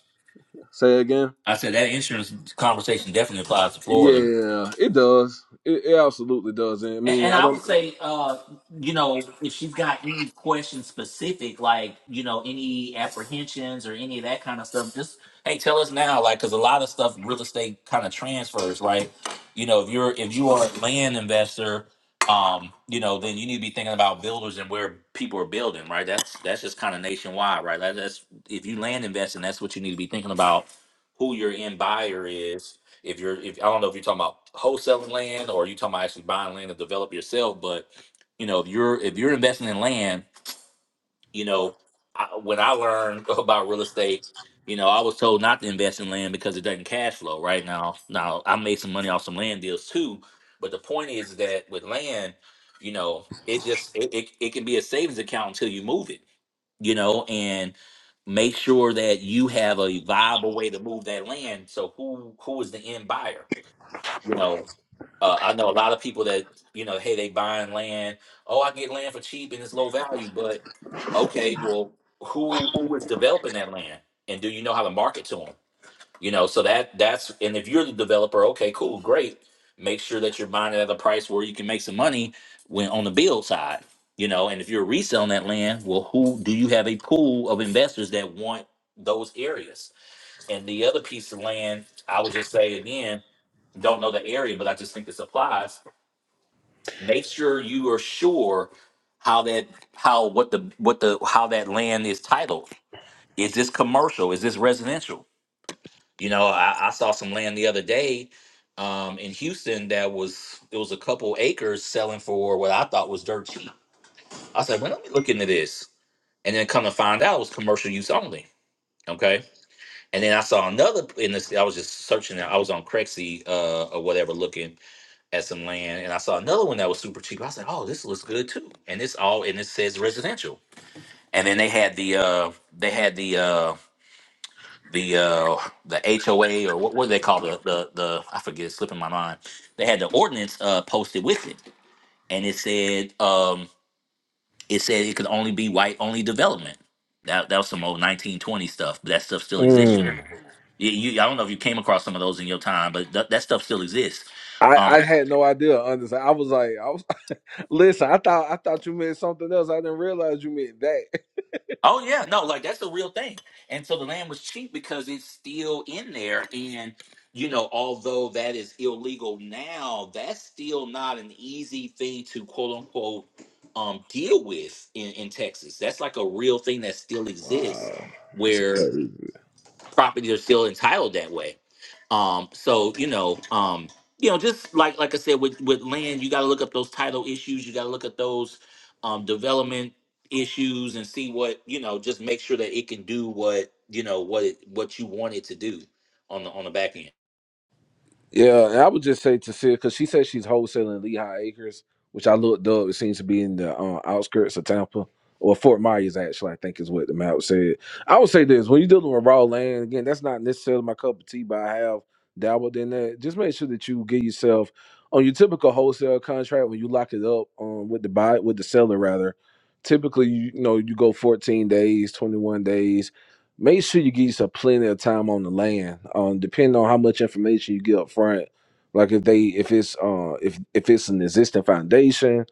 Say again.
I said that insurance conversation definitely applies to Florida.
Yeah, it does. It, it absolutely does. And I
And,
mean,
and
I
I would
don't.
say, uh, you know, if she's got any questions specific, like you know, any apprehensions or any of that kind of stuff, just hey, tell us now, like, because a lot of stuff real estate kind of transfers, right? You know, if you're if you are a land investor, um, you know, then you need to be thinking about builders and where people are building, right? That's that's just kind of nationwide, right? That, that's if you land investing, that's what you need to be thinking about, who your end buyer is, if you're, if I don't know if you're talking about wholesaling land or you talking about actually buying land to develop yourself, but you know, if you're if you're investing in land, you know, I, when I learned about real estate, you know, I was told not to invest in land because it doesn't cash flow. Right now, now I made some money off some land deals too, but the point is that with land, you know, it just it, it, it can be a savings account until you move it. You know, and make sure that you have a viable way to move that land. So who who is the end buyer? You know, uh, I know a lot of people that you know, hey, they buying land. Oh, I get land for cheap and it's low value, but okay, well, who who is developing that land, and do you know how to market to them? You know, so that that's and if you're the developer, okay, cool, great. Make sure that you're buying it at a price where you can make some money when on the build side. You know, and if you're reselling that land, well, who do you have a pool of investors that want those areas? And the other piece of land, I would just say again, don't know the area, but I just think this applies make sure you are sure how that how what the what the how that land is titled is this commercial is this residential you know i, I saw some land the other day um, in houston that was it was a couple acres selling for what i thought was dirt cheap i said well let me look into this and then come to find out it was commercial use only okay and then i saw another in this i was just searching i was on craigslist uh, or whatever looking at some land, and I saw another one that was super cheap. I was like, "Oh, this looks good too." And it's all and it says residential. And then they had the uh they had the uh the uh the HOA or what what do they call the the the I forget it's slipping my mind. They had the ordinance uh posted with it, and it said um it said it could only be white only development. That that was some old 1920 stuff, but that stuff still exists.
Mm.
You, you I don't know if you came across some of those in your time, but that that stuff still exists.
I,
Um,
I had no idea. Honestly, I was like, I was listen. I thought I thought you meant something else. I didn't realize you meant that.
Oh yeah, no, like that's a real thing. And so the land was cheap because it's still in there. And you know, although that is illegal now, that's still not an easy thing to quote unquote um deal with in, in Texas. That's like a real thing that still exists
Wow, that's
where
crazy.
properties are still entitled that way. Um, so you know, um, you know, just like like I said with with land, you got to look up those title issues. You got to look at those um, development issues and see what you know. Just make sure that it can do what you know what it, what you want it to do on the on the back end.
Yeah, and I would just say to see because she said she's wholesaling Lehigh Acres, which I looked up. It seems to be in the uh, outskirts of Tampa or Fort Myers, actually. I think is what the map said. I would say this: when you're dealing with raw land, again, that's not necessarily my cup of tea, but I have dabbled in that. Just make sure that you get yourself on your typical wholesale contract when you lock it up um, with the buy with the seller rather. Typically, you, you know you go 14 days, 21 days make sure you give yourself plenty of time on the land. Um, depending on how much information you get up front, like if they if it's uh if if it's an existing foundation,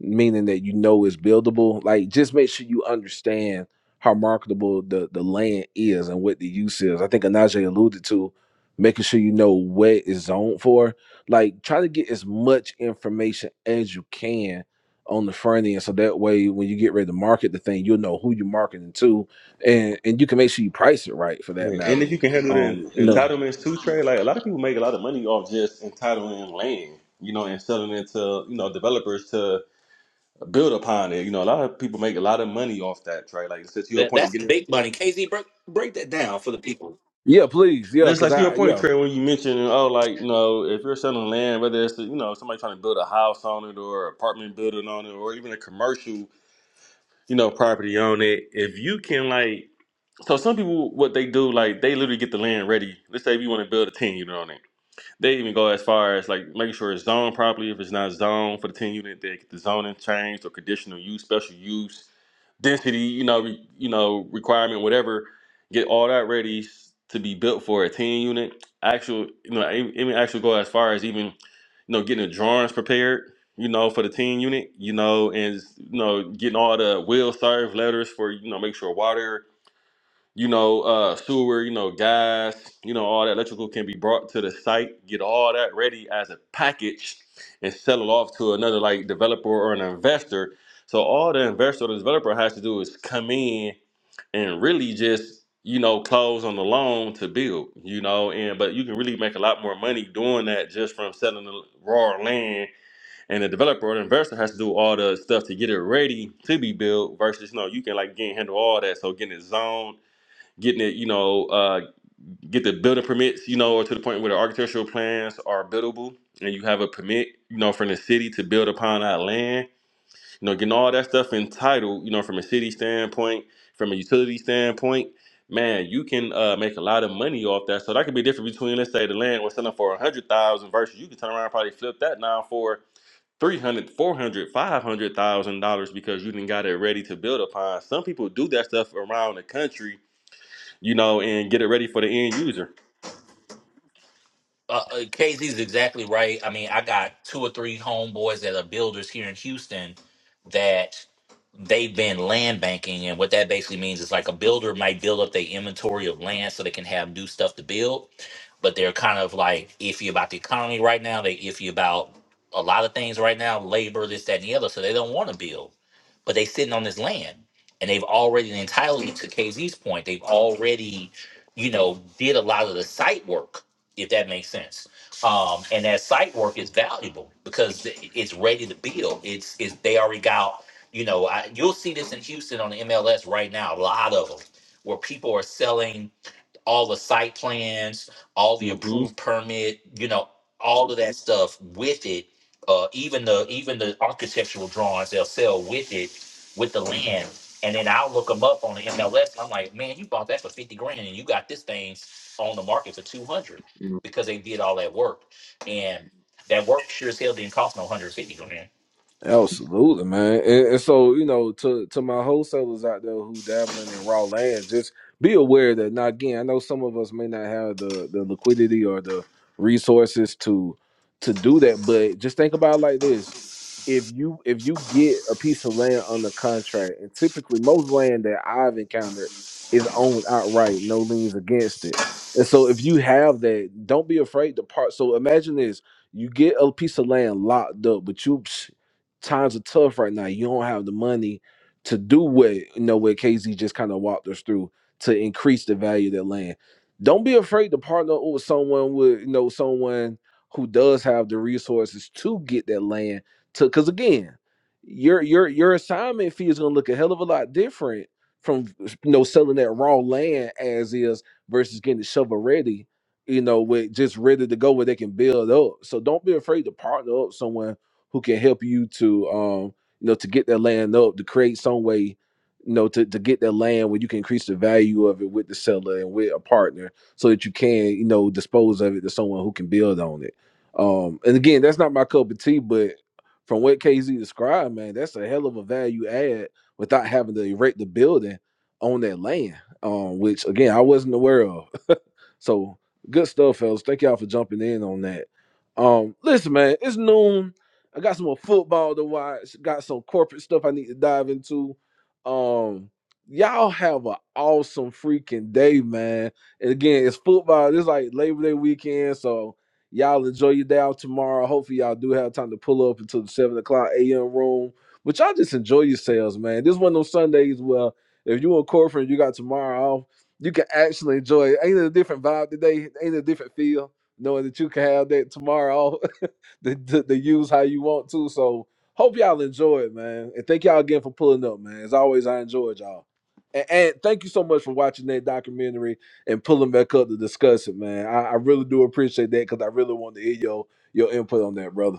meaning that you know it's buildable. Like just make sure you understand how marketable the the land is and what the use is. I think Anaje alluded to making sure you know what is zoned for. Like try to get as much information as you can on the front end so that way when you get ready to market the thing you'll know who you're marketing to and and you can make sure you price it right for that
Yeah, And
matter
if you can handle the
um you
en-
know
entitlements too, Trey, like a lot of people make a lot of money off just entitling land, you know, and selling it to, you know, developers to build upon it. You know, a lot of people make a lot of money off that, Trey. Like, it's to your
That
point,
that's the
getting,
big money. KZ, break break that down for the people.
yeah please yeah
it's
because
like to your
i
point,
yeah
Trey, when you mentioned, oh, like, you know, if you're selling land, whether it's, you know, somebody trying to build a house on it or apartment building on it or even a commercial, you know, property on it, if you can, like, so some people, what they do, like, they literally get the land ready. Let's say if you want to build a 10 unit on it They even go as far as like making sure it's zoned properly. If it's not zoned for the 10 unit, they get the zoning changed or conditional use, special use, density, you know, re, you know, requirement, whatever, get all that ready to be built for a 10 unit. Actual, you know, e- even actually go as far as even, you know, getting the drawings prepared, you know, for the 10 unit, you know, and you know, getting all the will serve letters for, you know, make sure water you know, uh, sewer, you know, gas, you know, all that electrical can be brought to the site, get all that ready as a package and sell it off to another like developer or an investor. So all the investor or the developer has to do is come in and really just, you know, close on the loan to build, you know, and but you can really make a lot more money doing that just from selling the raw land and the developer or the investor has to do all the stuff to get it ready to be built versus, you know, you can like again handle all that. So getting it zoned getting it, you know, uh, get the building permits, you know, or to the point where the architectural plans are buildable and you have a permit, you know, from the city to build upon that land, you know, getting all that stuff entitled, you know, from a city standpoint, from a utility standpoint, man, you can uh, make a lot of money off that. So that could be different between, let's say the land was selling for a hundred thousand versus you can turn around and probably flip that now for three hundred, four hundred, five hundred thousand dollars because you didn't got it ready to build upon some people do that stuff around the country you know, and get it ready for the end user.
Uh, uh, Casey's exactly right. I mean, I got two or three homeboys that are builders here in Houston that they've been land banking, and what that basically means is like a builder might build up their inventory of land so they can have new stuff to build, but they're kind of like iffy about the economy right now. They iffy about a lot of things right now, labor, this, that, and the other. So they don't want to build, but they sitting on this land, and they've already entitled to KZ's point. They've already, you know, did a lot of the site work if that makes sense. Um, and that site work is valuable because it- it's ready to build. It's, it's they already got, you know, I, you'll see this in Houston on the MLS right now. A lot of them where people are selling all the site plans, all the
hmm
approved permit, you know, all of that stuff with it. Uh, even the even the architectural drawings they'll sell with it, with the land, and then I'll look them up on the MLS. And I'm like, man, you bought that for fifty grand, and you got this thing on the market for two hundred because they did all that work, and that work sure as hell didn't cost no hundred fifty grand.
Absolutely, man. And, and so, you know, to to my wholesalers out there who dabbling in raw land, just be aware that now again, I know some of us may not have the the liquidity or the resources to to do that, but just think about it like this. If you if you get a piece of land under contract, and typically most land that I've encountered is owned outright, no liens against it. And so if you have that, don't be afraid to part. So imagine this you get a piece of land locked up, but you times are tough right now. You don't have the money to do what you know what KZ just kind of walked us through to increase the value of that land. Don't be afraid to partner with someone with you know someone who does have the resources to get that land to because again, your your your assignment fee is gonna look a hell of a lot different from you know selling that raw land as is versus getting it shovel ready, you know, with just ready to go where they can build up. So don't be afraid to partner up someone who can help you to um you know to get that land up to create some way you know to, to get that land where you can increase the value of it with the seller and with a partner so that you can you know dispose of it to someone who can build on it um and again that's not my cup of tea but from what KZ described man that's a hell of a value add without having to erect the building on that land um which again I wasn't aware of so good stuff, fellas. Thank y'all for jumping in on that. Um, listen, man, it's noon. I got some more football to watch. Got some corporate stuff I need to dive into. Um, y'all have an awesome freaking day, man. And again, it's football. It's like Labor Day weekend, so y'all enjoy your day out tomorrow. Hopefully, y'all do have time to pull up into the seven o'clock a.m. room. But y'all just enjoy yourselves, man. This one of those Sundays where if you in corporate, and you got tomorrow off you can actually enjoy it. Ain't it a different vibe today? Ain't it a different feel knowing that you can have that tomorrow to, to, to use how you want to? So hope y'all enjoy it, man. And thank y'all again for pulling up, man. As always, I enjoyed y'all. And, and thank you so much for watching that documentary and pulling back up to discuss it, man. I, I really do appreciate that because I really want to hear your your input on that, brother.